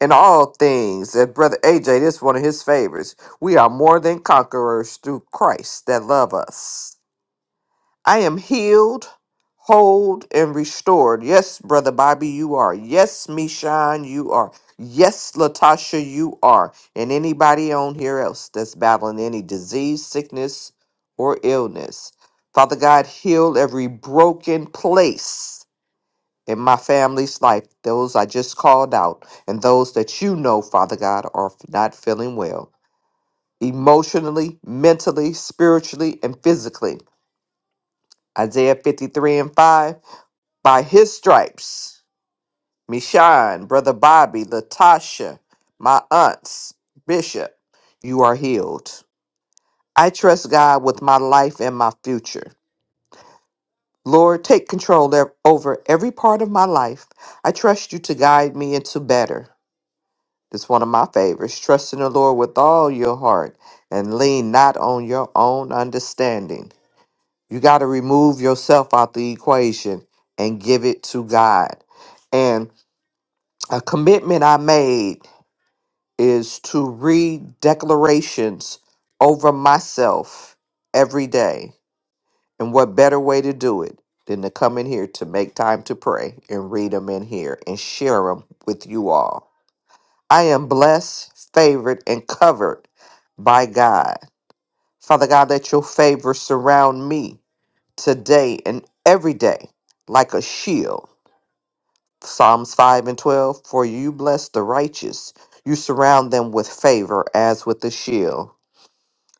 H: In all things, and Brother AJ, this is one of his favorites. We are more than conquerors through Christ that love us. I am healed, whole, and restored. Yes, Brother Bobby, you are. Yes, Mishan, you are. Yes, Latasha, you are. And anybody on here else that's battling any disease, sickness, or illness. Father God, heal every broken place in my family's life, those I just called out, and those that you know, Father God, are not feeling well emotionally, mentally, spiritually, and physically. Isaiah 53 and 5. By his stripes, Mishan, Brother Bobby, Latasha, my aunts, Bishop, you are healed. I trust God with my life and my future. Lord, take control ev- over every part of my life. I trust you to guide me into better. It's one of my favorites. Trust in the Lord with all your heart and lean not on your own understanding. You got to remove yourself out the equation and give it to God. And a commitment I made is to read declarations over myself every day. And what better way to do it than to come in here to make time to pray and read them in here and share them with you all? I am blessed, favored, and covered by God. Father God, let your favor surround me today and every day like a shield. Psalms 5 and 12 For you bless the righteous, you surround them with favor as with a shield.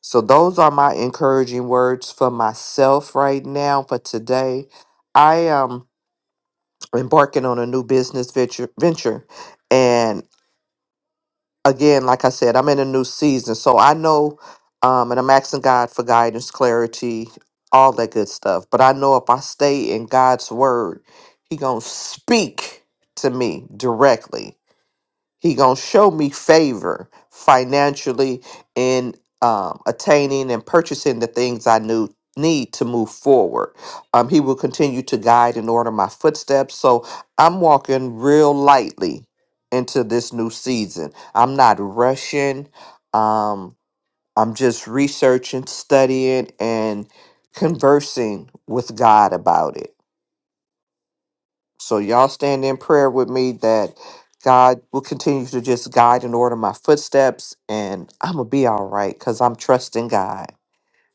H: So, those are my encouraging words for myself right now. For today, I um, am embarking on a new business venture. venture. And again, like I said, I'm in a new season. So, I know, um, and I'm asking God for guidance, clarity, all that good stuff. But I know if I stay in God's word, He going to speak to me directly He gonna show me favor financially in um, attaining and purchasing the things I knew need to move forward. Um, he will continue to guide and order my footsteps. So I'm walking real lightly into this new season. I'm not rushing. Um, I'm just researching, studying, and conversing with God about it. So y'all stand in prayer with me that God will continue to just guide and order my footsteps and I'm going to be all right cuz I'm trusting God.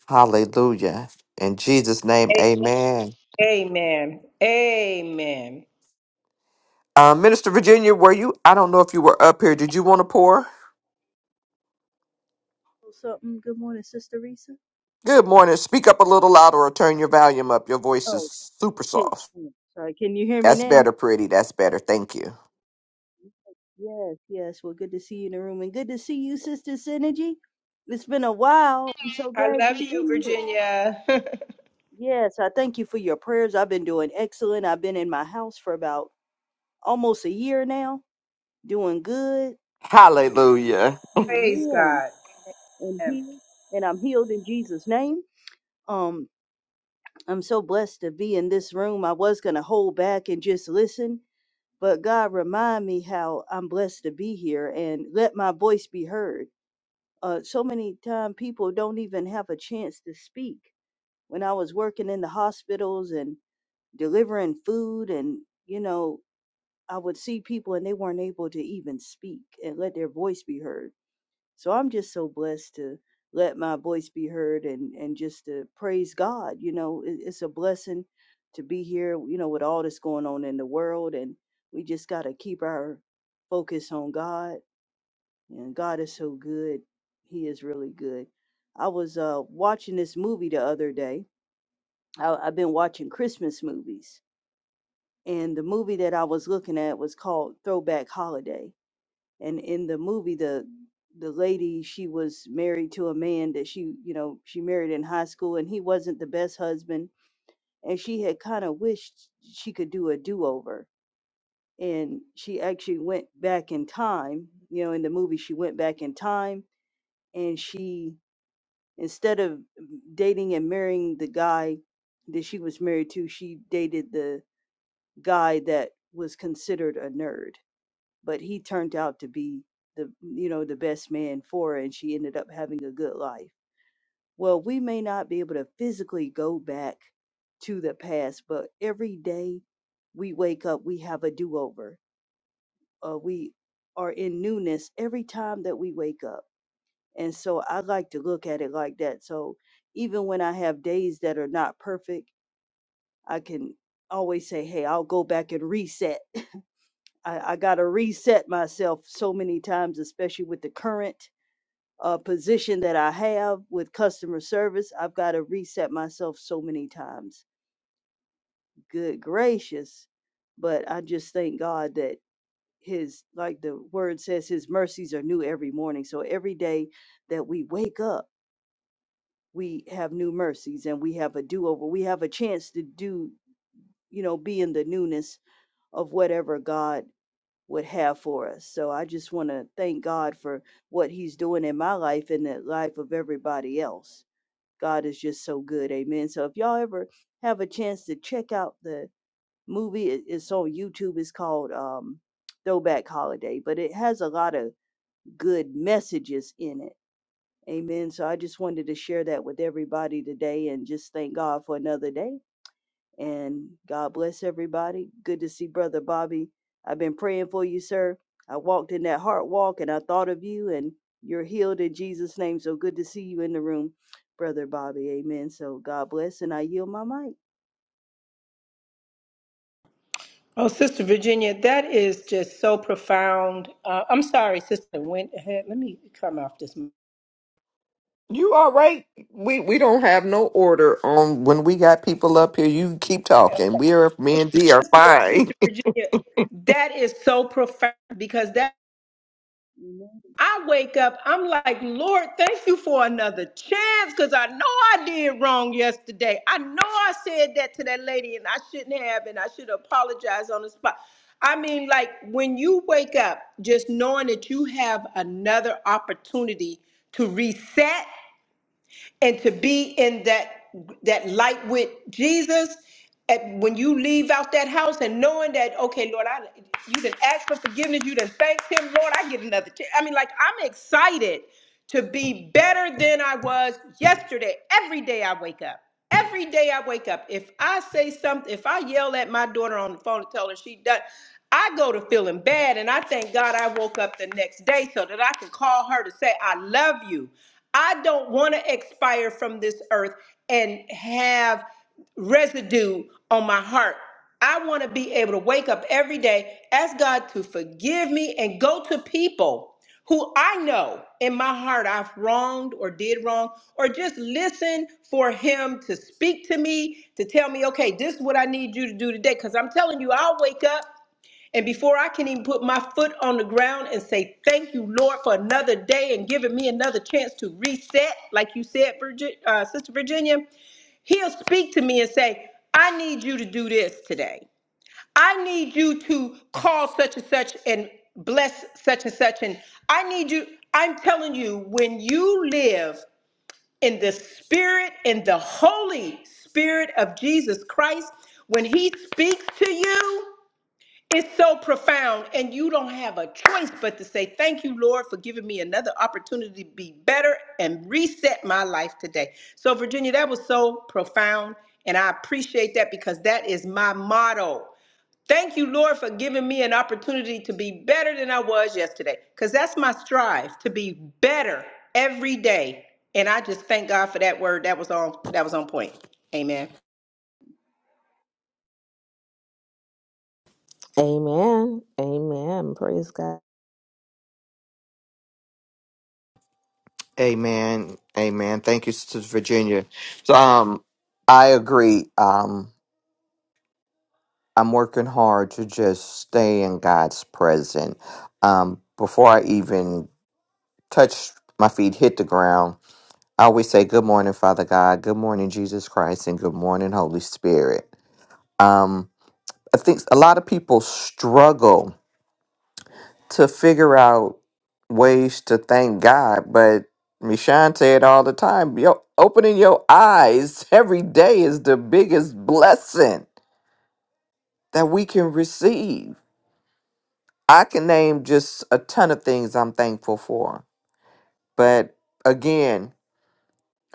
H: Hallelujah. In Jesus name,
G: A-
H: amen.
G: amen. Amen.
H: Uh, Minister Virginia, were you I don't know if you were up here. Did you want to pour?
I: something. Good morning, Sister Risa.
H: Good morning. Speak up a little louder or turn your volume up. Your voice
I: Oh,
H: is super
I: can,
H: soft.
I: mm, sorry. Can you hear me
H: That's
I: now?
H: better, pretty. That's better. Thank you.
I: Yes, yes. Well, good to see you in the room, and good to see you, Sister Synergy. It's been a while. I'm so
G: I
I: glad
G: love
I: you are
G: you,
I: in here.
G: Virginia.
I: Yes, I thank you for your prayers. I've been doing excellent. I've been in my house for about almost a year now, doing good. Um,
H: Hallelujah.
G: praise
I: Amen.
G: God.
I: And
G: Amen.
I: healed, and I'm healed in Jesus' name. Um, I'm so blessed to be in this room. I was gonna hold back and just listen, but God remind me how I'm blessed to be here and let my voice be heard. Uh, so many time people don't even have a chance to speak. When I was working in the hospitals and delivering food, and you know, I would see people and they weren't able to even speak and let their voice be heard. So I'm just so blessed to let my voice be heard and and just to praise God. You know, it, it's a blessing to be here. You know, with all that's going on in the world, and we just got to keep our focus on God. And God is so good; He is really good. I was uh, watching this movie the other day. I, I've been watching Christmas movies, and the movie that I was looking at was called Throwback Holiday and in the movie the the lady she was married to a man that she you know she married in high school and he wasn't the best husband and she had kind of wished she could do a do-over and she actually went back in time you know in the movie she went back in time and she instead of dating and marrying the guy that she was married to she dated the guy that was considered a nerd but he turned out to be the you know the best man for her and she ended up having a good life well we may not be able to physically go back to the past but every day we wake up we have a do-over uh, we are in newness every time that we wake up and so i like to look at it like that so even when i have days that are not perfect i can always say hey i'll go back and reset I, I got to reset myself so many times, especially with the current uh, position that I have with customer service. I've got to reset myself so many times. Good gracious. But I just thank God that His, like the word says, His mercies are new every morning. So every day that we wake up, we have new mercies and we have a do over. We have a chance to do, you know, be in the newness of whatever God would have for us. So I just want to thank God for what He's doing in my life and the life of everybody else. God is just so good. Amen. So if y'all ever have a chance to check out the movie, it- it's on YouTube. It's called um, Throwback Holiday, but it has a lot of good messages in it. Amen. So I just wanted to share that with everybody today and just thank God for another day. And God bless everybody. Good to see Brother Bobby. I've been praying for you, sir. I walked in that heart walk and I thought of you, and you're healed in Jesus' name. So good to see you in the room, Brother Bobby. Amen. So God bless, and I yield my mic.
G: Oh, Sister Virginia, that is just so profound. Uh, I'm sorry, Sister went ahead. Let me come off this. mic.
H: You all right? We we don't have no order on when we got people up here. You keep talking. We are me and D are
G: Sister, Sister
H: fine.
G: Virginia, that is so profound because that
I: Amen.
G: I wake up, I'm like, Lord, thank you for another chance because I know I did wrong yesterday. I know I said that to that lady and I shouldn't have, and I should apologize on the spot. I mean, like when you wake up, just knowing that you have another opportunity to reset and to be in that that light with Jesus and when you leave out that house and knowing that okay Lord I you didn't ask for forgiveness you didn't thank him Lord I get another chance. I mean like I'm excited to be better than I was yesterday every day I wake up Every day I wake up, if I say something, if I yell at my daughter on the phone and tell her she done, I go to feeling bad and I thank God I woke up the next day so that I can call her to say, I love you. I don't want to expire from this earth and have residue on my heart I want to be able to wake up every day, ask God to forgive me, and go to people who I know in my heart I've wronged or did wrong, or just listen for Him to speak to me, to tell me, okay, this is what I need you to do today. Because I'm telling you, I'll wake up. And before I can even put my foot on the ground and say, Thank you, Lord, for another day and giving me another chance to reset, like you said, Virgi- uh, Sister Virginia, he'll speak to me and say, I need you to do this today. I need you to call such and such and bless such and such. And I need you, I'm telling you, when you live in the spirit, in the Holy Spirit of Jesus Christ, when he speaks to you, it's so profound, and you don't have a choice but to say, Thank you, Lord, for giving me another opportunity to be better and reset my life today. So, Virginia, that was so profound, and I appreciate that because that is my motto. Thank you, Lord, for giving me an opportunity to be better than I was yesterday because that's my strive to be better every day. And I just thank God for that word. That was on that was on point. Amen.
E: Amen. Amen. Praise God.
H: Amen. Amen. Thank you, Sister Virginia. So um I agree. Um I'm working hard to just stay in God's presence. Um before I even touch my feet hit the ground, I always say good morning, Father God, good morning, Jesus Christ, and good morning, Holy Spirit. Um I think a lot of people struggle to figure out ways to thank God, but Mishan say it all the time. Yo, opening your eyes every day is the biggest blessing that we can receive. I can name just a ton of things I'm thankful for, but again,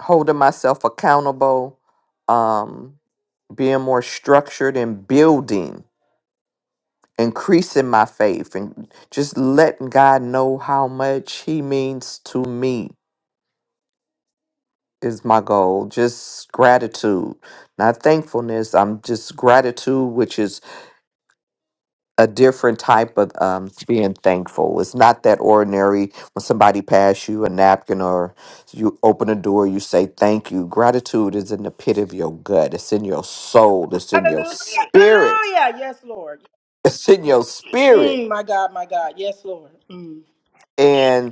H: holding myself accountable, um, being more structured and building, increasing my faith, and just letting God know how much He means to me is my goal. Just gratitude, not thankfulness. I'm just gratitude, which is a different type of um, being thankful. It's not that ordinary when somebody pass you a napkin or you open a door, you say thank you. Gratitude is in the pit of your gut. It's in your soul. It's in your
G: Hallelujah.
H: spirit.
G: Hallelujah. Yes, Lord.
H: It's in your spirit.
G: Mm, my God, my God. Yes, Lord. Mm.
H: and.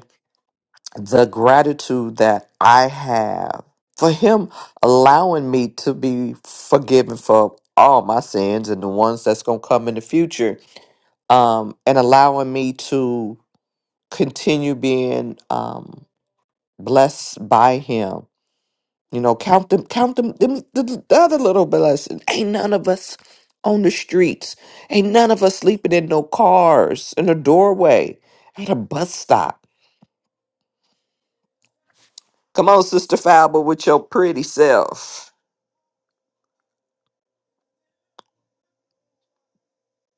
H: the gratitude that I have for him allowing me to be forgiven for all my sins and the ones that's going to come in the future um and allowing me to continue being um blessed by him you know count them count them, them the, the other little blessings ain't none of us on the streets ain't none of us sleeping in no cars in a doorway at a bus stop come on sister falber with your pretty self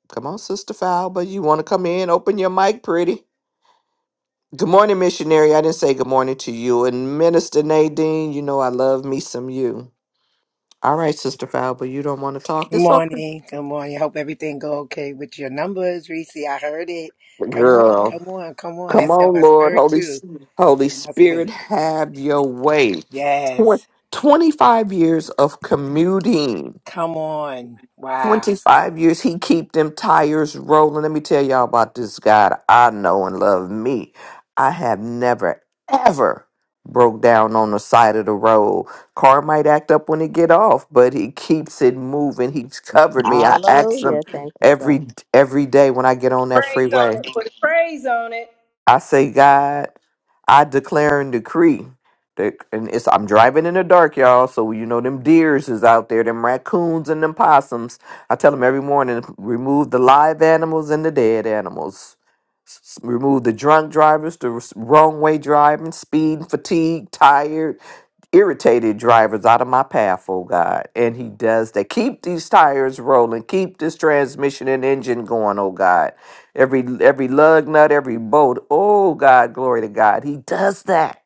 H: Come on, Sister Falba. You want to come in? Open your mic, pretty. Good morning, missionary. I didn't say good morning to you. And Minister Nadine, you know I love me some you. All right, Sister Falba, you don't want to talk.
D: Good
H: It's okay.
D: morning. Good morning. Hope everything go okay with your numbers, Reese. I heard it. Come on,
H: Girl,
D: come on, come on.
H: come
D: That's in
H: on,
D: my
H: Lord.
D: spirit
H: Holy,
D: too.
H: S-
D: It's
H: Holy
D: in my
H: Spirit,
D: spirit.
H: have your way. Twen-
D: Yes.
H: 25 years of commuting.
D: Come on. Wow.
H: 25 years he keep them tires rolling let me tell y'all about this god i know and love me i have never ever broke down on the side of the road car might act up when it get off but he keeps it moving he's covered me i ask him
E: Hallelujah. Thank you, God.
H: every every day when i get on that
G: Praise on
H: freeway
G: it. Put praise on it.
H: I say, God, I declare and decree that, and it's I'm driving in the dark, y'all. So you know them deers is out there, them raccoons and them possums. I tell them every morning, remove the live animals and the dead animals. S- s- Remove the drunk drivers, the s- wrong way driving, speed, fatigue, tired irritated drivers out of my path, oh God. And he does that. Keep these tires rolling. Keep this transmission and engine going, oh God. Every every lug nut, every bolt, oh God, glory to God. He does that.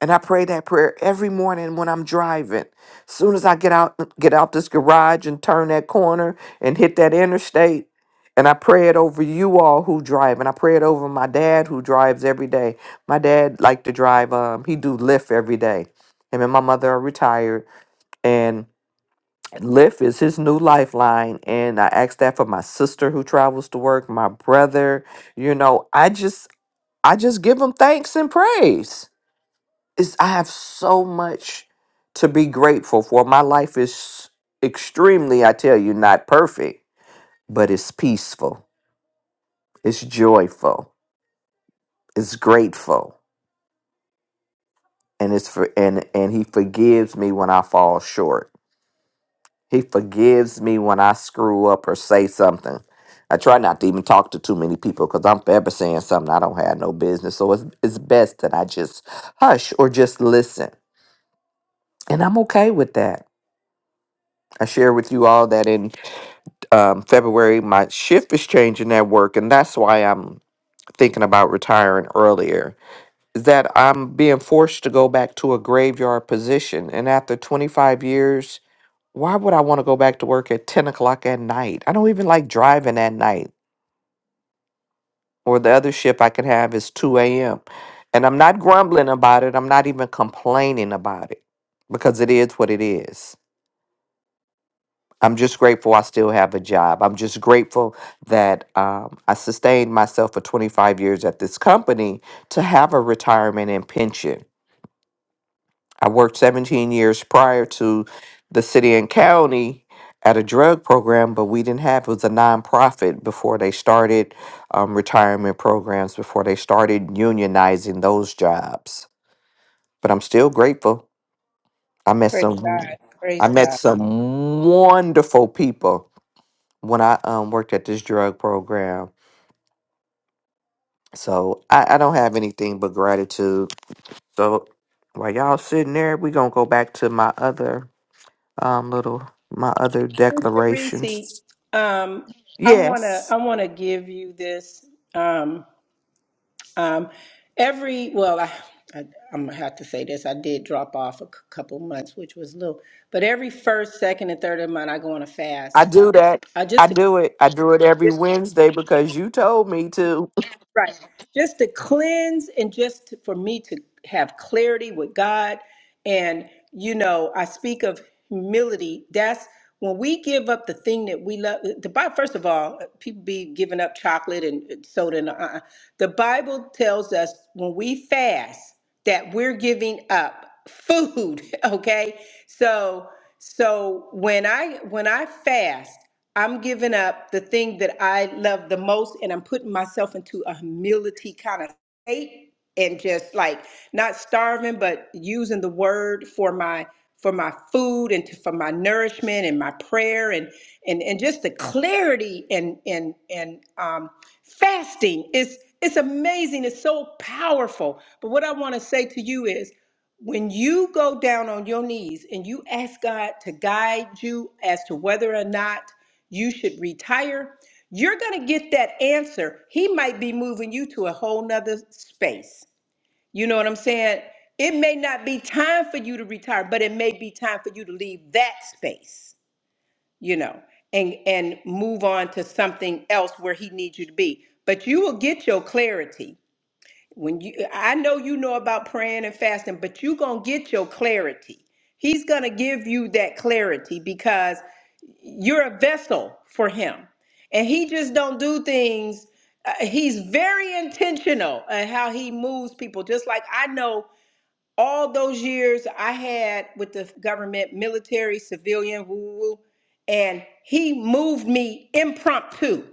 H: And I pray that prayer every morning when I'm driving. Soon as I get out get out this garage and turn that corner and hit that interstate. And I pray it over you all who drive. And I pray it over my dad who drives every day. My dad liked to drive, um, he do Lyft every day. Him and my mother are retired. And Lyft is his new lifeline. And I ask that for my sister who travels to work, my brother. You know, I just I just give him thanks and praise it's, I have so much to be grateful for. My life is extremely, I tell you, not perfect, but it's peaceful, it's joyful, it's grateful, and it's for and and He forgives me when I fall short. He forgives me when I screw up or say something. I try not to even talk to too many people because I'm forever saying something I don't have no business. So it's it's best that I just hush or just listen, and I'm okay with that. I share with you all that in um, February. My shift is changing at work, and that's why I'm thinking about retiring earlier. Is that I'm being forced to go back to a graveyard position, and after 25 years, why would I want to go back to work at 10 o'clock at night? I don't even like driving at night. Or the other shift I can have is 2 a.m. And I'm not grumbling about it. I'm not even complaining about it because it is what it is. I'm just grateful I still have a job. I'm just grateful that um, I sustained myself for 25 years at this company to have a retirement and pension. I worked 17 years prior to the city and county at a drug program, but we didn't have it was a nonprofit before they started um, retirement programs, before they started unionizing those jobs. But I'm still grateful. I met
G: Praise
H: some
G: God.
H: I
G: Praise
H: met
G: God.
H: some wonderful people when I um worked at this drug program. So I, I don't have anything but gratitude. So while y'all sitting there, we gonna go back to my other um little my other
G: Sister Reese,
H: declarations.
G: um, I wanna
H: Yes,
G: I wanna give you this. Um, um, every well, I, I I'm gonna have to say this. I did drop off a c- couple months, which was little, but every first, second, and third of the month, I go on a
H: I
G: fast.
H: do that.
G: I
H: I
G: just
H: do it. I do it every
G: to
H: Wednesday because you told me to.
G: Right. Just to cleanse and just to, for me to have clarity with God. And, you know, I speak of humility. That's when we give up the thing that we love. The Bible, first of all, uh, people be giving up chocolate and uh, soda. And, uh, uh, the Bible tells us when we fast that we're giving up food. Okay. So, so when I, when I fast, I'm giving up the thing that I love the most and I'm putting myself into a humility kind of state and just like not starving but using the word for my for my food and to, for my nourishment and my prayer and and and just the clarity and and and um fasting is it's amazing it's so powerful but what I want to say to you is when you go down on your knees and you ask God to guide you as to whether or not you should retire, you're going to get that answer. He might be moving you to a whole nother space. You know what I'm saying? It may not be time for you to retire, but it may be time for you to leave that space, you know, and and move on to something else where he needs you to be. But you will get your clarity when you I know you know about praying and fasting, but you're gonna get your clarity. He's gonna give you that clarity because you're a vessel for him. And he just don't do things. uh, he's very intentional at how he moves people. Just like I know all those years I had with the government, military, civilian, woo, woo, and he moved me impromptu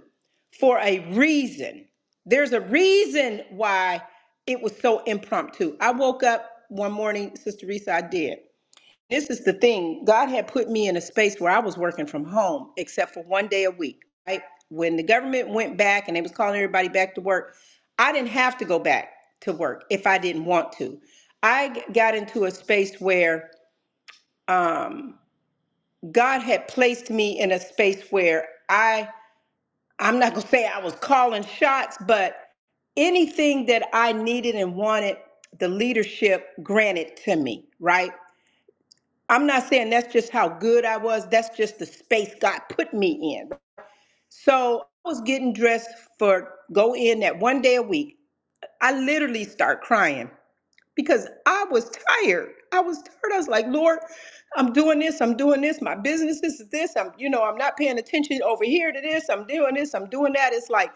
G: for a reason. There's a reason why it was so impromptu. I woke up one morning, Sister Risa, I did. This is the thing. God had put me in a space where I was working from home, except for one day a week. Right when the government went back and they was calling everybody back to work, I didn't have to go back to work if I didn't want to. I g- got into a space where um, God had placed me in a space where I I'm not gonna say I was calling shots, but anything that I needed and wanted, the leadership granted to me. Right I'm not saying that's just how good I was. That's just the space God put me in. So I was getting dressed for go in that one day a week. I literally start crying because I was tired. I was tired. I was like, Lord, I'm doing this. I'm doing this. My business is this. I'm, you know, I'm not paying attention over here to this. I'm doing this. I'm doing that. It's like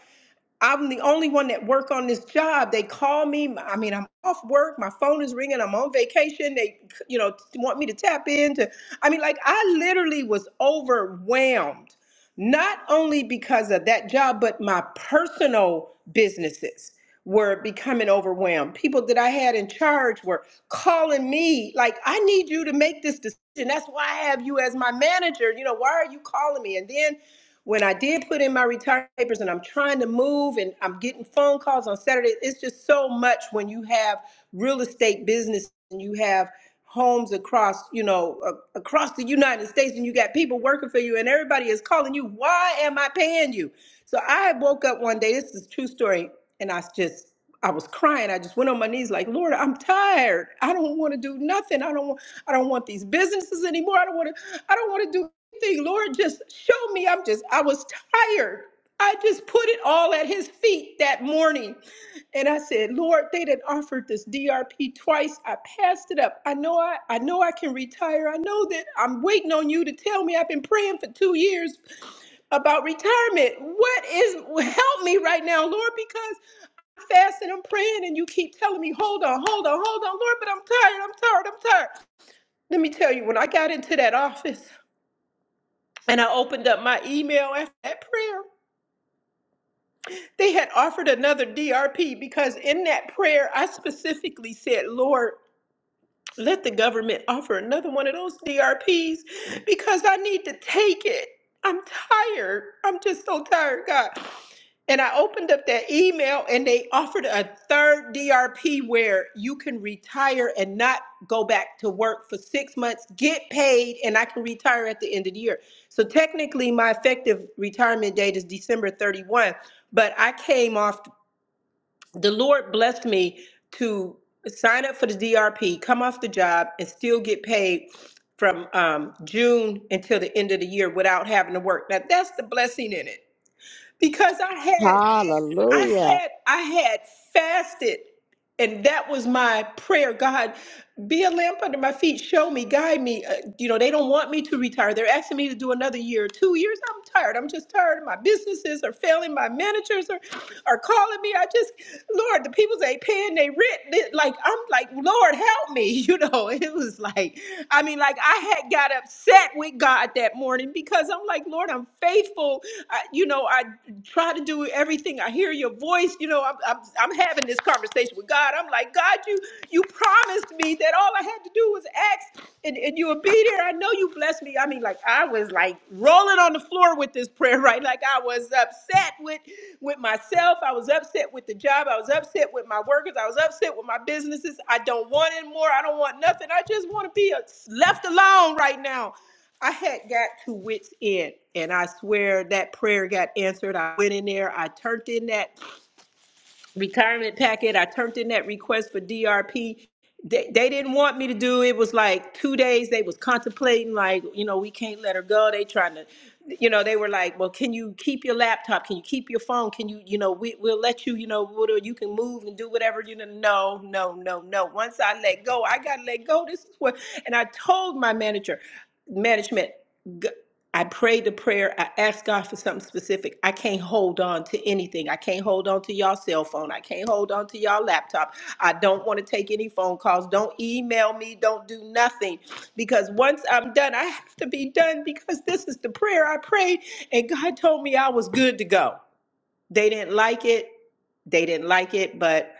G: I'm the only one that work on this job. They call me. I mean, I'm off work. My phone is ringing. I'm on vacation. They, you know, want me to tap into. I mean, like I literally was overwhelmed, not only because of that job, but my personal businesses were becoming overwhelmed. People that I had in charge were calling me like, I need you to make this decision. That's why I have you as my manager. You know, why are you calling me? And then when I did put in my retirement papers and I'm trying to move and I'm getting phone calls on Saturday, it's just so much when you have real estate business and you have homes across, you know, a- across the United States and you got people working for you and everybody is calling you, "Why am I paying you?" So I woke up one day, this is a true story, and I just I was crying. I just went on my knees like, Lord, I'm tired. I don't want to do nothing. I don't want I don't want these businesses anymore. I don't want to I don't want to do thing. Lord, just show me. I'm just, I was tired. I just put it all at his feet that morning. And I said, Lord, they done offered this DRP twice. I passed it up. I know I, I know I can retire. I know that I'm waiting on you to tell me I've been praying for two years about retirement. What is help me right now, Lord, because I'm fasting, I'm praying, and you keep telling me, hold on, hold on, hold on, Lord, but I'm tired, I'm tired, I'm tired. Let me tell you, when I got into that office, and I opened up my email after that prayer. They had offered another DRP because in that prayer, I specifically said, Lord, let the government offer another one of those DRPs because I need to take it. I'm tired. I'm just so tired, God. And I opened up that email and they offered a third DRP where you can retire and not go back to work for six months, get paid, and I can retire at the end of the year. So technically, my effective retirement date is December 31, but I came off, the Lord blessed me to sign up for the DRP, come off the job, and still get paid from um, June until the end of the year without having to work. Now, that's the blessing in it because I had I
E: Hallelujah.
G: had I had fasted, and that was my prayer. God, be a lamp under my feet. Show me, guide me. Uh, you know, they don't want me to retire. They're asking me to do another year, two years. I'm tired. I'm just tired. My businesses are failing. My managers are are calling me. I just, Lord, the people's ain't paying they rent. They- Like I'm like, Lord, help me. You know, it was like, I mean, like I had got upset with God that morning because I'm like, Lord, I'm faithful. I, you know, I try to do everything everything. I hear your voice. You know, I'm, I'm, I'm having this conversation with God. I'm like, God, you you promised me that all I had to do was ask and, and you would be there. I know you blessed me. I mean, like I was like rolling on the floor with this prayer, right? Like I was upset with with myself. I was upset with the job. I was upset with my workers. I was upset with my businesses. I don't want anymore. I don't want nothing. I just want to be uh, left alone right now. I had got to wits end, and I swear that prayer got answered. I went in there, I turned in that retirement packet, I turned in that request for DRP. They, they didn't want me to do it. Was like two days they was contemplating, like you know we can't let her go. They trying to, you know, they were like, well, can you keep your laptop? Can you keep your phone? Can you, you know, we we'll let you, you know, whatever you can move and do whatever. You know, no, no, no, no. Once I let go, I got to let go. This is what, and I told my manager, management. G- I prayed the prayer. I asked God for something specific. I can't hold on to anything. I can't hold on to y'all cell phone. I can't hold on to y'all laptop. I don't want to take any phone calls. Don't email me. Don't do nothing. Because once I'm done, I have to be done because this is the prayer I prayed. And God told me I was good to go. They didn't like it. They didn't like it, but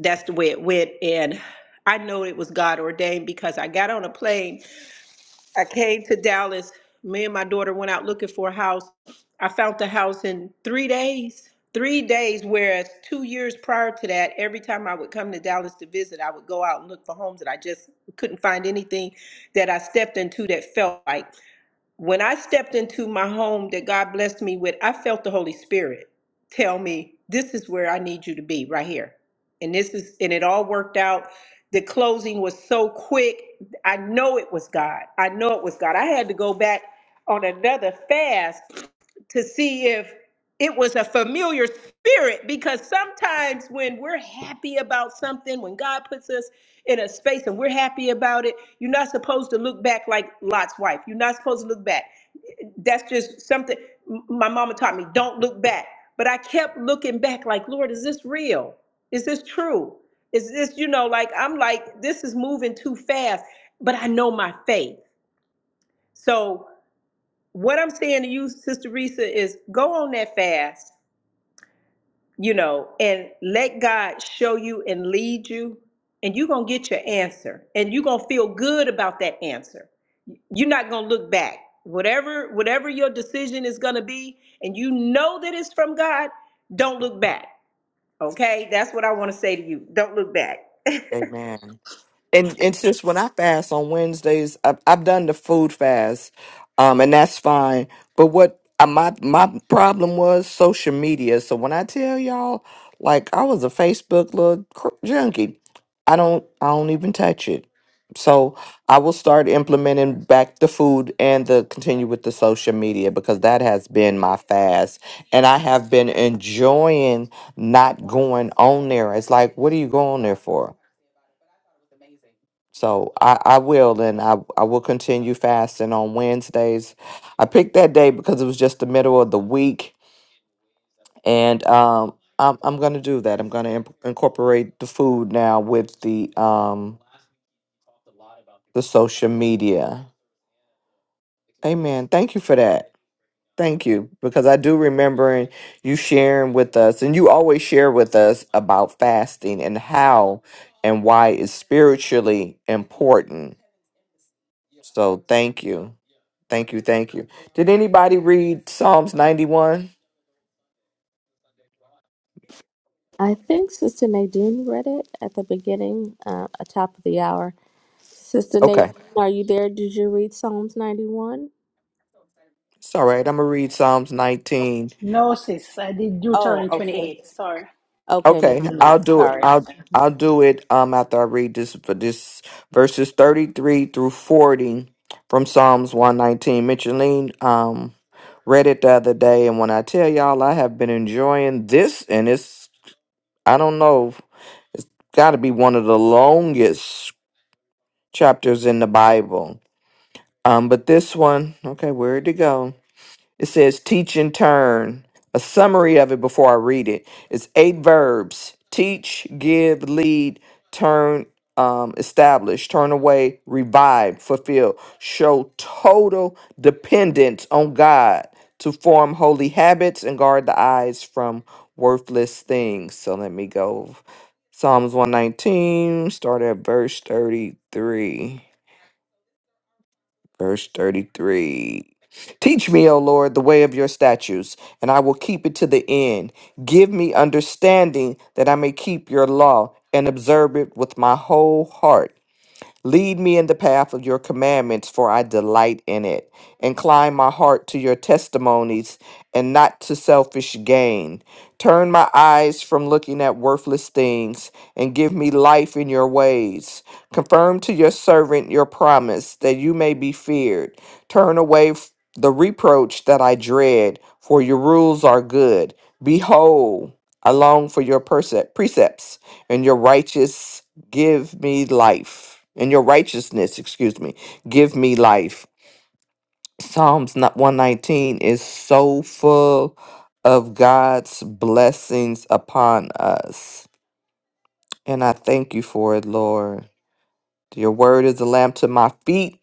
G: that's the way it went. And I know it was God ordained because I got on a plane I came to Dallas. Me and my daughter went out looking for a house. I found the house in three days. Three days, whereas two years prior to that, every time I would come to Dallas to visit, I would go out and look for homes and I just couldn't find anything that I stepped into that felt like. When I stepped into my home that God blessed me with, I felt the Holy Spirit tell me, this is where I need you to be right here. And this is, and it all worked out. The closing was so quick. I know it was God. I know it was God. I had to go back on another fast to see if it was a familiar spirit because sometimes when we're happy about something when god puts us in a space and we're happy about it. You're not supposed to look back like Lot's wife. You're not supposed to look back. That's just something m- my mama taught me. Don't look back. But I kept looking back like, Lord, is this real? Is this true? Is this, you know, like I'm like, this is moving too fast, but I know my faith. So what I'm saying to you, Sister Risa, is go on that fast you know, and let God show you and lead you, and you're going to get your answer and you're going to feel good about that answer. You're not going to look back. Whatever whatever your decision is going to be and you know that it's from God, don't look back. Okay? That's what I want to say to you. Don't look back.
H: Amen. and it's just when I fast on Wednesdays, I've, I've done the food fast, um, and that's fine. But what uh, my my problem was social media. So when I tell y'all, like I was a Facebook little cr- junkie, I don't I don't even touch it. So I will start implementing back the food and the continue with the social media because that has been my fast, and I have been enjoying not going on there. It's like, what are you going there for? So I, I will, and I, I will continue fasting on Wednesdays. I picked that day because it was just the middle of the week, and um, I'm I'm gonna do that. I'm gonna imp- incorporate the food now with the um the social media. Amen. Thank you for that. Thank you because I do remember and you sharing with us, and you always share with us about fasting and how and why it's spiritually important. So thank you. Thank you, thank you. Did anybody read Psalms 91?
E: I think Sister Nadine read it at the beginning, uh, at top of the hour. Sister Nadine,
H: Okay.
E: are you there? Did you read Psalms 91?
H: It's all right. I'm gonna read Psalms 19.
A: No, sis, I did
E: Oh,
A: Deuteronomy
E: okay.
A: 28. Sorry.
E: Okay, maybe
H: Okay, I'll
E: not.
H: do it.
E: Sorry.
H: I'll I'll do it um after I read this for this verses 33 through 40 from Psalms 119. Micheline um read it the other day and when I tell y'all I have been enjoying this and it's I don't know it's got to be one of the longest chapters in the Bible. Um but this one, okay, where would it go? It says teach and turn. A summary of it before I read it. It's eight verbs teach, give, lead, turn, um, establish, turn away, revive, fulfill. Show total dependence on God to form holy habits and guard the eyes from worthless things. So let me go. Psalms 119, start at verse 33. Verse 33. Teach me, O Lord, the way of your statutes, and I will keep it to the end. Give me understanding that I may keep your law and observe it with my whole heart. Lead me in the path of your commandments, for I delight in it. Incline my heart to your testimonies and not to selfish gain. Turn my eyes from looking at worthless things and give me life in your ways. Confirm to your servant your promise that you may be feared. Turn away f- the reproach that I dread, for your rules are good. Behold, I long for your perse- precepts and your righteous give me life. And your righteousness, excuse me, give me life. Psalms not- 119 is so full of God's blessings upon us. And I thank you for it, Lord. Your word is a lamp to my feet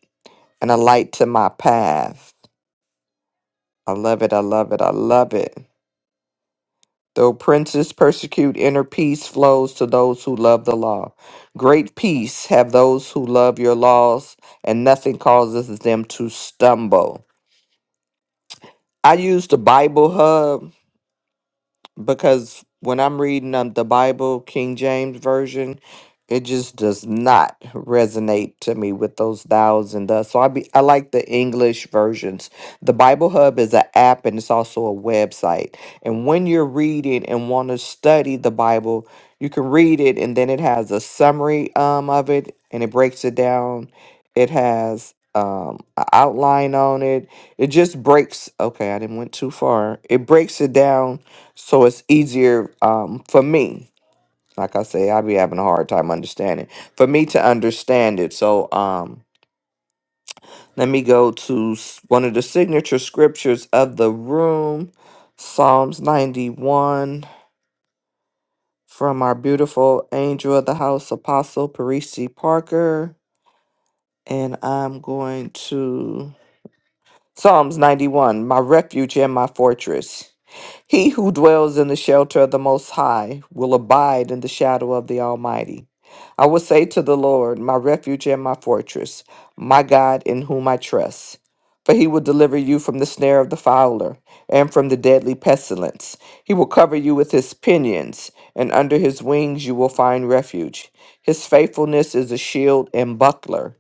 H: and a light to my path. I love it. I love it. I love it. Though princes persecute, inner peace flows to those who love the law. Great peace have those who love your laws, and nothing causes them to stumble. I use the Bible Hub because when I'm reading um, the Bible, King James Version, it just does not resonate to me with those thous and thus. So I be I like the English versions. The Bible Hub is an app and it's also a website. And when you're reading and want to study the Bible, you can read it and then it has a summary um of it and it breaks it down. It has um an outline on it. It just breaks okay, I didn't went too far. It breaks it down so it's easier um, for me. Like I say, I be having a hard time understanding. For me to understand it. So um, let me go to s- one of the signature scriptures of the room, Psalms 91, from our beautiful angel of the house, Apostle Parisi Parker. And I'm going to Psalms 91, my refuge and my fortress. He who dwells in the shelter of the Most High will abide in the shadow of the Almighty. I will say to the Lord, my refuge and my fortress, my God in whom I trust. For he will deliver you from the snare of the fowler and from the deadly pestilence. He will cover you with his pinions, and under his wings you will find refuge. His faithfulness is a shield and buckler.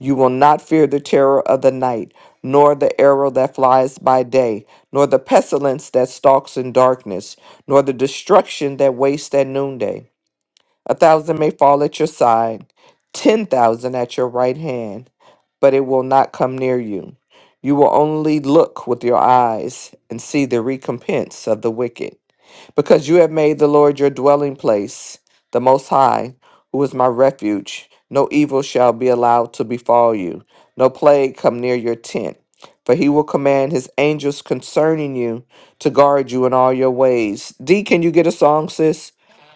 H: You will not fear the terror of the night, nor the arrow that flies by day, nor the pestilence that stalks in darkness, nor the destruction that wastes at noonday. A thousand may fall at your side, ten thousand at your right hand, but it will not come near you. You will only look with your eyes and see the recompense of the wicked. Because you have made the Lord your dwelling place, the Most High, who is my refuge, no evil shall be allowed to befall you, no plague come near your tent. For he will command his angels concerning you to guard you in all your ways. D, can you get a song, sis?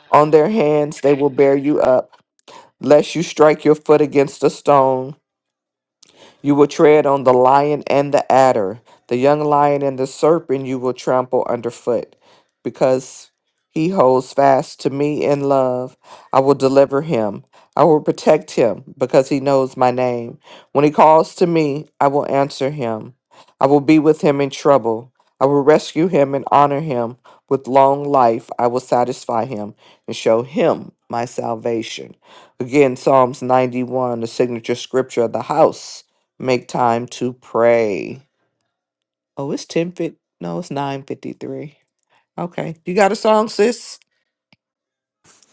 H: On their hands they will bear you up, lest you strike your foot against a stone. You will tread on the lion and the adder, the young lion and the serpent you will trample underfoot. Because he holds fast to me in love, I will deliver him. I will protect him because he knows my name. When he calls to me, I will answer him. I will be with him in trouble. I will rescue him and honor him. With long life, I will satisfy him and show him my salvation. Again, Psalms 91, the signature scripture of the house. Make time to pray. Oh, it's ten fifty. No, it's nine fifty three. Okay, you got a song, sis?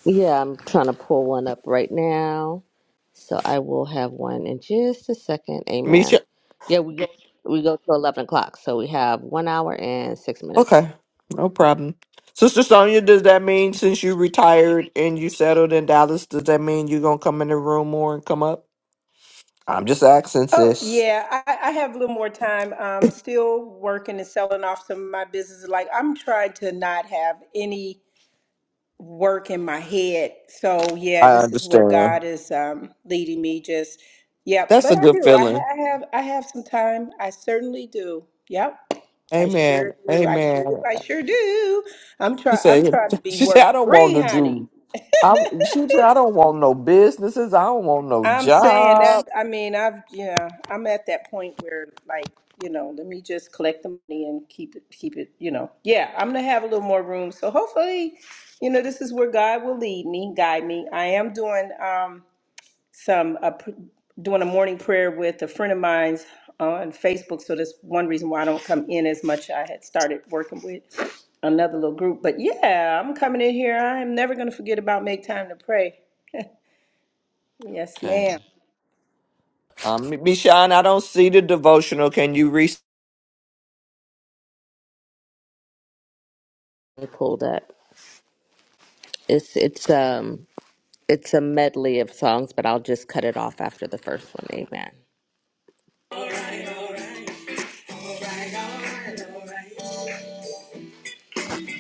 E: Yeah, I'm trying to pull one up right now. So I will have one in just a second. Amen.
H: Misha.
E: Yeah, we go we go to eleven o'clock. So we have one hour and six minutes.
H: Okay, no problem. Sister Sonia, does that mean since you retired and you settled in Dallas, does that mean you're gonna come in the room more and come up? I'm just asking,
G: Oh,
H: sis.
G: yeah, I, I have a little more time. I'm still working and selling off some of my businesses. Like, I'm trying to not have any work in my head. So yeah,
H: I
G: this is where
H: understand.
G: God is um, leading me. Just yep,
H: That's
G: but
H: a
G: I
H: good
G: do. I,
H: feeling.
G: ha- I have I have some time. I certainly do. Yep, I
H: Amen.
G: sure do. I sure do.
H: Amen.
G: I sure do. I'm
H: She
G: try I'm
H: said.
G: trying to be
H: She said, I
G: work
H: don't want
G: free,
H: to
G: honey.
H: do. I. She said, I don't want no businesses. I don't want no
G: I'm saying that,
H: job.
G: I mean, I've, yeah, I'm at that point where like, you know, let me just collect the money and keep it, keep it, you know. Yeah, I'm gonna have a little more room. So hopefully, you know, this is where God will lead me, guide me. I am doing um some uh, pr- doing a morning prayer with a friend of mine's on Facebook. So that's one reason why I don't come in as much. I had started working with another little group, but yeah, I'm coming in here. I am never gonna forget about make time to pray. Yes, ma'am.
H: Um, Michon, I don't see the devotional. Can you re?
E: I pulled up. It's it's um it's a medley of songs, but I'll just cut it off after the first one. Amen.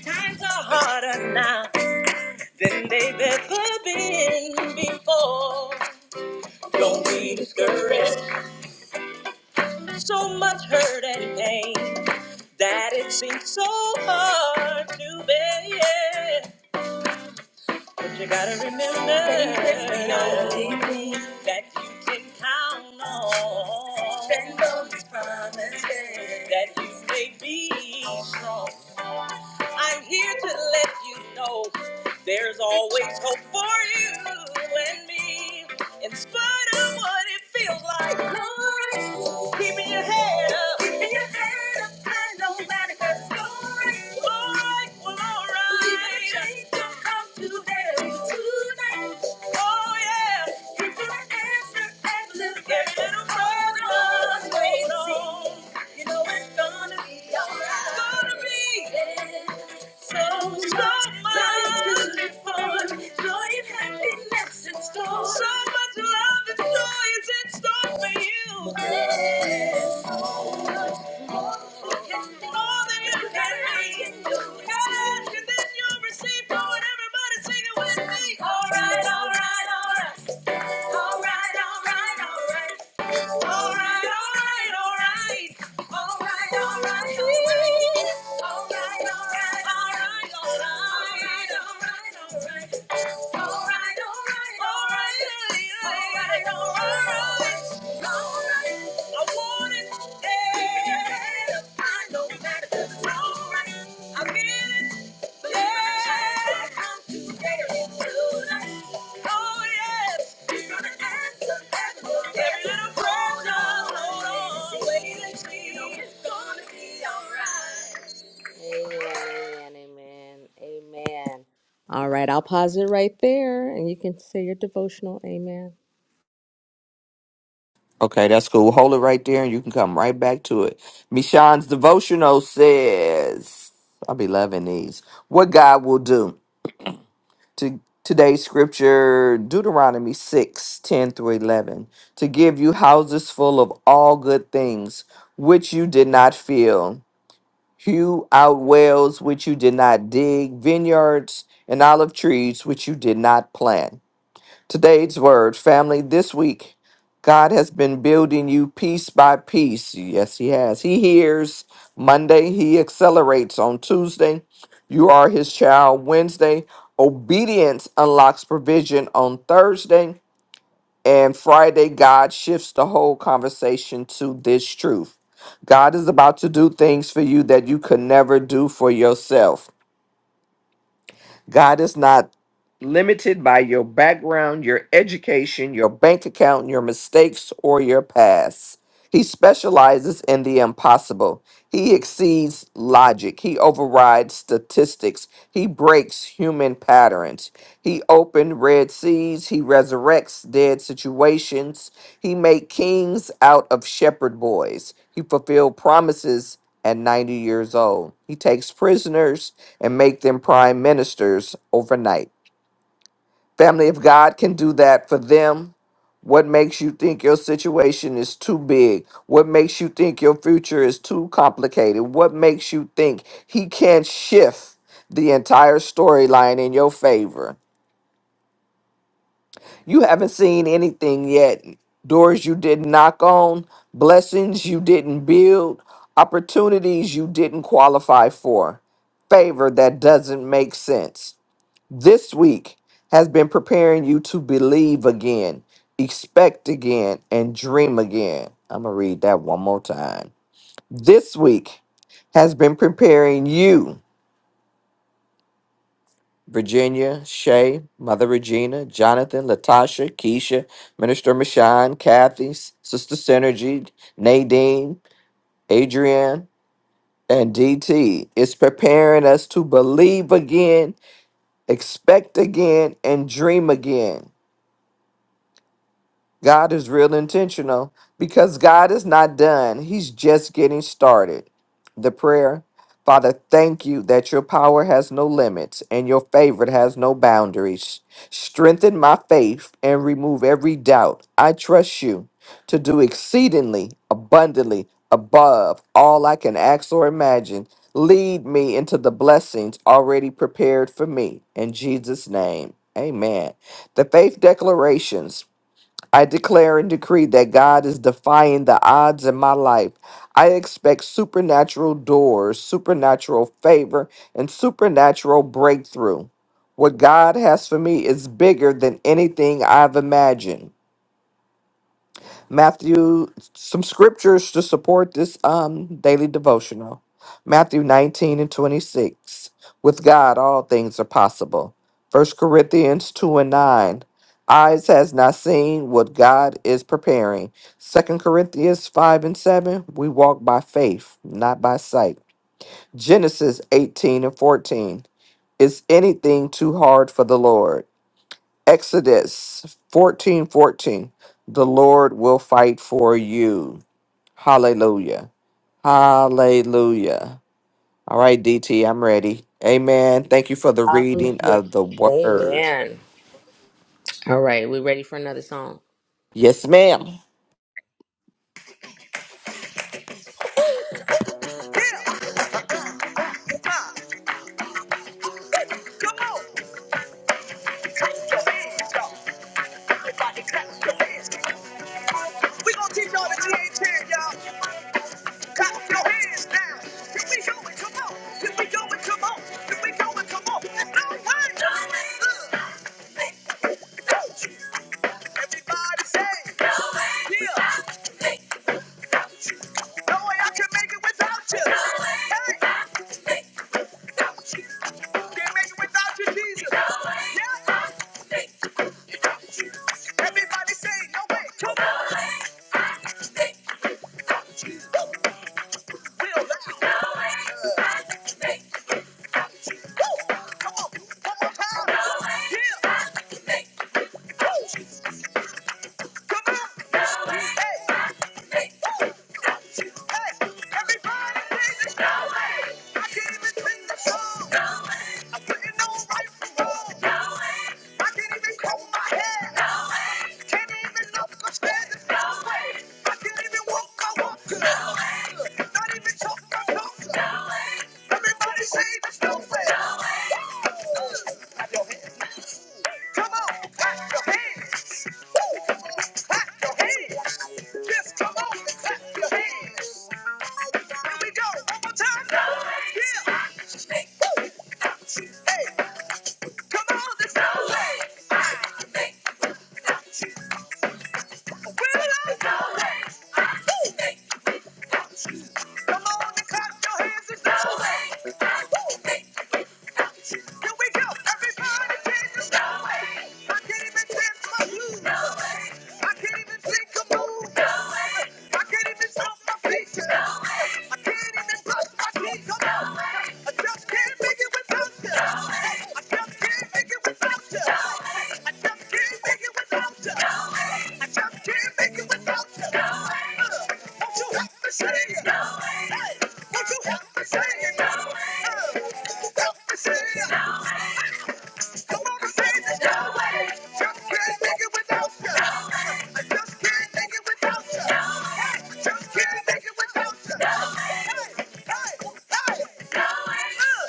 E: Times are harder now than they've ever been before. Don't be discouraged. So much hurt and pain that it seems so hard to bear. But you gotta remember that you can count on. That you may be strong. I'm here to let you know there's always hope for you and me. In spite of what it feels like, Lord, keeping your head up. Keeping your head up high, no matter the story. Lord, we're all right. Believe that it hurts. Glory, glory, glory. change will come today, tonight. Oh, yeah. If you answer and look at Every little problem's waiting on. Know it's gonna be alright. It's gonna be. So so much fun, so much love and joy is in store for you. It's more than you can be. Ask and then you'll receive. Come on, everybody, sing it with me. All right, all right, all right, all right, all right, all right. All right, all right, all right. All right, all right, all right. All right, all right, all right. All right, all right, all right. All right, all right, all right. Gonna be alright. Amen. Amen. Amen. All right, I'll pause it right there and you can say your devotional. Amen.
H: Okay, that's cool. Hold it right there, and you can come right back to it. Michon's devotional says, "I'll be loving these." What God will do to today's scripture, Deuteronomy 6, 10 through eleven, to give you houses full of all good things which you did not fill, hew out wells which you did not dig, vineyards and olive trees which you did not plant Today's word, family, this week, God has been building you piece by piece. Yes, He has. He hears Monday, He accelerates on Tuesday. You are His child Wednesday. Obedience unlocks provision on Thursday. And Friday, God shifts the whole conversation to this truth God is about to do things for you that you could never do for yourself. God is not limited by your background, your education, your bank account, your mistakes, or your past. He specializes in the impossible. He exceeds logic. He overrides statistics. He breaks human patterns. He opened red seas. He resurrects dead situations. He made kings out of shepherd boys. He fulfilled promises at 90 years old. He takes prisoners and make them prime ministers overnight. Family, if God can do that for them, what makes you think your situation is too big? What makes you think your future is too complicated? What makes you think He can't shift the entire storyline in your favor? You haven't seen anything yet. Doors you didn't knock on, blessings you didn't build, opportunities you didn't qualify for, favor that doesn't make sense. This week has been preparing you to believe again, expect again, and dream again. I'm going to read that one more time. This week has been preparing you, Virginia, Shay, Mother Regina, Jonathan, Latasha, Keisha, Minister Michon, Kathy, S- Sister Synergy, Nadine, Adrienne, and DT. It's preparing us to believe again, expect again, and dream again. God is real intentional because God is not done. He's just getting started. The prayer Father, thank you that your power has no limits and your favor has no boundaries. Strengthen my faith and remove every doubt. I trust you to do exceedingly abundantly above all I can ask or imagine. Lead me into the blessings already prepared for me. In Jesus' name, amen. The faith declarations. I declare and decree that God is defying the odds in my life. I expect supernatural doors, supernatural favor, and supernatural breakthrough. What God has for me is bigger than anything I've imagined. Matthew, some scriptures to support this um daily devotional. Matthew 19 and 26. With God, all things are possible. First Corinthians 2 and 9. Eyes has not seen what God is preparing. Second Corinthians 5 and 7. We walk by faith, not by sight. Genesis 18 and 14. Is anything too hard for the Lord? Exodus fourteen fourteen. The Lord will fight for you. Hallelujah. Hallelujah. All right, DT, I'm ready. Amen. Thank you for the reading
E: Hallelujah.
H: of the word.
E: Amen. All right, we ready for another song.
H: Yes, ma'am.
E: Come on, clap your hands. We gonna teach y'all that you ain't scared, y'all. Clap your hands now. Here we go and come on. Here we go and come on. Here we go and come on. There's no way. Everybody say, yeah. No way I can make it without you. Hey, can't make it without you, Jesus. Yeah, Everybody say no way. Come on. We'll let you know. Woo. Come on. One more time. Yeah. Come on. Hey. Everybody say there's no way. Woo! Clap your hands. Come on, clap your hands. Woo! clap your hands. Just come on, clap your hands. Here we go, one more time. Yeah. Woo! Hey, come on, there's no way. Will I? Woo! Come on and clap your hands. There's no way. Woo. Here we go. Everybody dance. No I can't even dance my blues. No I can't even think of move. No I can't even stop my features. No I can't even brush my teeth. No I just can't make it without you can't Say it. Hey, Won't you help me say it? Come on and Just can't make it without you. Yahweh. Just can't make it without you. Yahweh. Just can't make it without you. Yahweh. Hey, hey, hey. Yahweh. Woo.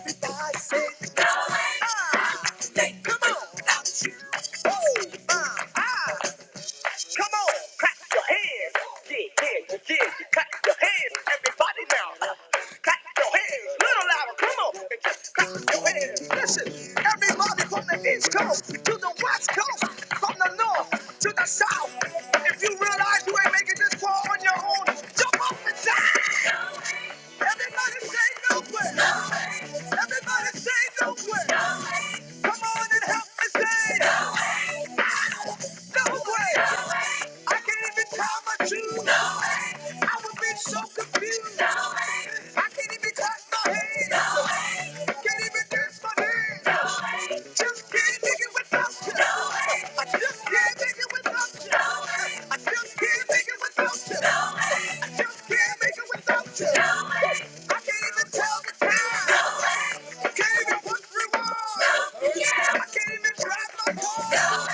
E: Everybody say it. Yahweh. Ah. Come on. Ah, ah. Come on, clap your hands. Yeah, yeah, yeah. yeah. Clap your hands, everybody now. Clap your hands, little louder. Come on, and just clap your hands. Listen, everybody from the East Coast to the West Coast, from the North to the South. If you realize you ain't making this far on your own, jump up and down. Everybody say no way. Everybody say no way. Come on and help me say, No way. No way. No way. I can't even tie my shoes. No way. I would be so confused. No way. I can't even cut my hair. No way. Can't even dance my hands. No way. Just can't make it without you. No way. I just can't make it without you. No way. I just can't make it without you. No way. I just can't make it without you. No way. No No No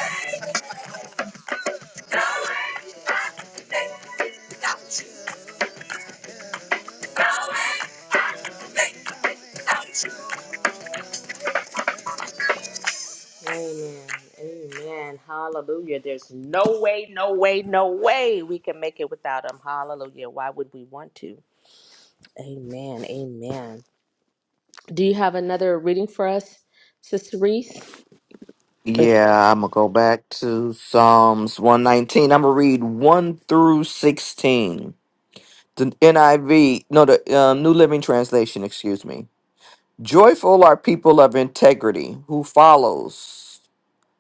E: No No Amen. Amen. Hallelujah. There's no way, no way, no way we can make it without him. Hallelujah. Why would we want to? Amen. Amen. Do you have another reading for us, Sister Reese?
H: Yeah, I'm going to go back to Psalms 119. I'm going to read 1 through 16. The NIV, no, the uh, New Living Translation, excuse me. Joyful are people of integrity who follows.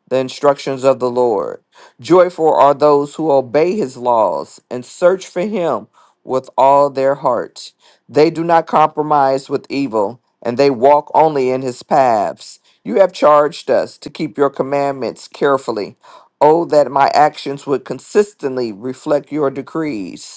H: the instructions of the Lord. Joyful are those who obey his laws and search for him with all their heart. They do not compromise with evil, and they walk only in his paths. You have charged us to keep your commandments carefully. Oh, that my actions would consistently reflect your decrees.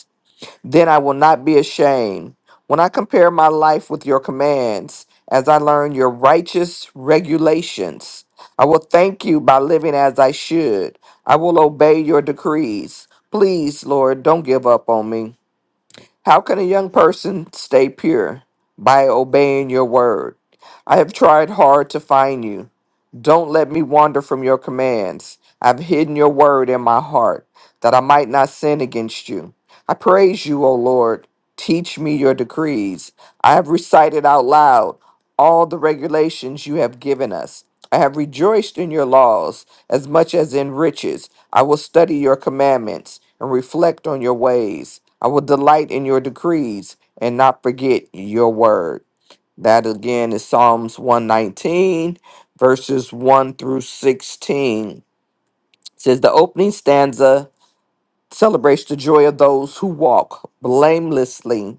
H: Then I will not be ashamed. When I compare my life with your commands, as I learn your righteous regulations, I will thank you by living as I should. I will obey your decrees. Please, Lord, don't give up on me. How can a young person stay pure? By obeying your word. I have tried hard to find you. Don't let me wander from your commands. I've hidden your word in my heart that I might not sin against you. I praise you, O Lord. Teach me your decrees. I have recited out loud all the regulations you have given us. I have rejoiced in your laws as much as in riches. I will study your commandments and reflect on your ways. I will delight in your decrees and not forget your word. That again is Psalms 119, verses 1 through 16. It says the opening stanza celebrates the joy of those who walk blamelessly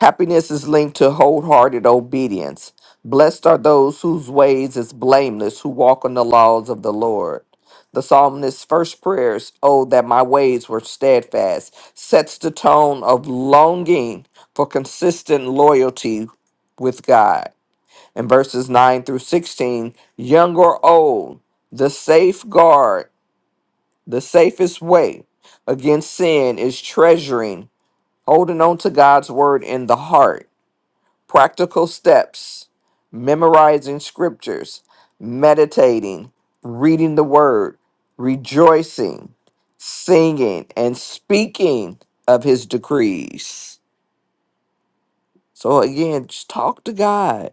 H: Happiness is linked to wholehearted obedience. Blessed are those whose ways is blameless, who walk on the laws of the Lord. The psalmist's first prayers, Oh, that my ways were steadfast, sets the tone of longing for consistent loyalty with God. In verses 9 through 16, young or old, the safeguard, the safest way against sin is treasuring, holding on to God's word in the heart. Practical steps memorizing scriptures, meditating, reading the word, rejoicing, singing, and speaking of his decrees. So again, just talk to God.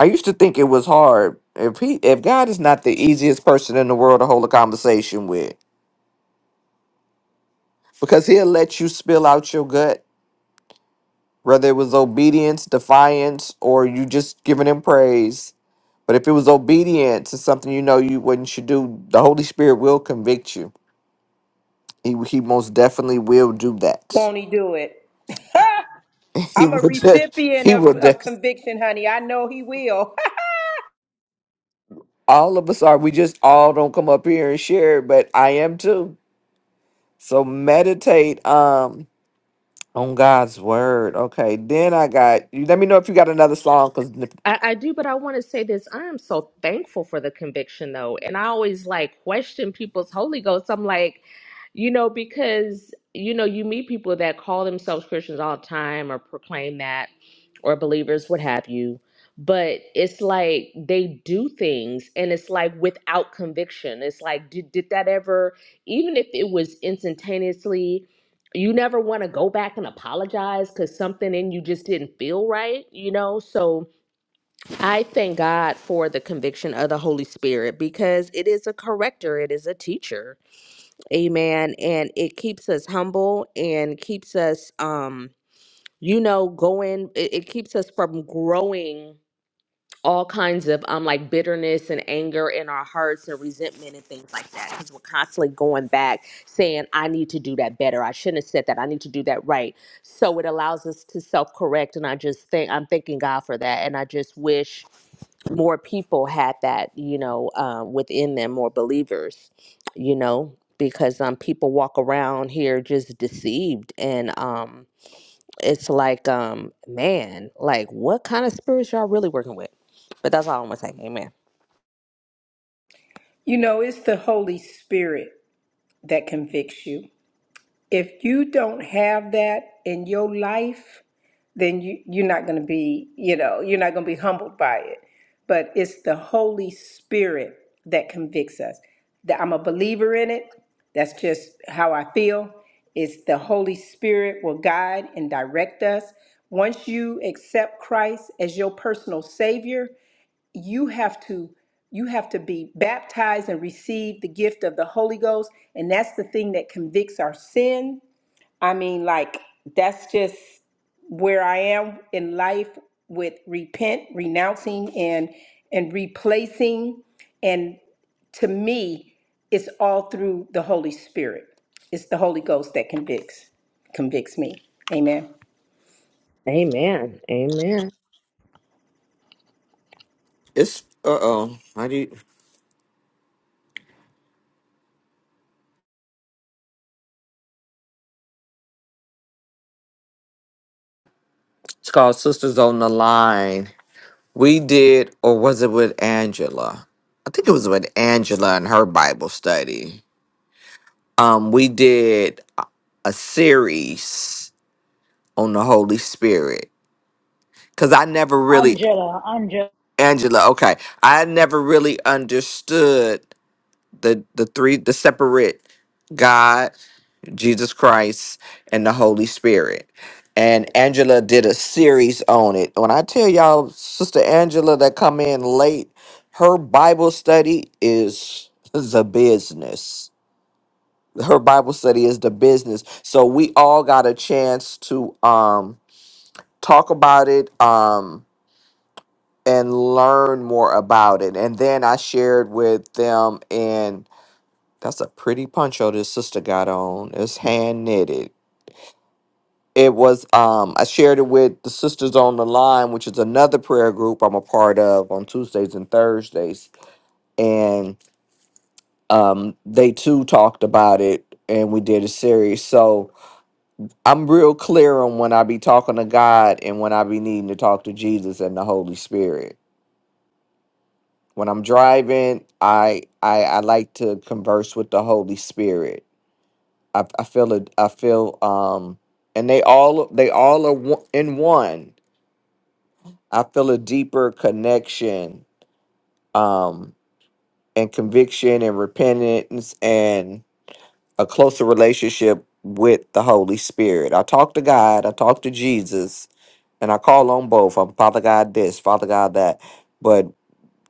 H: I used to think it was hard. If he if God is not the easiest person in the world to hold a conversation with, because he'll let you spill out your gut, whether it was obedience, defiance, or you just giving him praise But if it was obedient to something you know you wouldn't should do, the Holy Spirit will convict you. He he most definitely will do that.
G: Won't he do it?
H: He
G: I'm a
H: would
G: recipient
H: he will.
G: of, of conviction, honey. I know he will.
H: All of us are. We just all don't come up here and share, it, but I am too. So meditate um on God's word. Okay, then I got you. Let me know if you got another song because
E: I, I do, but I want to say this. I am so thankful for the conviction, though. And I always like question people's Holy Ghost. I'm like, you know, because, you know, you meet people that call themselves Christians all the time or proclaim that or believers, what have you. But it's like they do things and it's like without conviction. It's like, did, did that ever, even if it was instantaneously, you never want to go back and apologize because something in you just didn't feel right, you know? So, I thank God for the conviction of the Holy Spirit because it is a corrector, it is a teacher. Amen. And it keeps us humble and keeps us um you know going it, it keeps us from growing all kinds of um like bitterness and anger in our hearts and resentment and things like that because we're constantly going back saying i need to do that better i shouldn't have said that i need to do that right so it allows us to self-correct and i just think i'm thanking god for that and i just wish more people had that, you know, um, within them, more believers, you know, because um, people walk around here just deceived, and um, it's like, um, man, like what kind of spirits y'all really working with? But that's all I'm gonna say. Amen.
G: you know, it's the Holy Spirit that convicts you. If you don't have that in your life, then you you're not going to be you know you're not going to be humbled by it but it's the holy spirit that convicts us that i'm a believer in it that's just how i feel it's the holy spirit will guide and direct us once you accept christ as your personal savior you have to you have to be baptized and receive the gift of the holy ghost and that's the thing that convicts our sin I mean, like, that's just where I am in life with repent, renouncing, and and replacing. And to me, it's all through the Holy Spirit. It's the Holy Ghost that convicts convicts me. Amen.
E: Amen. Amen.
H: it's uh oh. I need. It's called Sisters on the Line. We did, or was it with Angela? I think it was with Angela and her Bible study. Um, we did a a series on the Holy Spirit because I never really
A: Angela, Angela.
H: Angela. Okay, I never really understood the the three the separate God. Jesus Christ, and the Holy Spirit. And Angela did a series on it. When I tell y'all, Sister Angela that come in late, her Bible study is the business. Her Bible study is the business. So we all got a chance to um talk about it um and learn more about it. And then I shared with them and that's a pretty poncho this sister got on. It's hand knitted it was um I shared it with the Sisters on the Line, which is another prayer group I'm a part of on Tuesdays and Thursdays. And um they too talked about it and we did a series. So I'm real clear on when I be talking to God and when I be needing to talk to Jesus and the Holy Spirit. When I'm driving, I I, I like to converse with the Holy Spirit. I, I feel it I feel um and they all they all are one- in one I feel a deeper connection um, and conviction and repentance and a closer relationship with the Holy Spirit. I talk to God, I talk to Jesus, and I call on both. I'm Father God this, Father God that. But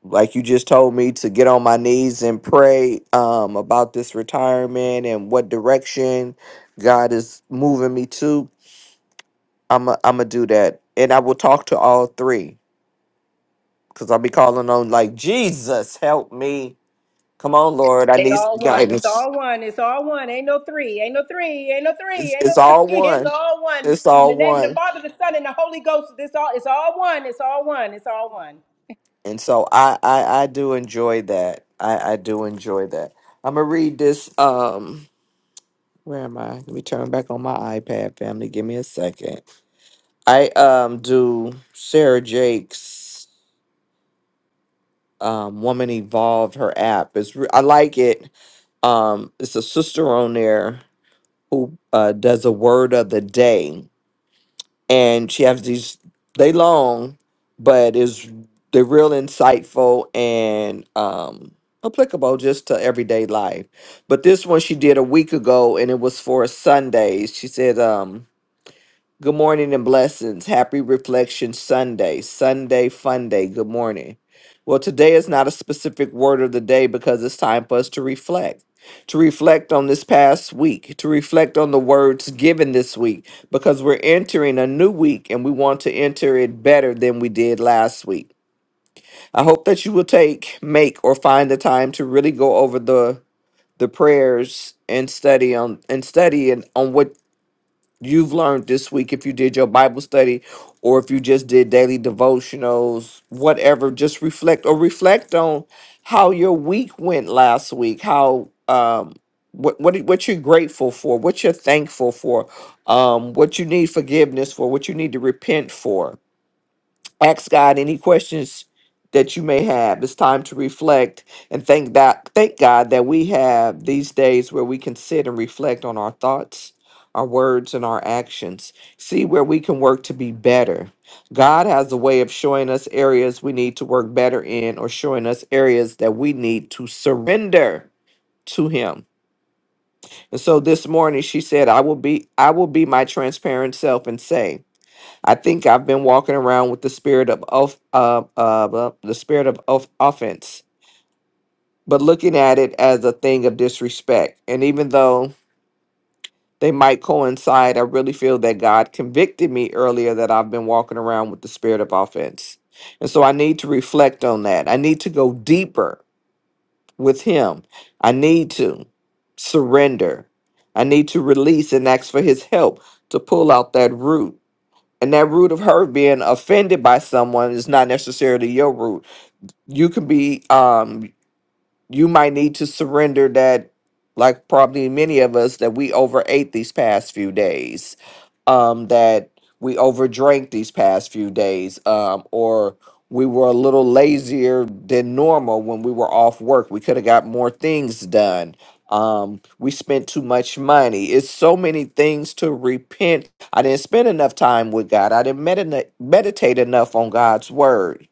H: like you just told me to get on my knees and pray um, about this retirement and what direction God is moving me to, I'm going to do that. And I will talk to all three. Cause I'll be calling on like Jesus, help me. Come on, Lord, I
G: They
H: need
G: all
H: some
G: one. It's
H: guidance.
G: all one. It's all one. Ain't no three. Ain't no three. Ain't no three.
H: It's
G: Ain't no
H: it's
G: three.
H: all
G: It's
H: one.
G: all one.
H: It's
G: In
H: all
G: the name of the
H: one.
G: Father, the Son, and the Holy Ghost. This all. It's all one. It's all one. It's all one.
H: And so I I, I do enjoy that. I, I do enjoy that. I'm gonna read this. Um, where am I? Let me turn back on my iPad, family. Give me a second. I um do Sarah Jake's um Woman Evolved her app. It's re- I like it. Um, it's a sister on there who uh, does a word of the day and she has these they long but is they're real insightful and um applicable just to everyday life but this one she did a week ago and it was for sundays she said um Good morning and blessings. Happy Reflection Sunday. Sunday fun day. Good morning. Well, today is not a specific word of the day because it's time for us to reflect. To reflect on this past week, to reflect on the words given this week, because we're entering a new week and we want to enter it better than we did last week. I hope that you will take, make, or find the time to really go over the the prayers and study on and study and on what you've learned this week if you did your Bible study or if you just did daily devotionals, whatever, just reflect or reflect on how your week went last week, how um what what what you're grateful for, what you're thankful for, um what you need forgiveness for, what you need to repent for ask God any questions that you may have. It's time to reflect and thank that thank God that we have these days where we can sit and reflect on our thoughts, our words, and our actions. See where we can work to be better. God has a way of showing us areas we need to work better in or showing us areas that we need to surrender to him. And so this morning she said, I will be I will be my transparent self and say, I think I've been walking around with the spirit of off, uh, uh, uh, the spirit of off- offense, but looking at it as a thing of disrespect. And even though they might coincide, I really feel that God convicted me earlier that I've been walking around with the spirit of offense. And so I need to reflect on that. I need to go deeper with Him. I need to surrender. I need to release and ask for His help to pull out that root And that root of her being offended by someone is not necessarily your root. You can be um you might need to surrender that like probably many of us that we overate these past few days um that we overdrank these past few days um or we were a little lazier than normal when we were off work we could have got more things done um we spent too much money it's so many things to repent i didn't spend enough time with god i didn't medina meditate enough on god's word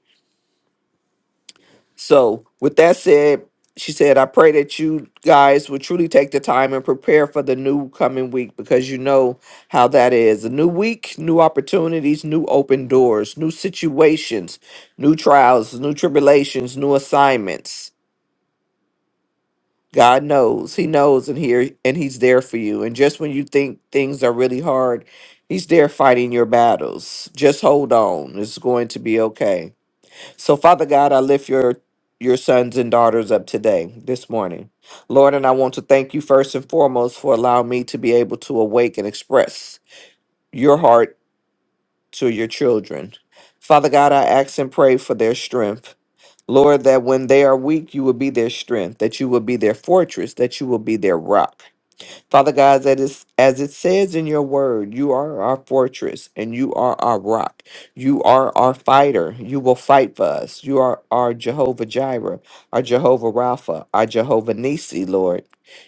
H: so, with that said, she said, I pray that you guys will truly take the time and prepare for the new coming week because you know how that is. A new week, new opportunities, new open doors, new situations, new trials, new tribulations, new assignments. God knows. He knows and here and he's there for you. And just when you think things are really hard, he's there fighting your battles. Just hold on. It's going to be okay. So, Father God, I lift your your sons and daughters up today, this morning. Lord, and I want to thank you first and foremost for allowing me to be able to awake and express your heart to your children. Father God, I ask and pray for their strength. Lord, that when they are weak, you will be their strength, that you will be their fortress, that you will be their rock. Father God, that is as it says in your word, you are our fortress and you are our rock. You are our fighter. You will fight for us. You are our Jehovah Jireh, our Jehovah Rapha, our Jehovah Nisi, Lord.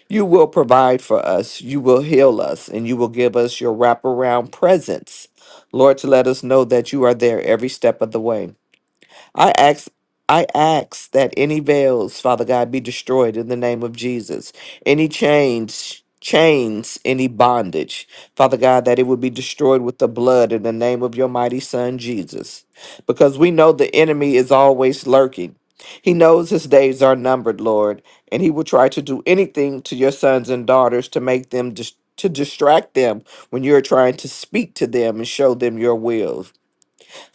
H: You will provide for us. You will heal us and you will give us your wraparound presence. Lord, to let us know that you are there every step of the way. I ask I ask that any veils, Father God, be destroyed in the name of Jesus. Any chains chains any bondage father god that it would be destroyed with the blood in the name of your mighty son jesus because we know the enemy is always lurking he knows his days are numbered lord and he will try to do anything to your sons and daughters to make them dis- to distract them when you're trying to speak to them and show them your will.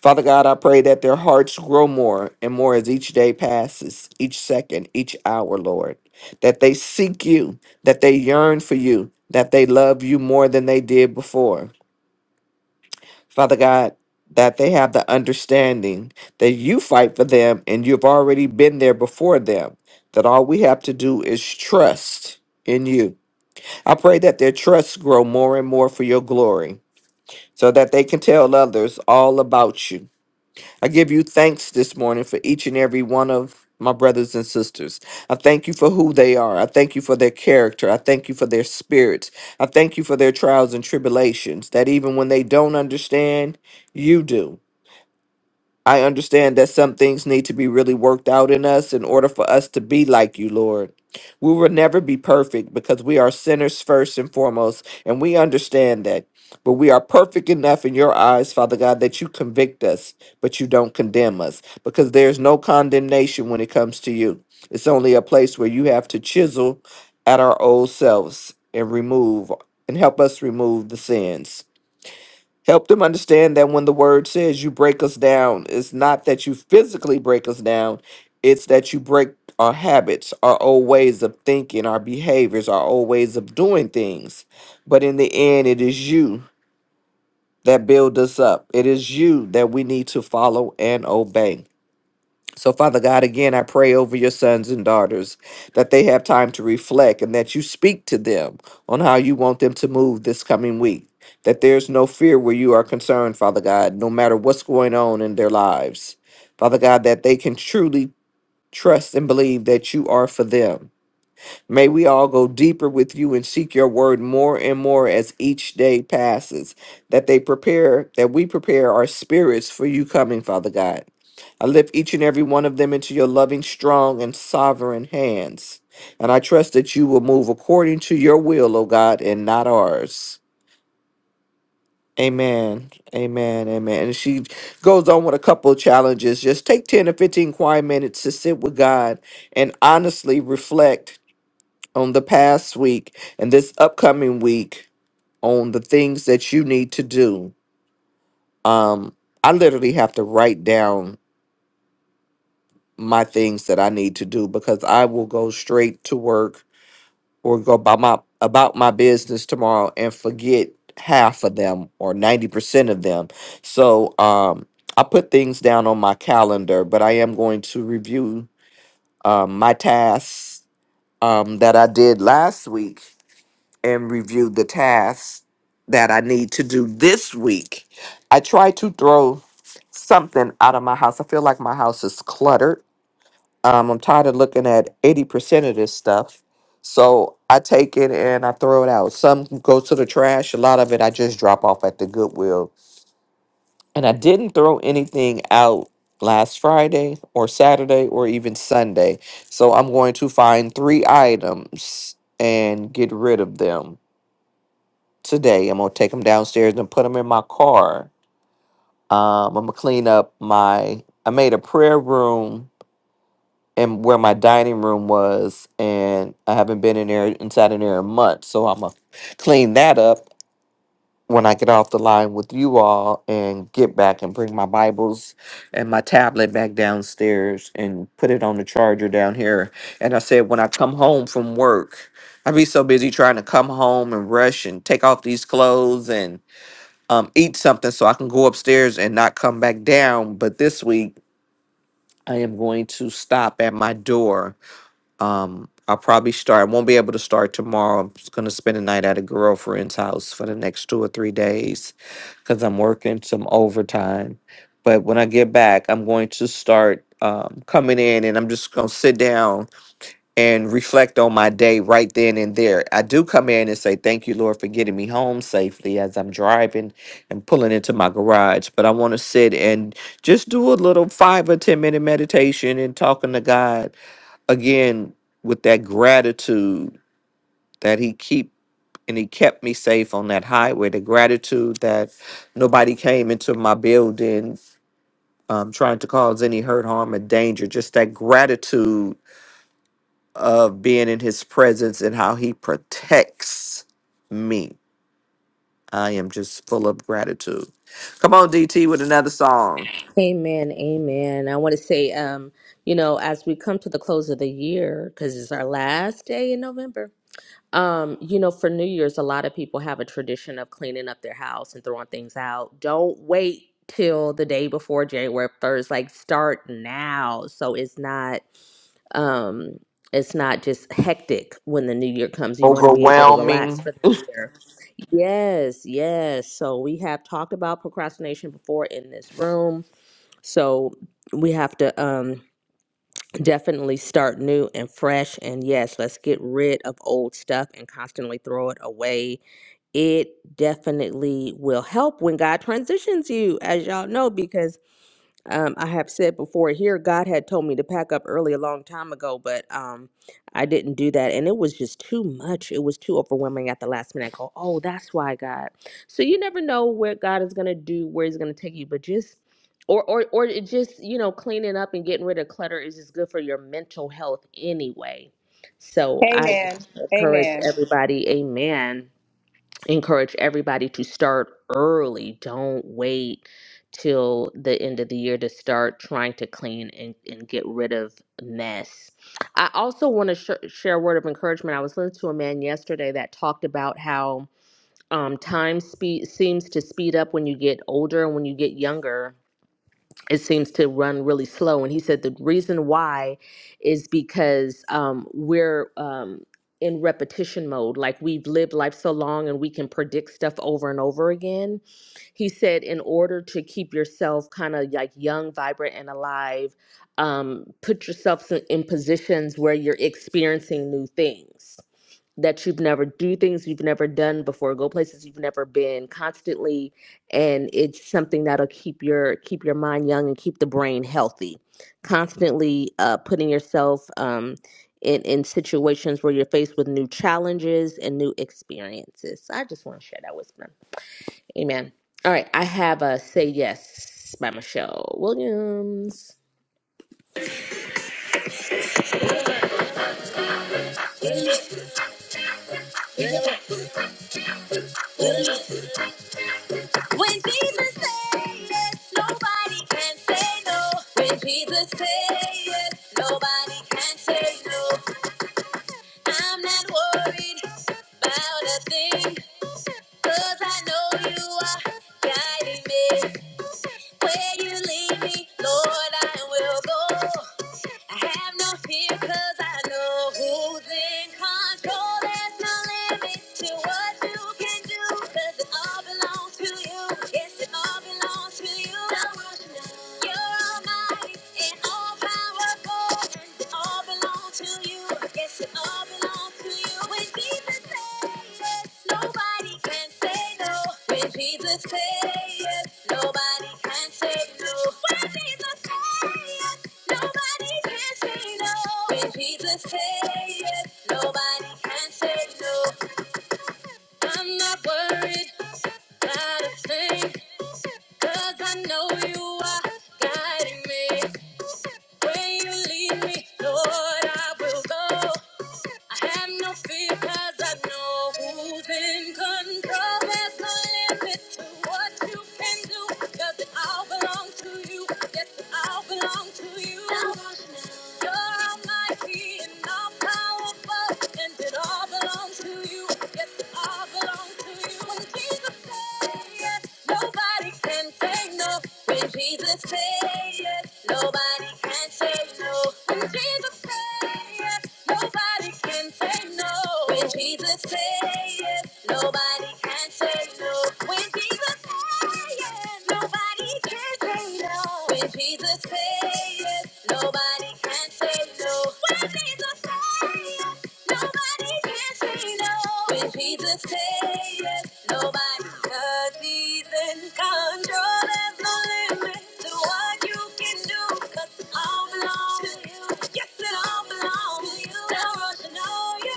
H: Father God, I pray that their hearts grow more and more as each day passes, each second, each hour, Lord. That they seek you, that they yearn for you, that they love you more than they did before. Father God, that they have the understanding that you fight for them and you've already been there before them, that all we have to do is trust in you. I pray that their trusts grow more and more for your glory so that they can tell others all about you I give you thanks this morning for each and every one of my brothers and sisters. I thank you for who they are. I thank you for their character. I thank you for their spirits. I thank you for their trials and tribulations, that even when they don't understand, you do. I understand that some things need to be really worked out in us in order for us to be like you, Lord. We will never be perfect because we are sinners first and foremost, and we understand that. But we are perfect enough in your eyes, Father God, that you convict us, but you don't condemn us because there's no condemnation when it comes to you. It's only a place where you have to chisel at our old selves and remove and help us remove the sins. Help them understand that when the word says you break us down, it's not that you physically break us down, it's that you break our habits, our old ways of thinking, our behaviors, our old ways of doing things. But in the end, it is you that build us up. It is you that we need to follow and obey. So, Father God, again, I pray over your sons and daughters that they have time to reflect and that you speak to them on how you want them to move this coming week. That there's no fear where you are concerned, Father God, no matter what's going on in their lives. Father God, that they can truly trust and believe that you are for them. May we all go deeper with you and seek your word more and more as each day passes. That they prepare, that we prepare our spirits for you coming, Father God I lift each and every one of them into your loving, strong, and sovereign hands. And I trust that you will move according to your will, O God, and not ours. Amen. Amen. Amen. And she goes on with a couple of challenges. Just take 10 or 15 quiet minutes to sit with God and honestly reflect on the past week and this upcoming week on the things that you need to do. Um, I literally have to write down my things that I need to do because I will go straight to work or go by my about my business tomorrow and forget half of them or 90% of them. So um I put things down on my calendar, but I am going to review um my tasks um that I did last week and review the tasks that I need to do this week. I try to throw something out of my house. I feel like my house is cluttered um, I'm tired of looking at 80% of this stuff. So I take it and I throw it out. Some go to the trash. A lot of it I just drop off at the Goodwill. And I didn't throw anything out last Friday or Saturday or even Sunday. So I'm going to find three items and get rid of them today. I'm going to take them downstairs and put them in my car. Um, I'm going to clean up my. I made a prayer room and where my dining room was, and I haven't been in there inside in there in months. So I'm gonna clean that up when I get off the line with you all and get back and bring my Bibles and my tablet back downstairs and put it on the charger down here. And I said when I come home from work, I be so busy trying to come home and rush and take off these clothes and um eat something so I can go upstairs and not come back down. But this week I am going to stop at my door um, I'll probably start. I won't be able to start tomorrow. I'm just gonna spend the night at a girlfriend's house for the next two or three days because I'm working some overtime. But when I get back, I'm going to start um, coming in and I'm just gonna sit down and reflect on my day right then and there. I do come in and say, Thank you, Lord, for getting me home safely as I'm driving and pulling into my garage. But I wanna sit and just do a little five or 10 minute meditation and talking to God again with that gratitude that he keep and he kept me safe on that highway the gratitude that nobody came into my building um, trying to cause any hurt harm or danger just that gratitude of being in his presence and how he protects me i am just full of gratitude come on dt with another song
E: Amen. Amen. I want to say, um, you know, as we come to the close of the year, because it's our last day in November. Um, you know, for New Year's, a lot of people have a tradition of cleaning up their house and throwing things out. Don't wait till the day before January 1st. Like start now. So it's not um it's not just hectic when the new year comes. You want to be able to relax
H: overwhelming
E: for the new year. Yes, yes. So we have talked about procrastination before in this room. So we have to um Definitely start new and fresh. And yes, let's get rid of old stuff and constantly throw it away. It definitely will help when God transitions you, as y'all know, because um, I have said before here, God had told me to pack up early a long time ago, but um, I didn't do that. And it was just too much. It was too overwhelming at the last minute. I go, oh, that's why, God. So you never know where God is going to do, where He's going to take you, but just. Or, or, or it just, you know, cleaning up and getting rid of clutter is just good for your mental health anyway. So I
G: Amen.
E: just encourage
G: Amen.
E: everybody, amen encourage everybody to start early. Don't wait till the end of the year to start trying to clean and, and get rid of mess. I also want to sh- share a word of encouragement. I was listening to a man yesterday that talked about how um, time speed seems to speed up when you get older and when you get younger it seems to run really slow. And he said the reason why is because um, we're um, in repetition mode. Like we've lived life so long and we can predict stuff over and over again. He said, in order to keep yourself kind of like young, vibrant, and alive, um, put yourself in in positions where you're experiencing new things that you've never do things you've never done before, go places you've never been, constantly and it's something that'll keep your keep your mind young and keep the brain healthy constantly uh, putting yourself um, in in situations where you're faced with new challenges and new experiences so i just want to share that with them amen all right i have a say yes by michelle williams when jesus says yes nobody can say no when jesus says yes nobody can say no I'm not worried about a thing, 'cause I know you are guiding me. Where you lead me, Lord, I will go. I have no fear, 'cause I know who's in control. There's no limit to what you can do, 'cause it all belongs to you. Yes, it all belongs to you. Don't rush now. You're almighty and all powerful, and it all belongs to you. Yes, Jesus say yes, nobody can say no. When Jesus say yes, nobody can say no. When Jesus say yes, nobody can say no. I'm not worried about a thing, I know you are guiding me. When you lead me, Lord, I will go. I have no fear because I know who's in control. There's no limit to what you can do. Does it all belong to you? Yes, it all belongs to you. You're almighty and all powerful, and it all belongs to you. Yes, it all belongs to you. When Jesus said yes, nobody can say say no. When Jesus says yes, nobody can say no. When Jesus says yes, nobody can say no. When Jesus says yes, nobody can say no. When Jesus says yes, nobody can say no. When Jesus says yes, nobody can say no. When Jesus says yes, Nobody can say no when Jesus says yes. Nobody, cause he's in control. There's no limit to what you can do, cause it all belongs to you. Yes, it all belongs to you. Now, Rosh, you know you.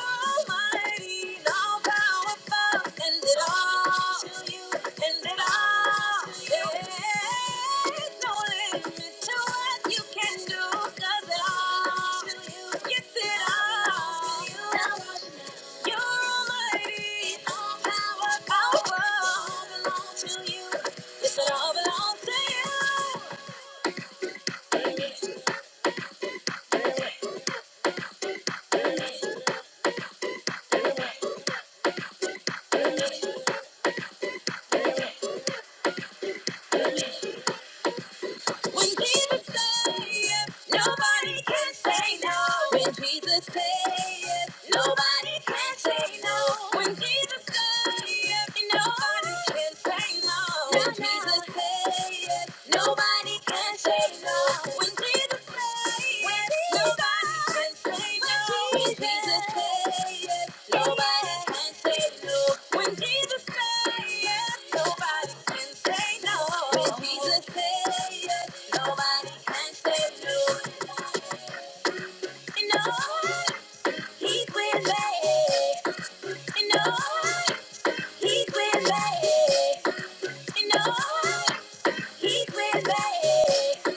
E: Yes, it all belongs to you. When Jesus say yes, nobody can say no. When Jesus say yes, nobody can say no. When Jesus say yes, nobody can say no. When Jesus say yes, nobody can say no. When Jesus you know, He's with me. You know, he's with me.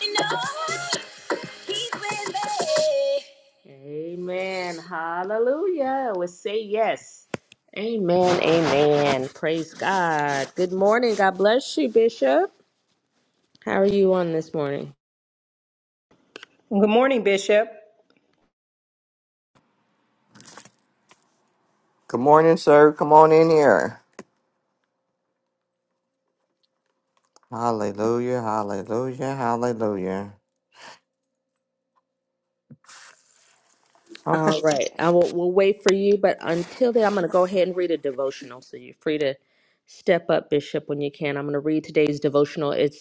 E: You know. He's with me. Amen. Hallelujah. We say yes. Amen. Amen. Praise God. Good morning. God bless you, Bishop. How are you on this morning?
G: Good morning, Bishop.
H: good morning sir come on in here hallelujah hallelujah hallelujah Okay.
E: All right. I will we'll wait for you, but until then, I'm going to go ahead and read a devotional. So you're free to step up, Bishop, when you can. I'm going to read today's devotional. It's.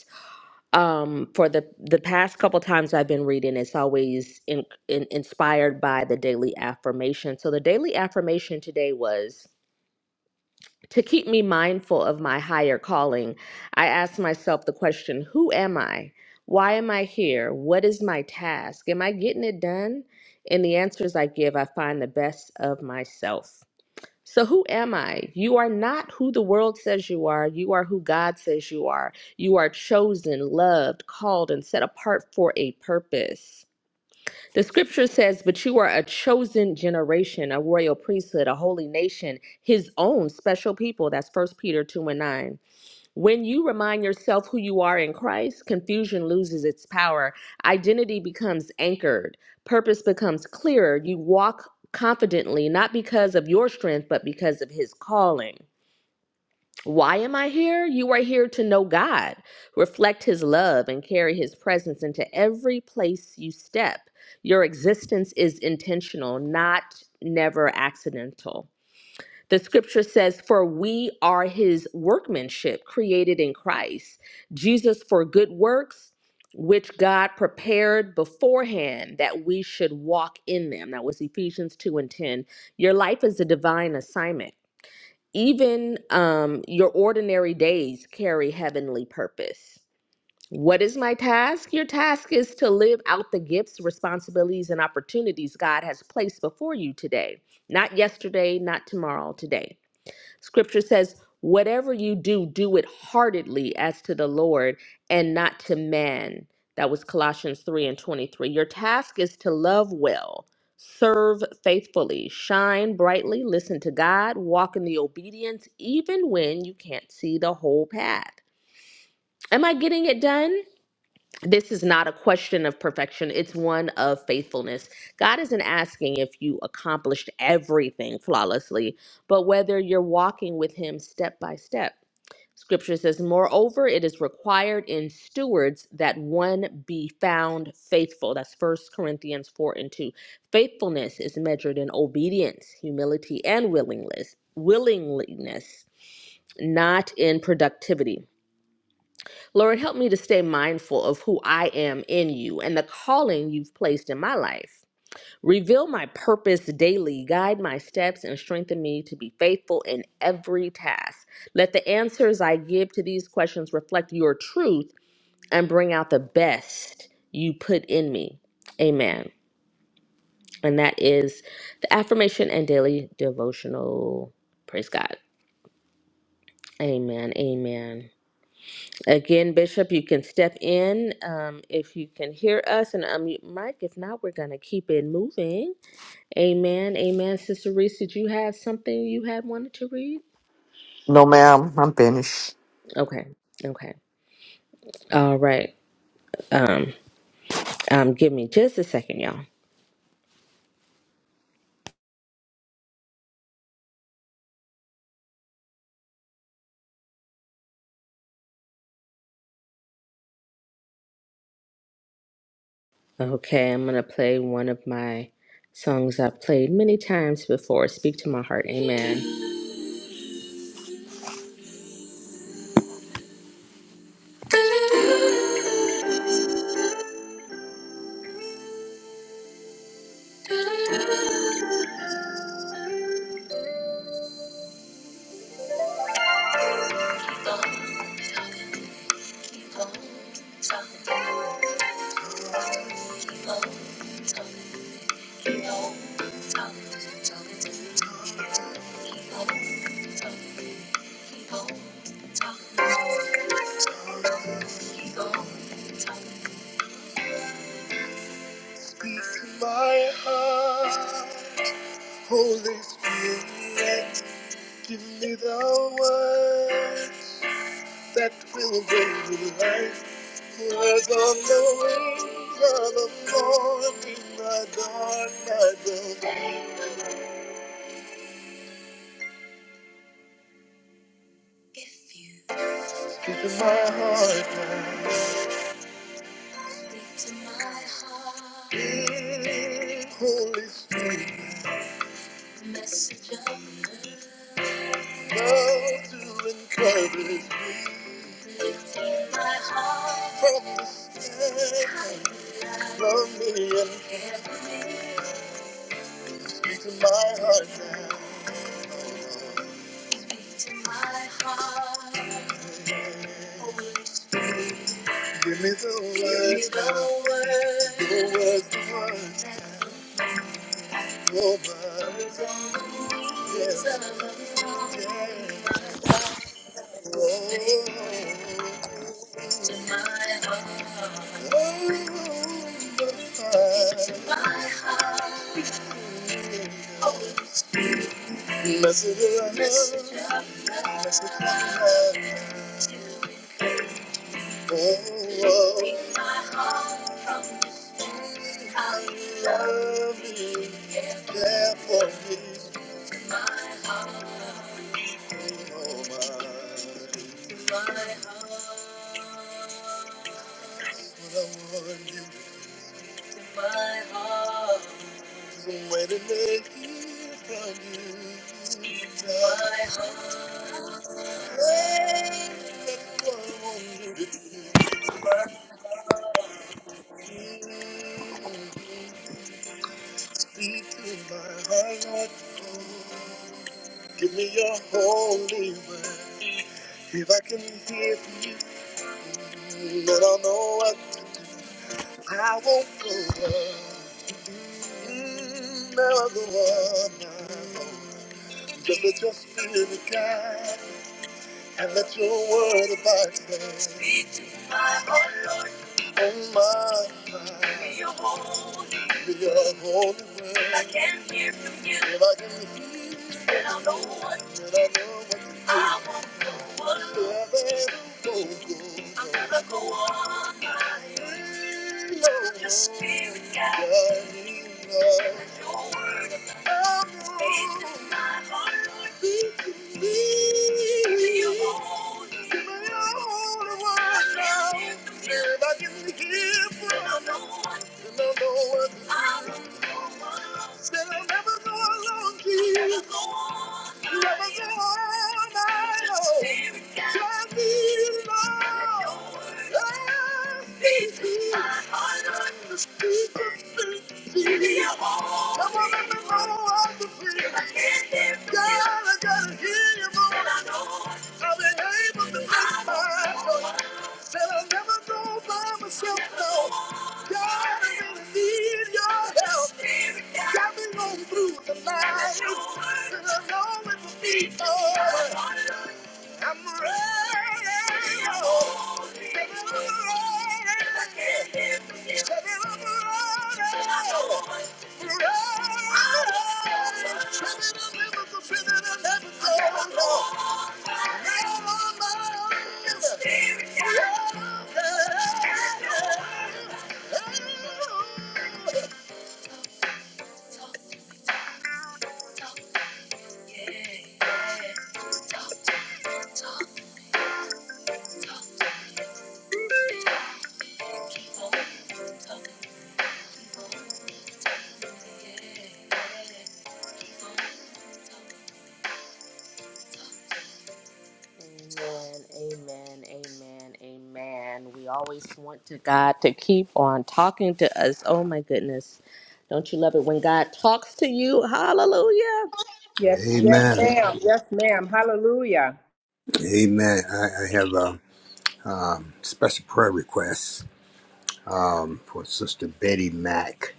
E: um for the the past couple times i've been reading it's always in, in, inspired by the daily affirmation so the daily affirmation today was to keep me mindful of my higher calling i asked myself the question who am i why am i here what is my task am i getting it done in the answers i give i find the best of myself so, who am I? You are not who the world says you are. You are who God says you are. You are chosen, loved, called, and set apart for a purpose. The scripture says, But you are a chosen generation, a royal priesthood, a holy nation, his own special people. That's First Peter 2 and 9. When you remind yourself who you are in Christ, confusion loses its power. Identity becomes anchored, purpose becomes clearer. You walk confidently, not because of your strength, but because of His calling. Why am I here? You are here to know God, reflect His love, and carry His presence into every place you step. Your existence is intentional, not never accidental. The scripture says, For we are his workmanship created in Christ Jesus for good works, which God prepared beforehand that we should walk in them. That was Ephesians 2 and 10. Your life is a divine assignment. Even um, your ordinary days carry heavenly purpose. What is my task? Your task is to live out the gifts, responsibilities, and opportunities God has placed before you today. Not yesterday, not tomorrow, today. Scripture says, Whatever you do, do it heartedly as to the Lord and not to man. That was Colossians 3 and 23. Your task is to love well, serve faithfully, shine brightly, listen to God, walk in the obedience, even when you can't see the whole path. Am I getting it done? this is not a question of perfection it's one of faithfulness god isn't asking if you accomplished everything flawlessly but whether you're walking with him step by step scripture says moreover it is required in stewards that one be found faithful that's First corinthians 4 and 2 faithfulness is measured in obedience humility and willingness willingness not in productivity Lord, help me to stay mindful of who I am in you and the calling you've placed in my life. Reveal my purpose daily, guide my steps, and strengthen me to be faithful in every task. Let the answers I give to these questions reflect your truth and bring out the best you put in me. Amen. And that is the affirmation and daily devotional. Praise God. Amen. Amen. Again, Bishop, you can step in um, if you can hear us and unmute Mike. If not, we're going to keep it moving. Amen. Amen. Sister Reese, did you have something you had wanted to read?
H: No, ma'am, I'm finished.
E: Okay. Okay. All right. Um, um, give me just a second, y'all. Okay, I'm going to play one of my songs I've played many times before. Speak to my heart. Amen. Keep on talking, keep on talking, keep on talking, keep on talking. My heart, Holy Spirit, give me the words that will bring me life. Words on the wings of the morning, my dawn, my dawn. Speak to my heart now. Holy Spirit. Love to encourage me from the stand. Love me and speak to my heart now. Give me the words, the words, the words, your words. Yes, yes. Oh. To my heart. Message around, message around. Oh, I love you, care for me, oh my My heart, you is a way to make it from you love me, care for all I want you to do. Speak to my heart, oh. Give me your holy word. If I can hear from you, then I'll know what I won't go wrong. Mm, Never go wrong. Just let your spirit guide and let your word abide. me. Oh my, my. Give me your holy word. If I can hear, then I know what. I know I'll never go on. Your spirit guides me. I'm Said I'll am I'm never go alone, Jesus. I've been able to make my Said I'll never go by myself, no. God, I really need your help. Got me going through the night. And I know it will be good. I'm ready. Say I'm ready. Say I'm ready. Amen, amen, amen, amen. We always want to God to keep on talking to us. Oh my goodness. Don't you love it when God talks to you? Hallelujah.
G: Yes, yes,
B: Amen.
G: ma'am. Yes, ma'am. Hallelujah.
B: Amen. I, I have a um, special prayer request um, for Sister Betty Mack.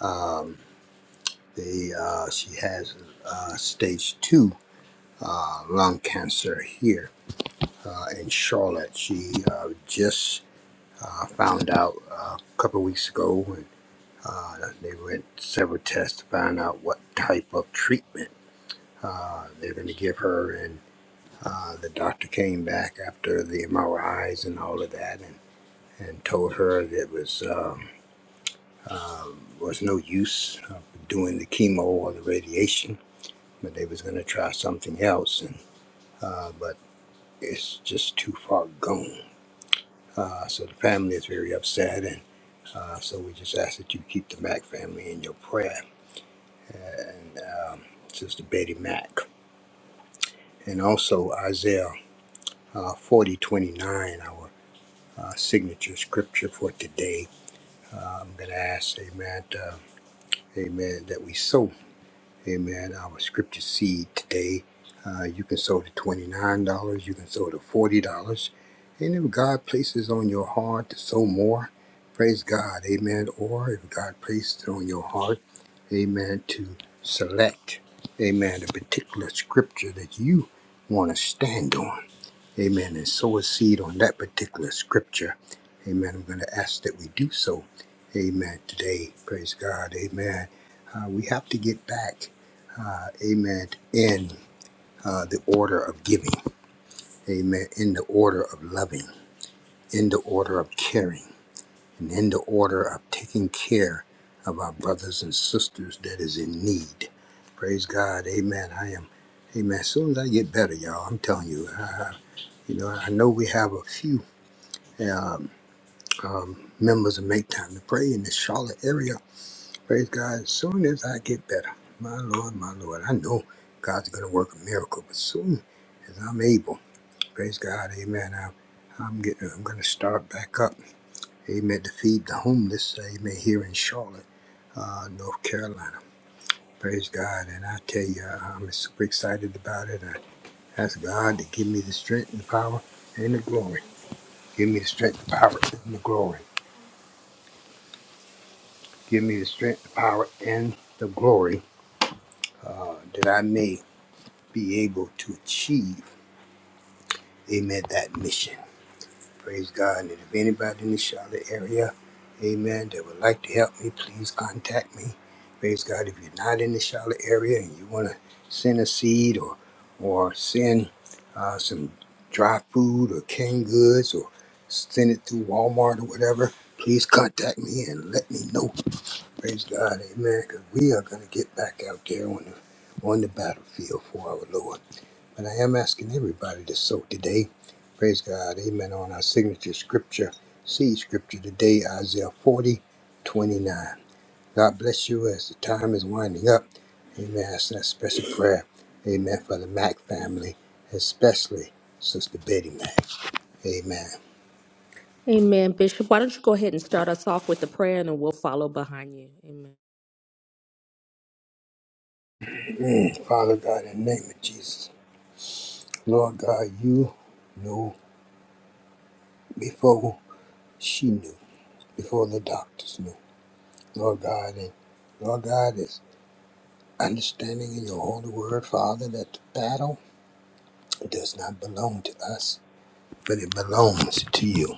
B: Um, they, uh, she has uh, stage two uh, lung cancer here. uh, in Charlotte. She uh, just uh, found out uh, a couple of weeks ago. And, uh, they went several tests to find out what type of treatment uh, they're going to give her. And uh, the doctor came back after the MRIs and all of that and, and told her that it was, um, um was no use of doing the chemo or the radiation, but they was going to try something else. And, uh, but it's just too far gone Uh, so the family is very upset, and uh, so we just ask that you keep the Mack family in your prayer. And um, Sister Betty Mack, and also Isaiah uh, forty twenty nine, our uh, signature scripture for today. Uh, I'm going to ask, Amen, uh, Amen, that we sow. Amen. Our scripture seed today. Uh, you can sow to $29. You can sow to $40. And if God places on your heart to sow more, praise God. Amen. Or if God placed it on your heart, amen, to select, amen, a particular scripture that you want to stand on. Amen. And sow a seed on that particular scripture. Amen. I'm going to ask that we do so. Amen. Today, praise God. Amen. Uh, we have to get back. Uh, amen. In uh, the order of giving. Amen. In the order of loving. In the order of caring. And in the order of taking care of our brothers and sisters that is in need. Praise God. Amen. I am. Amen. As soon as I get better, y'all, I'm telling you. Uh, you know, I know we have a few. um, um, members of Make Time to Pray in the Charlotte area. Praise God. As soon as I get better, my Lord, my Lord, I know God's going to work a miracle, but soon as I'm able, praise God, amen. I, I'm getting, I'm going to start back up, amen, to feed the homeless, amen, here in Charlotte, uh, North Carolina. Praise God. And I tell you, I- I'm super excited about it. I ask God to give me the strength and the power and the glory. Give me the strength, the power, and the glory Give me the strength, the power, and the glory uh, that I may be able to achieve, amen, that mission. Praise God. And if anybody in the Charlotte area, amen, that would like to help me, please contact me. Praise God. If you're not in the Charlotte area and you want to send a seed or, or send uh, some dry food or canned goods or send it through Walmart or whatever, please contact me and let me know Praise God, amen. Because we are going to get back out there on the, on the battlefield for our Lord. But I am asking everybody to sow today. Praise God, amen. On our signature scripture, see scripture today, Isaiah 40 29. God bless you as the time is winding up. Amen. That's that special prayer. Amen. For the Mac family, especially Sister Betty Mack. Amen.
E: Amen, Bishop. Why don't you go ahead and start us off with the prayer and then we'll follow behind you. Amen.
B: Father God, in the name of Jesus, Lord God, you know before she knew. before the doctors knew. Lord God, and Lord God is understanding in your holy word, Father, that the battle does not belong to us, but it belongs to you.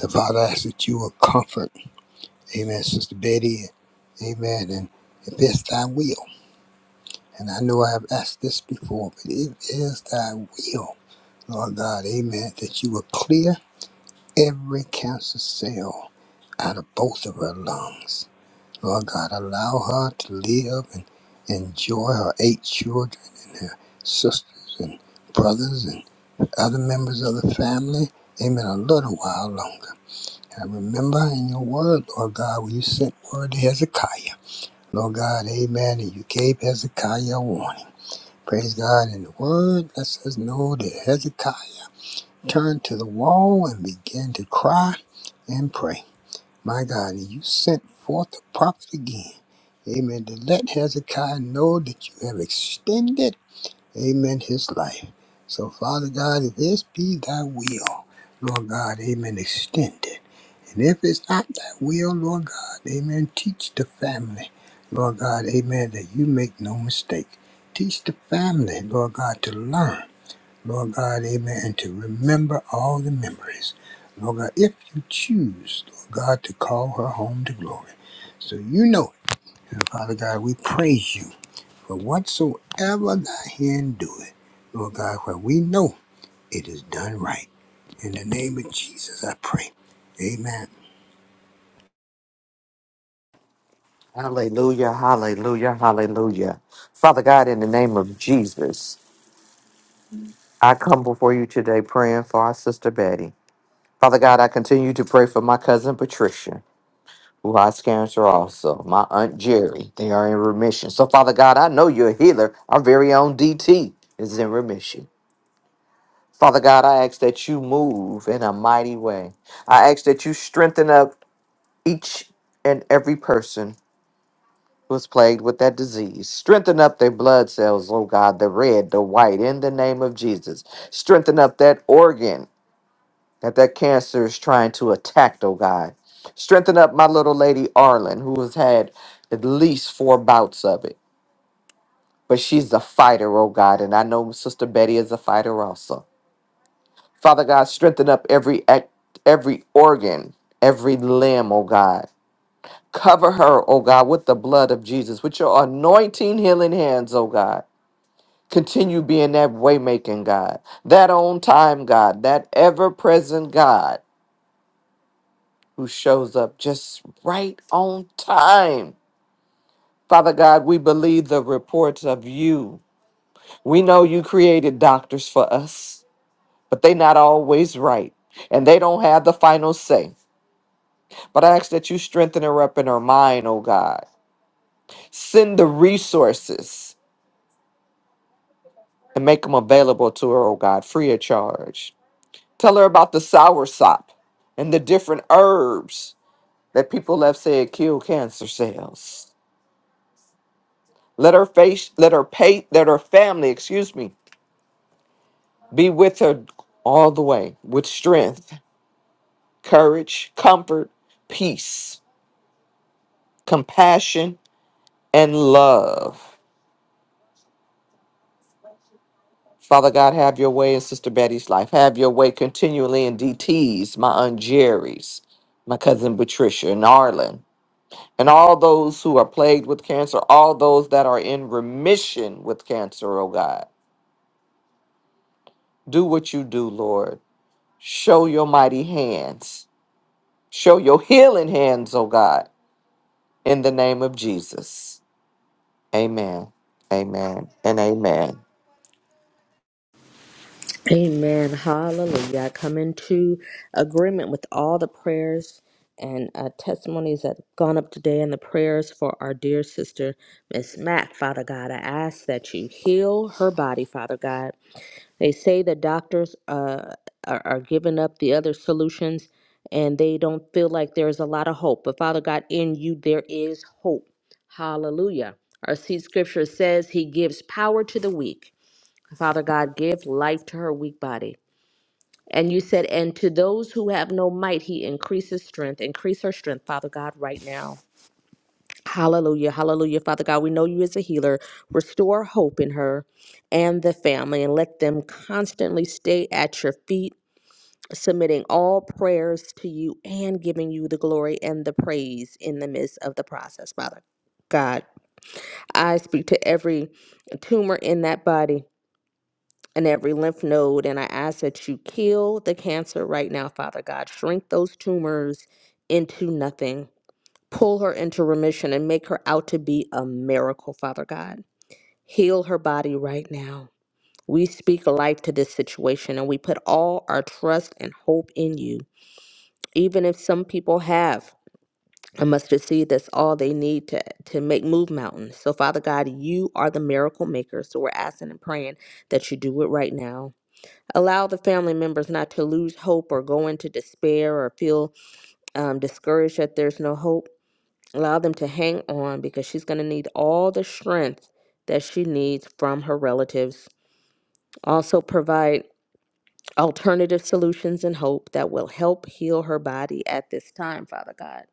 B: And Father, I ask that you will comfort, amen, Sister Betty, amen, and if it's thy will, and I know I have asked this before, but it is thy will, Lord God, amen, that you will clear every cancer cell out of both of her lungs. Lord God, allow her to live and enjoy her eight children and her sisters and brothers and other members of the family. Amen. A little while longer. And remember in your word, Lord God, when you sent word to Hezekiah. Lord God, amen. And you gave Hezekiah a warning. Praise God. And the word lets us know that Hezekiah turned to the wall and began to cry and pray. My God, and you sent forth the prophet again. Amen. To let Hezekiah know that you have extended, amen, his life. So, Father God, if this be thy will, Lord God, amen, extend it. And if it's not thy will, Lord God, amen, teach the family, Lord God, amen, that you make no mistake. Teach the family, Lord God, to learn. Lord God, amen, and to remember all the memories. Lord God, if you choose, Lord God, to call her home to glory. So you know it. And Father God, we praise you for whatsoever thy hand doeth. Lord God, for we know it is done right. In the name of Jesus, I pray. Amen.
H: Hallelujah, hallelujah, hallelujah. Father God, in the name of Jesus, I come before you today praying for our sister Betty. Father God, I continue to pray for my cousin Patricia, who has cancer also, my aunt Jerry. They are in remission. So, Father God, I know you're a healer. Our very own DT is in remission. Father God, I ask that you move in a mighty way. I ask that you strengthen up each and every person was plagued with that disease. Strengthen up their blood cells, oh God, the red, the white, in the name of Jesus. Strengthen up that organ that that cancer is trying to attack, oh God. Strengthen up my little lady Arlen, who has had at least four bouts of it. But she's a fighter, oh God, and I know Sister Betty is a fighter also. Father God, strengthen up every act, every organ, every limb, oh God. Cover her, oh God, with the blood of Jesus, with your anointing healing hands, oh God. Continue being that waymaking God, that on time God, that ever present God who shows up just right on time. Father God, we believe the reports of you. We know you created doctors for us, but they not always right, and they don't have the final say. But I ask that you strengthen her up in her mind, oh God. Send the resources and make them available to her, oh God, free of charge. Tell her about the soursop and the different herbs that people have said kill cancer cells. Let her face, let her pay, let her family, excuse me, be with her all the way with strength, courage, comfort, peace, compassion, and love. Father God, have your way in Sister Betty's life. Have your way continually in DT's, my Aunt Jerry's, my cousin Patricia, and Arlen. and all those who are plagued with cancer, all those that are in remission with cancer, oh God. Do what you do, Lord. Show your mighty hands. Show your healing hands, oh God, in the name of Jesus. Amen. Amen. And amen.
E: Amen. Hallelujah. I come into agreement with all the prayers and uh, testimonies that have gone up today and the prayers for our dear sister, Miss Mac, Father God. I ask that you heal her body, Father God. They say the doctors uh, are, are giving up the other solutions and they don't feel like there's a lot of hope. But Father God, in you, there is hope. Hallelujah. Our seed scripture says he gives power to the weak. Father God, give life to her weak body. And you said, and to those who have no might, he increases strength. Increase her strength, Father God, right now. Hallelujah. Hallelujah. Father God, we know you as a healer. Restore hope in her and the family and let them constantly stay at your feet, submitting all prayers to you and giving you the glory and the praise in the midst of the process, Father. God, I speak to every tumor in that body and every lymph node, and I ask that you kill the cancer right now, Father God. Shrink those tumors into nothing pull her into remission and make her out to be a miracle, Father God. Heal her body right now. We speak life to this situation and we put all our trust and hope in you. Even if some people have a mustard seed, that's all they need to, to make move mountains. So, Father God, you are the miracle maker. So, we're asking and praying that you do it right now. Allow the family members not to lose hope or go into despair or feel um, discouraged that there's no hope Allow them to hang on because she's going to need all the strength that she needs from her relatives. Also, provide alternative solutions and hope that will help heal her body at this time, Father God.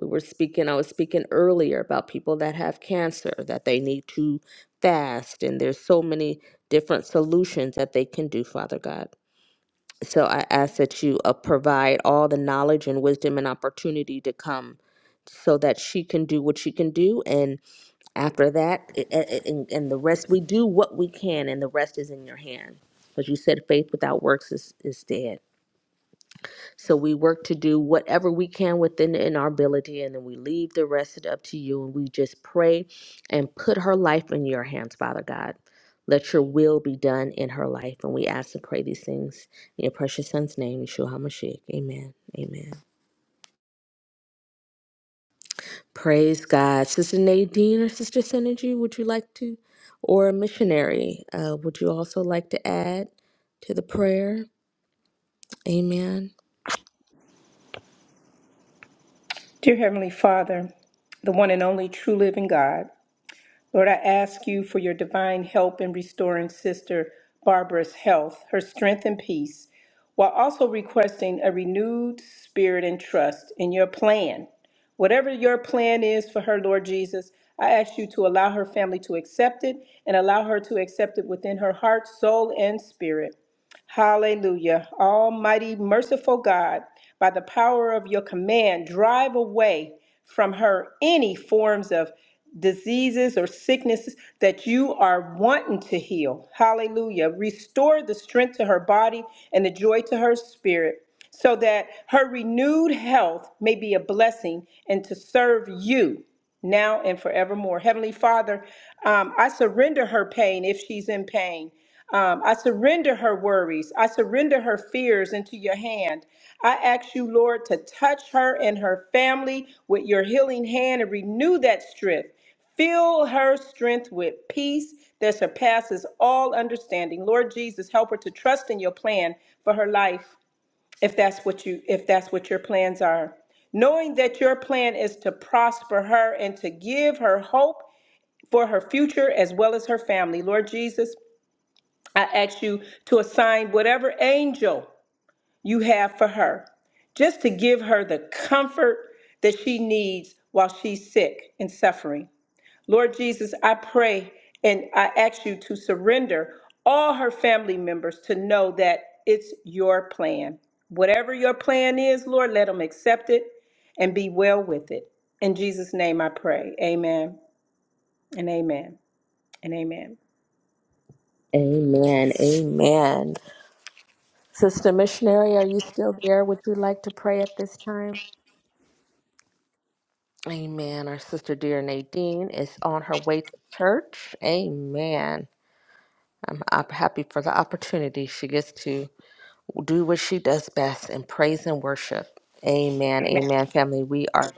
E: We were speaking, I was speaking earlier about people that have cancer, that they need to fast, and there's so many different solutions that they can do, Father God. So I ask that you uh, provide all the knowledge and wisdom and opportunity to come so that she can do what she can do and. After that, i- i- and, and the rest, we do what we can, and the rest is in your hand. Because you said faith without works is, is dead. So we work to do whatever we can within in our ability, and then we leave the rest it up to you. And we just pray and put her life in your hands, Father God. Let your will be done in her life. And we ask and pray these things in your precious son's name, Yeshua HaMashiach. Amen. Amen. Praise God. Sister Nadine or Sister Synergy, would you like to, or a missionary, uh, would you also like to add to the prayer? Amen.
G: Dear Heavenly Father, the one and only true living God, Lord, I ask you for your divine help in restoring Sister Barbara's health, her strength, and peace, while also requesting a renewed spirit and trust in your plan. Whatever your plan is for her, Lord Jesus, I ask you to allow her family to accept it and allow her to accept it within her heart, soul, and spirit. Hallelujah. Almighty, merciful God, by the power of your command, drive away from her any forms of diseases or sicknesses that you are wanting to heal. Hallelujah. Restore the strength to her body and the joy to her spirit so that her renewed health may be a blessing and to serve you now and forevermore. Heavenly Father, um, I surrender her pain if she's in pain. Um, I surrender her worries. I surrender her fears into your hand. I ask you, Lord, to touch her and her family with your healing hand and renew that strength. Fill her strength with peace that surpasses all understanding. Lord Jesus, help her to trust in your plan for her life if that's what you if that's what your plans are knowing that your plan is to prosper her and to give her hope for her future as well as her family lord jesus i ask you to assign whatever angel you have for her just to give her the comfort that she needs while she's sick and suffering Lord Jesus, I pray and I ask you to surrender all her family members to know that it's your plan. Whatever your plan is, Lord, let them accept it and be well with it. In Jesus' name I pray. Amen and amen and amen.
E: Amen. Amen. Sister Missionary, are you still there? Would you like to pray at this time? Amen. Our sister dear Nadine is on her way to church. Amen. I'm op- happy for the opportunity she gets to do what she does best and praise and worship. Amen. Amen, family. We are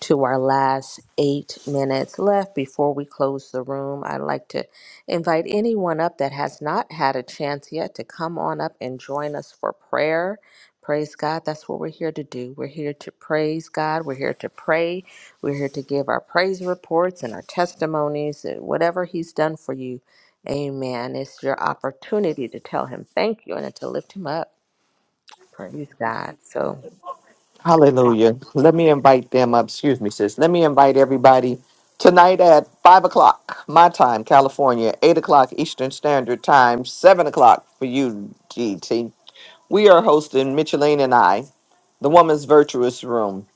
E: to our last eight minutes left before we close the room. I'd like to invite anyone up that has not had a chance yet to come on up and join us for prayer. Praise God. That's what we're here to do. We're here to praise God. We're here to pray. We're here to give our praise reports and our testimonies and whatever He's done for you. Amen. It's your opportunity to tell Him thank you and to lift Him up. Praise God. So,
H: Hallelujah. Let me invite them up. Excuse me, sis. Let me invite everybody tonight at 5 o'clock, my time, California, 8 o'clock Eastern Standard Time, 7 o'clock for you, GT We are hosting Micheline and I, the woman's virtuous room.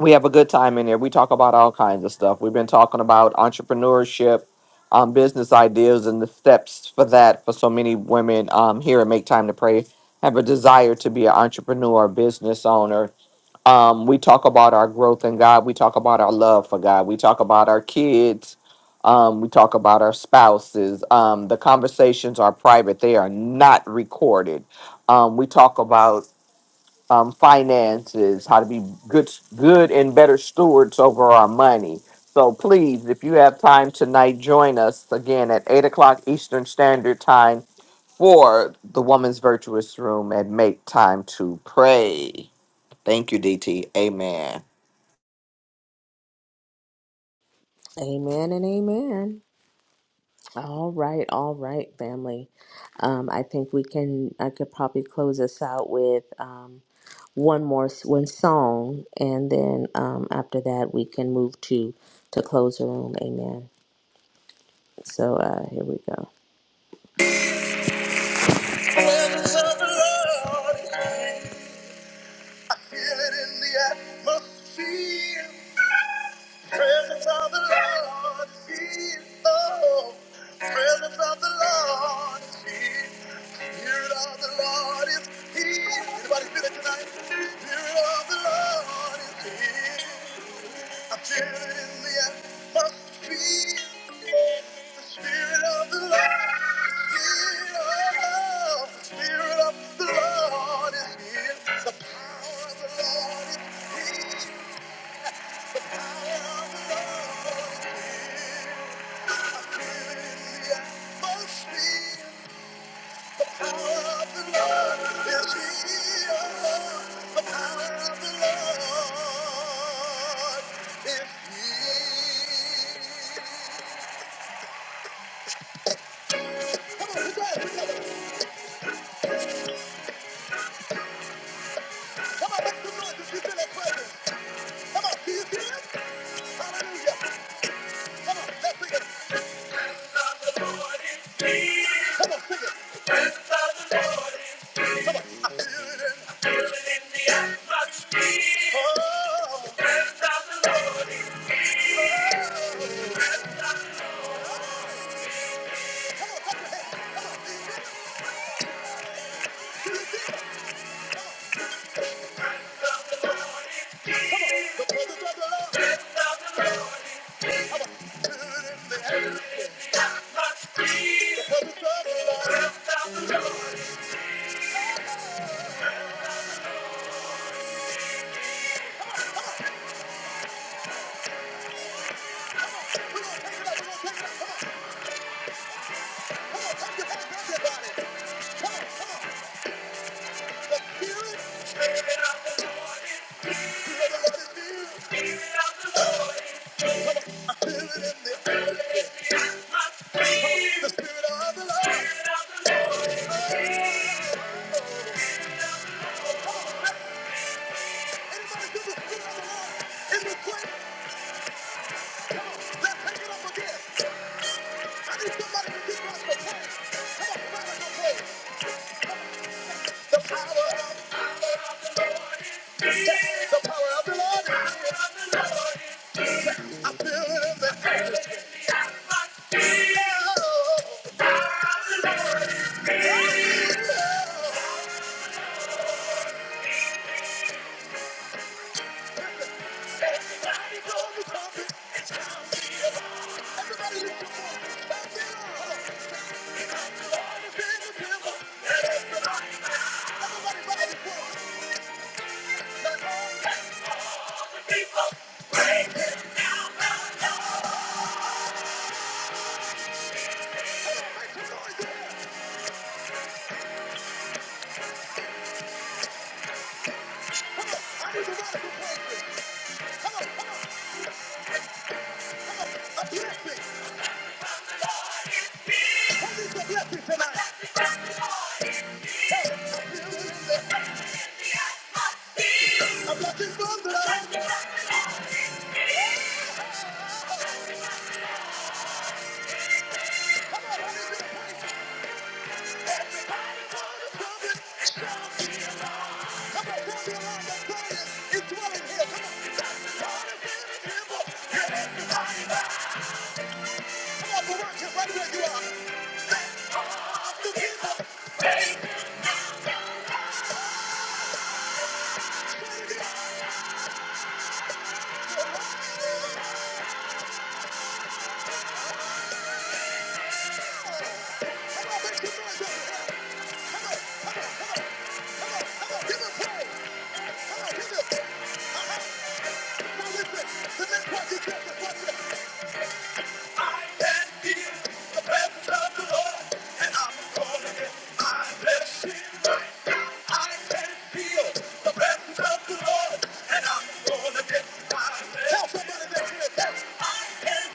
H: We have a good time in here. We talk about all kinds of stuff. We've been talking about entrepreneurship, um, business ideas, and the steps for that for so many women um, here at Make Time to Pray have a desire to be an entrepreneur, business owner, um, we talk about our growth in God. We talk about our love for God. We talk about our kids. Um, we talk about our spouses. Um, the conversations are private, they are not recorded. Um, we talk about um, finances, how to be good, good and better stewards over our money. So please, if you have time tonight, join us again at 8 o'clock Eastern Standard Time for the Woman's Virtuous Room and make time to pray. Thank you, DT. Amen.
E: amen and amen. All right, all right, family. Um, I think we can. I could probably close us out with um, one more s- one song, and then um, after that we can move to to close the room. Amen. So uh, here we go. Presence of the Lord, I feel it in the atmosphere. Presence of the Lord is here. Oh, presence of the Lord is here. Spirit of the Lord is here. Anybody feel it tonight? Spirit of the Lord is here. I feel it in the atmosphere. The Spirit of the Lord is here. Oh, the Spirit of the Lord is here. The power of the Lord is here. Anybody do the spirit of the Lord? If you quit, let's take it up again. I need somebody to give us the test. Come on, prophesy. and say, The power of the Lord is here. The power of the Lord is here. I feel it in the atmosphere. Oh, the power of the Lord is here. Everybody go the pulpit. Everybody lift your voice. Stand there. The Lord is in the temple. Let it be light. Everybody raise your voice. Let all the people praise Him now. Tell somebody next to you, I can feel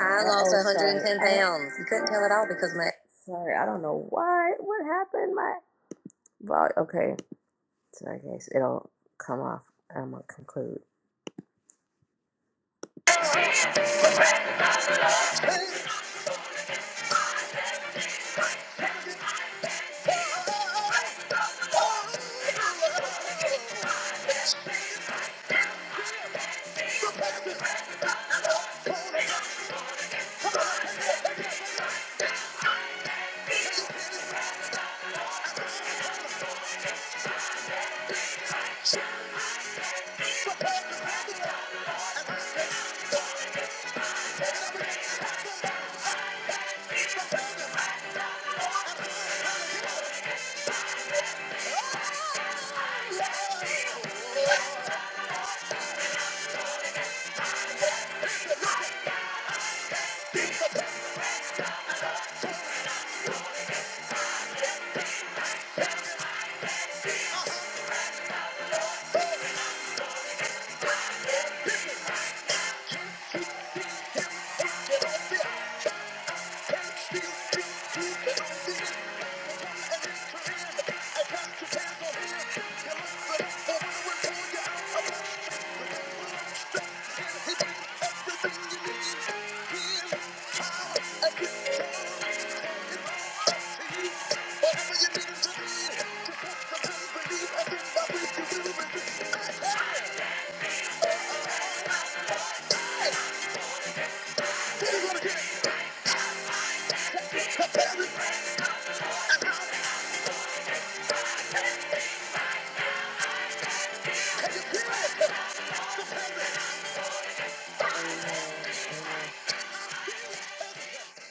E: I lost 110 sorry. I pounds. I, You couldn't tell at all because my sorry, I don't know why. What happened? My well, okay. So I guess it'll come off. I'm gonna conclude.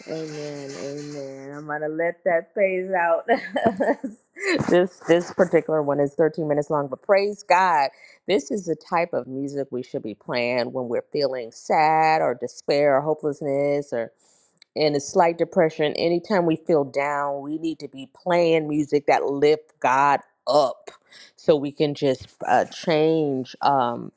E: Amen, amen. I'm gonna let that phase out. this this particular one is 13 minutes long, but praise God, this is the type of music we should be playing when we're feeling sad or despair or hopelessness or. in a slight depression, anytime we feel down, we need to be playing music that lift God up so we can just uh, change um,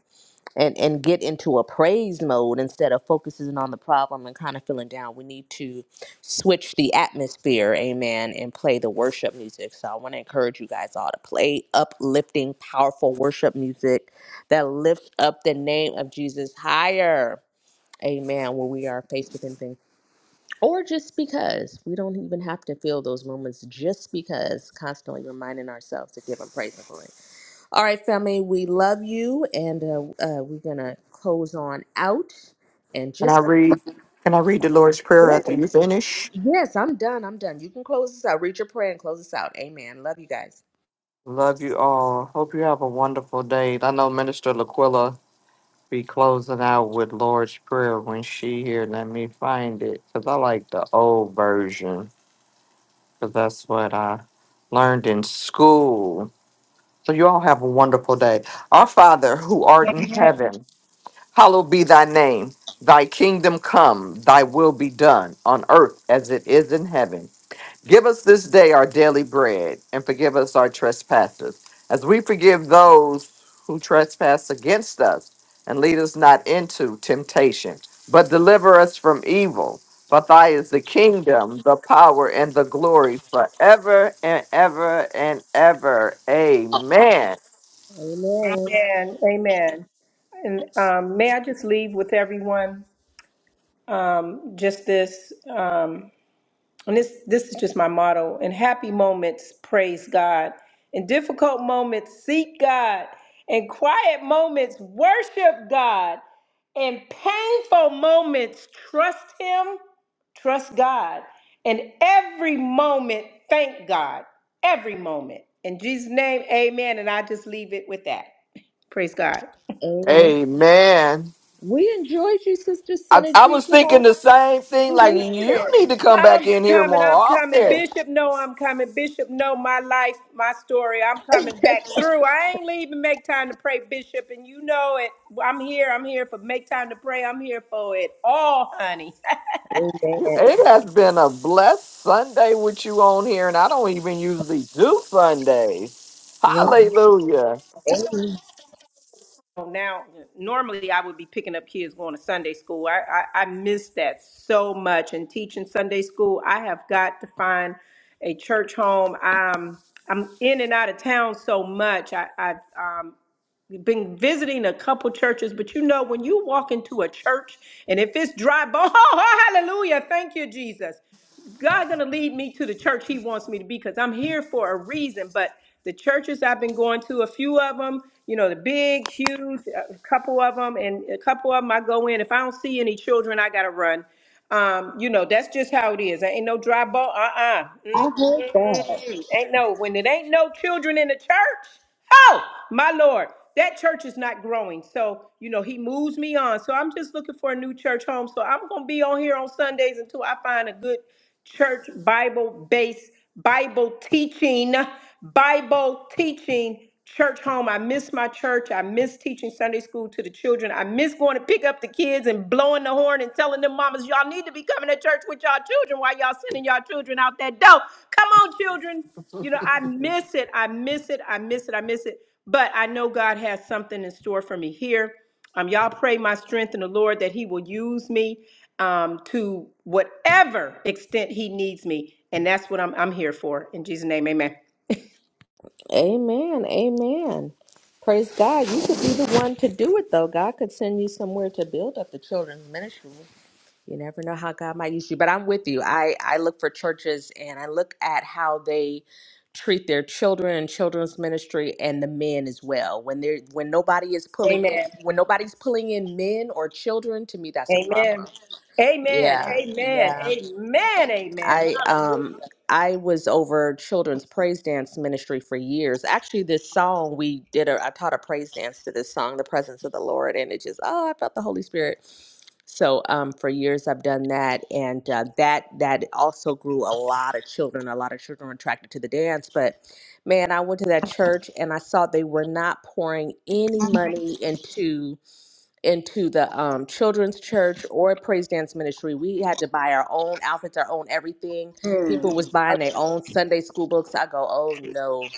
E: and, and get into a praise mode instead of focusing on the problem and kind of feeling down. We need to switch the atmosphere, amen, and play the worship music. So I want to encourage you guys all to play uplifting, powerful worship music that lifts up the name of Jesus higher. Amen. When we are faced with anything or just because we don't even have to feel those moments, just because constantly reminding ourselves to give Him praise and glory. All right, family, we love you, and uh, uh, we're gonna close on out. And
H: Can I
E: just like
H: read? Can I read the Lord's Prayer
E: yes,
H: after you finish?
E: yes, I'm done. I'm done. You can close this out. Read your prayer and close this out. Amen. Love you guys.
H: Love you all. Hope you have a wonderful day. I know Minister Laquilla be closing out with Lord's Prayer when she here. Let me find it because I like the old version because that's what I learned in school. So you all have a wonderful day. Our Father who art in heaven, hallowed be thy name. Thy kingdom come, thy will be done on earth as it is in heaven. Give us this day our daily bread, and forgive us our trespasses, as we forgive those who trespass against us. And lead us not into temptation, but deliver us from evil. For thine is the kingdom, the power, and the glory forever and ever and ever. Amen.
G: And amen. And um, may I just leave with everyone um, just this. Um, And this this is just my motto. In happy moments, praise God. In difficult moments, seek God. In quiet moments, worship God. In painful moments, trust him, trust God. In every moment, thank God. Every moment. In Jesus' name, amen. And I just leave it with that. Praise God.
E: Amen.
H: Amen.
E: We enjoyed you, Sister
H: I, I
E: Synergy.
H: was
E: Come on,
H: thinking the same thing, like, you
E: listen.
H: need to come back
G: I'm
H: in here
G: coming.
H: more
G: I'm coming.
H: often.
G: Bishop, no, I'm coming. Bishop, no, my life, my story. I'm coming back through. I ain't leaving. Make time to pray, Bishop, and you know it. I'm here. I'm here for make time to pray. I'm here for it all, honey.
E: Amen.
H: It has been a blessed Sunday with you on here, and I don't even usually do Sundays.
E: Right.
H: Hallelujah.
G: Oh, Now, normally I would be picking up kids going to Sunday school. I, I I miss that so much. And teaching Sunday school, I have got to find a church home. Um, I'm in and out of town so much. I I um, been visiting a couple churches, but you know, when you walk into a church and if it's dry bones, oh, hallelujah, thank you, Jesus. God gonna lead me to the church He wants me to be because I'm here for a reason. But the churches I've been going to, a few of them, you know, the big, huge, a couple of them, and a couple of them I go in. If I don't see any children, I gotta run. Um, you know, that's just how it is. There ain't no dry bone. Uh-uh. Mm-mm. Ain't no when it ain't no children in the church. Oh, my Lord, that church is not growing. So, you know, he moves me on. So I'm just looking for a new church home. So I'm gonna be on here on Sundays until I find a good church Bible based Bible teaching, Bible teaching church home. I miss my church. I miss teaching Sunday school to the children. I miss going to pick up the kids and blowing the horn and telling them mamas, y'all need to be coming to church with y'all children while y'all sending y'all children out that door. Come on, children. You know, I miss it. I miss it. I miss it. I miss it. But I know God has something in store for me here. Um, y'all pray my strength in the Lord that He will use me um, to whatever extent he needs me. And that's what I'm, I'm here for. In Jesus' name, amen.
E: Amen. Amen. Praise God. You could be the one to do it, though. God could send you somewhere to build up the children's ministry. You never know how God might use you. But I'm with you. I, I look for churches and I look at how they treat their children and children's ministry and the men as well. When they're when nobody is pulling
G: Amen.
E: in when nobody's pulling in men or children, to me that's a
G: Amen.
E: problem.
G: Amen.
E: Yeah.
G: Amen.
E: Yeah.
G: Amen. Amen.
E: I um I was over children's praise dance ministry for years. Actually, this song we did a I taught a praise dance to this song, The Presence of the Lord, and it just oh, I felt the Holy Spirit. So um for years I've done that and uh, that that also grew a lot of children. A lot of children were attracted to the dance, but man, I went to that church and I saw they were not pouring any money into into the um, children's church or praise dance ministry we had to buy our own outfits our own everything
G: Hallelujah. Mm.
E: people was buying their own sunday school books i go oh no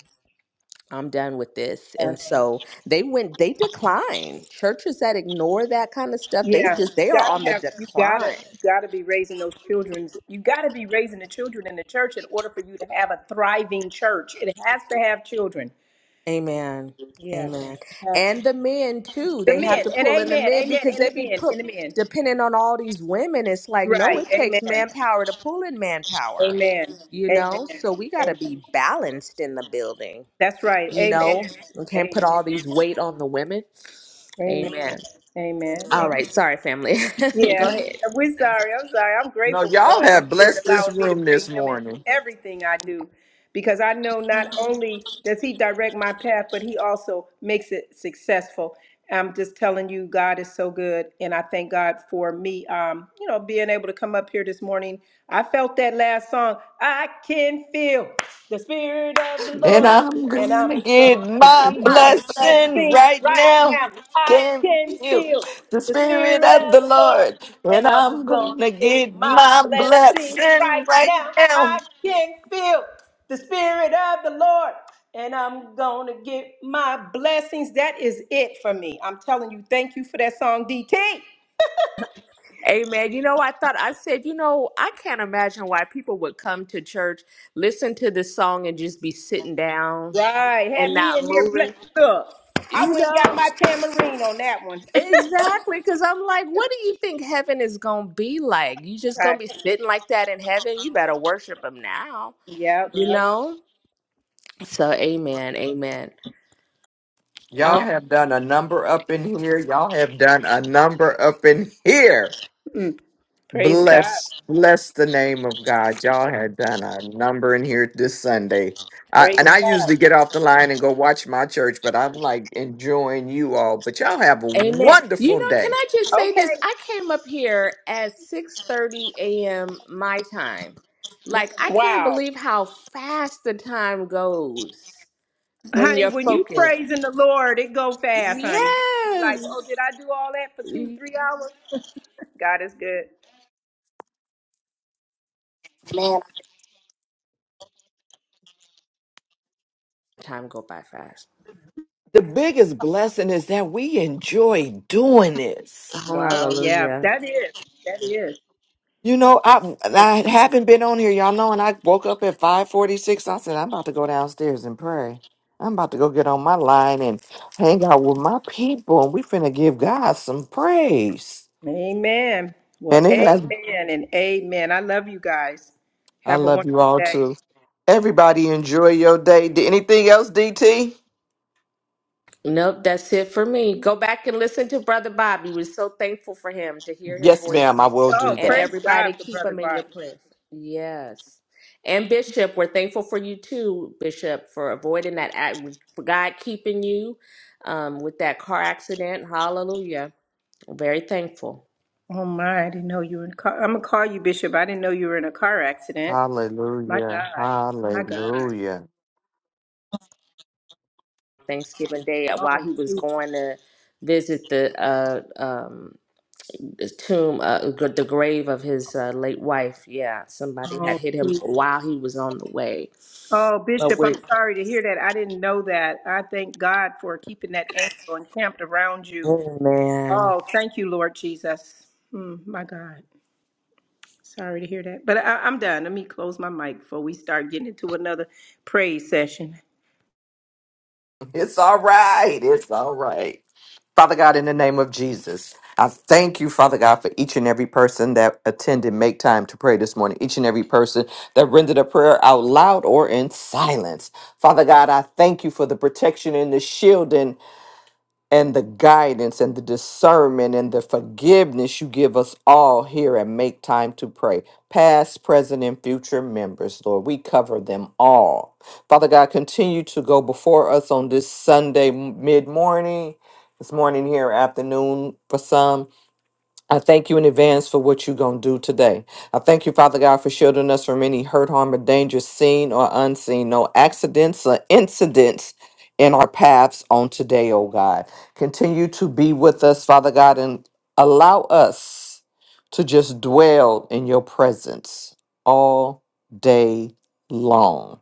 E: i'm done with this and
G: Okay.
E: so they went they decline churches that ignore that kind of stuff they
G: Yeah.
E: just they
G: You
E: are
G: gotta
E: on the
G: have you gotta
E: decline
G: you gotta be raising those children. You gotta be raising the children in the church in order for you to have a thriving church. It has to have children.
E: amen
G: Yeah.
E: amen
G: Yes.
E: and the men too
G: The
E: they have
G: men
E: to
G: and
E: pull in the
G: amen.
E: men
G: Amen.
E: because
G: And
E: they
G: the
E: be
G: men.
E: put
G: And the men.
E: these women
G: Right. Amen.
E: to pull in men
G: Amen.
E: you know
G: Amen.
E: so we got to
G: Amen.
E: be balanced in the building
G: That's right.
E: you
G: Amen.
E: know we can't put
G: Amen.
E: all these weight on the women
G: Amen.
E: amen
G: Amen.
E: all
G: Amen.
E: right sorry family go
G: Yeah, we,
E: ahead
G: we're sorry. I'm sorry. I'm
H: No,
G: grateful for the
H: y'all
G: Holy
H: have
G: Spirit
H: blessed this
G: allowing me to
H: room
G: bring
H: this
G: Him in
H: morning.
G: everything I do because I know not only does He direct my path, but He also makes it successful. I'm just telling you, God is so good. And I thank God for me, um, you know, being able to come up here this morning. I felt that last song. I can feel the Spirit of the
H: And
G: Lord,
H: I'm
G: and
H: going to
G: I'm
H: get
G: going
H: my
G: my
H: blessing
G: blessings
H: right
G: right
H: now.
G: now. I
H: Can
G: can
H: feel
G: feel
H: the
G: the
H: Spirit
G: spirit of
H: of the
G: the
H: Lord.
G: Lord, and
H: And
G: I'm
H: I'm
G: gonna
H: going to
G: get
H: get
G: my
H: my
G: blessings
H: blessing
G: right
H: right
G: now. I
H: now.
G: can feel the spirit of the Lord, and I'm gonna get my blessings. That is it for me. I'm telling you, thank you for that song, DT.
E: amen you know i thought i said you know i can't imagine why people would come to church listen to this song and just be sitting down
G: Right, had
E: and
G: me in
E: not
G: here
E: moving
G: blessed up. I
E: you
G: went and got
E: know
G: my tamarine on that one.
E: exactly because i'm like what do you think heaven is gonna be like you just gonna
G: right.
E: be sitting like that in heaven you better worship him now
G: Yep.
E: you know so amen amen all
H: Y'all have done a number up in here. Y'all have done a number up in here.
G: Mm. Praise God.
H: Bless, bless the name of God. Y'all had done a number in here this Sunday. I,
G: Praise
H: and I usually
G: God.
H: get off the line and go watch my church, but I'm like enjoying you all. But y'all have a
E: Amen. You
H: wonderful
E: know, can
H: day.
E: I just say this?
G: Okay.
E: I came up here at 6:30 a.m. my time. Like I can't
G: Wow.
E: believe how fast the time goes when
G: Honey,
E: you're
G: when you
E: focused.
G: praising the Lord, it go fast, honey. You, you like, oh,
E: Yes.
G: did I do all that for two, three hours? God is good.
E: Time go by fast.
H: The biggest blessing is that we enjoy doing this.
G: Wow. Yeah,
E: Hallelujah.
G: that is. That is.
H: You know, I I haven't been on here, y'all know, and I woke up at 546. I said, I'm about to go downstairs and pray. I'm about to go get on my line and hang out with my people, and we finna give God some praise.
G: Amen. Well,
H: And it has.
G: amen and amen. I love you guys.
H: I
G: Have a
H: love
G: wonderful
H: you all
G: day.
H: too. Everybody enjoy your day. D- Anything else, DT?
E: Bobby. We're so thankful for him to hear his
H: Yes, ma'am. I
E: voice.
H: will
G: Oh,
H: do
E: And
H: that.
G: praise God
E: everybody,
G: for
E: keep
G: Brother
E: him in your
G: Bobby.
E: prayers. Yes. And Bishop, we're thankful for you too, Bishop, for avoiding that act, for God keeping you um, with that car accident. Hallelujah. Very thankful.
G: Oh my, I didn't know you were in a car. I'm gonna call you Bishop. I didn't know you were in a car accident. My
H: Hallelujah.
G: God. My God.
H: Hallelujah.
E: Thanksgiving Day, uh, while
G: Oh
E: he was going
G: Jesus.
E: to visit the uh, um, the tomb, uh, gr- the grave of his uh, late wife. Yeah, somebody had
G: Oh
E: hit him
G: Jesus.
E: while he was on the way.
G: Oh, Bishop, I'm sorry to hear that. I didn't know that. I thank God for keeping that angel encamped around you.
E: Amen.
G: Oh, thank you, Lord Jesus. Mm, my God. Sorry to hear that. But I, I'm done. Let me close my mic before we start getting into another praise session.
H: It's all right. It's all right. Father God, in the name of Jesus, I thank you, Father God, for each and every person that attended Make Time to Pray this morning, each and every person that rendered a prayer out loud or in silence. Father God, I thank you for the protection and the shielding and the guidance and the discernment and the forgiveness you give us all here and make time to pray. Past, present, and future members, Lord, we cover them all. Father God, continue to go before us on this Sunday mid morning, this morning here, afternoon for some. I thank you in advance for what you're going to do today. I thank you, Father God, for shielding us from any hurt, harm, or danger, seen or unseen, no accidents or incidents in our paths on today, oh God. Continue to be with us, Father God, and allow us to just dwell in your presence all day long.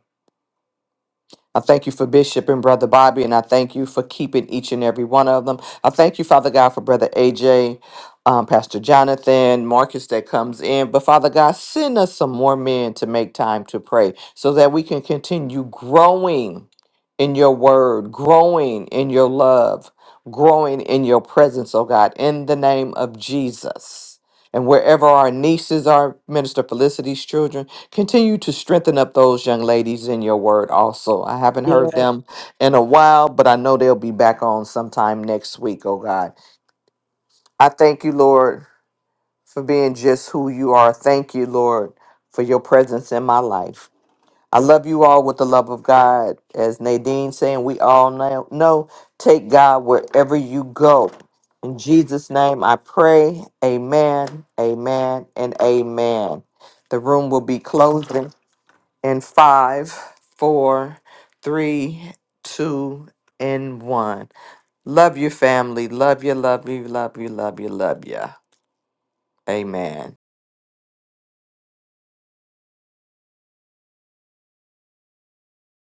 H: I thank you for Bishop and Brother Bobby, and I thank you for keeping each and every one of them. I thank you, Father God, for Brother AJ, um, Pastor Jonathan, Marcus that comes in. But Father God, send us some more men to make time to pray so that we can continue growing in your word, growing in your love, growing in your presence, oh God, in the name of Jesus. And wherever our nieces are, Minister Felicity's children, Continue to strengthen up those young ladies in your word also. I haven't heard them in a while, but I know they'll be back on sometime next week, oh God. I thank you, Lord, for being just who you are. Thank you, Lord, for your presence in my life. I love you all with the love of God. As Nadine saying, we all know, know take God wherever you go. In Jesus' name I pray. Amen, amen, and amen. The room will be closing and five, four, three, two, and one. Love your family. Love you, love you, love you, love you, love you. Amen.